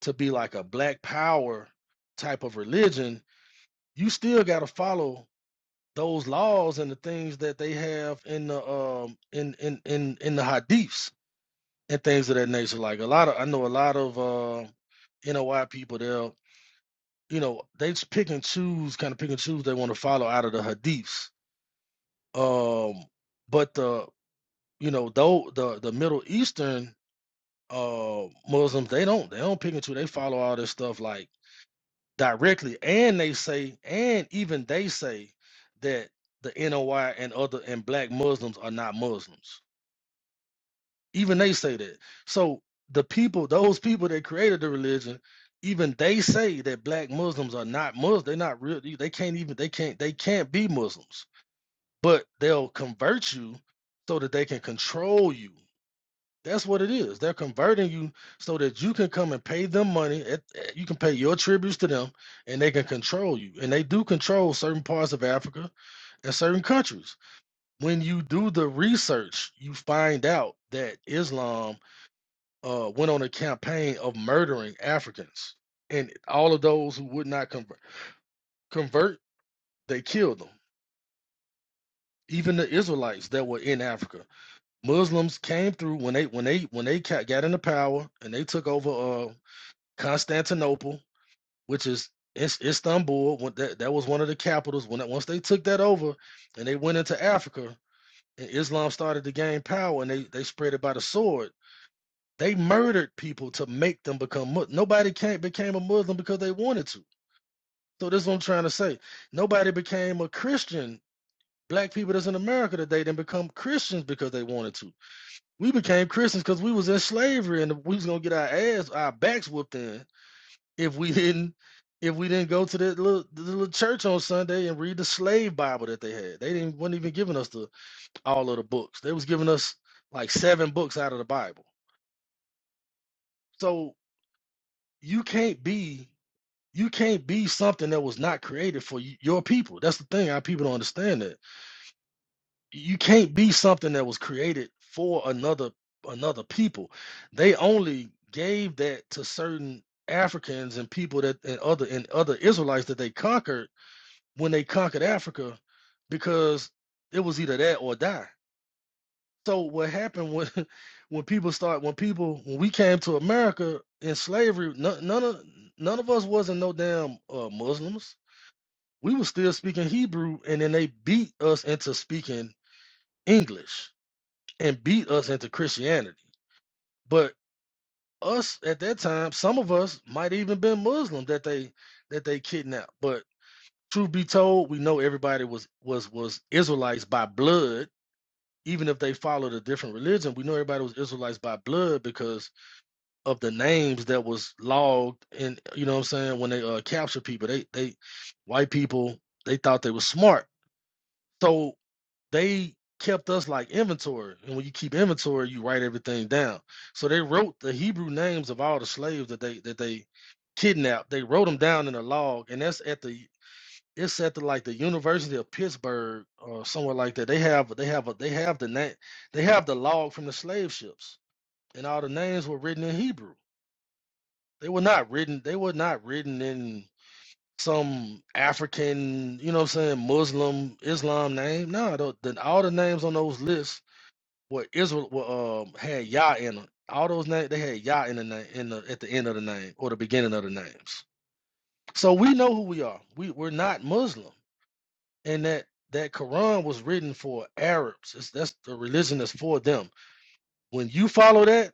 Speaker 11: to be like a black power type of religion, you still got to follow those laws and the things that they have in the um in in in in the hadiths and things of that nature. Like a lot of I know a lot of uh, NOI people they'll you know they just pick and choose kind of pick and choose they want to follow out of the hadiths. Um, but the you know though the the Middle Eastern uh Muslims they don't they don't pick and choose they follow all this stuff like directly and they say and even they say that the NOI and other and black Muslims are not Muslims. Even they say that. So the people, those people that created the religion, even they say that black Muslims are not Muslims. They're not real. They can't even they can't they can't be Muslims. But they'll convert you so that they can control you. That's what it is. They're converting you so that you can come and pay them money. At, at- you can pay your tributes to them, and they can control you. And they do control certain parts of Africa and certain countries. When you do the research, you find out that Islam uh, went on a campaign of murdering Africans, and all of those who would not convert, convert they killed them. Even the Israelites that were in Africa, Muslims came through when they when they when they ca- got into power and they took over. Uh. Constantinople, which is Istanbul. that, that was one of the capitals. When once they took that over and they went into Africa, and Islam started to gain power and they, they spread it by the sword. They murdered people to make them become Muslim. Nobody not became a Muslim because they wanted to. So this is what I'm trying to say. Nobody became a Christian. Black people that's in America today didn't become Christians because they wanted to. We became Christians because we was in slavery and we was gonna get our ass, our backs whooped in if we didn't if we didn't go to the little the little church on Sunday and read the slave Bible that they had. They didn't were not even giving us the all of the books. They was giving us like seven books out of the Bible. So you can't be you can't be something that was not created for y- your people. That's the thing. Our people don't understand that. You can't be something that was created for another another people. They only gave that to certain Africans and people that and other and other Israelites that they conquered when they conquered Africa because it was either that or die. So what happened when when people start when people when we came to America in slavery, none, none of none of us wasn't no damn uh, Muslims. We was still speaking Hebrew, and then they beat us into speaking English and beat us into Christianity. But us at that time, some of us might even been Muslim that they that they kidnapped. But truth be told, we know everybody was was was Israelites by blood even if they followed a different religion, we know everybody was Israelites by blood because of the names that was logged and you know what I'm saying when they uh, captured people. They they white people they thought they were smart, so they kept us like inventory. And when you keep inventory, you write everything down. So they wrote the Hebrew names of all the slaves that they that they kidnapped. They wrote them down in a log, and that's at the it's at the like the University of Pittsburgh or somewhere like that. They have they have a they have the name they have the log from the slave ships, and all the names were written in Hebrew. They were not written they were not written in some African, you know what I'm saying, Muslim Islam name. No, the, the, all the names on those lists were Israel were, um, had Yah in them. All those names they had Yah in the name in the at the end of the name or the beginning of the names. So we know who we are. We we're not Muslim. and that that Quran was written for Arabs. It's, that's the religion that's for them. When you follow that,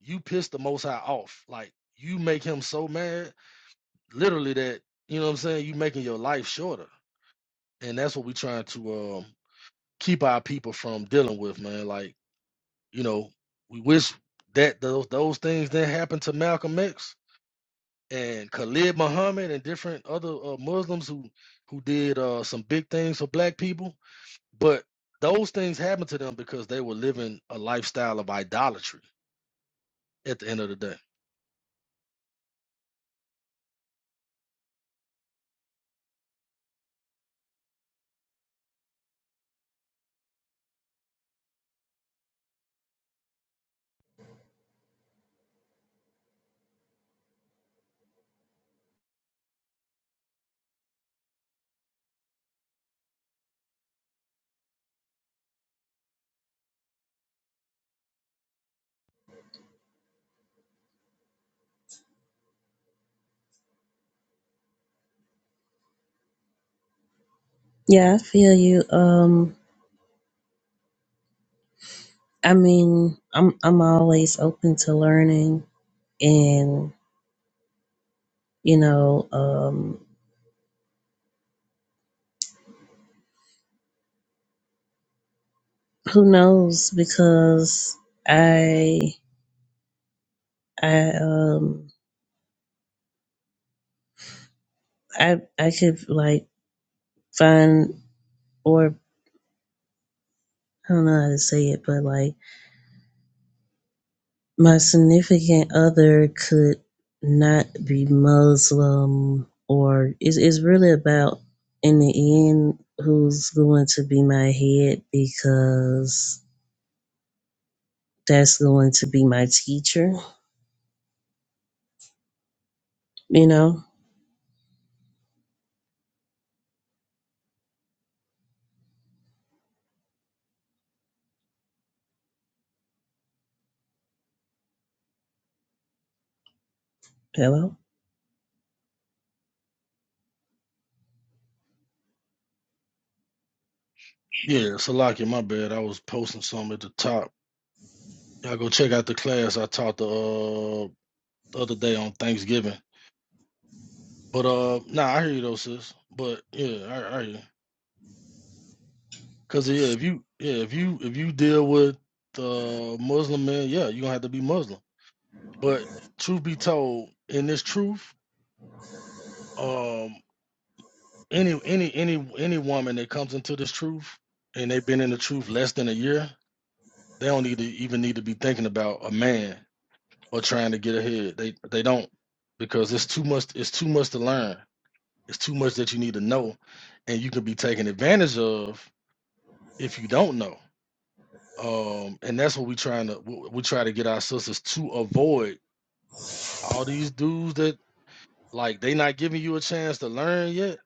Speaker 11: you piss the Most High off. Like you make him so mad, literally that you know what I'm saying. You making your life shorter, and that's what we trying to um, keep our people from dealing with, man. Like you know, we wish that those those things didn't happen to Malcolm X and Khalid Muhammad and different other uh, Muslims who who did uh, some big things for black people But those things happened to them because they were living a lifestyle of idolatry at the end of the day.
Speaker 10: Yeah, I feel you. Um, I mean, I'm I'm always open to learning, and you know, um, who knows? Because I I um I I could like find or I don't know how to say it, but like My significant other could not be Muslim or it's, it's really about in the end who's going to be my head because that's going to be my teacher, you know? Hello?
Speaker 11: Yeah, Salaki, my bad. I was posting something at the top. Y'all go check out the class I taught the, uh, the other day on Thanksgiving. But uh nah, I hear you though, sis. But yeah, I, I hear you. Cause yeah, if you yeah, if you if you deal with the Muslim man, yeah, you're gonna have to be Muslim. But truth be told, in this truth, um. any any any any woman that comes into this truth and they've been in the truth less than a year, they don't need to even need to be thinking about a man or trying to get ahead. They they don't because it's too much it's too much to learn. It's too much that you need to know and you can be taken advantage of if you don't know. Um and that's what we trying to w- we try to get our sisters to avoid all these dudes that like they not giving you a chance to learn yet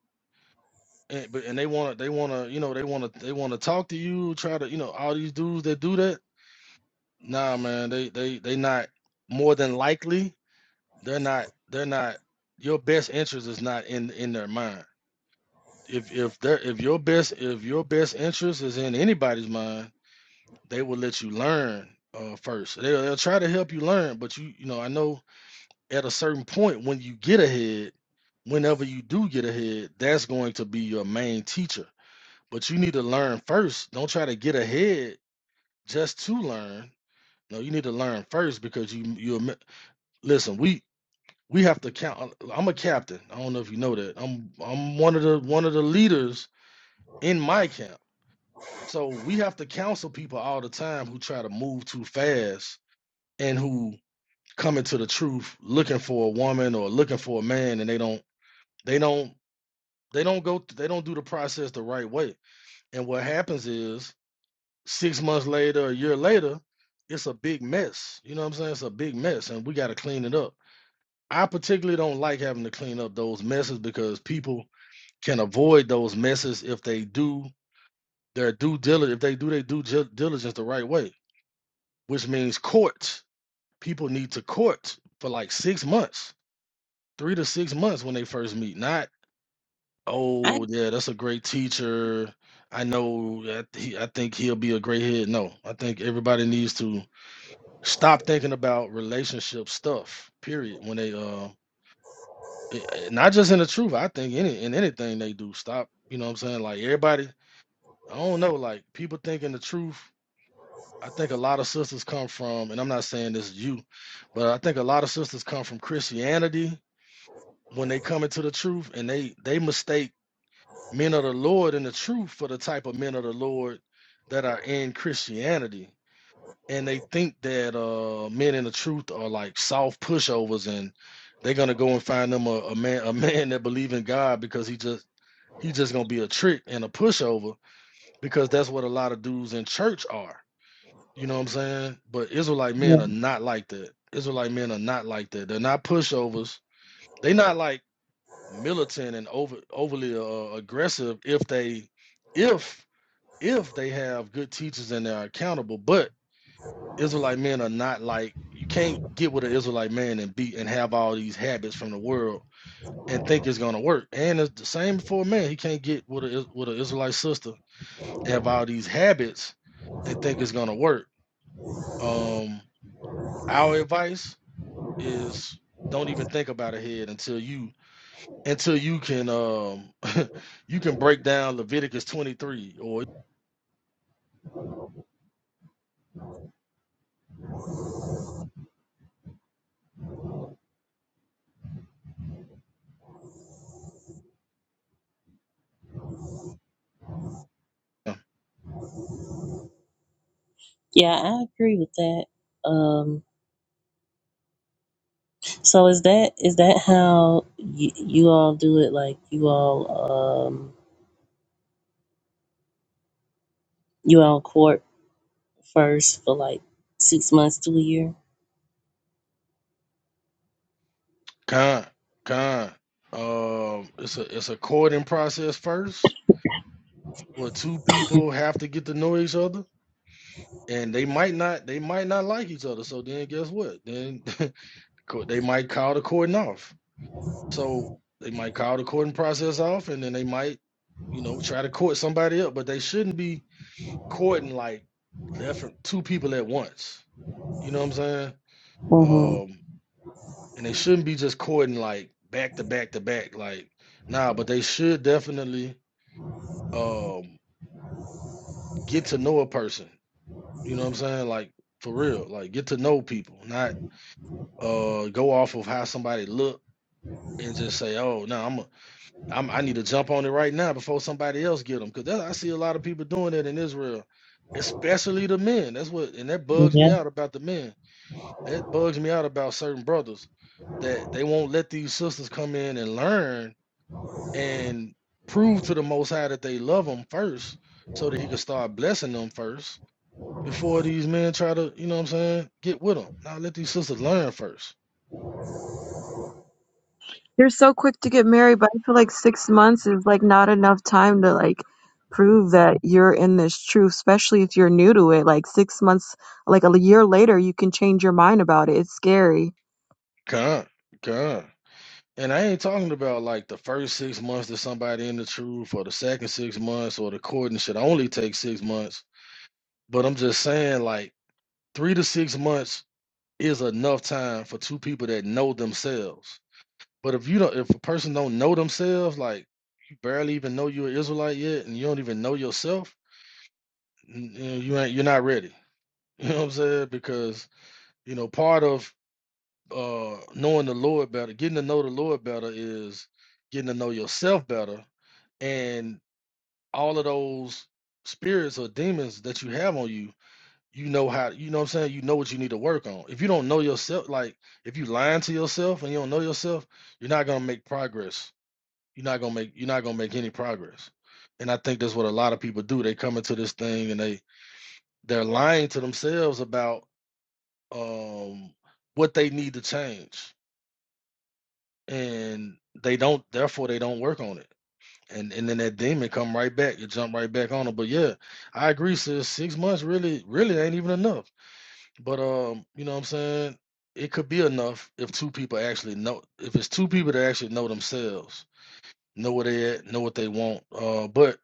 Speaker 11: and but and they want to they want to you know they want to they want to talk to you try to you know all these dudes that do that nah man they they they not more than likely they're not they're not your best interest is not in in their mind if if they're if your best if your best interest is in anybody's mind they will let you learn uh first they'll, they'll try to help you learn but you you know i know at a certain point when you get ahead whenever you do get ahead that's going to be your main teacher But you need to learn first. Don't try to get ahead just to learn. No, you need to learn first because you you admi- listen. We we have to count. I'm a captain. I don't know if you know that. I'm I'm one of the one of the leaders in my camp. So we have to counsel people all the time who try to move too fast and who come into the truth looking for a woman or looking for a man and they don't they don't they don't go th- they don't do the process the right way. And what happens is six months later, a year later, it's a big mess. You know what I'm saying? It's a big mess, and we got to clean it up. I particularly don't like having to clean up those messes because people can avoid those messes if they do their due diligence. If they do their due diligence the right way, which means court. People need to court for like six months, three to six months when they first meet. Not
Speaker 10: I
Speaker 11: oh yeah, that's a great teacher. I know. I, th- he- I think he'll be a great head. No, I think everybody needs to stop thinking about relationship stuff period when they uh it- it- not just in the truth i think any in anything they do stop you know what i'm saying like everybody i don't know like people thinking the truth i think a lot of sisters come from and i'm not saying this is you but i think a lot of sisters come from christianity when they come into the truth and they they mistake men of the lord and the truth for the type of men of the lord that are in christianity and they think that uh men in the truth are like soft pushovers and they're gonna go and find them a, a man a man that believe in God because he just he just gonna be a trick and a pushover because that's what a lot of dudes in church are. You know what I'm saying? But Israelite men
Speaker 10: yeah,
Speaker 11: are not like that. Israelite men are not like that. They're not pushovers. They're not like militant and over overly uh, aggressive if they if if they have good teachers and they're accountable. But Israelite men are not like you can't get with an Israelite man and be and have all these habits from the world and think it's gonna work. And it's the same for a man. He can't get with a with an Israelite sister and have all these habits and think it's gonna work. Um, our advice is don't even think about ahead until you until you can um you can break down Leviticus twenty three or yeah,
Speaker 10: yeah, I agree with that. Um so is that is that how you, you all do it like you all um you all court first for like 6 months to a year?
Speaker 11: Con Con. Um, it's a it's a courting process first where two people have to get to know each other and they might not they might not like each other so then guess what then co- they might call the courting off so they might call the courting process off and then they might you know try to court somebody up but they shouldn't be courting like left from two people at once you know what i'm saying
Speaker 10: Mhm.
Speaker 11: um and they shouldn't be just courting like back to back to back like nah but they should definitely um get to know a person You know what I'm saying? Like for real. Like get to know people, not uh go off of how somebody look and just say, "Oh, no, I'm, a, I'm I need to jump on it right now before somebody else get them." Because I see a lot of people doing that in Israel, especially the men. That's what, and that bugs me out about the men. That bugs me out about certain brothers that they won't let these sisters come in and learn and prove to the Most High that they love them first, so that He could start blessing them first before these men try to, you know what I'm saying, get with them. Now let these sisters learn first.
Speaker 12: You're so quick to get married, but I feel like six months is like not enough time to like prove that you're in this truth, especially if you're new to it. Like six months, like a year later, you can change your mind about it. It's scary.
Speaker 11: Come, come. And I ain't talking about like the first six months that somebody in the truth or the second six months or the courting should only take six months. But I'm just saying like three to six months is enough time for two people that know themselves. But if you don't if a person don't know themselves, like you barely even know you're an Israelite yet and you don't even know yourself, n- you know, you ain't you're not ready. You know what I'm saying? Because you know, part of uh knowing the Lord better, getting to know the Lord better is getting to know yourself better. And all of those spirits or demons that you have on you, you know how you know what I'm saying, you know what you need to work on. If you don't know yourself, like if you lying to yourself and you don't know yourself, you're not gonna make progress. You're not gonna make you're not gonna make any progress. And I think that's what a lot of people do. They come into this thing and they they're lying to themselves about um what they need to change and they don't therefore they don't work on it and and then that demon come right back you jump right back on them but yeah i agree sis six months really really ain't even enough but um you know what i'm saying it could be enough if two people actually know if it's two people that actually know themselves know where they at know what they want uh but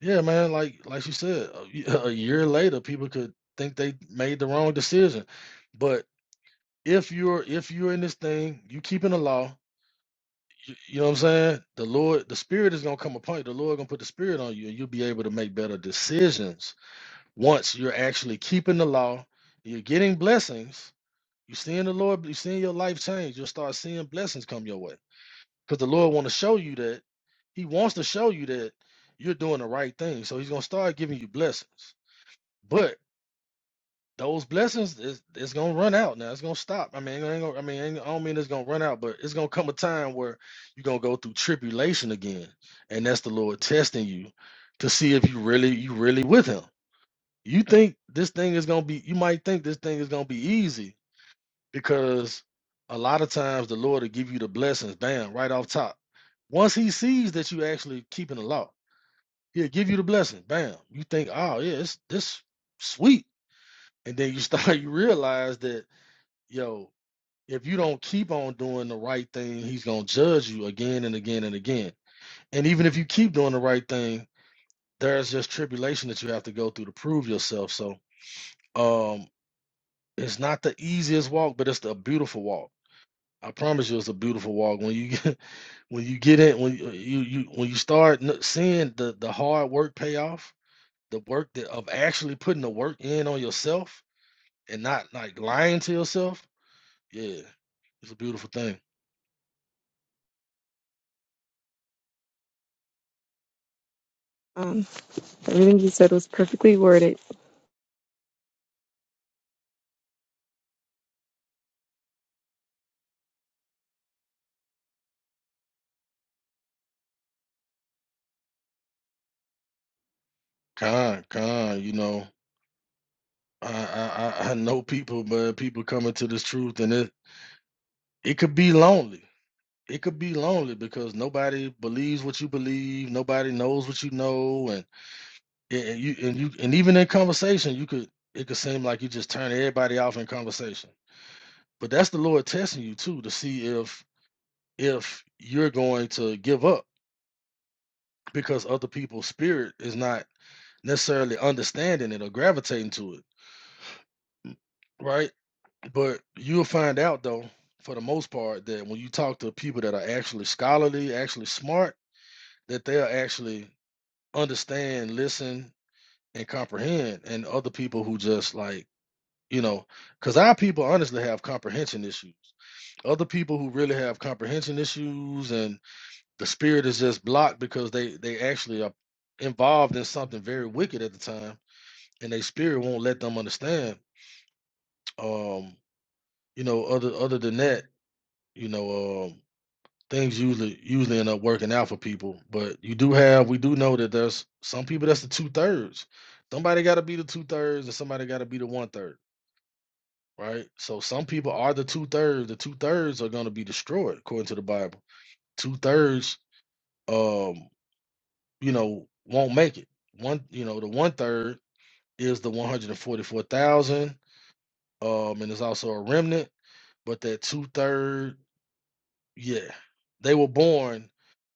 Speaker 11: yeah man like like you said a y- a year later people could think they made the wrong decision but if you're if you're in this thing you keeping the law You, you know what I'm saying? The Lord, the Spirit is gonna come upon you. The Lord gonna put the Spirit on you, and you'll be able to make better decisions once you're actually keeping the law. You're getting blessings. You're seeing the Lord. You're seeing your life change. You'll start seeing blessings come your way because the Lord want to show you that He wants to show you that you're doing the right thing. So He's gonna start giving you blessings. But those blessings is it's gonna run out now. It's gonna stop. I mean, it ain't gonna, I mean, ain't- I don't mean it's gonna run out, but it's gonna come a time where you're gonna go through tribulation again, and that's the Lord testing you to see if you really you really with Him. You think this thing is gonna be? You might think this thing is gonna be easy because a lot of times the Lord will give you the blessings, bam, right off top. Once He sees that you actually keeping the law, He'll give you the blessing, bam. You think, oh yeah, it's this sweet, and then you start you realize that yo, if you don't keep on doing the right thing, he's gonna judge you again and again and again. And even if you keep doing the right thing, there's just tribulation that you have to go through to prove yourself. So um it's not the easiest walk, but it's the beautiful walk. I promise you, it's a beautiful walk. When you get, when you get in, when you, you you when you start n- seeing the the hard work pay off, the work that of actually putting the work in on yourself and not like lying to yourself, yeah, it's a beautiful thing.
Speaker 12: Um, everything you said was perfectly worded.
Speaker 11: Con, con, you know, I, I, I I know people, but people coming to this truth, and it, it could be lonely. It could be lonely because nobody believes what you believe, nobody knows what you know, and and and you and you and even in conversation, you could it could seem like you just turn everybody off in conversation. But that's the Lord testing you too to see if if you're going to give up because other people's spirit is not necessarily understanding it or gravitating to it, right? But you'll find out though, for the most part, that when you talk to people that are actually scholarly, actually smart, that they'll actually understand, listen, and comprehend. And other people who just like, you know, because our people honestly have comprehension issues. Other people who really have comprehension issues and the spirit is just blocked because they they actually are involved in something very wicked at the time and their spirit won't let them understand. Um, you know, other other than that, you know, um things usually usually end up working out for people. But you do have we do know that there's some people that's the two thirds. Somebody got to be the two thirds, and somebody got to be the one third, right? So some people are the two thirds. The two thirds are going to be destroyed according to the Bible. Two thirds, um, you know, won't make it. One, you know, the one third is the one hundred and forty four thousand, um, and there's also a remnant. But that two third, yeah, they were born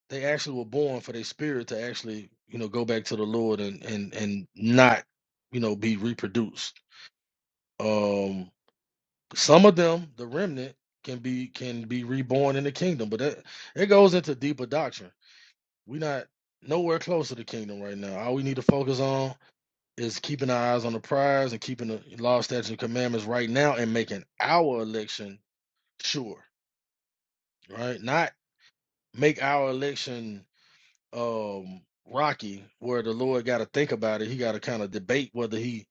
Speaker 11: they actually were born for their spirit to actually you know go back to the lord and and and not you know be reproduced um some of them the remnant can be can be reborn in the kingdom but that it goes into deeper doctrine we're not nowhere close to the kingdom right now all we need to focus on is keeping our eyes on the prize and keeping the law statutes and commandments right now and making our election sure right not make our election um Rocky where the Lord got to think about it. He got to kind of debate whether he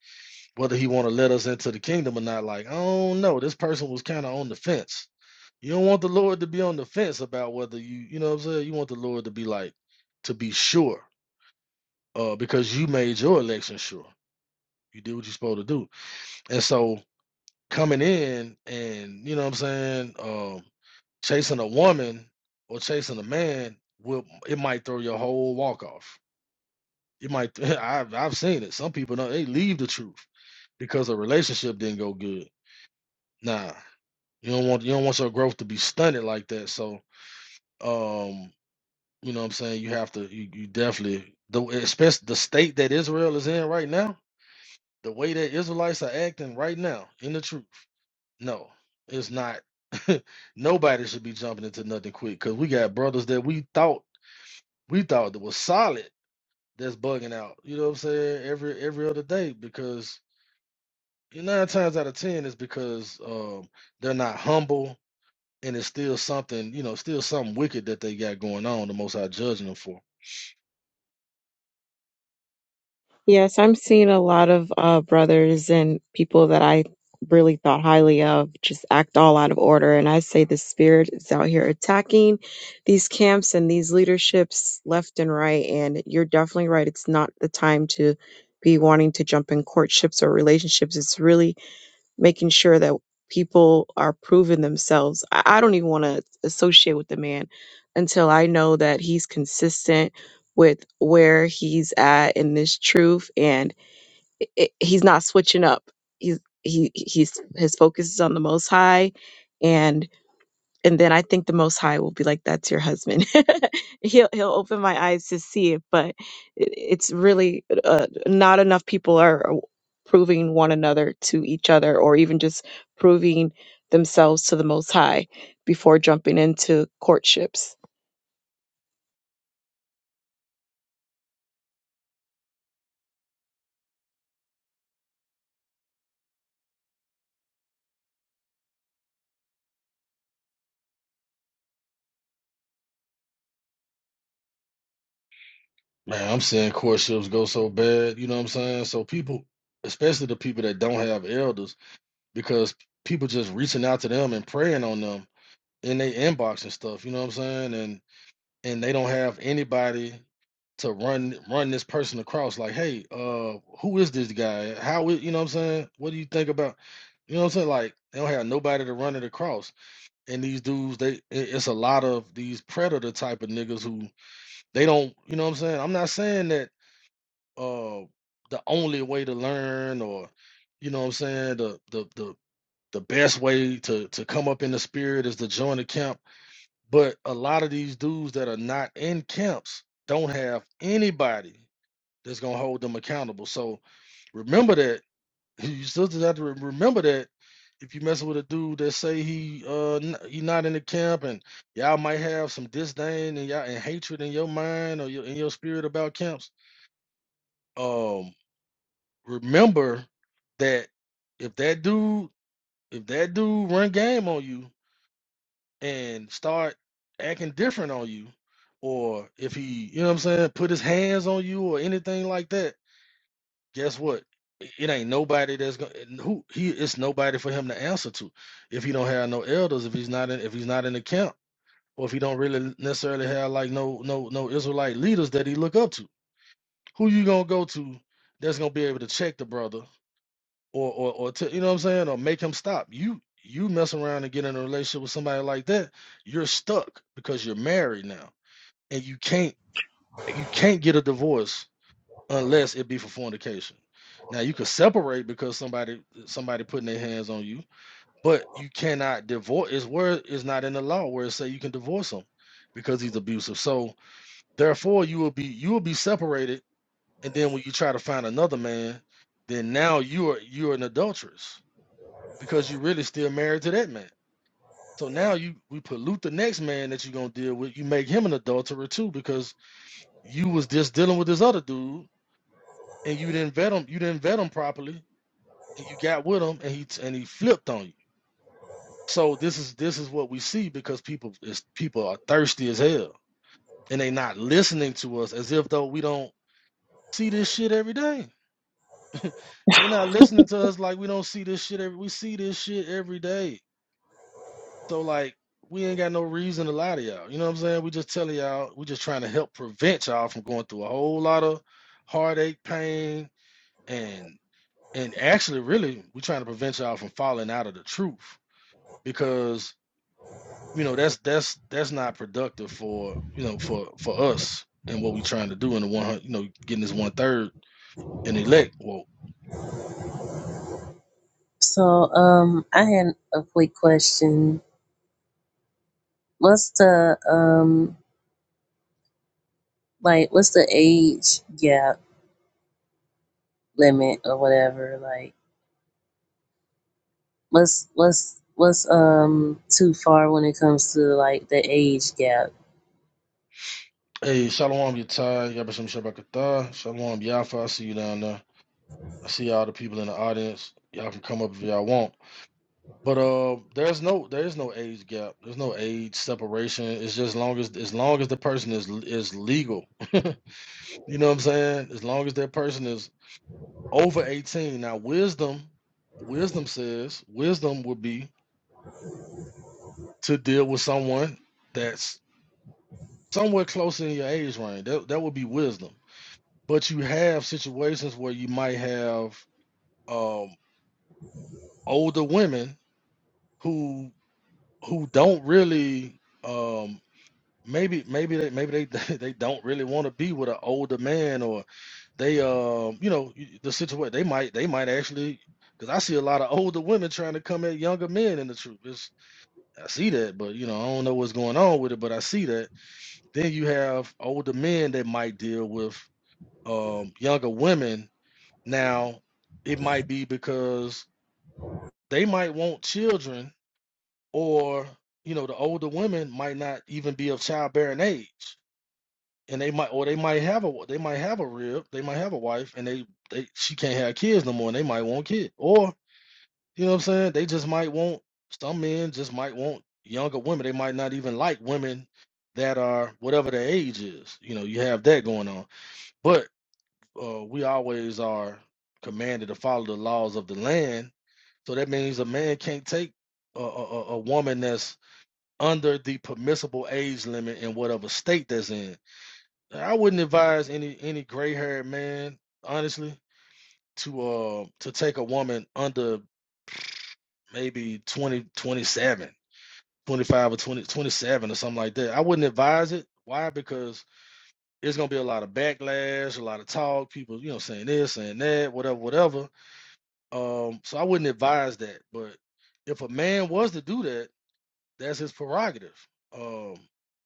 Speaker 11: whether he want to let us into the kingdom or not. Like, I don't know. This person was kind of on the fence. You don't want the Lord to be on the fence about whether you, you know what I'm saying? You want the Lord to be like to be sure uh because you made your election sure. You did what you're supposed to do. And so coming in and, you know what I'm saying, um chasing a woman or chasing a man will it might throw your whole walk off You might. I've I've seen it. Some people know they leave the truth because a relationship didn't go good. Nah, you don't want you don't want your growth to be stunted like that. So, um, you know what I'm saying. You have to. You, you definitely the especially the state that Israel is in right now. The way that Israelites are acting right now in the truth. No, it's not. Nobody should be jumping into nothing quick because we got brothers that we thought we thought that was solid that's bugging out. You know what I'm saying? Every every other day because And nine times out of ten is because um, they're not humble, and it's still something, you know, still something wicked that they got going on. The Most High judging them for.
Speaker 12: Yes, I'm seeing a lot of uh, brothers and people that I really thought highly of just act all out of order. And I say the spirit is out here attacking these camps and these leaderships left and right. And you're definitely right. It's not the time to be wanting to jump in courtships or relationships. It's really making sure that people are proving themselves. I, I don't even want to associate with the man until I know that he's consistent with where he's at in this truth, and i i- he's not switching up. He's he he's his focus is on the Most High, and and then I think the Most High will be like, "That's your husband." he'll he'll open my eyes to see it, but it, it's really uh, not enough people are uh, proving one another to each other, or even just proving themselves to the Most High before jumping into courtships.
Speaker 11: Man, I'm seeing courtships go so bad. You know what I'm saying? So people, especially the people that don't have elders, because people just reaching out to them and praying on them in their inbox and stuff. You know what I'm saying? And and they don't have anybody to run run this person across like hey uh who is this guy how is, you know what i'm saying what do you think about you know what i'm saying like they don't have nobody to run it across and these dudes they it- it's a lot of these predator type of niggas who they don't you know what i'm saying i'm not saying that uh the only way to learn or you know what i'm saying the the the the best way to to come up in the spirit is to join the camp but a lot of these dudes that are not in camps don't have anybody that's gonna hold them accountable. So remember that. You still just have to re- remember that if you messing with a dude that say he uh n- he not in the camp and y'all might have some disdain and y'all and hatred in your mind or your, in your spirit about camps. Um, remember that if that dude if that dude run game on you and start acting different on you, or if he, you know what I'm saying, put his hands on you or anything like that, guess what? It it ain't nobody that's gonna who he. It's nobody for him to answer to if he don't have no elders, if he's not in, if he's not in the camp, or if he don't really necessarily have like no no no Israelite leaders that he look up to. Who you gonna go to that's gonna be able to check the brother or or or to, you know what I'm saying, or make him stop. You you mess around and get in a relationship with somebody like that, you're stuck because you're married now, and you can't you can't get a divorce unless it be for fornication. Now you could separate because somebody somebody putting their hands on you, but you cannot divorce. It's where it's not in the law where it say you can divorce him because he's abusive. So therefore, you will be you will be separated, and then when you try to find another man, then now you are you are an adulteress because you really still married to that man. So now you we pollute the next man that you're gonna deal with. You make him an adulterer too because you was just dealing with this other dude and you didn't vet him. You didn't vet him properly, and you got with him and he and he flipped on you. So this is this is what we see because people is people are thirsty as hell and they not listening to us as if though we don't see this shit every day. they not listening to us like we don't see this shit every. We see this shit every day So like we ain't got no reason to lie to y'all. You know what I'm saying? We just telling y'all, we just trying to help prevent y'all from going through a whole lot of heartache, pain, and and actually really we trying to prevent y'all from falling out of the truth because you know that's that's that's not productive for you know for for us and what we trying to do in the one hundred, you know getting this one third and elect well
Speaker 10: So, um, I had a quick question. What's the um, like, what's the age gap limit or whatever? Like, what's what's what's um too far when it comes to like the age gap?
Speaker 11: hey shalom yatai yabashim shabakata shalom yafa I see you down there I see all the people in the audience y'all can come up if y'all want But uh, there's no there's no age gap. There's no age separation. It's just long as as long as the person is is legal. you know what I'm saying? As long as that person is over 18. Now wisdom, wisdom says wisdom would be to deal with someone that's somewhat close in your age range. That that would be wisdom. But you have situations where you might have um older women who who don't really um. maybe maybe they maybe they they don't really want to be with an older man or they um you know y- the situation they might they might actually because I see a lot of older women trying to come at younger men in the truth. It's, I see that, but you know I don't know what's going on with it, but I see that. Then you have older men that might deal with um younger women. Now it might be because they might want children or you know the older women might not even be of childbearing age and they might or they might have a they might have a rib, they might have a wife, and they they she can't have kids no more, and they might want kids, or you know what I'm saying? They just might want some men just might want younger women. They might not even like women that are whatever their age is. You know, you have that going on, but uh, we always are commanded to follow the laws of the land. So that means a man can't take a, a, a a woman that's under the permissible age limit in whatever state that's in I wouldn't advise any any gray haired man, honestly, to uh to take a woman under maybe 20 27, 25 or 20 27 or something like that. I wouldn't advise it. Why? Because it's gonna be a lot of backlash, a lot of talk, people, you know, saying this, saying that, whatever, whatever. Um, so I wouldn't advise that. But if a man was to do that, that's his prerogative. Um,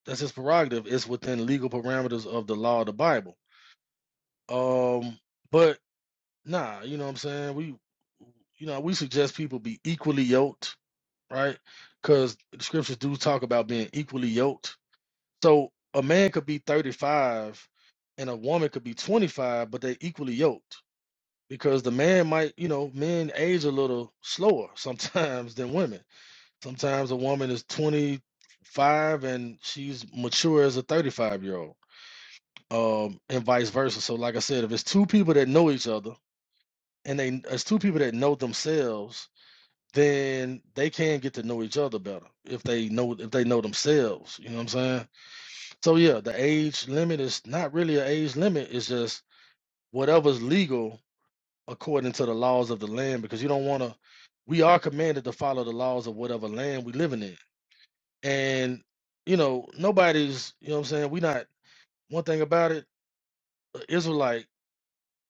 Speaker 11: that's his prerogative. It's within legal parameters of the law of the Bible. Um, but Nah, you know what I'm saying? We, you know, we suggest people be equally yoked, right? Because the scriptures do talk about being equally yoked. So a man could be 35 and a woman could be 25, but they equally yoked because the man might, you know, men age a little slower sometimes than women. Sometimes a woman is 25 and she's mature as a 35 year old, um, and vice versa. So, like I said, if it's two people that know each other, and they as two people that know themselves, then they can get to know each other better if they know if they know themselves. You know what I'm saying? So yeah, the age limit is not really an age limit. It's just whatever's legal according to the laws of the land because you don't want to. We are commanded to follow the laws of whatever land we living in, and you know nobody's. You know what I'm saying? We not one thing about it. a Israelite.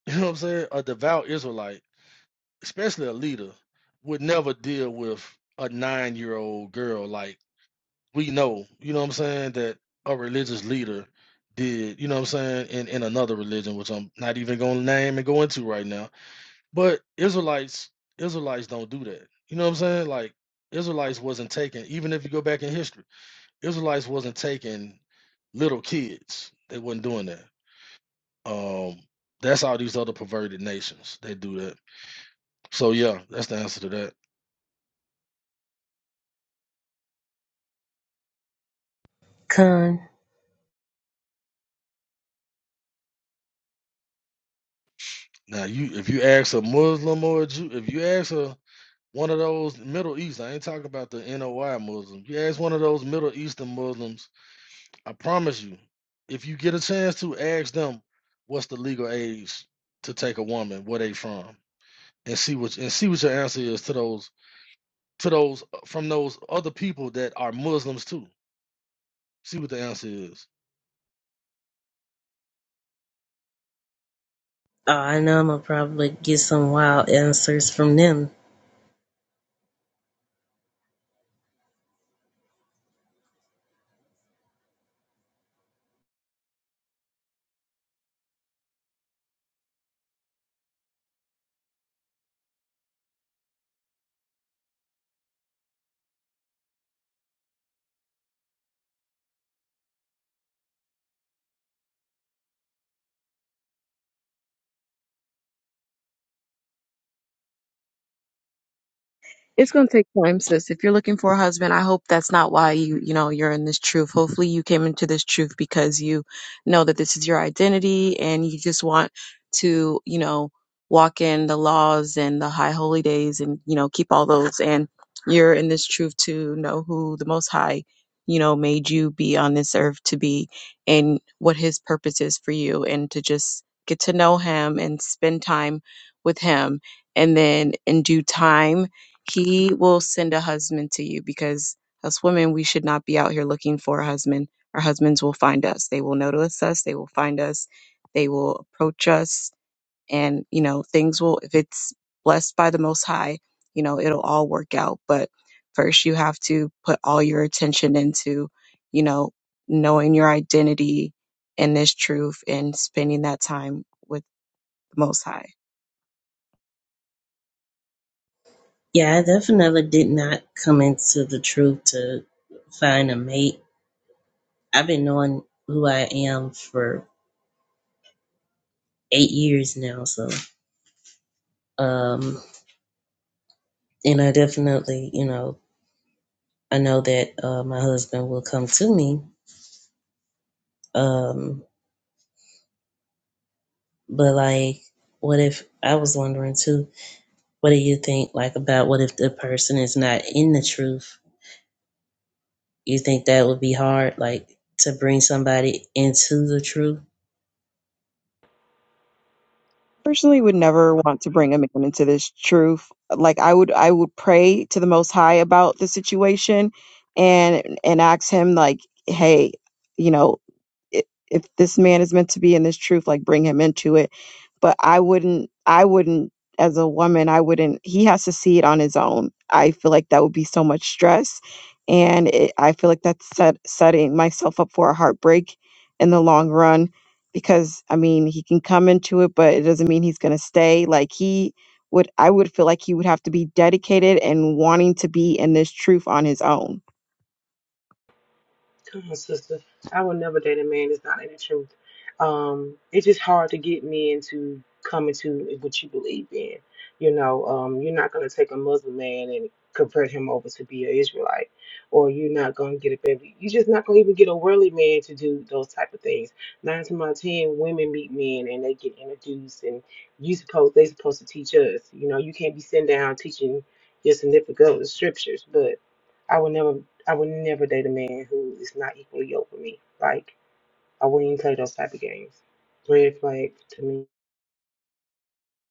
Speaker 11: You know what I'm saying? A devout Israelite especially a leader, would never deal with a nine year old girl. Like we know, you know what I'm saying, that a religious leader did, you know what I'm saying, in, in another religion, which I'm not even gonna name and go into right now. But Israelites, Israelites don't do that. You know what I'm saying? Like Israelites wasn't taking. even if you go back in history, Israelites wasn't taking little kids. They wasn't doing that. Um that's all these other perverted nations. They do that. So yeah, that's the answer to that.
Speaker 10: Con.
Speaker 11: Now you if you ask a Muslim or a Jew, if you ask a one of those Middle East, I ain't talking about the NOI Muslims. You ask one of those Middle Eastern Muslims, I promise you, if you get a chance to ask them what's the legal age to take a woman, where they from, and see what and see what your answer is to those to those uh, from those other people that are Muslims too. See what the answer is.
Speaker 10: Oh, I know I'm gonna probably get some wild answers from them.
Speaker 12: It's gonna take time, sis. If you're looking for a husband, I hope that's not why you, you know, you're in this truth. Hopefully you came into this truth because you know that this is your identity and you just want to, you know, walk in the laws and the high holy days and, you know, keep all those and you're in this truth to know who the most high, you know, made you be on this earth to be and what his purpose is for you and to just get to know him and spend time with him. And then in due time he will send a husband to you because as women, we should not be out here looking for a husband. Our husbands will find us. They will notice us. They will find us. They will approach us. And, you know, things will, if it's blessed by the Most High, you know, it'll all work out. But first, you have to put all your attention into, you know, knowing your identity and this truth and spending that time with the Most High.
Speaker 10: Yeah, I definitely did not come into the truth to find a mate. I've been knowing who I am for eight years now, so um and I definitely, you know, I know that uh, my husband will come to me. Um, but like, what if I was wondering too? What do you think, like, about what if the person is not in the truth? You think that would be hard, like, to bring somebody into the truth?
Speaker 12: personally would never want to bring a man into this truth. Like I would I would pray to the most high about the situation and and ask him like, hey, you know, i- if this man is meant to be in this truth like bring him into it but i wouldn't i wouldn't as a woman i wouldn't he has to see it on his own i feel like that would be so much stress and it, i feel like that's set, setting myself up for a heartbreak in the long run because i mean he can come into it but it doesn't mean he's going to stay like he would i would feel like he would have to be dedicated and wanting to be in this truth on his own
Speaker 2: Come on, sister. I will never date a man that's not in the truth. Um, it's just hard to get men to come into what you believe in. You know, um, you're not gonna take a Muslim man and convert him over to be an Israelite, or you're not gonna get a baby. You're just not gonna even get a worldly man to do those type of things. Nine times out of ten, women meet men and they get introduced, and you supposed they supposed to teach us. You know, you can't be sitting down teaching your significant other scriptures, but. I would never. I would never date a man who is not equally yoked with me. Like I wouldn't even play those type of games. Red flag to me.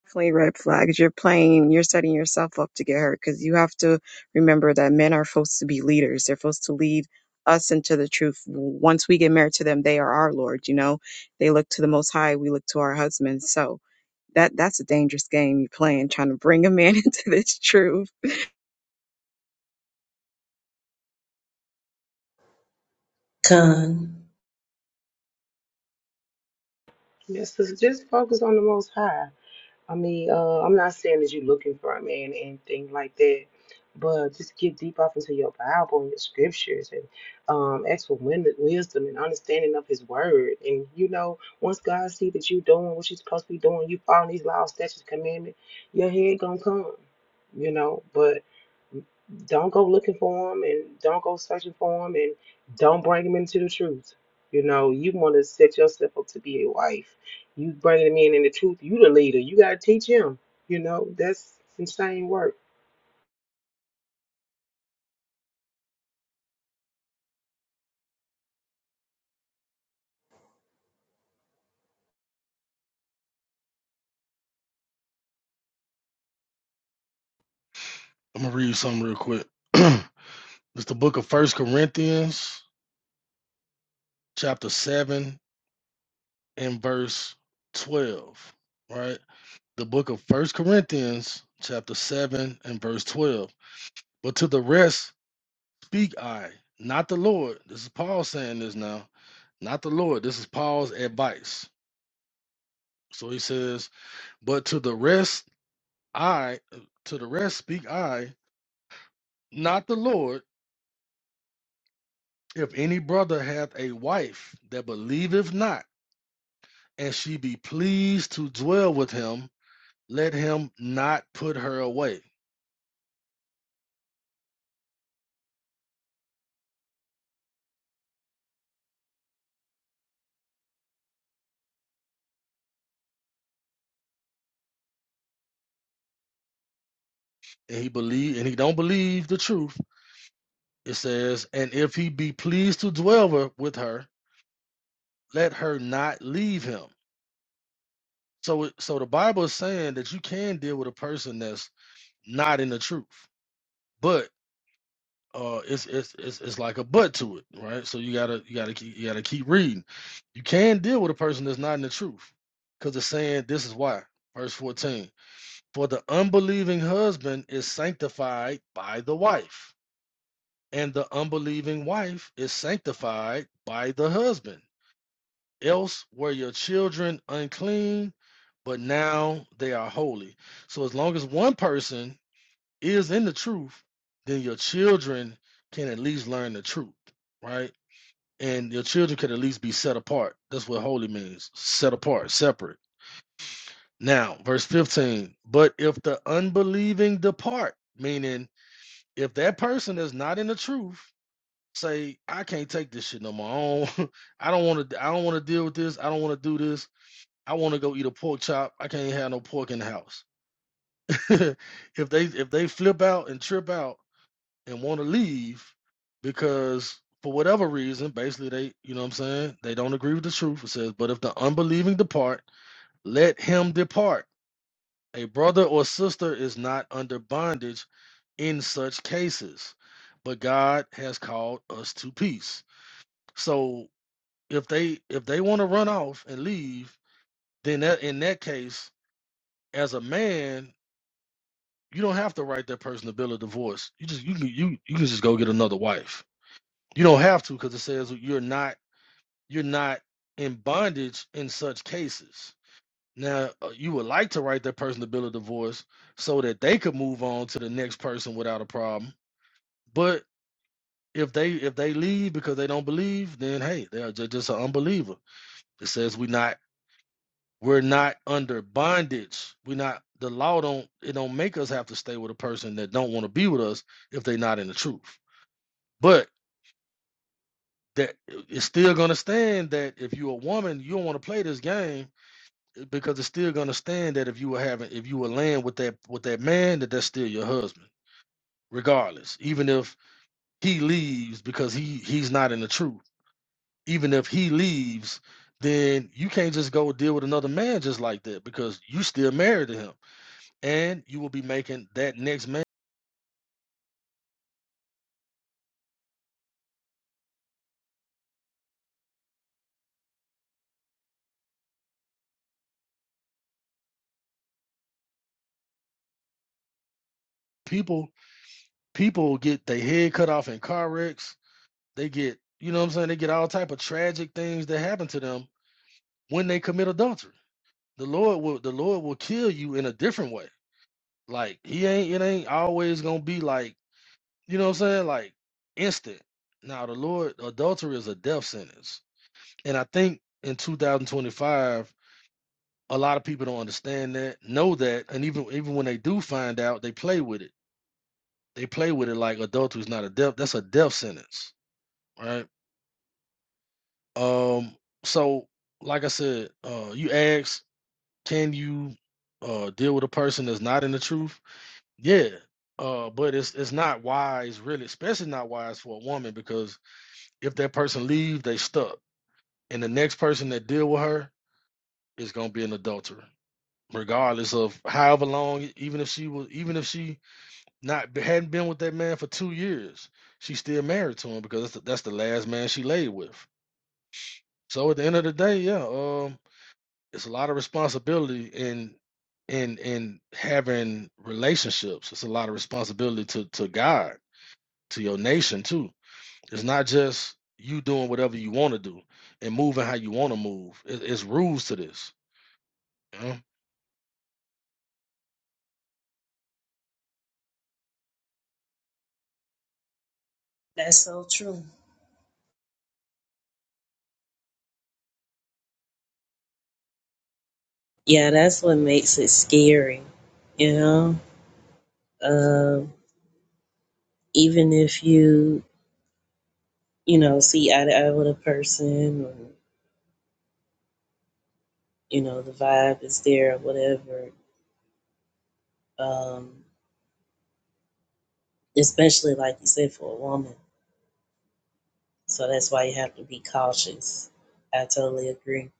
Speaker 12: Definitely red flags. You're playing, you're setting yourself up to get hurt because you have to remember that men are supposed to be leaders. They're supposed to lead us into the truth. Once we get married to them, they are our Lord, you know? They look to the Most High, we look to our husbands. So that that's a dangerous game you're playing, trying to bring a man into this truth.
Speaker 10: Con,
Speaker 2: Just just focus on the Most High. I mean, uh, I'm not saying that you're looking for a man and anything like that, but just get deep off into your Bible and your scriptures and um, ask for win- wisdom and understanding of His Word. And you know, once God see that you doing what you're supposed to be doing, you following these laws, statutes, commandments, your head gonna come. You know, but Don't go looking for them and don't go searching for them and don't bring them into the truth. You know, you want to set yourself up to be a wife. You bringing them in in the truth. You the leader. You got to teach him. You know, that's insane work.
Speaker 11: I'm gonna read you something real quick. it's the book of First Corinthians, chapter seven, in verse 12, right? The book of First Corinthians, chapter 7, and verse 12. But to the rest speak I, not the Lord. This is Paul saying this now, not the Lord. This is Paul's advice. So he says, But to the rest I, to the rest speak I, not the Lord. If any brother hath a wife that believeth not, and she be pleased to dwell with him, let him not put her away and he believe and he don't believe the truth it says and if he be pleased to dwell with her let her not leave him so so the bible is saying that you can deal with a person that's not in the truth but uh it's it's it's, it's like a but to it right so you gotta you gotta keep, you gotta keep reading you can deal with a person that's not in the truth because it's saying this is why verse 14 for the unbelieving husband is sanctified by the wife and the unbelieving wife is sanctified by the husband. Else were your children unclean, but now they are holy. So, as long as one person is in the truth, then your children can at least learn the truth, right? And your children can at least be set apart. That's what holy means set apart, separate. Now, verse 15, but if the unbelieving depart, meaning if that person is not in the truth, say, I can't take this shit no more. I don't, I don't want to. I don't want to deal with this. I don't want to do this. I want to go eat a pork chop. I can't have no pork in the house. if they if they flip out and trip out and want to leave because for whatever reason, basically they, you know what I'm saying, they don't agree with the truth. It says, but if the unbelieving depart, let him depart. A brother or sister is not under bondage in such cases, but God has called us to peace. So if they if they want to run off and leave, then that in that case, as a man, you don't have to write that person a bill of divorce. You just you can you you can just go get another wife. You don't have to because it says you're not you're not in bondage in such cases. Now uh, you would like to write that person a bill of divorce so that they could move on to the next person without a problem. But if they if they leave because they don't believe, then hey, they're ju- just an unbeliever. It says we not We're not under bondage. We're not the law don't it don't make us have to stay with a person that don't want to be with us if they're not in the truth. But that it's still gonna stand that if you're a woman, you don't want to play this game eh, because it's still gonna stand that if you were having if you were laying with that with that man, that that's still your husband, regardless. Even if he leaves because he he's not in the truth. Even if he leaves, then you can't just go deal with another man just like that because you still married to him. and you will be making that next man. People people get their head cut off in car wrecks. They get you know what I'm saying. They get all type of tragic things that happen to them when they commit adultery. The Lord will the Lord will kill you in a different way. Like he ain't it ain't always gonna be like you know what I'm saying like instant. Now the Lord adultery is a death sentence, and I think in 2025 a lot of people don't understand that, know that, and even even when they do find out, they play with it They play with it like adultery is not a death. That's a death sentence, right? Um, so like I said, uh, you ask, can you uh deal with a person that's not in the truth? Yeah. Uh, but it's it's not wise, really, especially not wise for a woman because if that person leaves, they stuck, and the next person that deal with her is gonna be an adulterer, regardless of however long. Even if she was, even if she Not hadn't been with that man for two years. She's still married to him because that's the, that's the last man she laid with. So at the end of the day, yeah, um, it's a lot of responsibility in in in having relationships. It's a lot of responsibility to to God, to your nation too. It's not just you doing whatever you want to do and moving how you want to move. It, it's rules to this. You know?
Speaker 10: that's so true. Yeah, that's what makes it scary, you know. Um, even if you, you know, see eye to eye with a person, or you know the vibe is there or whatever um especially like you said for a woman so that's why you have to be cautious i totally agree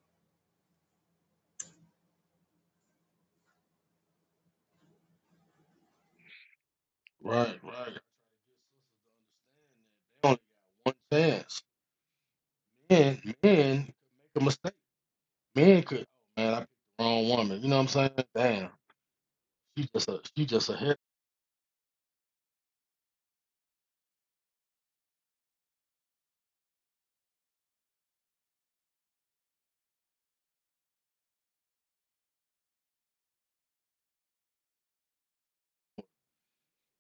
Speaker 11: Right, right. They only got one chance. Men, men make a mistake. Men could man, I picked the wrong woman. You know what I'm saying? Damn. She just a she just a hit.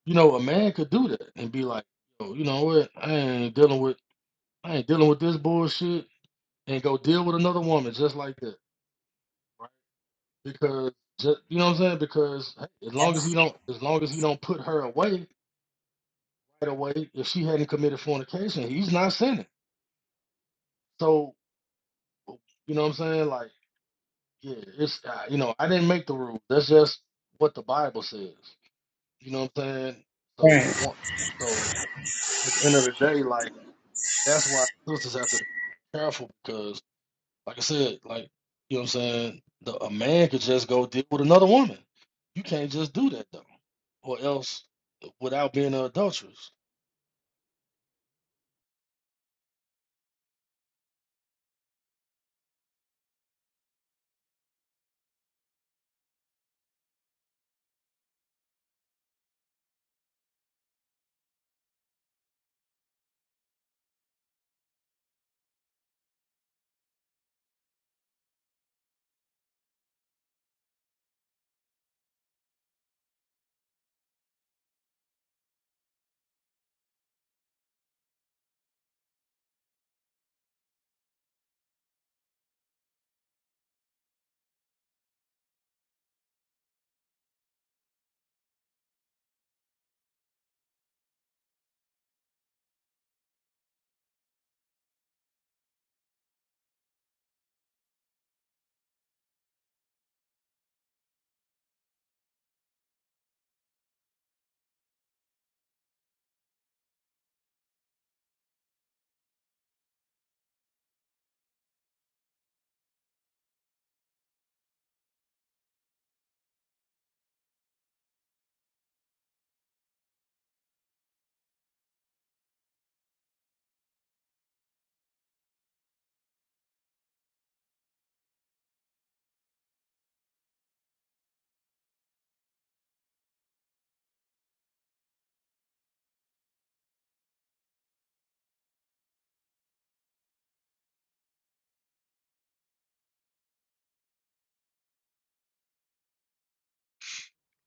Speaker 11: You know, a man could do that and be like, Yo, you know what? I ain't dealing with I ain't dealing with this bullshit and go deal with another woman just like that. Right? Because just you know what I'm saying? Because hey, as long as he
Speaker 10: yes
Speaker 11: don't as long as he don't put her away right away, if she hadn't committed fornication, he's not sinning. So you know what I'm saying? Like, yeah, it's uh, you know, I didn't make the rules. That's just what the Bible says. You know what I'm saying? So I
Speaker 10: right
Speaker 11: want so at the end of the day, like that's why sisters have to be careful because like I said, like you know what I'm saying, the a man could just go deal with another woman. You can't just do that though. Or else uh, without being an adulteress.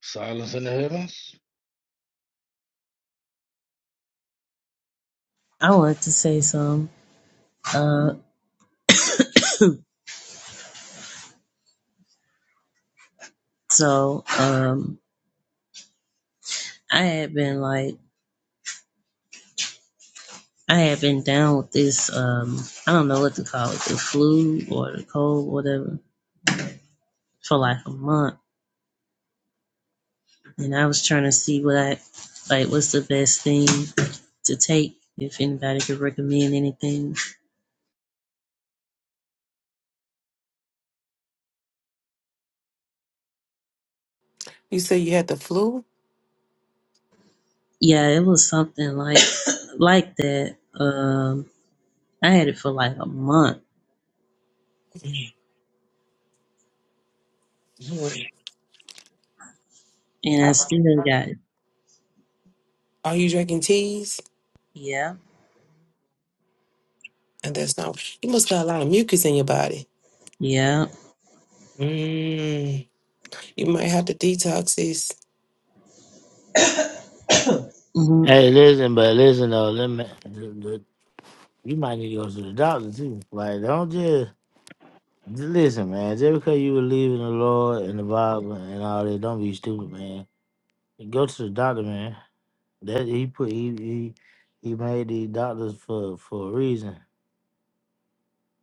Speaker 11: Silence in the heavens.
Speaker 10: i wanted to say some uh so um i had been like i had been down with this um i don't know what to call it the flu or the cold whatever for like a month and i was trying to see what i like what's the best thing to take if anybody could recommend anything
Speaker 2: You say you had the flu?
Speaker 10: Yeah, it was something like like that. Um, I had it for like a month,
Speaker 2: Mhm.
Speaker 10: and I still got it.
Speaker 2: Are you drinking teas?
Speaker 10: Yeah,
Speaker 2: And that's not, you must got a lot of mucus in your body.
Speaker 10: yeah.
Speaker 2: Mm. You might have to detox this,
Speaker 10: hmm
Speaker 1: Hey, listen, but listen though, let me, you might need to go to the doctor too. Like, don't just Just Listen, man. Just because you believe in the Lord and the Bible and all that, don't be stupid, man. Go to the doctor, man. That he put he he, he made these doctors for for a reason.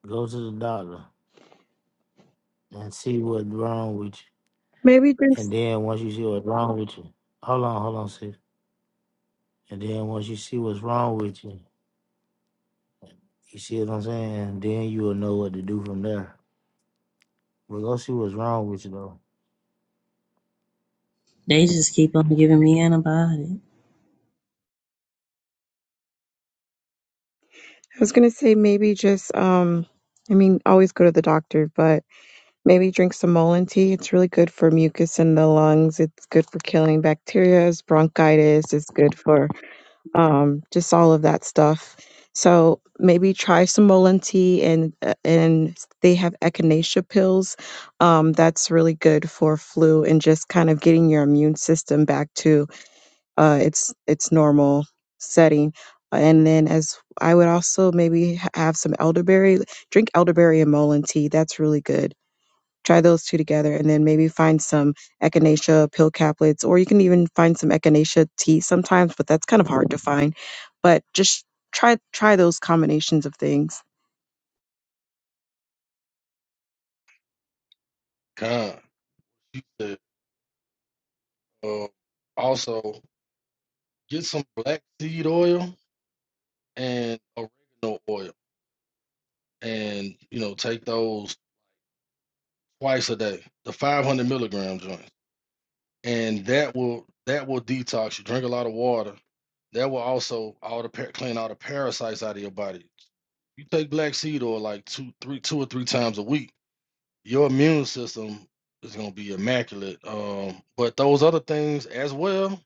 Speaker 1: Go to the doctor and see what's wrong with you,
Speaker 12: Maybe
Speaker 1: and
Speaker 12: just,
Speaker 1: then once you see what's wrong with you, hold on, hold on, sis. And then once you see what's wrong with you, you see what I'm saying. then you will know what to do from there. But go see what's wrong with you though.
Speaker 10: They just keep on giving me antibiotics.
Speaker 12: I was gonna say maybe just, um, I mean, always go to the doctor, but maybe drink some Mullein tea. It's really good for mucus in the lungs. It's good for killing bacteria, bronchitis. It's good for um, just all of that stuff. So maybe try some Mullein tea, and uh, and they have echinacea pills. Um, that's really good for flu and just kind of getting your immune system back to uh, its its normal setting. And then, as I would also maybe ha- have some elderberry, drink elderberry and mullein tea. That's really good. Try those two together, and then maybe find some echinacea pill caplets, or you can even find some echinacea tea sometimes, but that's kind of hard to find. But just try try those combinations of things.
Speaker 11: God. You said um also get some black seed oil and oregano oil and you know take those twice a day. The five hundred milligram joint. and that will that will detox you. Drink a lot of water. That will also all the par- clean all the parasites out of your body. You take black seed oil like two, three, two or three times a week. Your immune system is gonna be immaculate. Um, but those other things as well.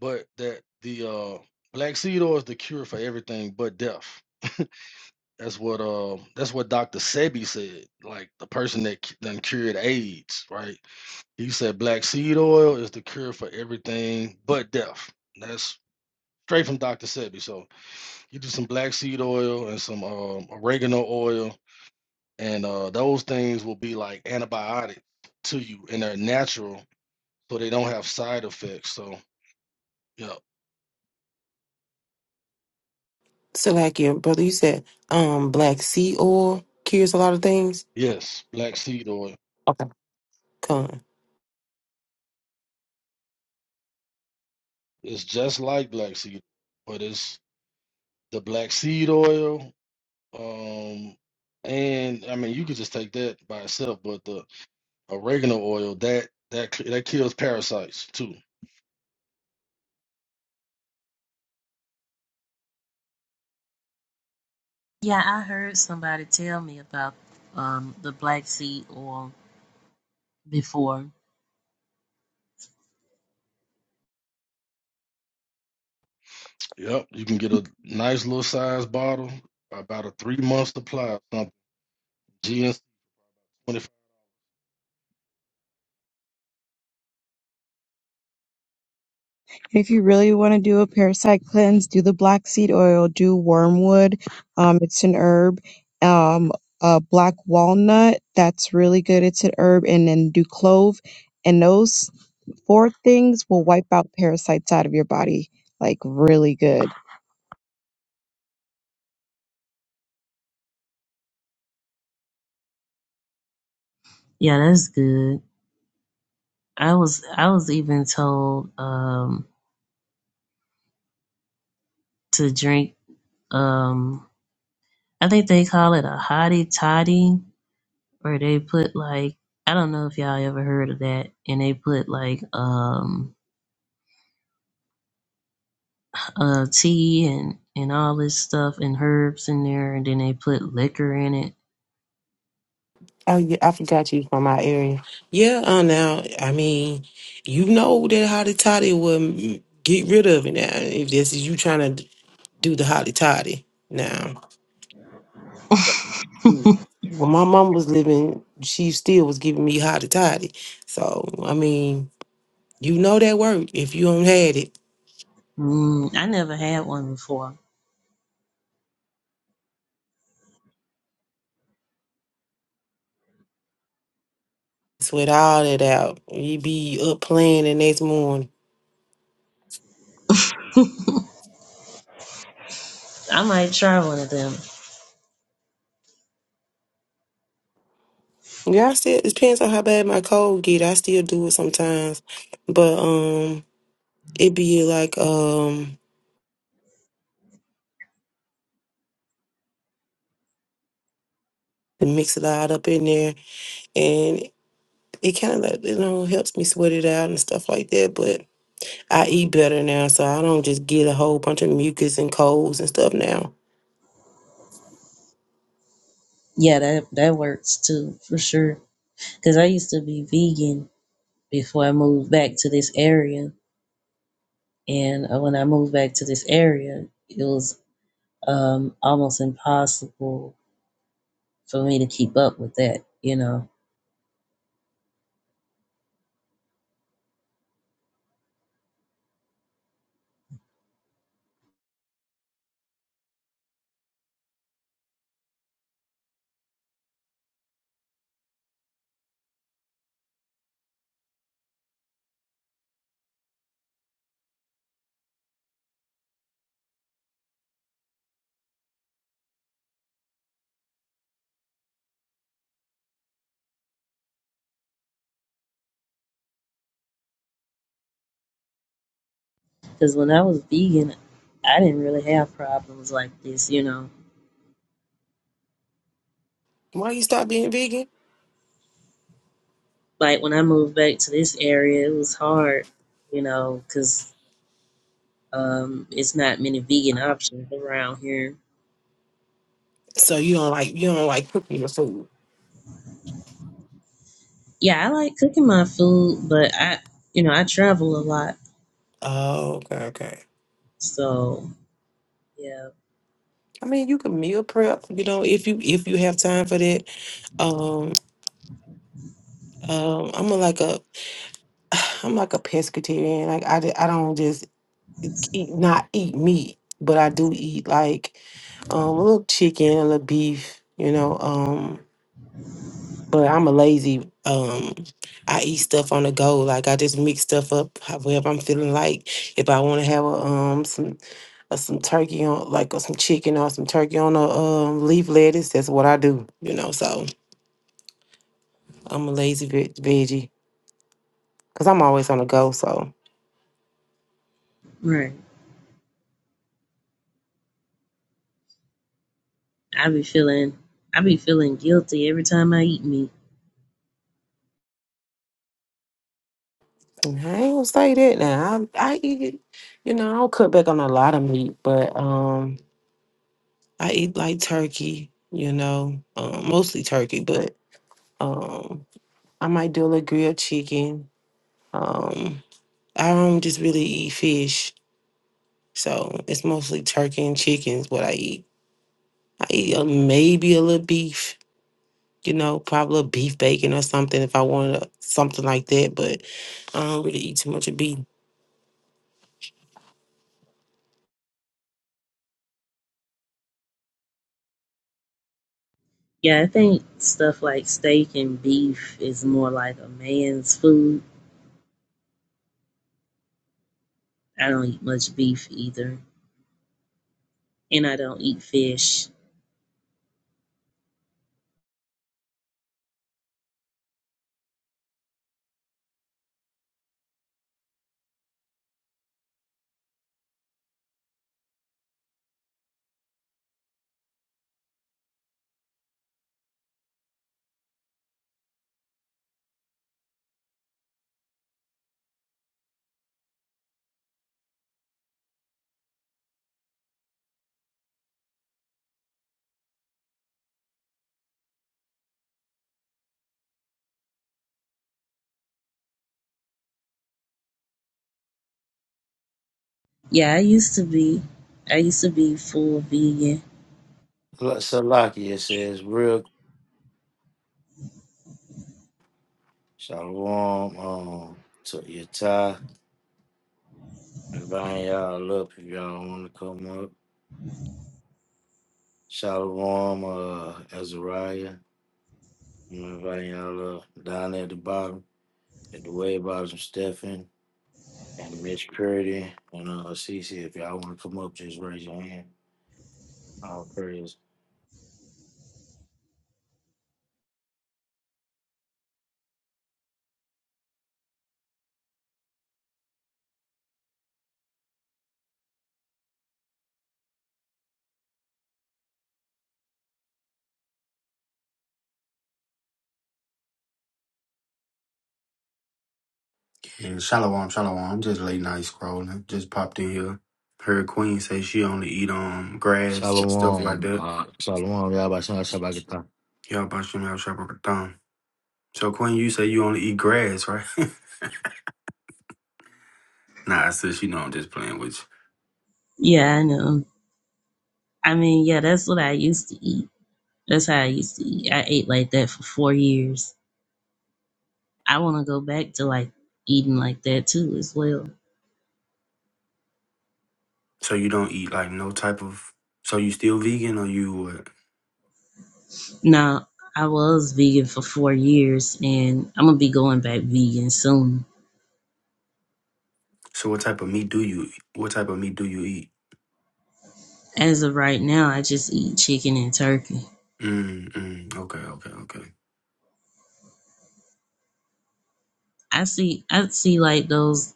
Speaker 11: But that the uh, black seed oil is the cure for everything but death. That's what uh, that's what Dr. Sebi said. Like the person that c- done cured AIDS, right? He said black seed oil is the cure for everything but death. That's straight from Dr. Sebi. So you do some black seed oil and some um, oregano oil, and uh, those things will be like antibiotic to you, and they're natural, so they don't have side effects. So yeah,
Speaker 2: that, um, or cures
Speaker 11: yes, black seed oil is just like black seed, but it's the black seed oil. Um, and I mean, you could just take that by itself, but the Oregano oil that that that kills parasites too.
Speaker 10: Yeah, I heard somebody tell me about um the black seed oil before.
Speaker 11: Yep, you can get a nice little size bottle, about a three month supply. Of something. GNC twenty five.
Speaker 12: And if you really want to do a parasite cleanse, do the black seed oil, do wormwood. Um, it's an herb. Um, uh, black walnut, that's really good. It's an herb. And then do clove. And those four things will wipe out parasites out of your body like really good.
Speaker 10: Yeah, that's good. I was I was even told um to drink um I think they call it a hottie toddy where they put like I don't know if y'all ever heard of that, and they put like um uh tea and and all this stuff and herbs in there, and then they put liquor in it.
Speaker 2: Oh, yeah, I forgot you from my area. Yeah, uh, now, I mean, you know that hotty toddy will mm, get rid of it now, if this is you trying to do the hotty toddy now. Mm. When my mom was living, she still was giving me hotty toddy. So, I mean, you know that work if you don't had it.
Speaker 10: mm, I never had one before.
Speaker 2: Sweat all that out. You be up playing the next morning.
Speaker 10: I might try one of them.
Speaker 2: Yeah, I still, it depends on how bad my cold get. I still do it sometimes. But, um, it be like, um, to mix it all up in there. And it kind of like, you know, helps me sweat it out and stuff like that. But I eat better now, so I don't just get a whole bunch of mucus and colds and stuff now.
Speaker 10: Yeah, that that works too for sure. Cause I used to be vegan before I moved back to this area, and uh, when I moved back to this area, it was um almost impossible for me to keep up with that, you know Because when I was vegan, I didn't really have problems like this, you know.
Speaker 2: Why you stop being vegan?
Speaker 10: Like when I moved back to this area, it was hard, you know, because um, it's not many vegan options around here.
Speaker 2: So you don't like you don't like cooking your food.
Speaker 10: Yeah, I like cooking my food, but I, you know, I travel a lot,
Speaker 2: Oh, okay, okay.
Speaker 10: so yeah,
Speaker 2: I mean, you can meal prep, you know, if you if you have time for that. Um, um, I'm a, like a, I'm like a pescatarian. Like I, d- I don't just eat not eat meat, but I do eat like um a little chicken, a little beef, you know. Um, but I'm a lazy. Um, I eat stuff on the go. Like I just mix stuff up however I'm feeling like. If I want to have a um some uh, some turkey on like or some chicken or some turkey on a um leaf lettuce, that's what I do. You know, so I'm a lazy veg- veggie because I'm always on the go. So
Speaker 10: right. I be feeling, I be feeling guilty every time I eat meat.
Speaker 2: I ain't gonna say that now. I I eat it. You know, I don't cut back on a lot of meat, but um. I eat like turkey, you know, um, mostly turkey, but um, I might do a little grilled chicken. Um, I don't just really eat fish, so it's mostly turkey and chicken is what I eat. I eat a, maybe a little beef, you know, probably a beef bacon or something if I wanted a- something like that, but I don't really eat too much of beef.
Speaker 10: Yeah, I think stuff like steak and beef is more like a man's food. I don't eat much beef either and I don't eat fish. Yeah, I used to be. I used to be full vegan.
Speaker 1: Salakia says real Shalom um, to Yata. Inviting y'all up if y'all want to come up. Shalom uh, Azariah. I'm inviting y'all up down at the bottom, at the way bottom, Stephen and Mitch Purdy and uh, Cece. If y'all want to come up, just raise your hand. All praise.
Speaker 13: Yeah, shalom, shalom. I'm just late night scrolling. Just popped in here. Heard Queen say she only eat um grass and stuff like
Speaker 1: Shalom.
Speaker 13: that.
Speaker 1: Uh, shalom. Y'all by Shana Shabakata.
Speaker 13: Yeah, about you have shop So Queen, you say you only eat grass, right? nah, I said she know I'm just playing with you.
Speaker 10: Yeah, I know. I mean, yeah, that's what I used to eat. That's how I used to eat. I ate like that for four years. I want to go back to like eating like that too, as well.
Speaker 13: So you don't eat like no type of. So you still vegan or you what?
Speaker 10: Now, I was vegan for four years and I'm going to be going back vegan soon.
Speaker 13: So what type of meat do you? eat? What type of meat do you eat?
Speaker 10: As of right now, I just eat chicken and turkey.
Speaker 13: Mm, mm, okay, okay, okay.
Speaker 10: I see, I see like those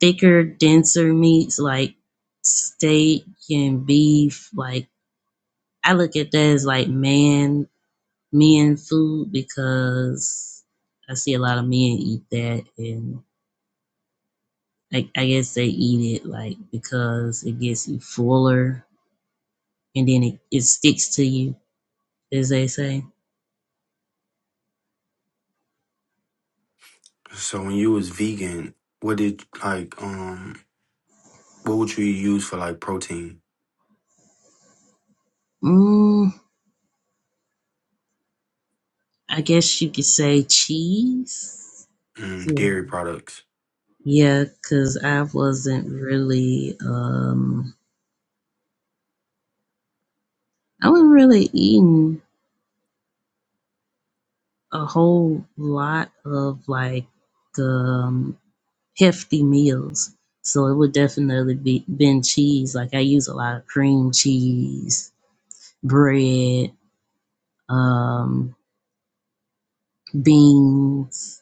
Speaker 10: thicker, denser meats like steak and beef. Like I look at that as like man men food because I see a lot of men eat that and like I guess they eat it like because it gets you fuller and then it, it sticks to you, as they say.
Speaker 13: So when you was vegan, what did like um? What would you use for like protein?
Speaker 10: Mm, I guess you could say cheese.
Speaker 13: Mm,
Speaker 10: Cool.
Speaker 13: dairy products.
Speaker 10: Yeah, because I wasn't really um I wasn't really eating a whole lot of like um hefty meals. So it would definitely be been cheese. Like I use a lot of cream cheese, bread, um, beans,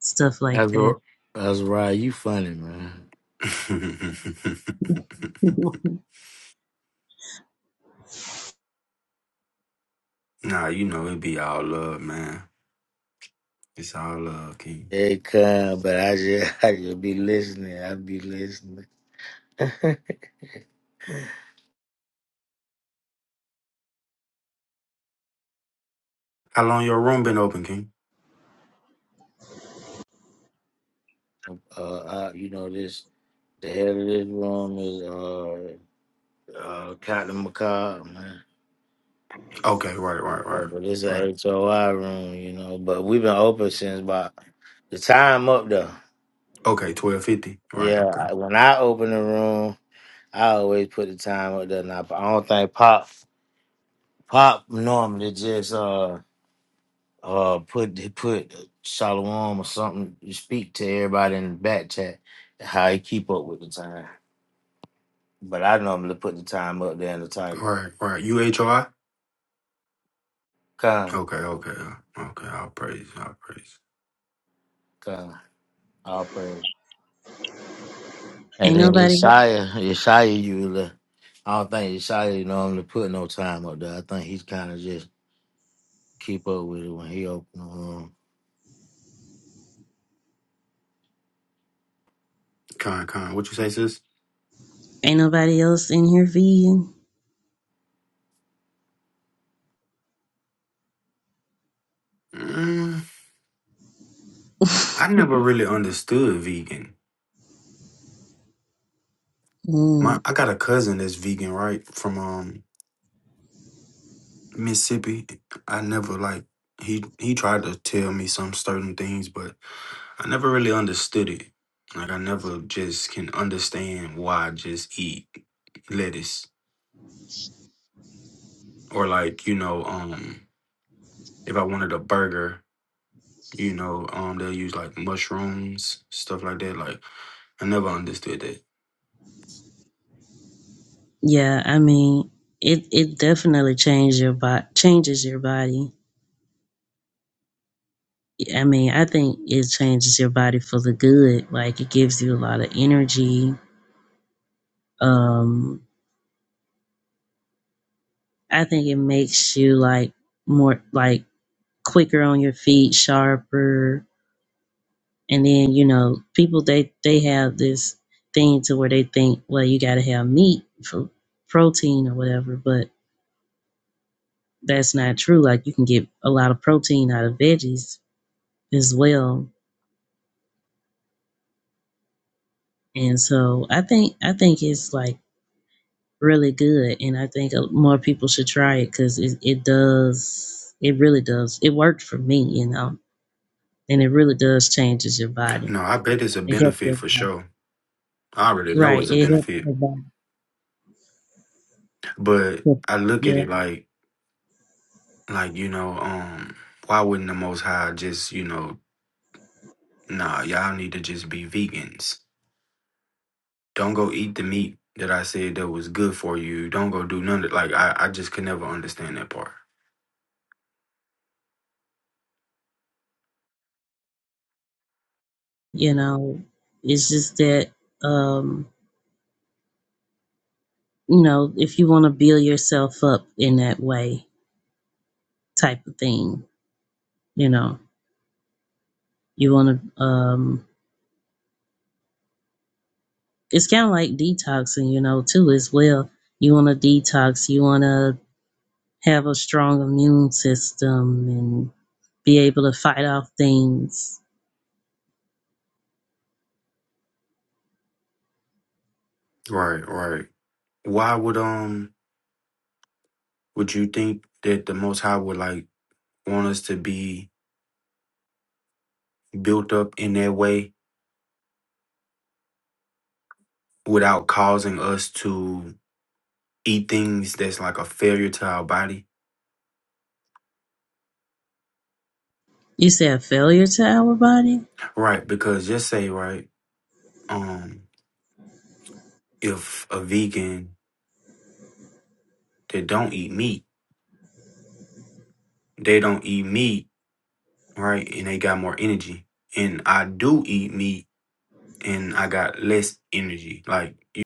Speaker 10: stuff like that.
Speaker 1: Azar- Azariah, you funny, man.
Speaker 13: nah, you know it be all love, man. It's all love, King.
Speaker 1: It come, but I just, I just be listening. I be listening.
Speaker 13: How long your room been open, King?
Speaker 1: Uh, I, you know this. The head of this room is uh, uh, Cotton McCobb, man.
Speaker 13: Okay, right, right,
Speaker 1: Uh,
Speaker 13: right,
Speaker 1: but it's
Speaker 13: right.
Speaker 1: a HOI room, you know. But we've been open since about the time up there.
Speaker 13: Okay, twelve fifty. Right,
Speaker 1: Yeah, I-
Speaker 13: okay.
Speaker 1: when I open the room, I always put the time up there. Now, I don't think Pop Pop normally just uh uh put he put Shalom or something to speak to everybody in the back chat how he keep up with the time. But I normally put the time up there in the title.
Speaker 13: Right, right. U H O I.
Speaker 1: God,
Speaker 13: Okay, okay, uh, okay. I'll praise, I'll praise.
Speaker 1: God, I And
Speaker 10: Ain't
Speaker 1: then
Speaker 10: nobody
Speaker 1: Yeshaya, Yeshaya, you, le- I don't think Yeshaya normally put no time up there. I think he's kind of just keep up with it when he open the room.
Speaker 13: Con, con. What you say, sis?
Speaker 10: ain't nobody else in here vegan.
Speaker 13: Mm, I never really understood vegan. My,
Speaker 10: Mm,
Speaker 13: I got a cousin that's vegan, right? From um Mississippi, I never like he he tried to tell me some certain things, but I never really understood it. Like I never just can understand why I just eat lettuce or like you know um if I wanted a burger, you know um they'll use like mushrooms stuff like that. Like I never understood that.
Speaker 10: yeah, I mean it it definitely changes your body changes your body. I mean, I think it changes your body for the good. Like it gives you a lot of energy. Um, I think it makes you like more like quicker on your feet, sharper. And then, you know, people they they have this thing to where they think, well, you gotta have meat for protein or whatever, but that's not true. Like you can get a lot of protein out of veggies as well. And so I think I think it's like really good, and I think uh, more people should try it because it, it does. It really does. It worked for me, you know, and it really does changes your body.
Speaker 13: No, I bet it's a
Speaker 10: It helps
Speaker 13: benefit
Speaker 10: your
Speaker 13: for
Speaker 10: body,
Speaker 13: sure. I already know it's
Speaker 10: right?
Speaker 13: a
Speaker 10: It helps
Speaker 13: benefit,
Speaker 10: your body.
Speaker 13: but
Speaker 10: to-
Speaker 13: I look at
Speaker 10: Yeah,
Speaker 13: it like like you know um why wouldn't the Most High just you know Nah, y'all need to just be vegans. Don't go eat the meat that I said that was good for you. Don't go do none of it. like I, I just could never understand that part.
Speaker 10: you know, it's just that, um, you know, if you want to build yourself up in that way, type of thing, you know, you want to. Um, it's kind of like detoxing, you know, too as well. You want to detox. You want to have a strong immune system and be able to fight off things.
Speaker 13: Right, right. Why would um would you think that the most high would like want us to be built up in that way without causing us to eat things that's like a failure to our body?
Speaker 10: You said failure to our body?
Speaker 13: Right, because just say right, um, if a vegan that don't eat meat, they don't eat meat right? And they got more energy. And I do eat meat and I got less energy. Like you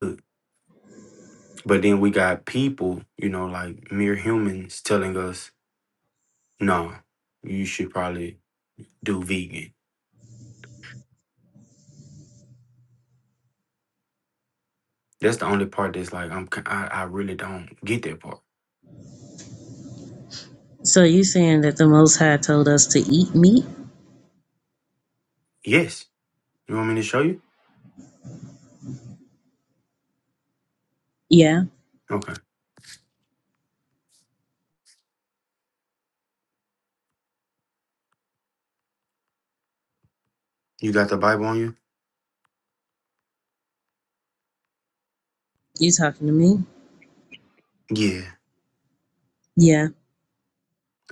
Speaker 13: could. But then we got people, you know, like mere humans telling us, no, you should probably do vegan. That's the only part that's like I'm ki- I, I really don't get that part.
Speaker 10: So you saying that the Most High told us to eat meat?
Speaker 13: Yes. You want me to show you?
Speaker 10: Yeah.
Speaker 13: Okay. You got the Bible on you?
Speaker 10: You talking to me?
Speaker 13: Yeah.
Speaker 10: Yeah.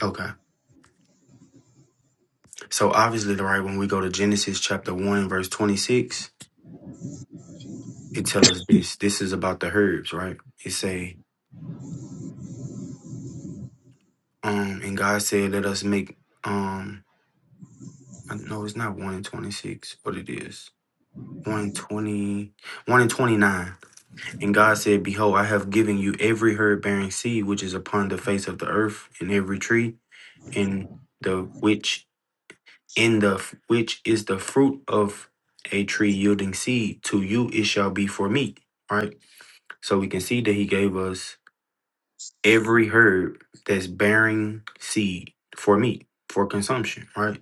Speaker 13: Okay. So obviously the right when we go to Genesis chapter 1 verse 26, it tell us this. This is about the herbs, right? It say Um, and God said, "Let us make." Um, I- no, it's not one in twenty six, What it is one in twenty, one in twenty nine. And God said, "Behold, I have given you every herb bearing seed which is upon the face of the earth, and every tree, in the which in the f- which is the fruit of a tree yielding seed. To you it shall be for meat." Right. So we can see that He gave us every herb that's bearing seed for meat for consumption. Right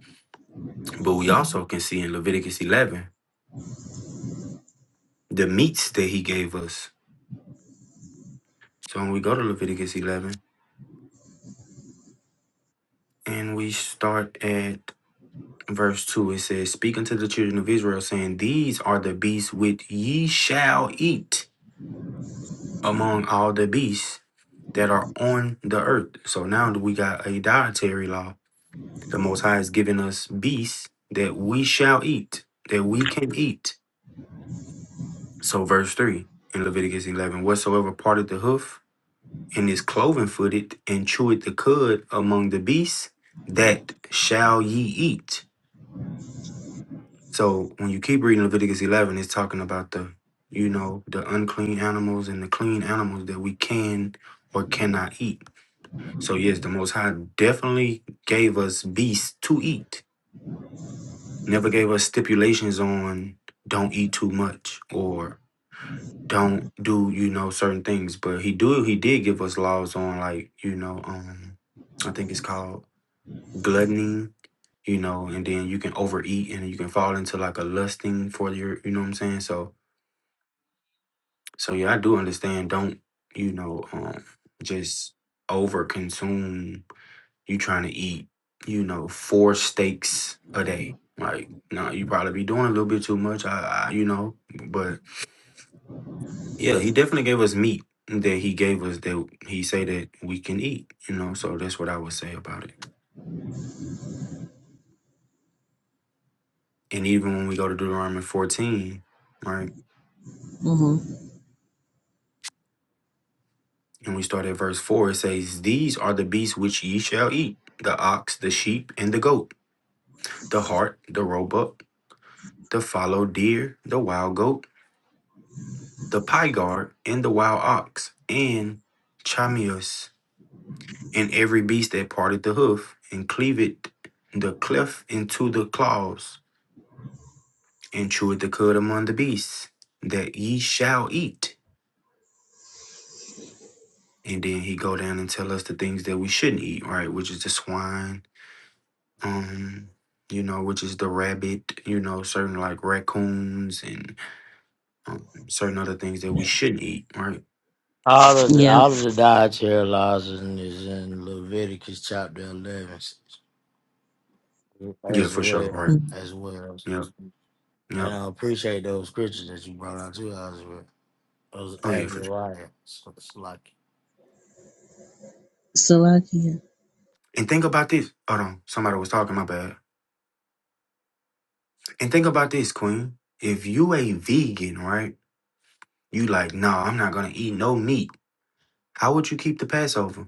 Speaker 13: But we also can see in Leviticus 11 the meats that he gave us. So when we go to Leviticus 11 and we start at verse 2, it says, Speak unto the children of Israel, saying, These are the beasts which ye shall eat among all the beasts that are on the earth. So now we got a dietary law. The Most High has given us beasts that we shall eat, that we can eat. So verse 3 in Leviticus 11, whatsoever parted the hoof and is cloven footed, and cheweth the cud among the beasts, that shall ye eat. So when you keep reading Leviticus 11, it's talking about the, you know, the unclean animals and the clean animals that we can or cannot eat. So yes, the Most High definitely gave us beasts to eat. Never gave us stipulations on don't eat too much or don't do you know certain things but he do he did give us laws on like you know um i think it's called gluttony, you know, and then you can overeat and you can fall into like a lusting for your, you know what I'm saying? So, so yeah, I do understand. Don't, you know, um, just over consume. You trying to eat, you know, four steaks a day. Like, no, you probably be doing a little bit too much. I, I, you know, but yeah, he definitely gave us meat that he gave us that he say that we can eat, you know, so that's what I would say about it. And even when we go to Deuteronomy 14, right?
Speaker 10: hmm
Speaker 13: And we start at verse 4. It says, These are the beasts which ye shall eat the ox, the sheep, and the goat, the hart, the roebuck, the fallow deer, the wild goat, the pygard, and the wild ox, and chamius, and every beast that parted the hoof, and cleaved the cleft into the claws, and chewed the cud among the beasts, that ye shall eat. And then he go down and tell us the things that we shouldn't eat, right? Which is the swine, um, you know, which is the rabbit, you know, certain like raccoons and um, certain other things that we shouldn't eat, right?
Speaker 1: All of the
Speaker 10: Yeah.
Speaker 1: all of the dietary laws is in is in Leviticus chapter eleven as
Speaker 13: Yeah, for sure,
Speaker 1: well
Speaker 13: right?
Speaker 10: Mhm.
Speaker 1: as well.
Speaker 13: Yep,
Speaker 1: And
Speaker 13: yep.
Speaker 1: I appreciate those scriptures that you brought out too, Oswald. Those
Speaker 13: Oh, yeah, for sure.
Speaker 1: Azariah, Salaki,
Speaker 10: Salakia.
Speaker 13: And think about this. Hold on, somebody was talking, my bad. And think about this, Queen. If you a vegan, right? You like, no, nah, I'm not gonna eat no meat. How would you keep the Passover?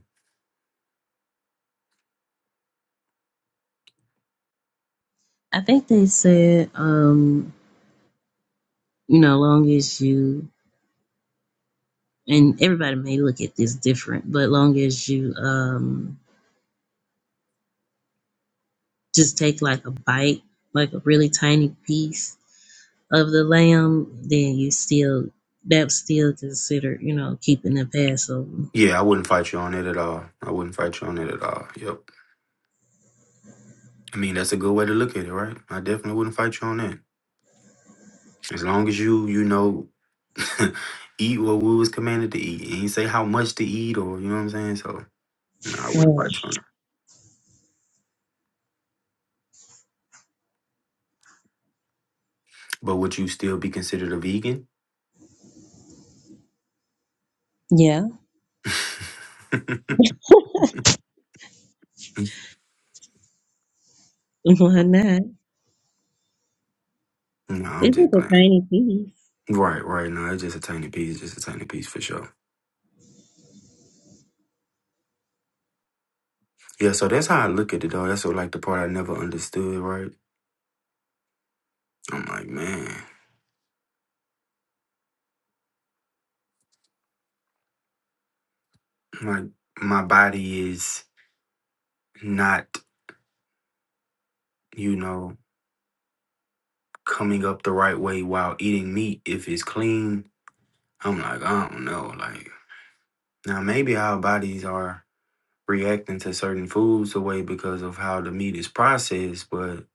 Speaker 10: I think they said, um, you know, long as you and everybody may look at this different, but long as you um just take like a bite, like a really tiny piece of the lamb, then you still that's still considered, you know, keeping the Passover.
Speaker 13: Yeah, I wouldn't fight you on it at all. I wouldn't fight you on it at all. Yep. I mean, that's a good way to look at it, right? I definitely wouldn't fight you on that. As long as you, you know, eat what we was commanded to eat. It ain't say how much to eat or you know what I'm saying. So no, I
Speaker 10: Yeah.
Speaker 13: wouldn't fight trying. But would you still be considered a vegan?
Speaker 10: Yeah. Why not?
Speaker 13: no, I'm
Speaker 10: This is
Speaker 13: just
Speaker 10: a
Speaker 13: playing.
Speaker 10: tiny piece.
Speaker 13: Right, right. No, it's just a tiny piece, just a tiny piece for sure. Yeah, so that's how I look at it though. That's what, like the part I never understood, right? I'm like, man, like my body is not, you know, coming up the right way while eating meat if it's clean. I'm like, I don't know, like Now, maybe our bodies are reacting to certain foods away because of how the meat is processed, but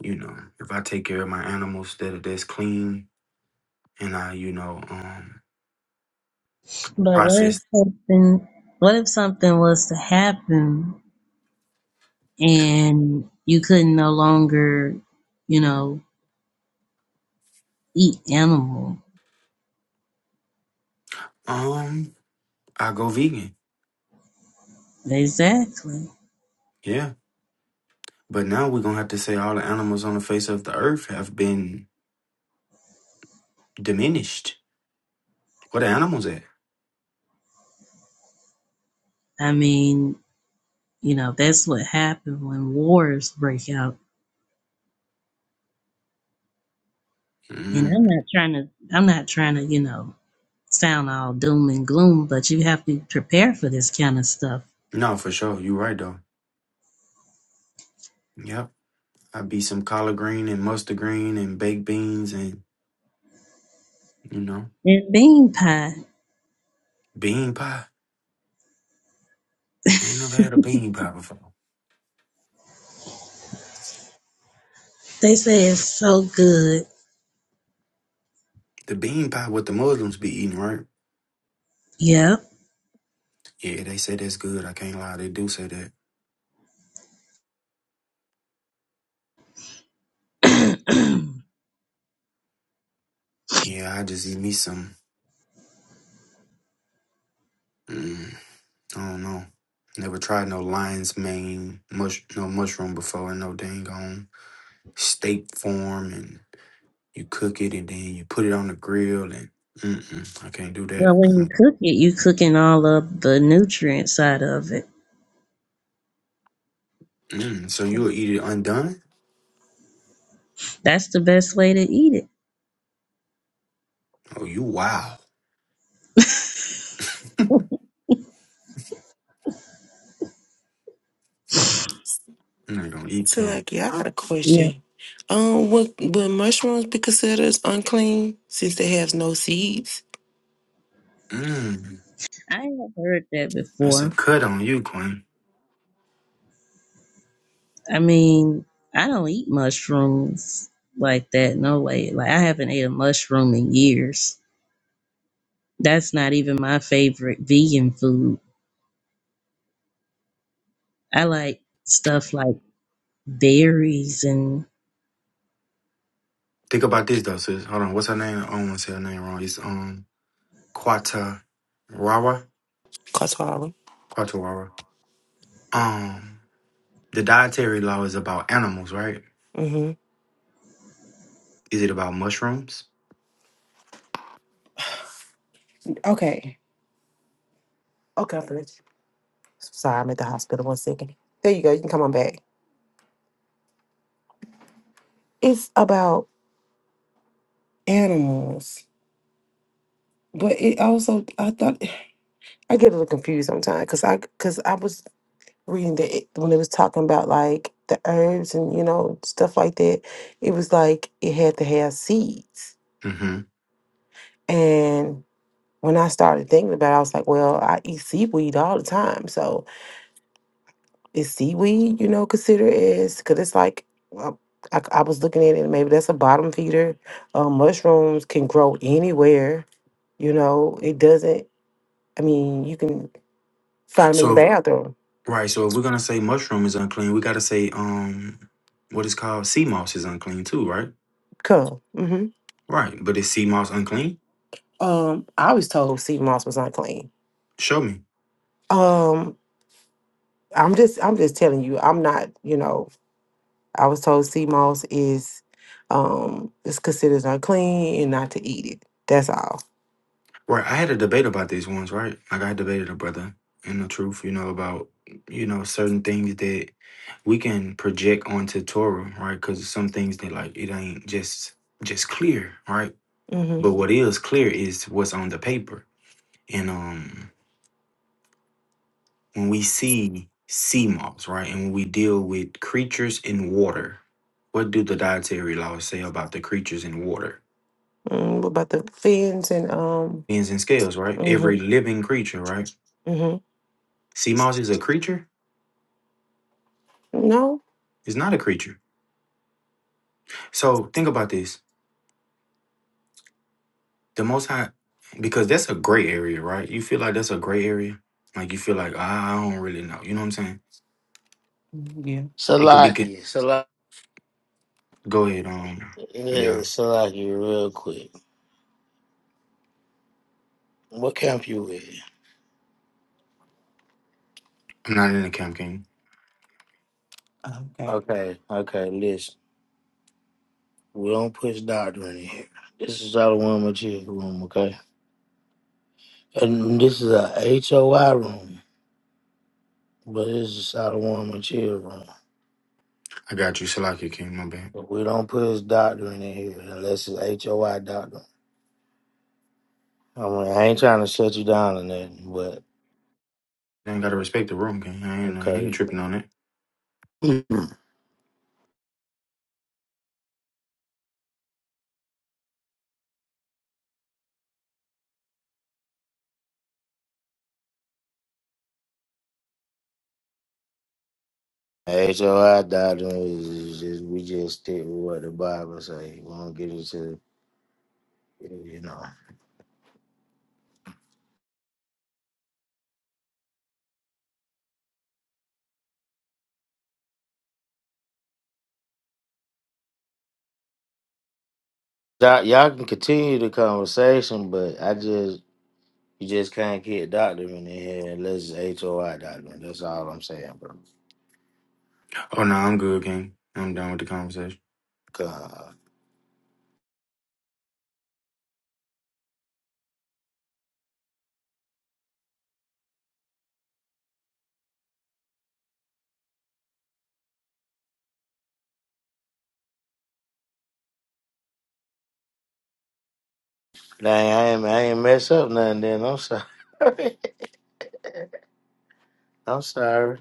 Speaker 13: you know, if I take care of my animals that are that's clean and I, you know, um
Speaker 10: But what if
Speaker 13: process
Speaker 10: something what if something was to happen and you couldn't no longer, you know, eat animal?
Speaker 13: um I go vegan.
Speaker 10: Exactly.
Speaker 13: Yeah. But now we're gonna have to say all the animals on the face of the earth have been diminished. What are animals at?
Speaker 10: I mean, you know, that's what happened when wars break out. And I'm
Speaker 13: Mm.
Speaker 10: not trying to I'm not trying to, you know, sound all doom and gloom, but you have to prepare for this kind of stuff.
Speaker 13: No, for sure. You're right though. Yep. I'd be some collard green and mustard green and baked beans and you know,
Speaker 10: And bean pie,
Speaker 13: bean pie. I ain't never had a bean pie before.
Speaker 10: they say it's so good.
Speaker 13: The bean pie what the Muslims be eating, right?
Speaker 10: Yep.
Speaker 13: Yeah, they say that's good. I can't lie, they do say that.
Speaker 10: well,
Speaker 13: Yeah, I just eat me some. Mm, I don't know. Never tried no lion's mane, mush, no mushroom before, and no dang on steak form, and you cook it and then you put it on the grill, and mm-mm, I can't do that.
Speaker 10: when you
Speaker 13: Mm,
Speaker 10: cook it, you cooking all of the nutrient side of it.
Speaker 13: mm. So you'll eat it undone?
Speaker 10: That's the best way to eat it.
Speaker 13: Oh, you wow! I'm not gonna eat
Speaker 2: So,
Speaker 13: that.
Speaker 2: like, yeah, I got a
Speaker 10: yeah,
Speaker 2: question. Um, would, would mushrooms be considered as unclean since they have no seeds?
Speaker 13: Mm,
Speaker 10: I have heard that
Speaker 13: that's a
Speaker 10: before.
Speaker 13: cut on you, Queen.
Speaker 10: I mean, I don't eat mushrooms like that. No way. Like I haven't ate a mushroom in years. That's not even my favorite vegan food. I like stuff like berries and
Speaker 13: Think about this though, sis. Hold on. What's her name? I don't want to say her name wrong. It's um Quata Rawa.
Speaker 2: Katara.
Speaker 13: Quatawara. Um the dietary law is about animals, right? Is it about mushrooms?
Speaker 2: Okay. Okay, I'm finished. Sorry, I'm at the hospital. One second. There you go. You can come on back. It's about animals, but it also I thought I get a little confused sometimes because I because I was reading that it, when it was talking about like the herbs and you know stuff like that. It was like it had to have seeds,
Speaker 13: Mm-hmm.
Speaker 2: and when I started thinking about, it, I was like, well, I eat seaweed all the time, so is seaweed, you know, considered as because it's like well, I, I was looking at it. Maybe that's a bottom feeder. Uh, mushrooms can grow anywhere. You know, it doesn't. I mean, you can find them in the
Speaker 13: So
Speaker 2: bathroom.
Speaker 13: right, so if we're gonna say mushroom is unclean, we gotta say um what is called sea moss is unclean too, right?
Speaker 2: Come. hmm
Speaker 13: Right. But is sea moss unclean?
Speaker 2: Um, I was told sea moss was unclean.
Speaker 13: Show me.
Speaker 2: Um, I'm just, I'm just telling you. I'm not. You know, I was told sea moss is, um, is considered unclean and not to eat it. That's all.
Speaker 13: Right. I had a debate about these ones, right? Like I debated a brother and the truth, you know, about you know certain things that we can project onto Torah, right? Because some things that like it ain't just just clear, right? But
Speaker 2: Mm-hmm.
Speaker 13: what is clear is what's on the paper. And um, when we see sea moss, right, and when we deal with creatures in water, what do the dietary laws say about the creatures in water?
Speaker 2: Mm, what about the fins and um?
Speaker 13: Fins and scales, right?
Speaker 2: mm-hmm.
Speaker 13: Every living creature, right?
Speaker 2: hmm
Speaker 13: Sea moss is a creature.
Speaker 2: No.
Speaker 13: It's not a creature So think about this. The most high because that's a gray area, right? You feel like that's a gray area. Like you feel like "Ah, I don't really know. You know what I'm saying?
Speaker 2: Yeah.
Speaker 13: It could be ca-
Speaker 1: Salaki, Salaki,
Speaker 13: go ahead, um yeah.
Speaker 1: yeah, Salaki, real quick. What camp you with?
Speaker 13: I'm not in the camp king.
Speaker 2: Okay.
Speaker 1: Okay, okay, listen. We don't push doctrine in here. This is Sodom Chill room, okay? And this is a HOI room, but this is Sodom Chill room.
Speaker 13: I got you, Salakia King, my bad.
Speaker 1: But we don't push doctrine in here unless it's HOI doctrine. I mean, I ain't trying to shut you down or nothing, but
Speaker 13: I ain't gotta respect the room, King. I ain't I
Speaker 1: okay.
Speaker 13: ain't tripping on it.
Speaker 1: HOI doctrine is is just, we just stick with what the Bible say. We don't get into, you know. Y'all y'all can continue the conversation, but I just You just can't get doctor in here unless it's HOI doctor. That's all I'm saying, bro.
Speaker 13: Oh no, I'm good, King. I'm done with the conversation.
Speaker 1: God. Dang, I ain't, I ain't mess up nothing then. I'm sorry. I'm sorry.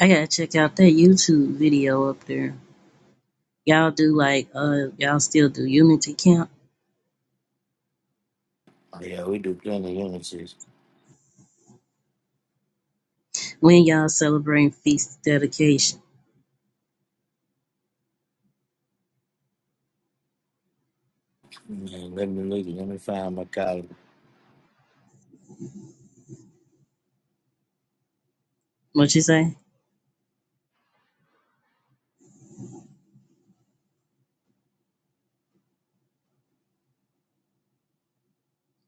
Speaker 10: I gotta check out that YouTube video up there. Y'all do like uh y'all still do unity camp
Speaker 1: Oh, yeah, we do plenty of units.
Speaker 10: when y'all celebrating feast dedication.
Speaker 1: Man, Let me look. Let me find my collar.
Speaker 10: What you say?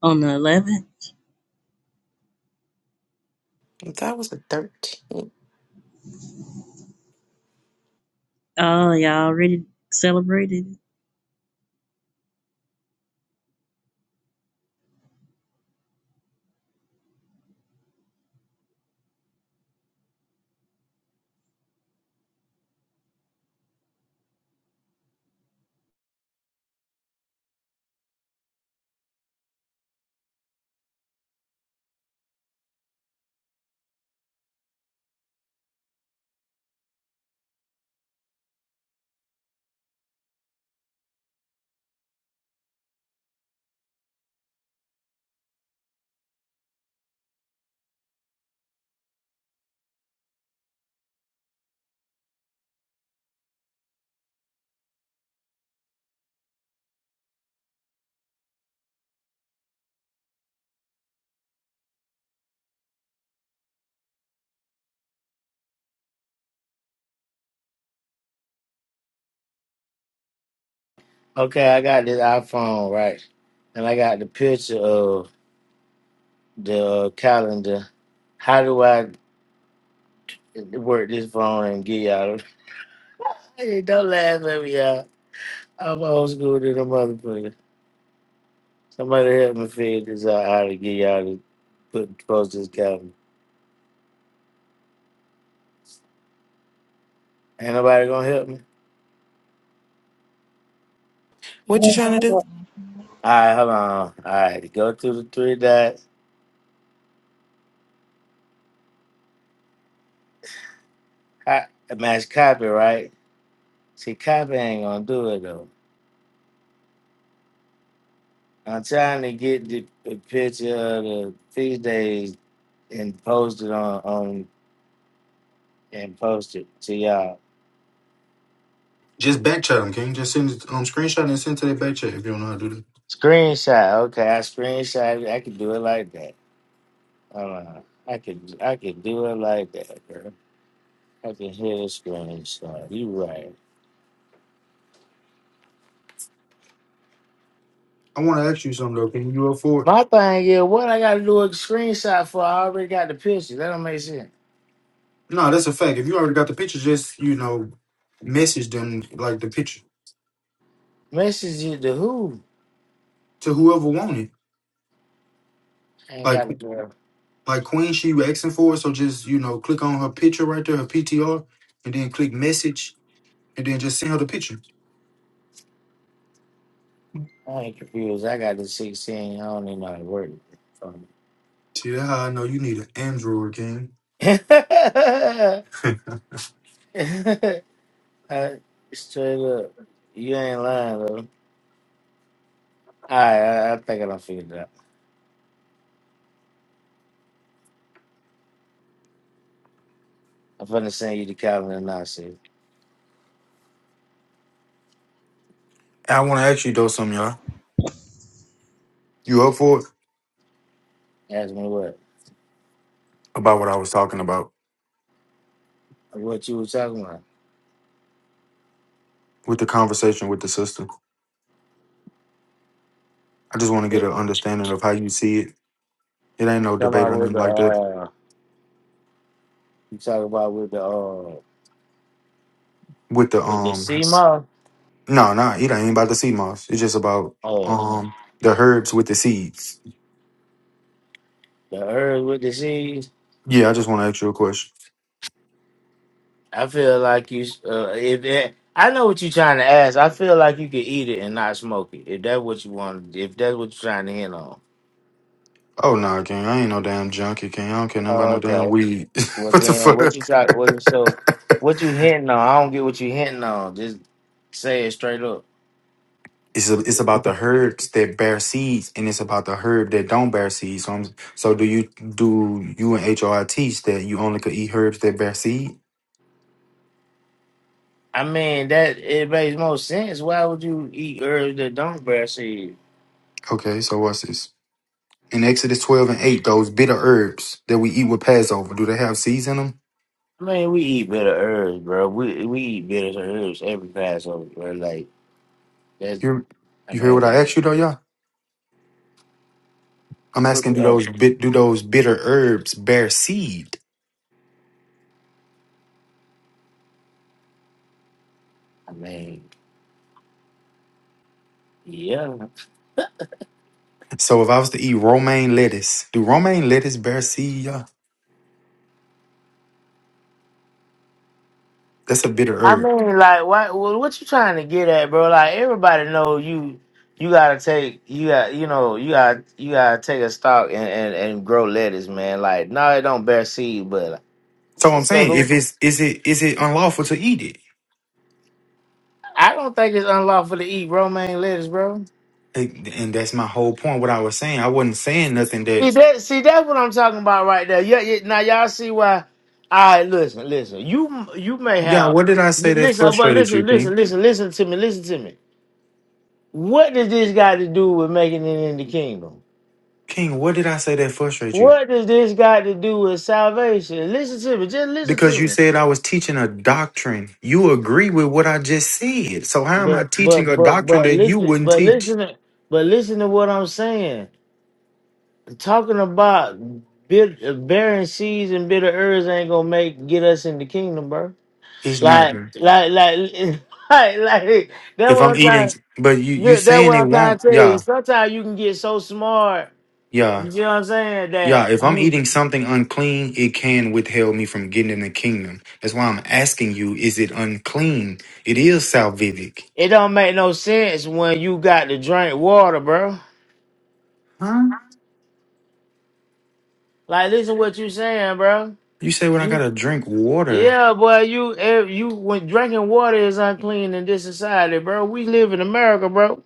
Speaker 10: On the eleventh?
Speaker 2: If that was a 13.
Speaker 10: Oh, y'all already celebrated?
Speaker 1: Okay, I got this iPhone, right? And I got the picture of the uh, calendar. How do I work this phone and get y'all? Hey, don't laugh at me, y'all. I'm old school to the motherfucker. Somebody help me figure this out how to get y'all to put post this calendar. Ain't nobody gonna help me?
Speaker 2: What you trying to do?
Speaker 1: Alright, hold on. Alright, go through the three dots. I match copy, right? See copy ain't gonna do it though. I'm trying to get the, the picture of the feast days and post it on, on and post it to y'all.
Speaker 13: Just back chat them, King. Just send um screenshot and send to their back chat if you don't know how to do that.
Speaker 1: Screenshot, okay. I screenshot it. I can do it like that. Hold on. I can I can do it like that, girl. I can hit a screenshot. You right.
Speaker 13: I wanna ask you something though, King. You up for it?
Speaker 1: My thing is, what I gotta do a screenshot for? I already got the picture. That don't make sense.
Speaker 13: No, that's a fact. If you already got the picture, just you know, message them like the picture.
Speaker 1: Message it to who?
Speaker 13: to whoever wanted.
Speaker 1: I ain't
Speaker 13: Like
Speaker 1: got it, girl.
Speaker 13: like Queen, she asking for it, so just you know click on her picture right there, her PTR, and then click message, and then just send her the picture.
Speaker 1: I ain't confused. I got the 16. I don't even know how to work
Speaker 13: See that's how I know you need an Android game.
Speaker 1: it. Uh, Straight up. You ain't lying, though. Alright, I, I think I done figured it out. I'm finna send you the calendar now, see.
Speaker 13: I want to ask you though something, y'all. You up for it?
Speaker 1: Ask me what?
Speaker 13: About what I was talking about
Speaker 1: What you were talking about?
Speaker 13: with the conversation with the sister. I just want to get
Speaker 1: It
Speaker 13: an understanding of how you see it. It ain't no
Speaker 1: Come
Speaker 13: debate or
Speaker 1: out with
Speaker 13: nothing
Speaker 1: the,
Speaker 13: like that.
Speaker 1: uh, you talk about with the, uh,
Speaker 13: With the
Speaker 1: with the
Speaker 13: um,
Speaker 1: CMO?
Speaker 13: no, no, nah, it ain't about the sea moss. It's just about
Speaker 1: Oh.
Speaker 13: um the herbs with the seeds.
Speaker 1: The herb with the seeds.
Speaker 13: Yeah, I just want to ask you a question.
Speaker 1: I feel like you. Uh, if it, I know what you're trying to ask, I feel like you could eat it and not smoke it. If that's what you want, if that's what you're trying to hint on.
Speaker 13: Oh nah, gang, I ain't no damn junkie, gang. I don't care nothing about
Speaker 1: Oh,
Speaker 13: no damn
Speaker 1: okay.
Speaker 13: weed.
Speaker 1: Well,
Speaker 13: what the
Speaker 1: then what you
Speaker 13: fuck?
Speaker 1: try? What you- so? What you hinting on? I don't get what you hinting on. Just say it straight up.
Speaker 13: it's a, it's about the herbs that bear seeds, and it's about the herb that don't bear seeds. So, I'm, so do you do you and HRI teach that you only could eat herbs that bear seed?
Speaker 1: I mean, that it makes most sense. Why would you eat herbs that don't bear seeds?
Speaker 13: Okay, so what's this? In Exodus twelve and eight, those bitter herbs that we eat with Passover, do they have seeds in them?
Speaker 1: I mean, we eat bitter herbs, bro. We we eat bitter herbs every Passover, bro. Like that's
Speaker 13: You
Speaker 1: I
Speaker 13: you hear what
Speaker 1: mean,
Speaker 13: I asked you though, y'all? I'm asking, do those bit do those bitter herbs bear seed?
Speaker 1: I mean, yeah.
Speaker 13: So if I was to eat romaine lettuce, do romaine lettuce bear seed? y'all? That's a bitter
Speaker 1: I
Speaker 13: herb.
Speaker 1: mean, like, what well, what you trying to get at, bro? Like, everybody know you. You gotta take. You got. You know. You got. You gotta take a stock and, and, and grow lettuce, man. Like, no, it don't bear seed, but uh,
Speaker 13: So
Speaker 1: so,
Speaker 13: I'm saying, if
Speaker 1: so
Speaker 13: it's is it is it unlawful to eat it?
Speaker 1: I don't think it's unlawful to eat romaine lettuce, bro.
Speaker 13: And and that's my whole point. What I was saying, I wasn't saying nothing
Speaker 1: See
Speaker 13: that.
Speaker 1: that? See that's what I'm talking about right there. Yeah. yeah now y'all see why. All right, listen, listen. You you may
Speaker 13: Yeah,
Speaker 1: have
Speaker 13: what did I say that
Speaker 1: listen, but
Speaker 13: frustrated you,
Speaker 1: listen,
Speaker 13: King?
Speaker 1: listen, listen, listen to me, listen to me. What does this got to do with making it in the kingdom?
Speaker 13: King, what did I say that frustrated you?
Speaker 1: What does this got to do with salvation? Listen to me, just listen
Speaker 13: Because you
Speaker 1: to me.
Speaker 13: said I was teaching a doctrine. You agree with what I just said. So how am I
Speaker 1: But
Speaker 13: teaching
Speaker 1: but
Speaker 13: a
Speaker 1: but
Speaker 13: doctrine
Speaker 1: but
Speaker 13: that you
Speaker 1: listen,
Speaker 13: wouldn't
Speaker 1: but
Speaker 13: teach?
Speaker 1: listen, to- but listen to what I'm saying. Talking about bit, barren seeds and bitter herbs ain't gonna make get us in the kingdom, bro.
Speaker 13: It's not.
Speaker 1: Like
Speaker 13: King.
Speaker 1: like like like like that's
Speaker 13: If
Speaker 1: what
Speaker 13: I'm
Speaker 1: I'm
Speaker 13: eating,
Speaker 1: trying.
Speaker 13: but you you
Speaker 1: Look, that's
Speaker 13: saying
Speaker 1: what
Speaker 13: it
Speaker 1: I'm trying
Speaker 13: won't.
Speaker 1: to tell you.
Speaker 13: Yeah,
Speaker 1: Sometimes you can get so smart,
Speaker 13: yeah.
Speaker 1: you know what I'm saying,
Speaker 13: Yeah, if I'm
Speaker 1: that
Speaker 13: eating something unclean, it can withhold me from getting in the kingdom. That's why I'm asking you, is it unclean? It is salvific.
Speaker 1: It don't make no sense when you got to drink water, bro.
Speaker 13: Huh?
Speaker 1: Like, listen what you saying, bro.
Speaker 13: You say when I
Speaker 1: You,
Speaker 13: gotta drink water,
Speaker 1: yeah, boy. You, if you when drinking water is unclean in this society, bro. We live in America, bro.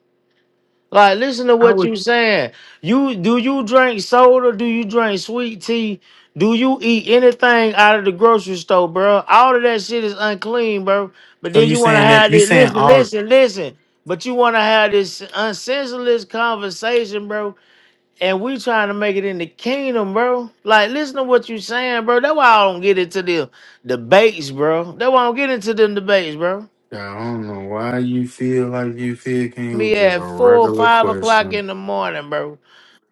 Speaker 1: Like, listen to
Speaker 13: I
Speaker 1: what
Speaker 13: would.
Speaker 1: you saying. You do you drink soda? Do you drink sweet tea? Do you eat anything out of the grocery store, bro? All of that shit is unclean, bro. But
Speaker 13: So
Speaker 1: then
Speaker 13: you
Speaker 1: you want to
Speaker 13: saying that
Speaker 1: have
Speaker 13: you
Speaker 1: this.
Speaker 13: saying
Speaker 1: Listen,
Speaker 13: all?
Speaker 1: listen, listen. But you want to have this unsensitive conversation, bro and we trying to make it in the kingdom, bro. Like, listen to what you saying, bro. That's why I don't get into the debates, bro. That's why I don't get into them debates, bro.
Speaker 13: I don't know why you feel like you feel. Can you
Speaker 1: Me
Speaker 13: just a
Speaker 1: at four,
Speaker 13: regular
Speaker 1: five o'clock
Speaker 13: question?
Speaker 1: in the morning, bro.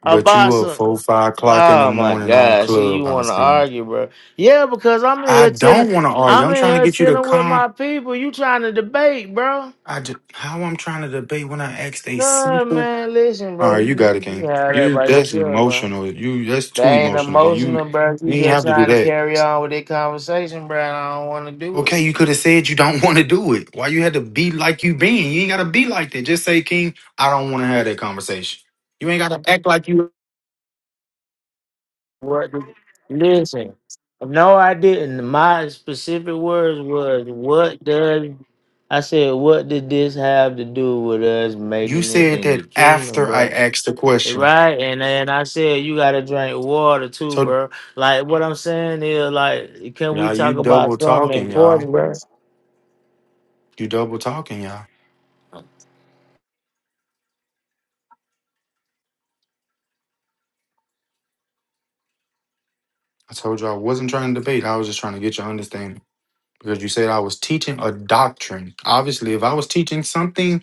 Speaker 13: But
Speaker 1: About
Speaker 13: you up
Speaker 1: some.
Speaker 13: four five o'clock in the
Speaker 1: Oh my
Speaker 13: morning on
Speaker 1: God! See, you want
Speaker 13: Clubhouse
Speaker 1: to
Speaker 13: then?
Speaker 1: argue, bro? Yeah, because I'm in
Speaker 13: I
Speaker 1: here chilling.
Speaker 13: don't want to argue.
Speaker 1: I'm
Speaker 13: I'm
Speaker 1: in
Speaker 13: trying to
Speaker 1: here
Speaker 13: get you to
Speaker 1: chilling with
Speaker 13: calm.
Speaker 1: my people. You trying to debate, bro?
Speaker 13: I just, how I'm trying to debate when I asked a
Speaker 1: God,
Speaker 13: simple
Speaker 1: man, listen,
Speaker 13: All
Speaker 1: bro.
Speaker 13: right, you
Speaker 1: You,
Speaker 13: got it,
Speaker 1: you can
Speaker 13: King.
Speaker 1: have that
Speaker 13: You
Speaker 1: by
Speaker 13: that's
Speaker 1: yourself, bro.
Speaker 13: emotional. You that's
Speaker 1: That
Speaker 13: too
Speaker 1: ain't
Speaker 13: emotional, King. You
Speaker 1: emotional, bro. You
Speaker 13: you ain't
Speaker 1: just
Speaker 13: have to do
Speaker 1: trying to
Speaker 13: that.
Speaker 1: carry on with that conversation, bro. and I don't want to do it.
Speaker 13: Okay, you could have said you don't want to do it. Why you had to be like you being? You ain't gotta be like that. Just say, King, I don't want to have that conversation. You ain't gotta act like you.
Speaker 1: What? the- Listen, no, I didn't. My specific words was, "What does?" I said, "What did this have to do with us
Speaker 13: You
Speaker 1: making it
Speaker 13: said
Speaker 1: in the
Speaker 13: that
Speaker 1: kingdom,
Speaker 13: after I
Speaker 1: bro?"
Speaker 13: asked the
Speaker 1: Eh,
Speaker 13: question.
Speaker 1: Right, and then I said, "You gotta drink water too,
Speaker 13: So
Speaker 1: bro." Like what I'm saying is, like, can we
Speaker 13: y'all, you
Speaker 1: talk about
Speaker 13: double
Speaker 1: something
Speaker 13: talking, y'all.
Speaker 1: important, bro?
Speaker 13: You double talking, y'all. I told you I wasn't trying to debate. I was just trying to get your understanding because you said I was teaching a doctrine. Obviously, if I was teaching something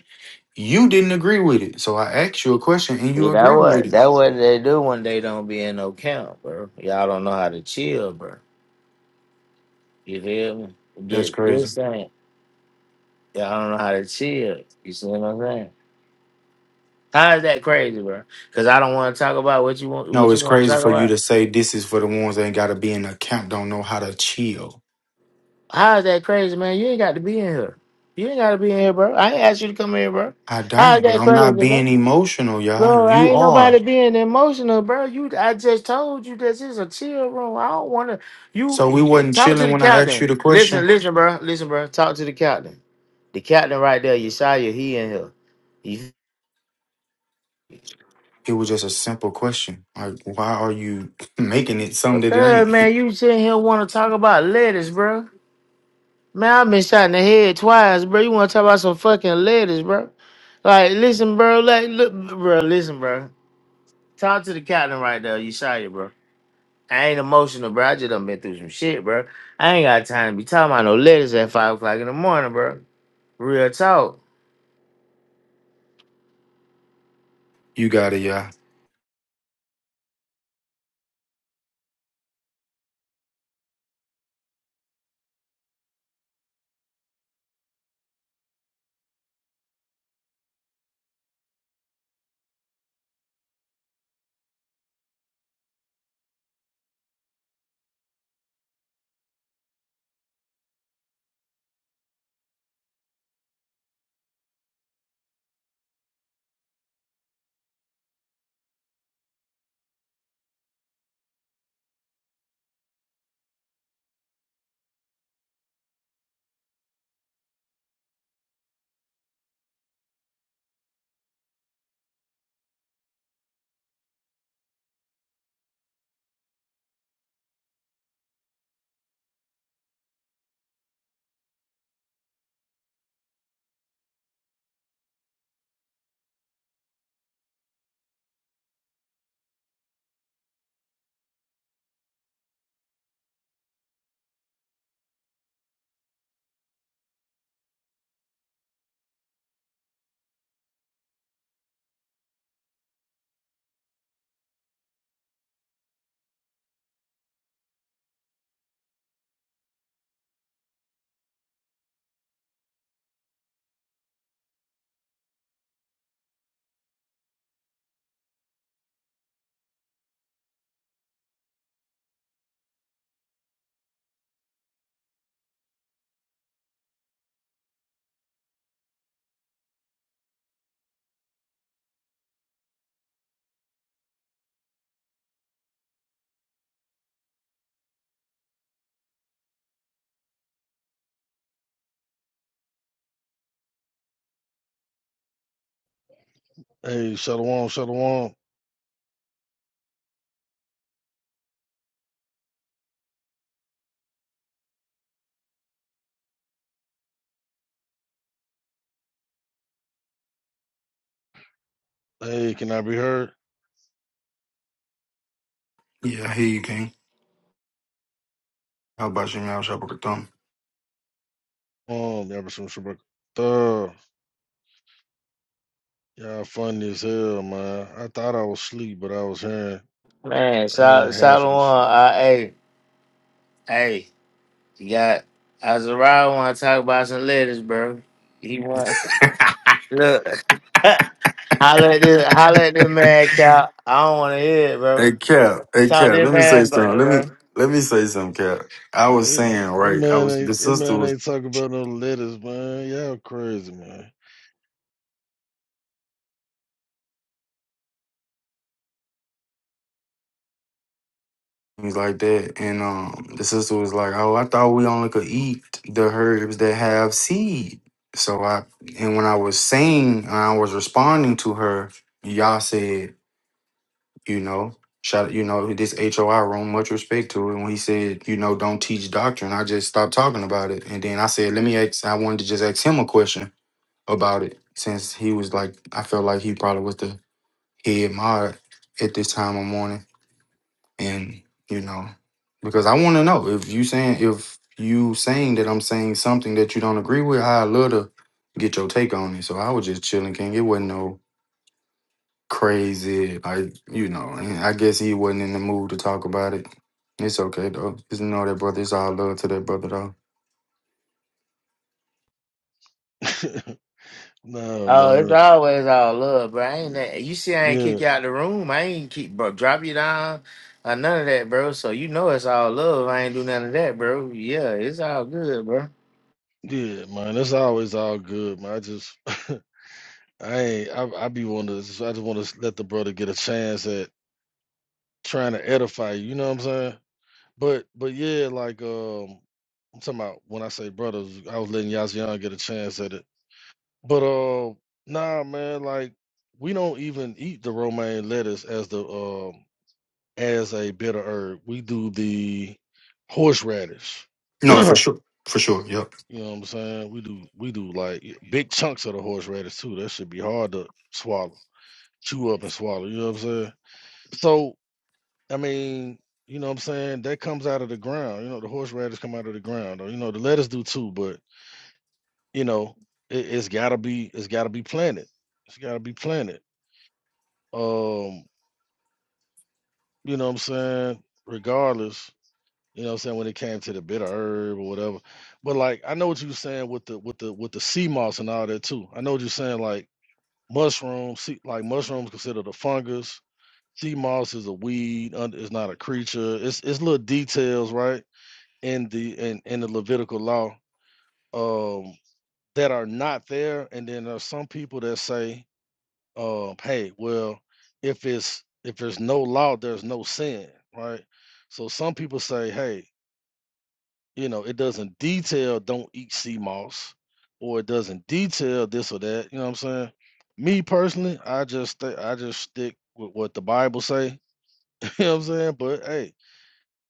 Speaker 13: You didn't agree with it. So I asked you a question and
Speaker 1: See,
Speaker 13: you
Speaker 1: that
Speaker 13: agreed with
Speaker 1: what
Speaker 13: it.
Speaker 1: that what they do when they don't be in no camp, bro. Y'all don't know how to chill, bro. You feel me?
Speaker 13: That's
Speaker 1: This,
Speaker 13: crazy.
Speaker 1: this ain't y'all don't know how to chill. You see what I'm saying? How is that crazy, bro? Because I don't want to talk about what you want.
Speaker 13: No,
Speaker 1: What you
Speaker 13: it's
Speaker 1: want to
Speaker 13: crazy
Speaker 1: talk
Speaker 13: for you
Speaker 1: about?
Speaker 13: to say this is for the ones that ain't gotta be in the camp, don't know how to chill.
Speaker 1: How is that crazy, man? You ain't got to be in here. You ain't got to be in here, bro. I ain't asked you to come in, bro.
Speaker 13: I
Speaker 1: How is
Speaker 13: don't, but
Speaker 1: that
Speaker 13: I'm
Speaker 1: crazy,
Speaker 13: not
Speaker 1: bro?
Speaker 13: being emotional, y'all.
Speaker 1: Bro, I
Speaker 13: You
Speaker 1: ain't
Speaker 13: are.
Speaker 1: nobody being emotional, bro. You, I just told you this is a chill room. I don't want to. You
Speaker 13: So we
Speaker 1: you-
Speaker 13: wasn't
Speaker 1: talk to
Speaker 13: chilling
Speaker 1: the
Speaker 13: when I asked
Speaker 1: captain.
Speaker 13: you the question.
Speaker 1: Listen, listen, bro. Listen, bro. Talk to the captain. The captain right there, Yeshaya. He in here. You,
Speaker 13: It was just a simple question. Like, why are you making it something that it
Speaker 1: Hey,
Speaker 13: ain't?
Speaker 1: man, you sitting here want to talk about lettuce, bro? Man, I've been shot in the head twice, bro. You want to talk about some fucking lettuce, bro? Like, listen, bro. Like, look, bro. Listen, bro. Talk to the captain right there, Yeshaya, bro. I ain't emotional, bro. I just done been through some shit, bro. I ain't got time to be talking about no letters at five o'clock in the morning, bro. Real talk,
Speaker 13: You got it, y'all.
Speaker 11: Hey, shalom, shalom. Hey, can I be heard?
Speaker 13: Yeah, here you can. How about you, y'all?
Speaker 11: Um, yeah, Mr. Shabbat. Uh, y'all funny as hell, man. I thought I was asleep, but I was hearing
Speaker 1: man.
Speaker 11: hearing
Speaker 1: Sal
Speaker 11: half of this shit.
Speaker 1: Salomon, uh, hey, hey, you got Azariah want to talk about some letters, bro. He want look. holla at this, holla at this man, Cal. I don't want to hear it, bro.
Speaker 13: Hey Cap, hey
Speaker 1: Talk
Speaker 13: Cap,
Speaker 1: this
Speaker 13: let me say
Speaker 1: man,
Speaker 13: something.
Speaker 1: back,
Speaker 13: Let
Speaker 1: bro.
Speaker 13: me let me say something, Cap. I
Speaker 11: Eh,
Speaker 13: was
Speaker 11: eh,
Speaker 13: saying,
Speaker 11: That
Speaker 13: right, I
Speaker 11: man
Speaker 13: was the
Speaker 11: ain't that
Speaker 13: sister
Speaker 11: man
Speaker 13: was
Speaker 11: ain't talking about no letters, man. Y'all crazy, man.
Speaker 13: was like that, and um the sister was like, Oh, I thought we only could eat the herbs that have seed. So I and when I was saying and I was responding to her, y'all said, you know, shout you know, this HOI room, much respect to it. When he said, you know, don't teach doctrine, I just stopped talking about it. And then I said, Let me ask I wanted to just ask him a question about it since he was like I felt like he probably was the head mod at this time of morning. And, you know, because I wanna know if you saying if you saying that I'm saying something that you don't agree with, I love to get your take on it. So I was just chilling, King. It wasn't no crazy like, you know, and I guess he wasn't in the mood to talk about it. It's okay though. Just know that brother. It's all love to that brother though.
Speaker 11: nah,
Speaker 1: Oh, it's
Speaker 11: man.
Speaker 1: always all love, bro. I ain't that, you see, I ain't
Speaker 11: Yeah.
Speaker 1: kick you out the room. I ain't keep bro, drop you down or none of that, bro. So you know it's all love. I ain't do none of that, bro. Yeah, it's all good, bro.
Speaker 11: Yeah, man, that's always all good, man. I just, I ain't, I, I be want to, just- I just want to let the brother get a chance at trying to edify you. You know what I'm saying? But, but yeah, like, um, I'm talking about when I say brothers, I was letting Yazian get a chance at it. But, uh, nah, man, like, we don't even eat the romaine lettuce as the, um, as a bitter herb. We do the horseradish.
Speaker 13: No, for sure. For sure. Yep.
Speaker 11: You know what I'm saying? We do we do like y- big chunks of the horseradish too. That should be hard to swallow, chew up and swallow. You know what I'm saying? So I mean, you know what I'm saying? That comes out of the ground. You know, the horseradish come out of the ground, or you know, the lettuce do too. But you know, it, it's gotta be it's gotta be planted. It's gotta be planted. Um, you know what I'm saying? Regardless, you know what I'm saying when it came to the bitter herb or whatever. But like I know what you're saying with the with the with the sea moss and all that too. I know what you're saying like Mushrooms, see, like mushrooms, considered a fungus. Sea moss is a weed. und- It's not a creature. It's it's little details, right? In the in in the Levitical law, um, that are not there. And then there's some people that say, um, hey, well, if it's if there's no law, there's no sin, right? So some people say, hey, you know, it doesn't detail don't eat sea moss, or it doesn't detail this or that. You know what I'm saying? Me personally, I just th- I just stick with what the Bible say. you know what I'm saying? But hey,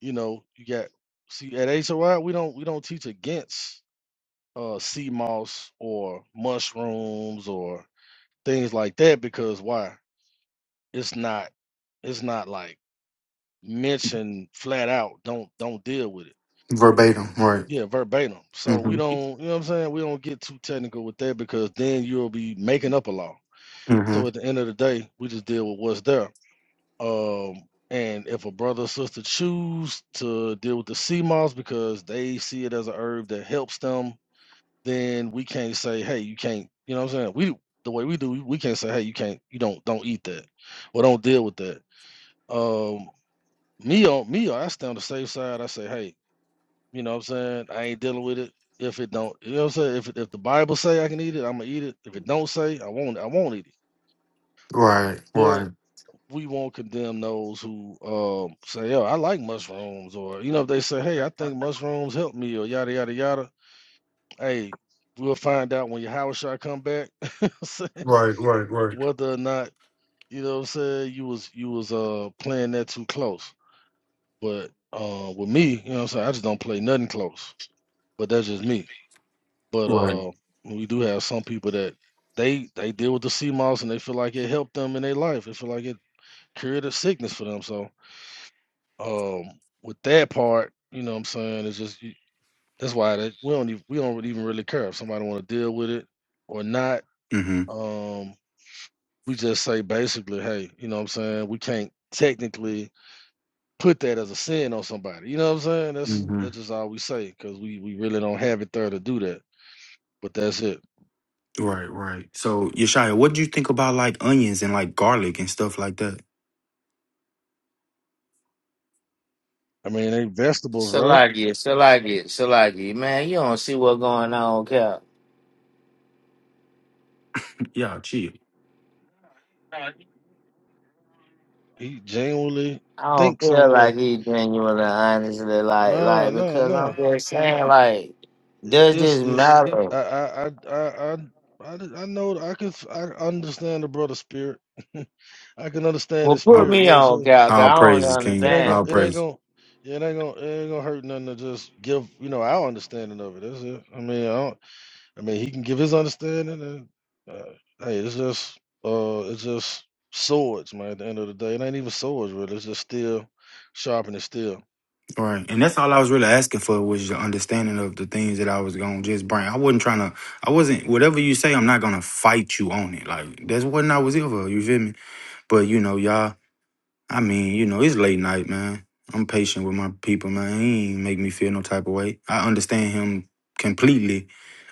Speaker 11: you know, you got see at HOI we don't we don't teach against uh sea moss or mushrooms or things like that because why? It's not it's not like mentioned flat out. Don't don't deal with it
Speaker 13: Verbatim. Right.
Speaker 11: Yeah, verbatim. So we
Speaker 13: Mm-hmm.
Speaker 11: don't, you know what I'm saying? We don't get too technical with that because then you'll be making up a law. So at
Speaker 13: Mm-hmm.
Speaker 11: the end of the day, we just deal with what's there. Um, and if a brother or sister choose to deal with the sea moss because they see it as a herb that helps them, then we can't say, hey, you can't, you know what I'm saying? We the way we do, we can't say, hey, you can't, you don't don't eat that or don't deal with that. Um me on me, uh, I stay on the safe side. I say, hey, you know what I'm saying? I ain't dealing with it. If it don't, you know what I'm saying? If if the Bible say I can eat it, I'm gonna eat it. If it don't say, I won't. I won't eat it.
Speaker 13: Right. Right.
Speaker 11: But we won't condemn those who um, say, "Yo, I like mushrooms," or you know, if they say, "Hey, I think mushrooms help me," or yada yada yada. Hey, we'll find out when your Howard shot come back
Speaker 13: Right, right, right,
Speaker 11: whether or not you know what I'm saying you was you was uh playing that too close. But uh, with me, you know what I'm saying, I just don't play nothing close. But that's just me. But
Speaker 13: right.
Speaker 11: uh, we do have some people that they they deal with the sea moss and they feel like it helped them in their life. They feel like it cured a sickness for them. So um, with that part, you know what I'm saying, it's just you- that's why that we don't even, we don't even really care if somebody want to deal with it or not.
Speaker 13: hmm
Speaker 11: Um, we just say basically, hey, you know what I'm saying, we can't technically put that as a sin on somebody. You know what I'm saying? That's
Speaker 13: hmm
Speaker 11: that's just all we say because we we really don't have it there to do that. But that's it.
Speaker 13: Right, right. So, Yeshaya, what do you think about like onions and like garlic and stuff like that?
Speaker 11: I mean, they vegetables, right?
Speaker 1: Salagi, Salagi, Salagi. Man, you don't see what's going on, Cap.
Speaker 13: Yeah, chill.
Speaker 1: I
Speaker 11: He genuinely
Speaker 1: don't
Speaker 11: think
Speaker 1: feel
Speaker 11: somewhere.
Speaker 1: like he genuinely, honestly, like,
Speaker 11: Nah,
Speaker 1: like
Speaker 11: nah,
Speaker 1: because
Speaker 11: nah.
Speaker 1: I'm just saying, like,
Speaker 11: It,
Speaker 1: does
Speaker 11: it's
Speaker 1: this
Speaker 11: it's
Speaker 1: matter?
Speaker 11: I I I I I I d- I know I can f- I understand the brother spirit. I can understand
Speaker 1: Well,
Speaker 11: his
Speaker 1: put
Speaker 13: All,
Speaker 11: spirit. You
Speaker 1: me
Speaker 11: know what I'm
Speaker 1: on,
Speaker 11: saying?
Speaker 1: Cap. 'cause I
Speaker 13: all
Speaker 1: don't
Speaker 13: praises,
Speaker 11: It
Speaker 13: King.
Speaker 11: ain't gonna
Speaker 1: understand.
Speaker 13: All
Speaker 11: it ain't
Speaker 13: praise.
Speaker 11: gonna it ain't gonna it ain't gonna hurt nothing to just give you know our understanding of it. That's it. I mean I don't, I mean he can give his understanding and uh, hey it's just uh it's just swords man. At the end of the day, it ain't even swords really. It's just steel, sharpening steel.
Speaker 13: All right. And that's all I was really asking for was your understanding of the things that I was going to just bring. I wasn't trying to, I wasn't, whatever you say, I'm not going to fight you on it. Like, that's what I was here for. You feel me? But, you know, y'all. I mean, you know, it's late night, man. I'm patient with my people, man. He ain't make me feel no type of way. I understand him completely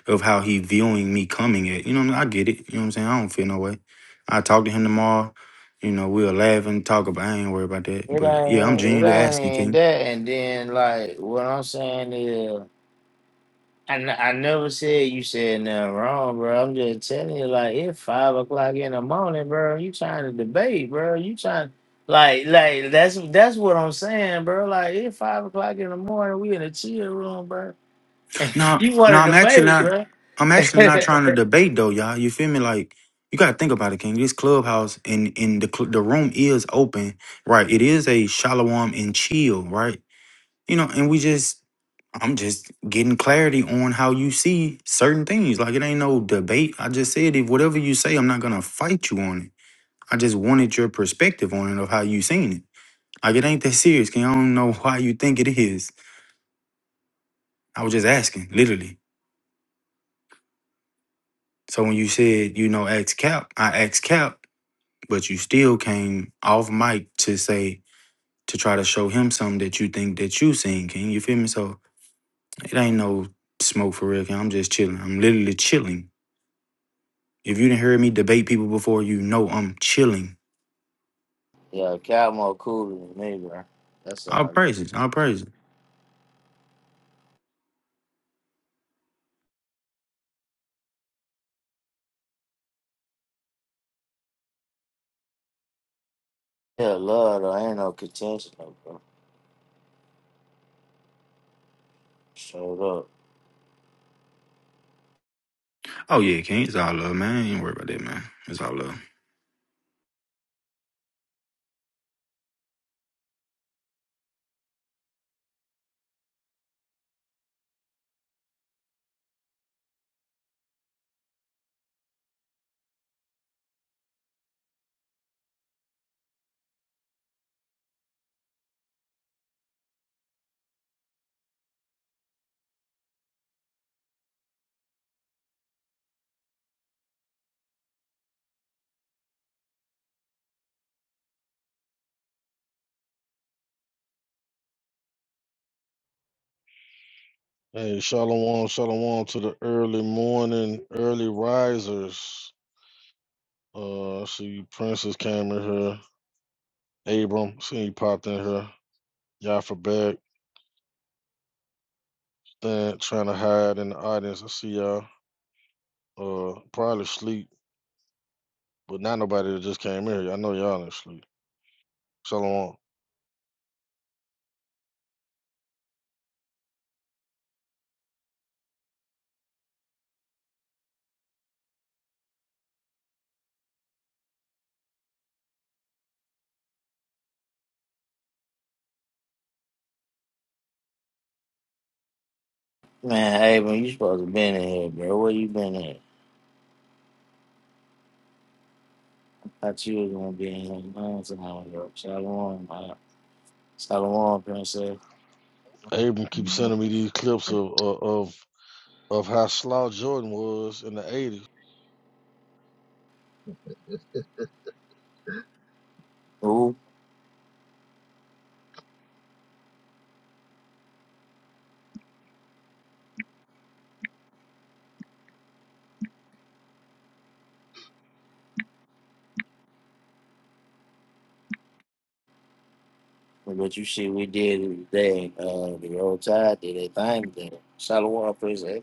Speaker 13: of how he viewing me coming at. You know, what I, mean? I get it. You know what I'm saying? I don't feel no way. I talk to him tomorrow. You know, we'll laugh and talk about. I ain't worried about that.
Speaker 1: It
Speaker 13: But yeah, I'm
Speaker 1: ain't, it
Speaker 13: genuinely
Speaker 1: ain't
Speaker 13: asking,
Speaker 1: even
Speaker 13: King.
Speaker 1: that. And then, like, what I'm saying is, I, n- I never said you said nothing wrong, bro. I'm just telling you, like, it's five o'clock in the morning, bro. You trying to debate, bro. You trying, like, like that's that's what I'm saying, bro. Like, it's five o'clock in the morning. We in a chill room, bro.
Speaker 13: No,
Speaker 1: you
Speaker 13: no,
Speaker 1: want to
Speaker 13: I'm actually
Speaker 1: debate,
Speaker 13: not.
Speaker 1: bro?
Speaker 13: I'm actually not trying to debate though, y'all. You feel me? Like you gotta think about it, King. This clubhouse and in the cl- the room is open, right? It is a shalom and chill, right? you know, and we just, I'm just getting clarity on how you see certain things. Like it ain't no debate. I just said if whatever you say, I'm not gonna fight you on it. I just wanted your perspective on it of how you seen it. Like it ain't that serious. King. I don't know why you think it is. I was just asking, literally. So when you said you know ask Cap, I asked Cap, but you still came off mic to say to try to show him something that you think that you seen. King. you feel me? So it ain't no smoke for real. King. I'm just chilling. I'm literally chilling If you didn't hear me debate people before, you know I'm chilling.
Speaker 1: yeah, Cal more cool than me, bro. That's
Speaker 13: I'll
Speaker 1: all.
Speaker 13: praise it. i praise it.
Speaker 1: Yeah, love though. Ain't no contention, though, bro. Showed up.
Speaker 13: Oh yeah, King, it's all love, man. Ain't worry about that, man. It's all love.
Speaker 11: Hey, shalom, shalom to the early morning, early risers. Uh, I see Princess came in here. Abram, see you popped in here. Y'all for back. Stand trying to hide in the audience. I see y'all. Uh, probably sleep, but not nobody that just came in here. I know y'all ain't sleep. Shalom.
Speaker 1: Man, Abram, you supposed to been in here, bro. Where you been at? Thought you was gonna be in here a long time ago. Shalom, uh, Shalom, princess.
Speaker 11: Abram keeps
Speaker 14: Mm,
Speaker 11: sending me these clips
Speaker 14: great
Speaker 11: of of of, of how slow Jordan was in the '80s.
Speaker 1: Ooh, but you see, we did today. Uh, the old tide did a thing there. Shalom, princess.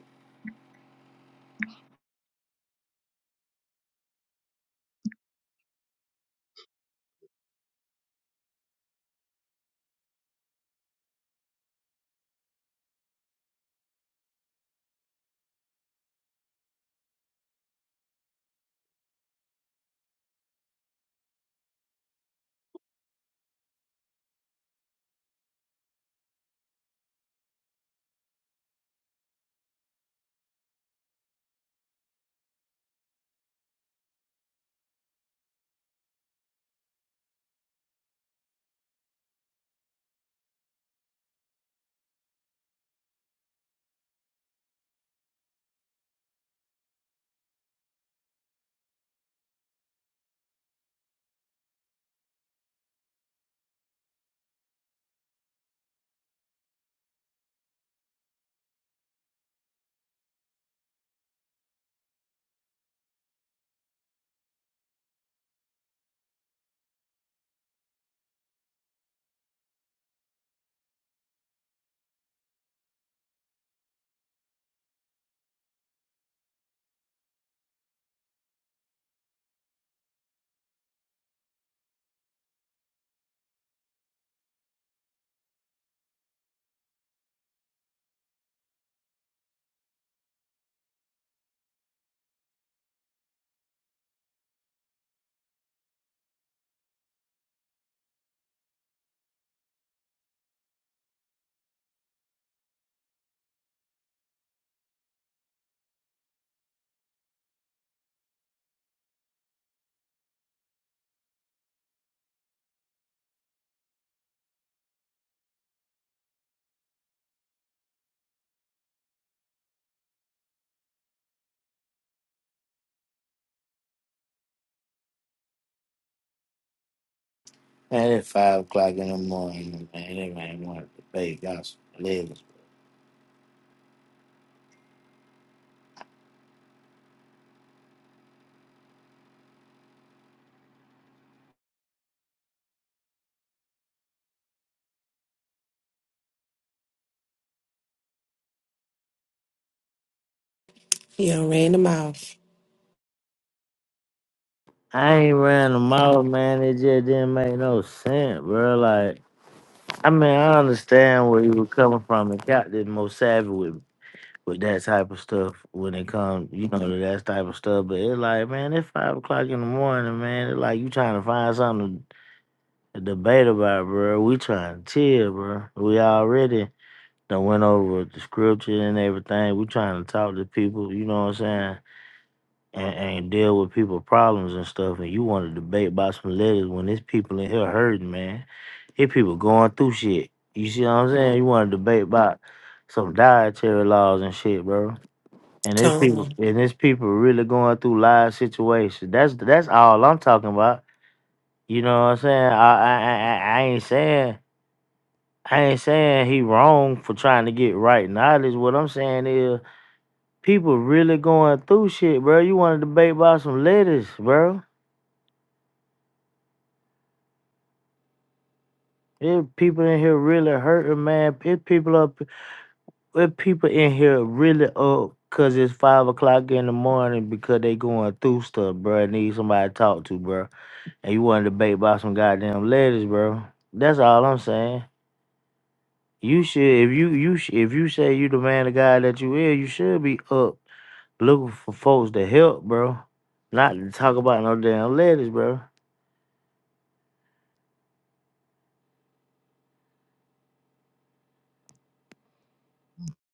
Speaker 1: Man, it's five o'clock in the morning, man. They man wanted to pay gospel legends.
Speaker 2: Yeah, ran the mouth.
Speaker 1: I ain't ran them out, man. It just didn't make no sense, bro. Like, I mean, I understand where you were coming from and Captain Mosavia with that type of stuff when it comes, you know, to that type of stuff. But it's like, man, it's five o'clock in the morning, man. It's like you trying to find something to debate about, bro. We trying to chill, bro. We already done went over the scripture and everything. We trying to talk to people, you know what I'm saying? And, and deal with people problems and stuff. And you want to debate about some letters when there's people in here hurting, man. Here people going through shit. You see what I'm saying? You want to debate about some dietary laws and shit, bro. And there's
Speaker 2: Come
Speaker 1: people
Speaker 2: on.
Speaker 1: and there's people really going through live situations. That's that's all I'm talking about. You know what I'm saying? I I I, I I ain't saying I ain't saying he wrong for trying to get right knowledge. What I'm saying is people really going through shit, bro. You want to debate about some letters, bro? There's people in here really hurting, man. There's people up, there's people in here really up because it's five o'clock in the morning because they going through stuff, bro. Need somebody to talk to, bro. and you want to debate about some goddamn letters, bro. That's all I'm saying. You should, if you you sh- if you say you the man of God that you is, you should be up looking for folks to help, bro. Not to talk about no damn letters, bro.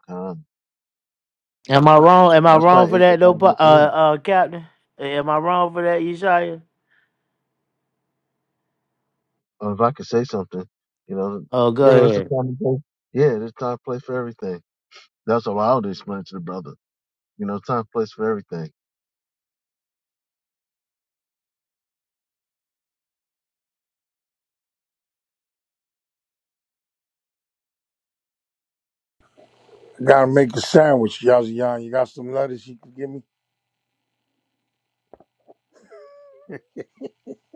Speaker 14: time.
Speaker 1: Am I wrong? Am I
Speaker 14: That's why
Speaker 1: wrong for
Speaker 14: Asia
Speaker 1: that though,
Speaker 14: Bible
Speaker 1: Pa-
Speaker 14: Band.
Speaker 1: uh, uh, Captain? Am I wrong for that, Yeshaya?
Speaker 14: uh, If I could say something, you know,
Speaker 1: Oh, go
Speaker 14: you know, it's the
Speaker 1: ahead.
Speaker 14: time and place. Yeah, there's time and place for everything. That's what I would explain to the brother. You know, time and place for everything.
Speaker 6: I gotta make a sandwich, Yazian. You got some lettuce you can give me?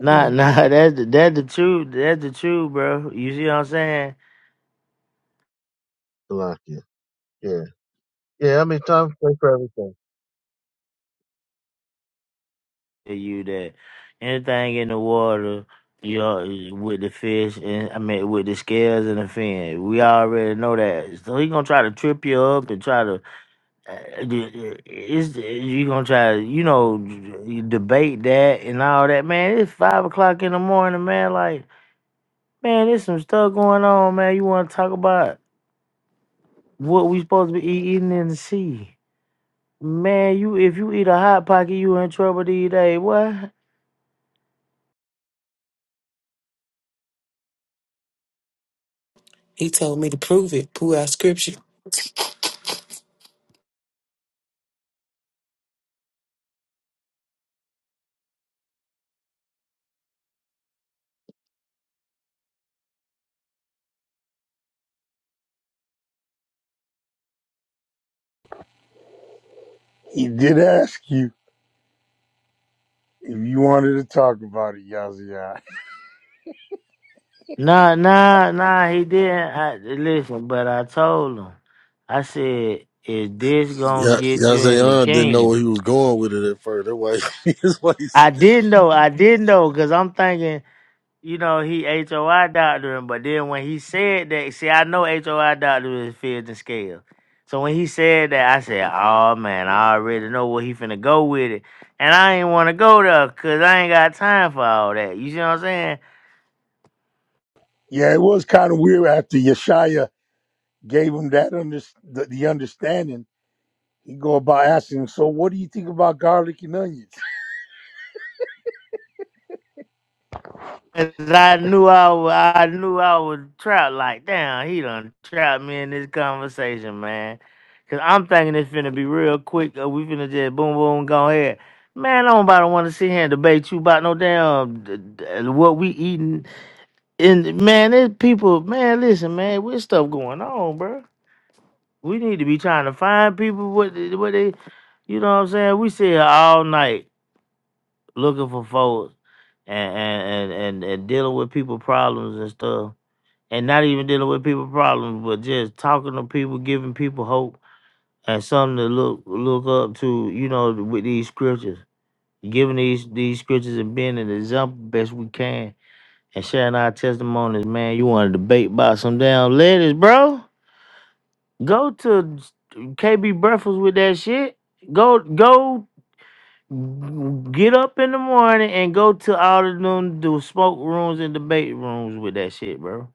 Speaker 1: Nah,
Speaker 14: Yeah,
Speaker 1: nah, that's the, that's the truth. That's the truth, bro. You see what I'm saying?
Speaker 14: like yeah, yeah, yeah. I mean, time and place for everything.
Speaker 1: tell you that anything in the water, you know, with the fish and I mean with the scales and the fin, we already know that. So he gonna try to trip you up and try to, uh, uh, it's you gonna try to you know you debate that and all that. Man, it's five o'clock in the morning, man. Like man, there's some stuff going on, man. You want to talk about what we supposed to be eat- eating in the sea? Man, you if you eat a hot pocket, you in trouble these days, boy.
Speaker 2: He told me to prove it. Pull out scripture.
Speaker 6: He did ask you if you wanted to talk about it, Yazian.
Speaker 1: Nah, nah, nah, he didn't. I, listen, but I told him, I said, is this gonna
Speaker 11: Yeah,
Speaker 1: get you in the
Speaker 11: Yazayan didn't know where
Speaker 1: kingdom?
Speaker 11: he was going with it at first. That's why he, that's why he said,
Speaker 1: I didn't know, I didn't know, because I'm thinking, you know, he HOI doctoring, but then when he said that, see, I know HOI doctor is fifth and scale. So when he said that, I said, oh man, I already know where he finna go with it. And I ain't wanna go there, because I ain't got time for all that. You see what I'm saying?
Speaker 6: Yeah, it was kind of weird after Yeshaya gave him that under, the, the understanding. He go about asking, him, so what do you think about garlic and onions?
Speaker 1: Cause I knew I, wa- I knew I would trap like damn he done trapped me in this conversation man, cause I'm thinking it's finna be real quick. Uh, we finna just boom boom go ahead. Man, I don't about to want to sit here and debate you about no damn d- d- uh, what we eating. And man, there's people. Man, listen, man, with stuff going on, bro. We need to be trying to find people what they- what they, you know what I'm saying. We sit here all night looking for folks and and, and, and and dealing with people problems and stuff. And not even dealing with people problems, but just talking to people, giving people hope and something to look look up to, you know, with these scriptures. Giving these these scriptures and being an example best we can and sharing our testimonies, man. You wanna debate about some damn ladies, bro? Go to KB Breakfast with that shit. Go go Get up in the morning and go to all of them do smoke rooms and debate rooms with that shit, bro.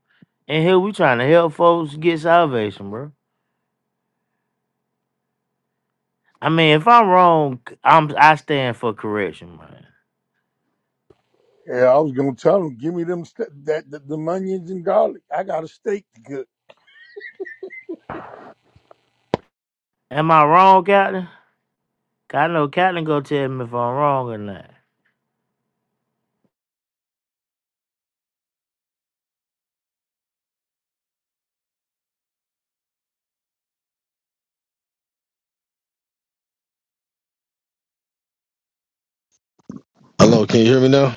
Speaker 1: And here we trying to help folks get salvation, bro. I mean, if I'm wrong, i I'm I stand for correction, man.
Speaker 6: Yeah, I was gonna tell him. give me them st- that the, them onions and garlic. I got a steak to cook.
Speaker 1: Am I wrong, Captain? 'Cause I know Captain gonna tell me if I'm wrong or not.
Speaker 11: Hello, can you hear me now?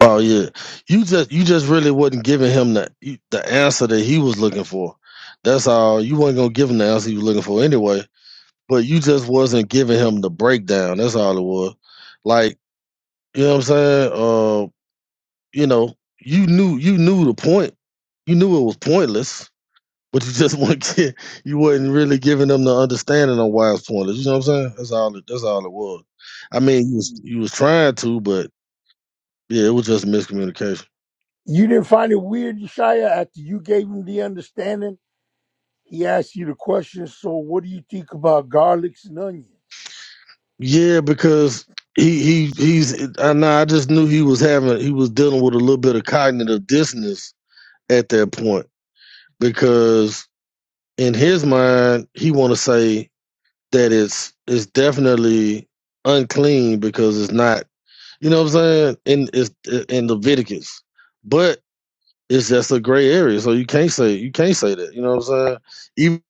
Speaker 11: Oh yeah, you just you just really wasn't giving him the you- the answer that he was looking for. That's all. You weren't gonna give him the answer he was looking for anyway. But you just wasn't giving him the breakdown. That's all it was. Like you know what I'm saying? Uh, you know, you knew you knew the point. You knew it was pointless, but you just weren't gi- you wasn't really giving them the understanding on why it's pointless. You know what I'm saying? That's all. It, that's all it was. I mean, you was you was trying to, but yeah, it was just miscommunication.
Speaker 6: You didn't find it weird, Shia, after you gave him the understanding. He asked you the question. So, what do you think about garlics and onions?
Speaker 11: Yeah, because he he he's I know I just knew he was having he was dealing with a little bit of cognitive dissonance at that point because in his mind he want to say that it's it's definitely unclean because it's not you know what I'm saying in it's in Leviticus, but it's just a gray area so you can't say you can't say that you know what I'm saying even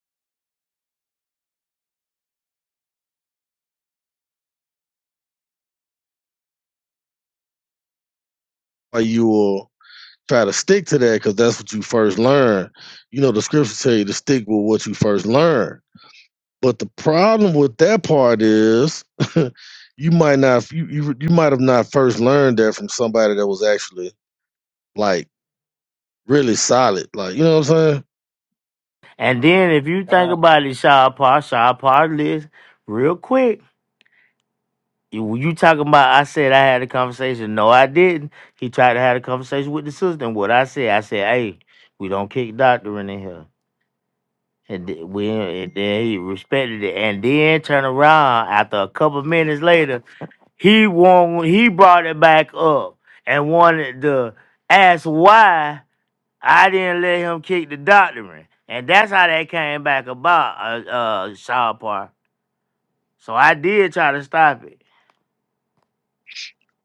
Speaker 11: like you are. try to stick to that because that's what you first learn. You know, the scriptures tell you to stick with what you first learn. But the problem with that part is you might not you, you you might have not first learned that from somebody that was actually like really solid. Like, you know what I'm saying?
Speaker 1: And then if you think
Speaker 6: God,
Speaker 1: about it, Shaw Paw, Shaw Paw list real quick. You when you talking about I said I had a conversation. No, I didn't. He tried to have a conversation with the sister. And what I said, I said, hey, we don't kick doctor in here. And th- we and then he respected it. And then turn around after a couple minutes later, he won he brought it back up and wanted to ask why I didn't let him kick the doctor in. And that's how that came back about, uh uh Shaw Park. So I did try to stop it.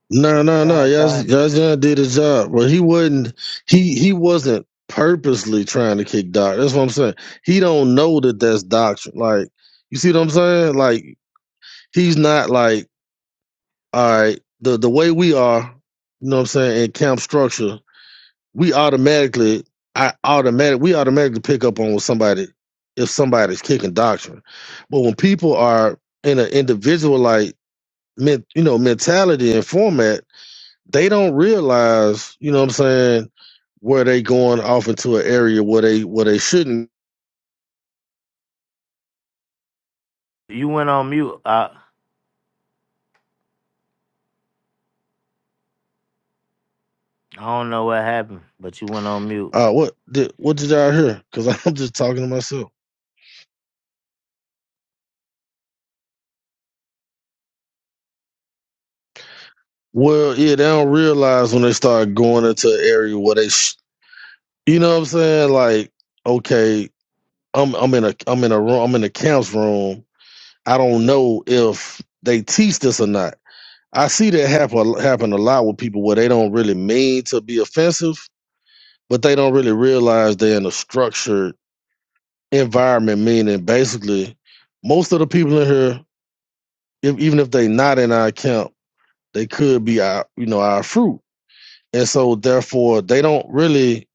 Speaker 11: No, no, no.
Speaker 6: God, God.
Speaker 11: Yazan did his job. Well he wasn't he he wasn't purposely trying to kick doctrine. That's what I'm saying. He don't know that that's doctrine. Like, you see what I'm saying? Like he's not like all right, the the way we are, you know what I'm saying, in camp structure, we automatically I automatic we automatically pick up on what somebody if somebody's kicking doctrine. But when people are in an individual like men, you know, mentality and format, they don't realize, you know what I'm saying, where they going off into an area where they where they shouldn't
Speaker 1: You went on mute. Uh, I don't know what happened, but you went on mute.
Speaker 11: uh what did what did y'all hear? Because I'm just talking to myself. Well, yeah, they don't realize when they start going into an area where they sh- You know what I'm saying? Like, okay, I'm I'm in a I'm in a room I'm in a camp's room. I don't know if they teach this or not. I see that happen happen a lot with people where they don't really mean to be offensive, but they don't really realize they're in a structured environment. Meaning, basically, most of the people in here, if, even if they not in our camp, they could be our you know our fruit, and so therefore they don't really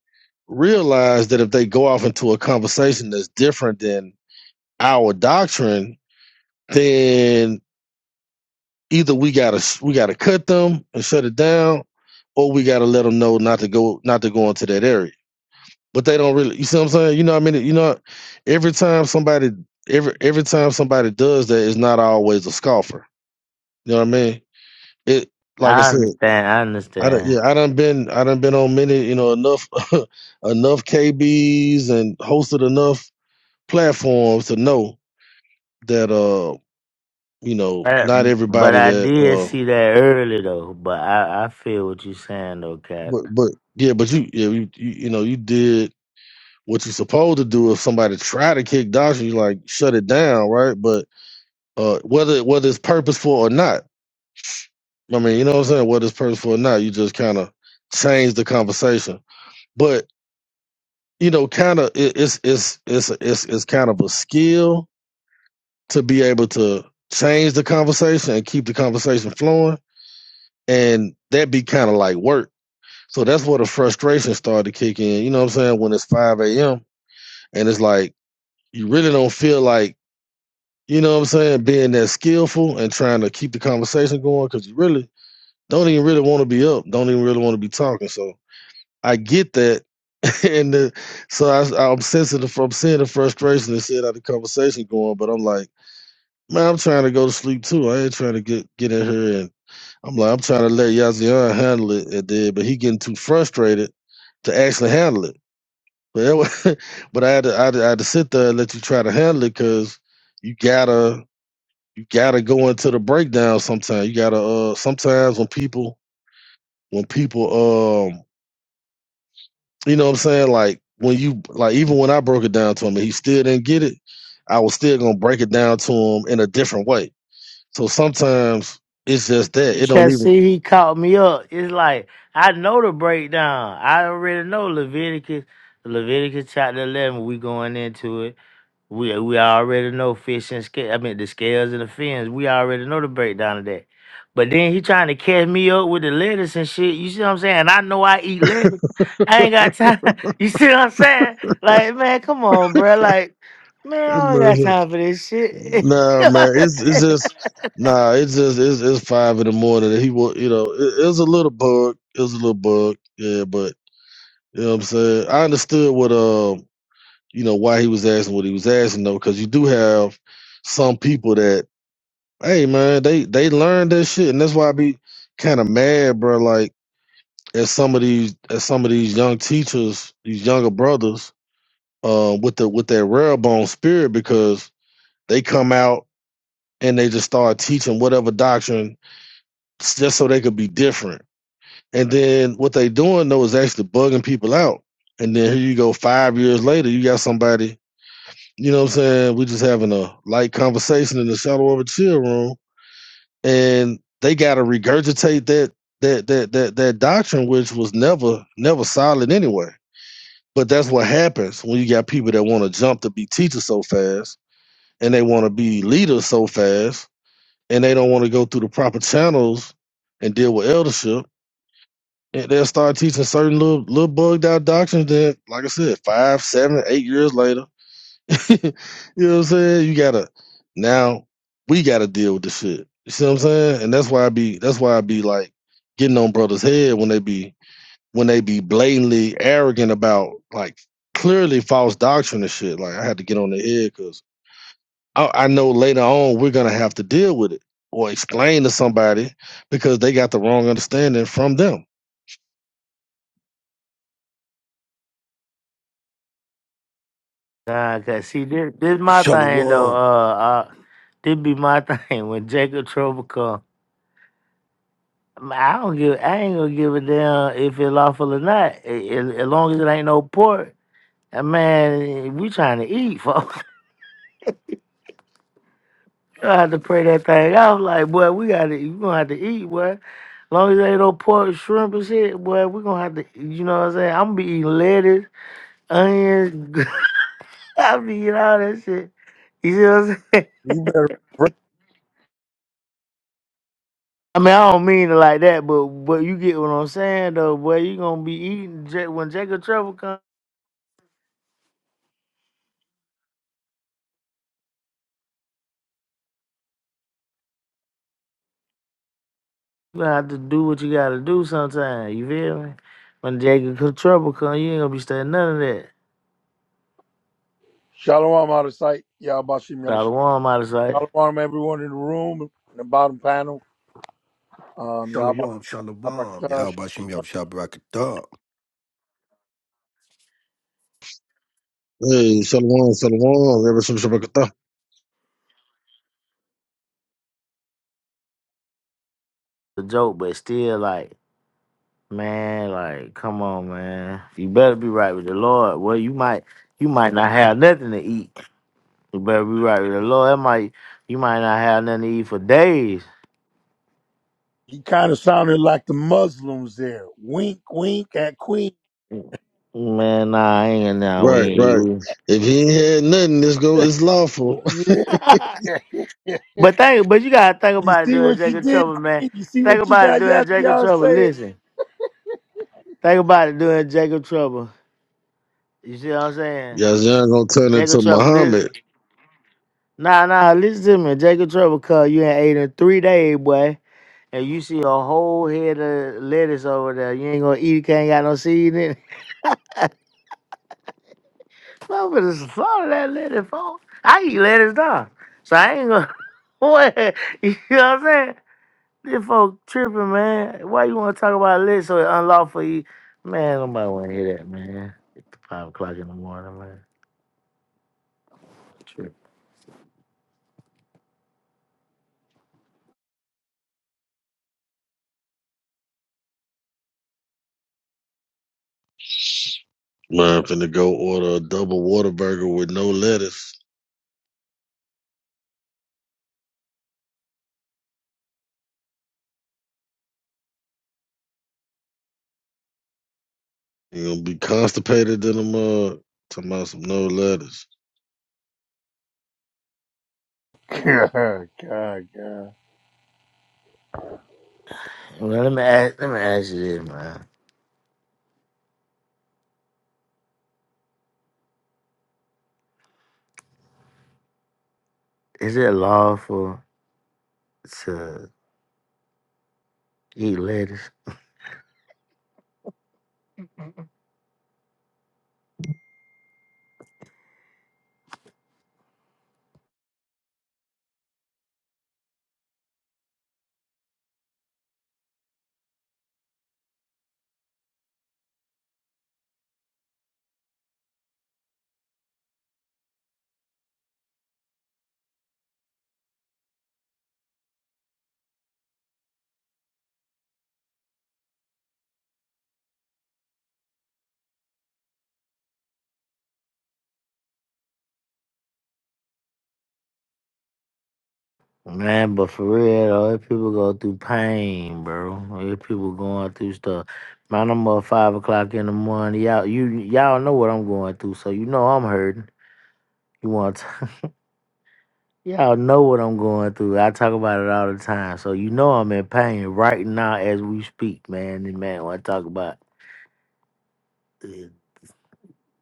Speaker 11: realize that if they go off into a conversation that's different than our doctrine, then either we gotta we gotta cut them and shut it down, or we gotta let them know not to go not to go into that area. But they don't really, you see what I'm saying? You know, what I mean, you know, every time somebody every every time somebody does that, it's not always a scoffer. You know what I mean? It like I
Speaker 1: I
Speaker 11: said,
Speaker 1: understand. I
Speaker 11: I done,
Speaker 1: understand.
Speaker 11: yeah, I done been I done been on many, you know, enough enough KBs and hosted enough platforms to know that uh you know
Speaker 1: But,
Speaker 11: not
Speaker 1: but
Speaker 11: everybody
Speaker 1: I
Speaker 11: that
Speaker 1: did
Speaker 11: uh.
Speaker 1: see that early though. But I, I feel what you're saying though, Cap.
Speaker 11: But but yeah, but you yeah you, you you know you did what you supposed to do if somebody try to kick Dawson, you like shut it down, right? But uh, whether whether it's purposeful or not, I mean, you know what I'm saying. Whether it's purposeful or not, you just kind of change the conversation. But you know, kind of it, it's it's it's it's it's kind of a skill to be able to change the conversation and keep the conversation flowing, and that be kind of like work. So that's where the frustration started to kick in. You know what I'm saying? When it's 5 a.m and it's like you really don't feel like you know what I'm saying being that skillful and trying to keep the conversation going because you really don't even really want to be up, don't even really want to be talking. So I get that, and the, so I, I'm sensitive. I'm seeing the frustration and seeing how the conversation going, but I'm like, man, I'm trying to go to sleep too. I ain't trying to get get in here and. I'm like, I'm trying to let Yazian handle it, and then, but he getting too frustrated to actually handle it. But that was, but I had, to, I had to I had to sit there and let you try to handle it because you gotta you gotta go into the breakdown sometimes. You gotta uh sometimes when people when people um you know what I'm saying like when you like even when I broke it down to him and he still didn't get it, I was still gonna break it down to him in a different way. So sometimes it's just that it don't
Speaker 1: Because
Speaker 11: even.
Speaker 1: see, he caught me up. It's like I know the breakdown. I already know Leviticus, Leviticus chapter eleven. We going into it. We we already know fish and scale. I mean the scales and the fins. We already know the breakdown of that. But then he trying to catch me up with the lettuce and shit. You see what I'm saying? I know I eat lettuce. I ain't got time. You see what I'm saying? Like man, come on, bro. Like man, I don't got time for this shit.
Speaker 11: Nah, man, it's it's just nah, it's just it's it's five in the morning. And he will, you know, it, it was a little bug, it was a little bug, yeah. But you know what I'm saying. I understood what um, you know, why he was asking what he was asking though, because you do have some people that, hey man, they they learn that shit, and that's why I be kind of mad, bro. Like at some of these at some of these young teachers, these younger brothers, um, with the with that rare bone spirit, because they come out and they just start teaching whatever doctrine just so they could be different. And then what they doing though is actually bugging people out. And then here you go five years later, you got somebody, you know what I'm saying? We just having a light conversation in the shadow of a chill room, and they gotta regurgitate that that that that that doctrine which was never never solid anyway. But that's what happens when you got people that want to jump to be teachers so fast and they want to be leaders so fast and they don't want to go through the proper channels and deal with eldership, and they'll start teaching certain little little bugged out doctrines that, like I said, five, seven, eight years later, you know what I'm saying? You gotta now we gotta deal with this shit. You see what I'm saying? And that's why I be that's why I be like getting on brothers' head when they be when they be blatantly arrogant about like clearly false doctrine and shit. Like I had to get on their head because. I, I know later on we're gonna have to deal with it or explain to somebody because they got the wrong understanding from them.
Speaker 1: nah, cause see this this my thing though.
Speaker 15: Shalom.
Speaker 1: Uh, uh this be my thing when Jacob Trouble come. I don't give. I ain't gonna give a damn if it's lawful or not. A- a- As long as it ain't no pork, uh, man, we trying to eat, folks. I have to pray that thing out. Like, boy, we gotta. You gonna have to eat, boy. As long as ain't no pork, shrimp and shit, boy, we gonna have to. You know what I'm saying? I'm gonna be eating lettuce, onions. I'll be eating all that shit. You see what I'm saying?
Speaker 6: You better
Speaker 1: I mean, I don't mean it like that, but but you get what I'm saying, though, boy. You gonna be eating Ja- when Jacob Trevor comes. You gonna have to do what you gotta do sometime. You feel me? When Jacob come trouble come, you ain't gonna be studying none of that.
Speaker 6: shalom out of sight. Y'all about to see me.
Speaker 1: Shalom out of sight.
Speaker 6: shalom everyone in the room in the bottom panel. Um, y'all about
Speaker 15: Shalom. Shalom.
Speaker 6: Abrakash.
Speaker 15: Yahabashim Yab Shabrakatah.
Speaker 11: Hey, shalom, shalom, ever since Shabbat.
Speaker 1: The joke, but still like, man, like, come on, man. You better be right with the Lord. Well, you might you might not have nothing to eat. You better be right with the Lord. That might you might not have nothing to eat for days.
Speaker 6: He kind of sounded like the Muslims there. Wink, wink at Queen.
Speaker 1: Man, nah, I ain't nah, we
Speaker 11: Right,
Speaker 1: ain't eat.
Speaker 11: right.
Speaker 1: we-
Speaker 11: If he ain't had nothing, this go it's lawful.
Speaker 6: Yeah.
Speaker 1: But think but you gotta think
Speaker 6: You
Speaker 1: about it
Speaker 6: see
Speaker 1: during
Speaker 6: what you
Speaker 1: Jacob
Speaker 6: did,
Speaker 1: trouble, man.
Speaker 6: Queen? You see
Speaker 1: Think
Speaker 6: what you
Speaker 1: about it
Speaker 6: got
Speaker 1: during
Speaker 6: y'all,
Speaker 1: Jacob
Speaker 6: y'all
Speaker 1: trouble.
Speaker 6: saying?
Speaker 1: Listen. Think about it doing Jacob Trouble. You see what I'm saying?
Speaker 11: Yazan gonna turn
Speaker 1: Jacob
Speaker 11: into
Speaker 1: Trouble. Listen,
Speaker 11: Muhammad.
Speaker 1: nah, nah, listen to me. Jacob Trouble Cause you ain't ate in three days, boy. And you see a whole head of lettuce over there. You ain't gonna eat it, can't got no seed in it. I'm gonna swallow that lettuce, folks. I eat lettuce, dog. So I ain't gonna. what? You know what I'm saying? This folk tripping, man. Why you wanna talk about lettuce so it unlawful eat? Man, nobody wanna hear that, man. Five o'clock in the morning, man.
Speaker 11: Man, I'm finna go order a double water burger with no lettuce. You gonna be constipated in a mug. Talking about some no lettuce.
Speaker 6: God, God.
Speaker 1: Well, let me ask, let me ask you this, man. Is it lawful to eat lettuce? Man, but for real, though, if people go through pain, bro. If people going through stuff, man, I'm up five o'clock in the morning. Y'all, you y'all know what I'm going through, so you know I'm hurting. You want to, y'all know what I'm going through. I talk about it all the time, so you know I'm in pain right now as we speak, man. And man, when I talk about uh,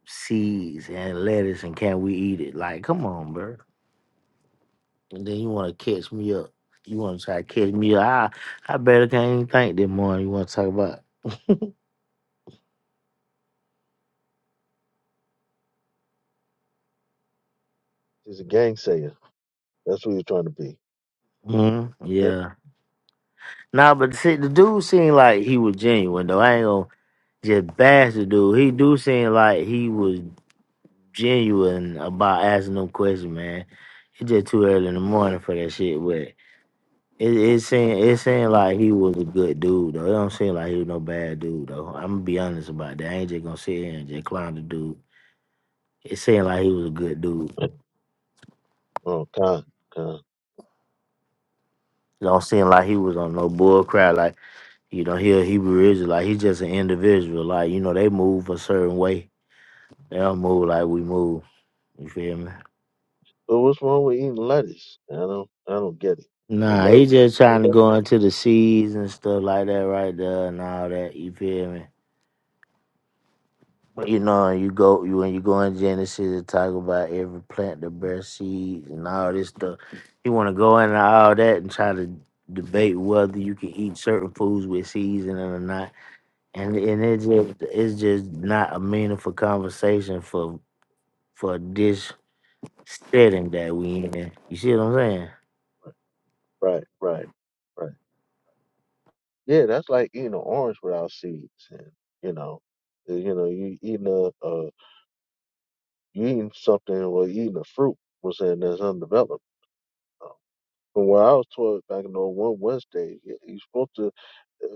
Speaker 1: seeds and lettuce and can we eat it? Like, come on, bro. And then you want to catch me up. You want to try to catch me up. I, I better can't even think that morning. You want to talk about?
Speaker 14: He's a gang sayer. That's what he's trying to be.
Speaker 1: hmm
Speaker 14: Okay.
Speaker 1: Yeah. Nah, but see, the dude seemed like he was genuine though. I ain't gonna just bash the dude. He do seem like he was genuine about asking them questions, man. It's just too early in the morning for that shit, but. It, it seemed it seemed like he was a good dude though. It don't seem like he was no bad dude though. I'm gonna be honest about that. I ain't just gonna sit here and just clown the dude. It seemed like he was a good dude.
Speaker 14: Oh, con, con.
Speaker 1: It don't seem like he was on no bull crap. Like you know, he a Hebrew Israel. Like he's just an individual. Like you know, they move a certain way. They don't move like we move. You feel me?
Speaker 14: But what's wrong with eating lettuce? I don't, I don't get it. The
Speaker 1: Nah, he
Speaker 14: lettuce,
Speaker 1: just
Speaker 14: yeah,
Speaker 1: trying to
Speaker 14: that's
Speaker 1: go into the seas and stuff like that right there and all that. You feel me? But you know, you go you when you go in Genesis, it talk about every plant that bears seeds and all this stuff. You want to go into all that and try to debate whether you can eat certain foods with seasoning or not. and and it's just it's just not a meaningful conversation for for this setting that we in. You see what I'm saying?
Speaker 14: right, right, right, right. Yeah, that's like eating an orange without seeds, and you know, uh, you know, you eating a uh, you eating something or eating a fruit was saying that's undeveloped. Uh, From where I was taught back in the one Wednesday, yeah, you- you're supposed to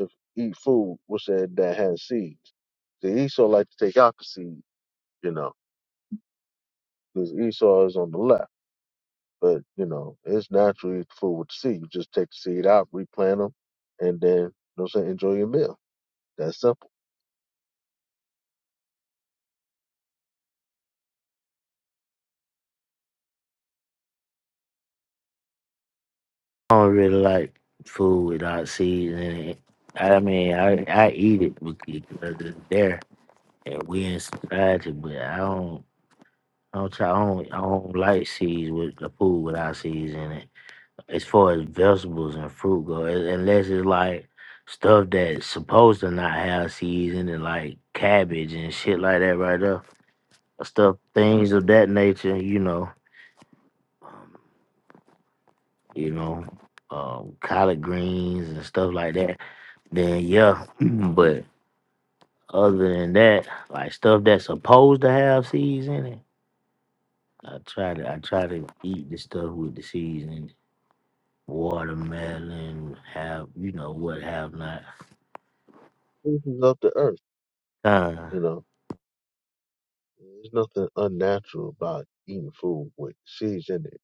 Speaker 14: uh, eat food was said that has seeds. The Esau like to take out the seed, you know, because Esau is on the left, but you know, it's naturally food with the seed. You just take the seed out, replant them, and then you know, what I'm saying enjoy your meal. That's simple.
Speaker 1: I don't really like food without seeds in it. I mean, I I eat it because it's there and we in society, but I don't I don't try I don't, I don't like seeds with the food without seeds in it. as far as vegetables and fruit go, un- unless it's like stuff that's supposed to not have seeds in it, like cabbage and shit like that, right there. Stuff, things of that nature, you know, um, you know, um, collard greens and stuff like that. Then yeah, but other than that, like stuff that's supposed to have seeds in it, I try to I try to eat the stuff with the seeds in it. Watermelon, have you know what have not.
Speaker 14: This is up to earth,
Speaker 1: Uh,
Speaker 14: you know. There's nothing unnatural about eating food with seeds in it.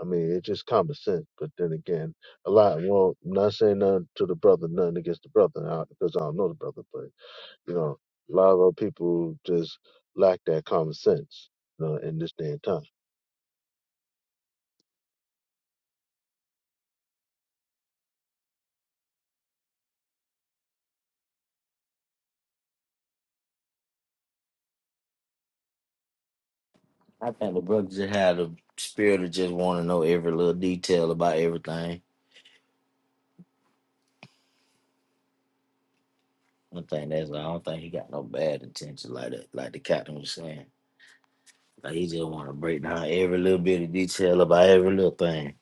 Speaker 14: I mean, it's just common sense. But then again, a lot. Well, I'm not saying nothing to the brother, nothing against the brother, uh, because I don't know the brother. But you know, a lot of our people just lack that common sense you know, in this day and time.
Speaker 1: I think the brother just had a spirit of just want to know every little detail about everything. I think that's. I don't think he got no bad intentions like that. Like the captain was saying, like he just want to break down every little bit of detail about every little thing.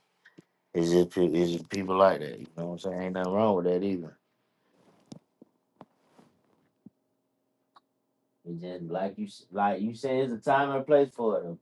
Speaker 1: It's just pe- it's just people like that. You know what I'm saying? Ain't nothing wrong with that either. It's just like you s- like you said, it's a time and place for it.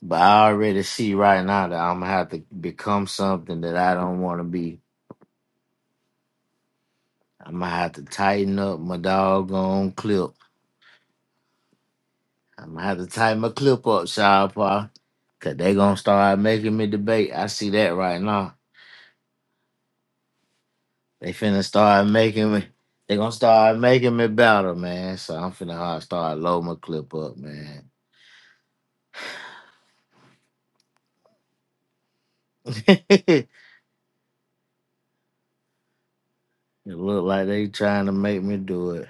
Speaker 1: But I already see right now that I'm gonna have to become something that I don't want to be. I'm gonna have to tighten up my doggone clip I'm gonna have to tighten my clip up, Sean Paul, cause they gonna start making me debate. I see that right now. They finna start making me. They gonna start making me battle, man. So I'm finna hard start loading my clip up, man. it look like they trying to make me do it.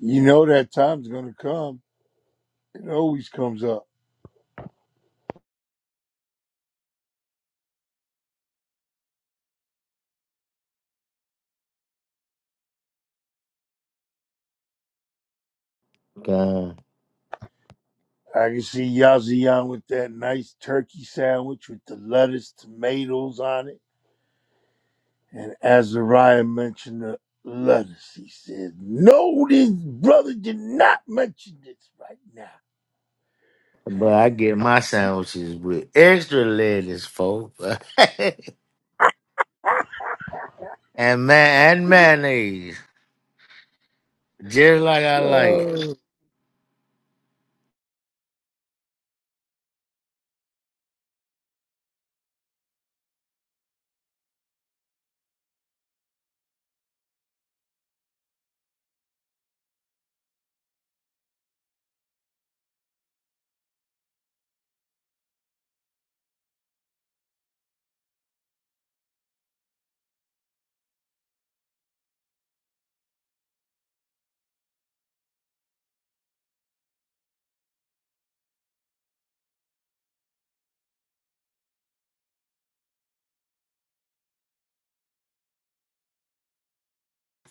Speaker 6: You know that time's gonna come. It always comes up.
Speaker 1: God.
Speaker 6: I can see Yazian with that nice turkey sandwich with the lettuce, tomatoes on it. And Azariah mentioned the lettuce. He said, No, this brother did not mention this right now.
Speaker 1: But I get my sandwiches with extra lettuce, folks, and man and mayonnaise, just like I like. it.
Speaker 6: Uh,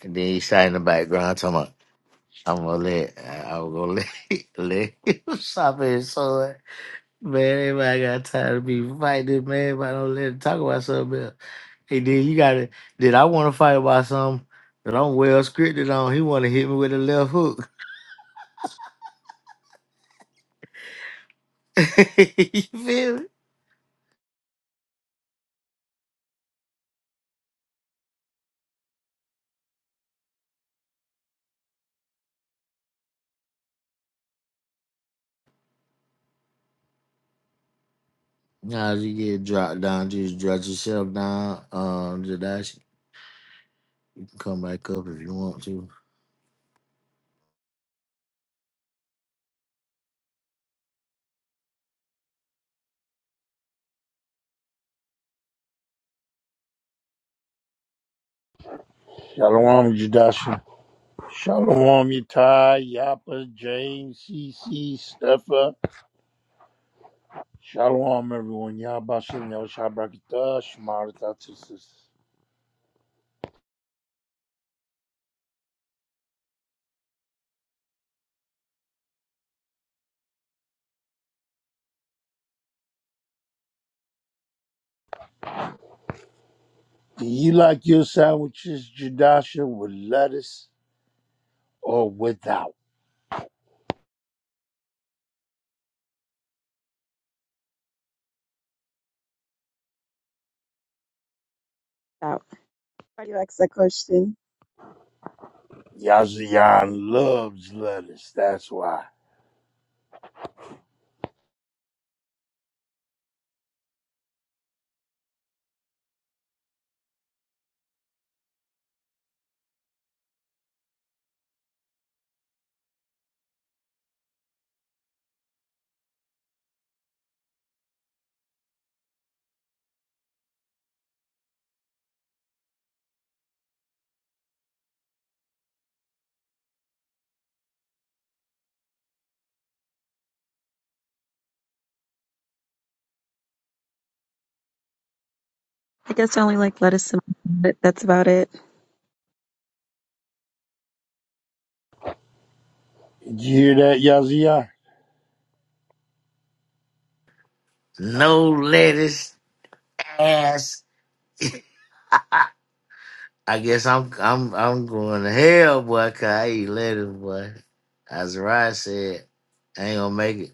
Speaker 1: And then he shot in the background talking about. I'm gonna let I'm gonna let let him stop it. So that, man, everybody got tired of me fighting, man. everybody don't let him talk about something else. Hey then you got it? did I wanna fight about something that I'm well scripted on. He wanna hit me with a left hook. you feel me? Nah, you get dropped down, just drop yourself down. Um Jadashi, come back up if you want to.
Speaker 6: Shalom, Judasha. Shalom, Yatai, Yapa, James, CC, Steffa. Shalom, everyone. Yabashim Yoshabrakata, Shmaratatasis. Do you like your sandwiches, Jadasha, with lettuce or without?
Speaker 12: out. Anybody likes that question?
Speaker 6: Yazian loves lettuce, that's why.
Speaker 12: I guess I only like lettuce and but that's about it.
Speaker 6: Did you hear that, Yazian?
Speaker 1: No lettuce ass. I guess I'm I'm I'm going to hell, boy, 'cause I eat lettuce, boy. Azariah said, I ain't gonna make it.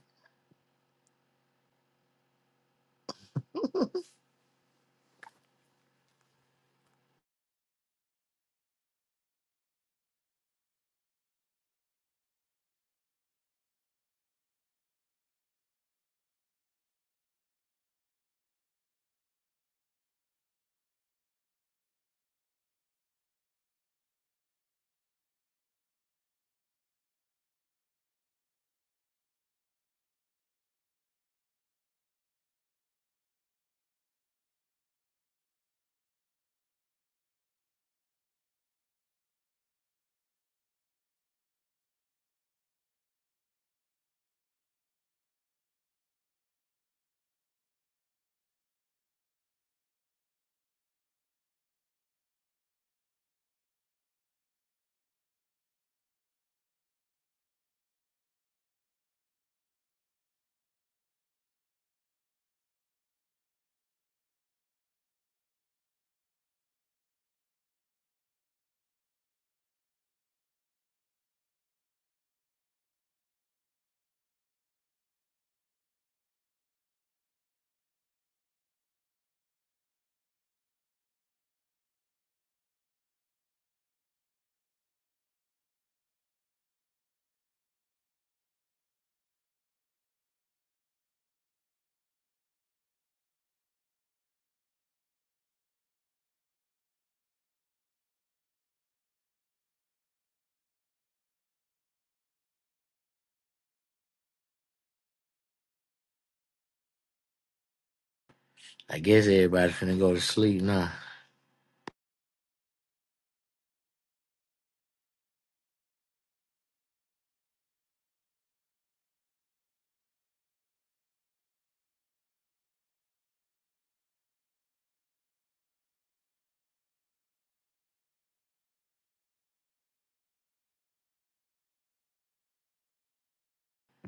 Speaker 1: I guess everybody finna go to sleep now.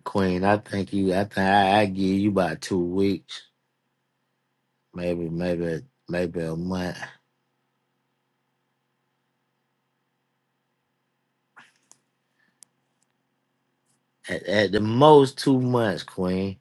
Speaker 1: Queen, I think you I think I, I give you about two weeks. Maybe, maybe maybe a month. At, at the most two months, Queen.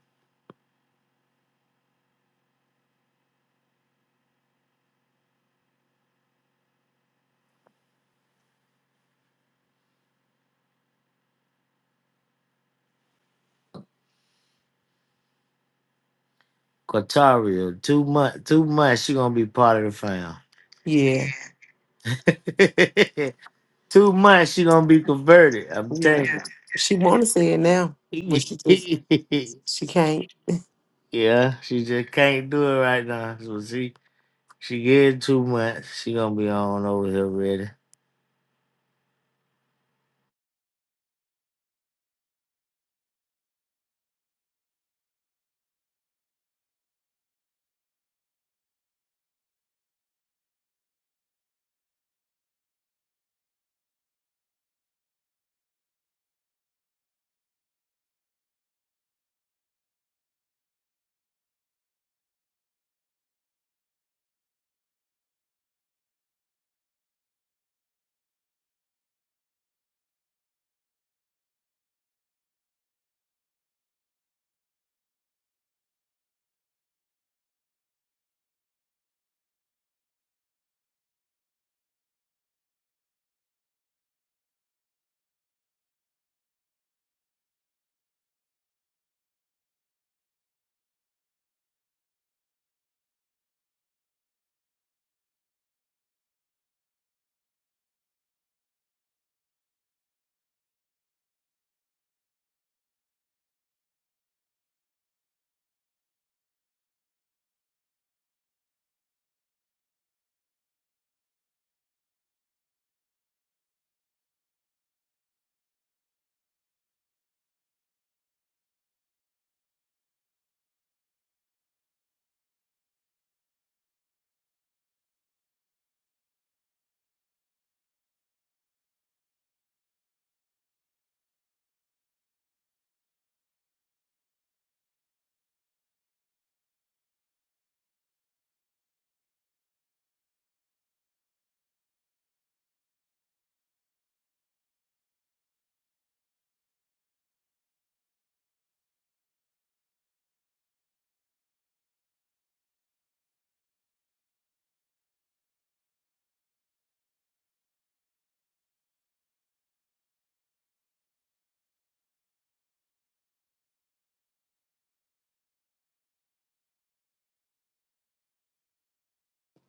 Speaker 1: Quatario, two month two months she gonna be part of the
Speaker 2: Yeah.
Speaker 1: fam. two months she gonna be converted. I'm
Speaker 2: Yeah.
Speaker 1: telling
Speaker 2: She want to say it now, but she just,
Speaker 1: you.
Speaker 2: she can't.
Speaker 1: Yeah, she just can't do it right now. So she she get too much. She gonna be on over here ready.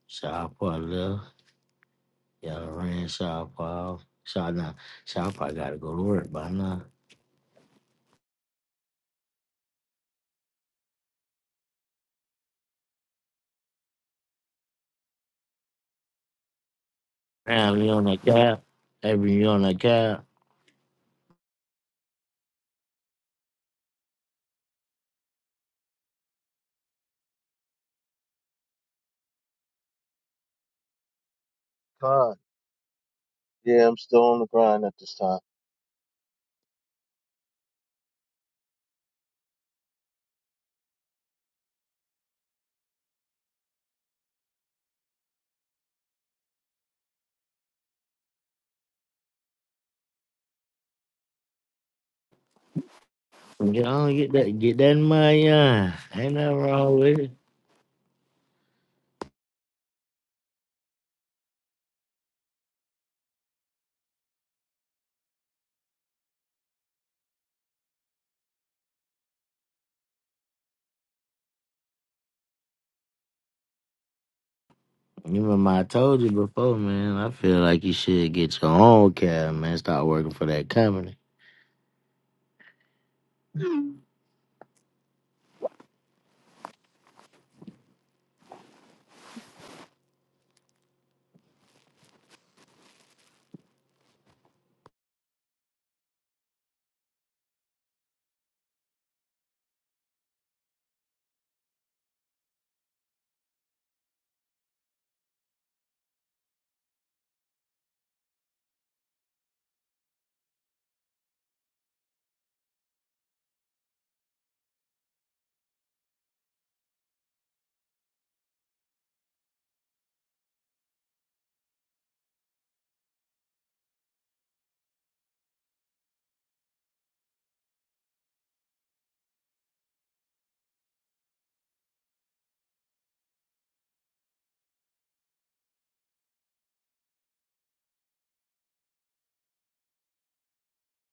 Speaker 1: Shaw Paw left. Y'all ran Shaw Paw. Shaw now. Shaw Paw gotta go to work by now. Damn, you on that cab. Every you on that cab.
Speaker 14: Con, yeah, I'm still on the grind at this time.
Speaker 1: Get on, get that get that money on. Ain't nothing wrong with it. You Remember, I told you before, man. I feel like you should get your own cab, man. Start working for that company.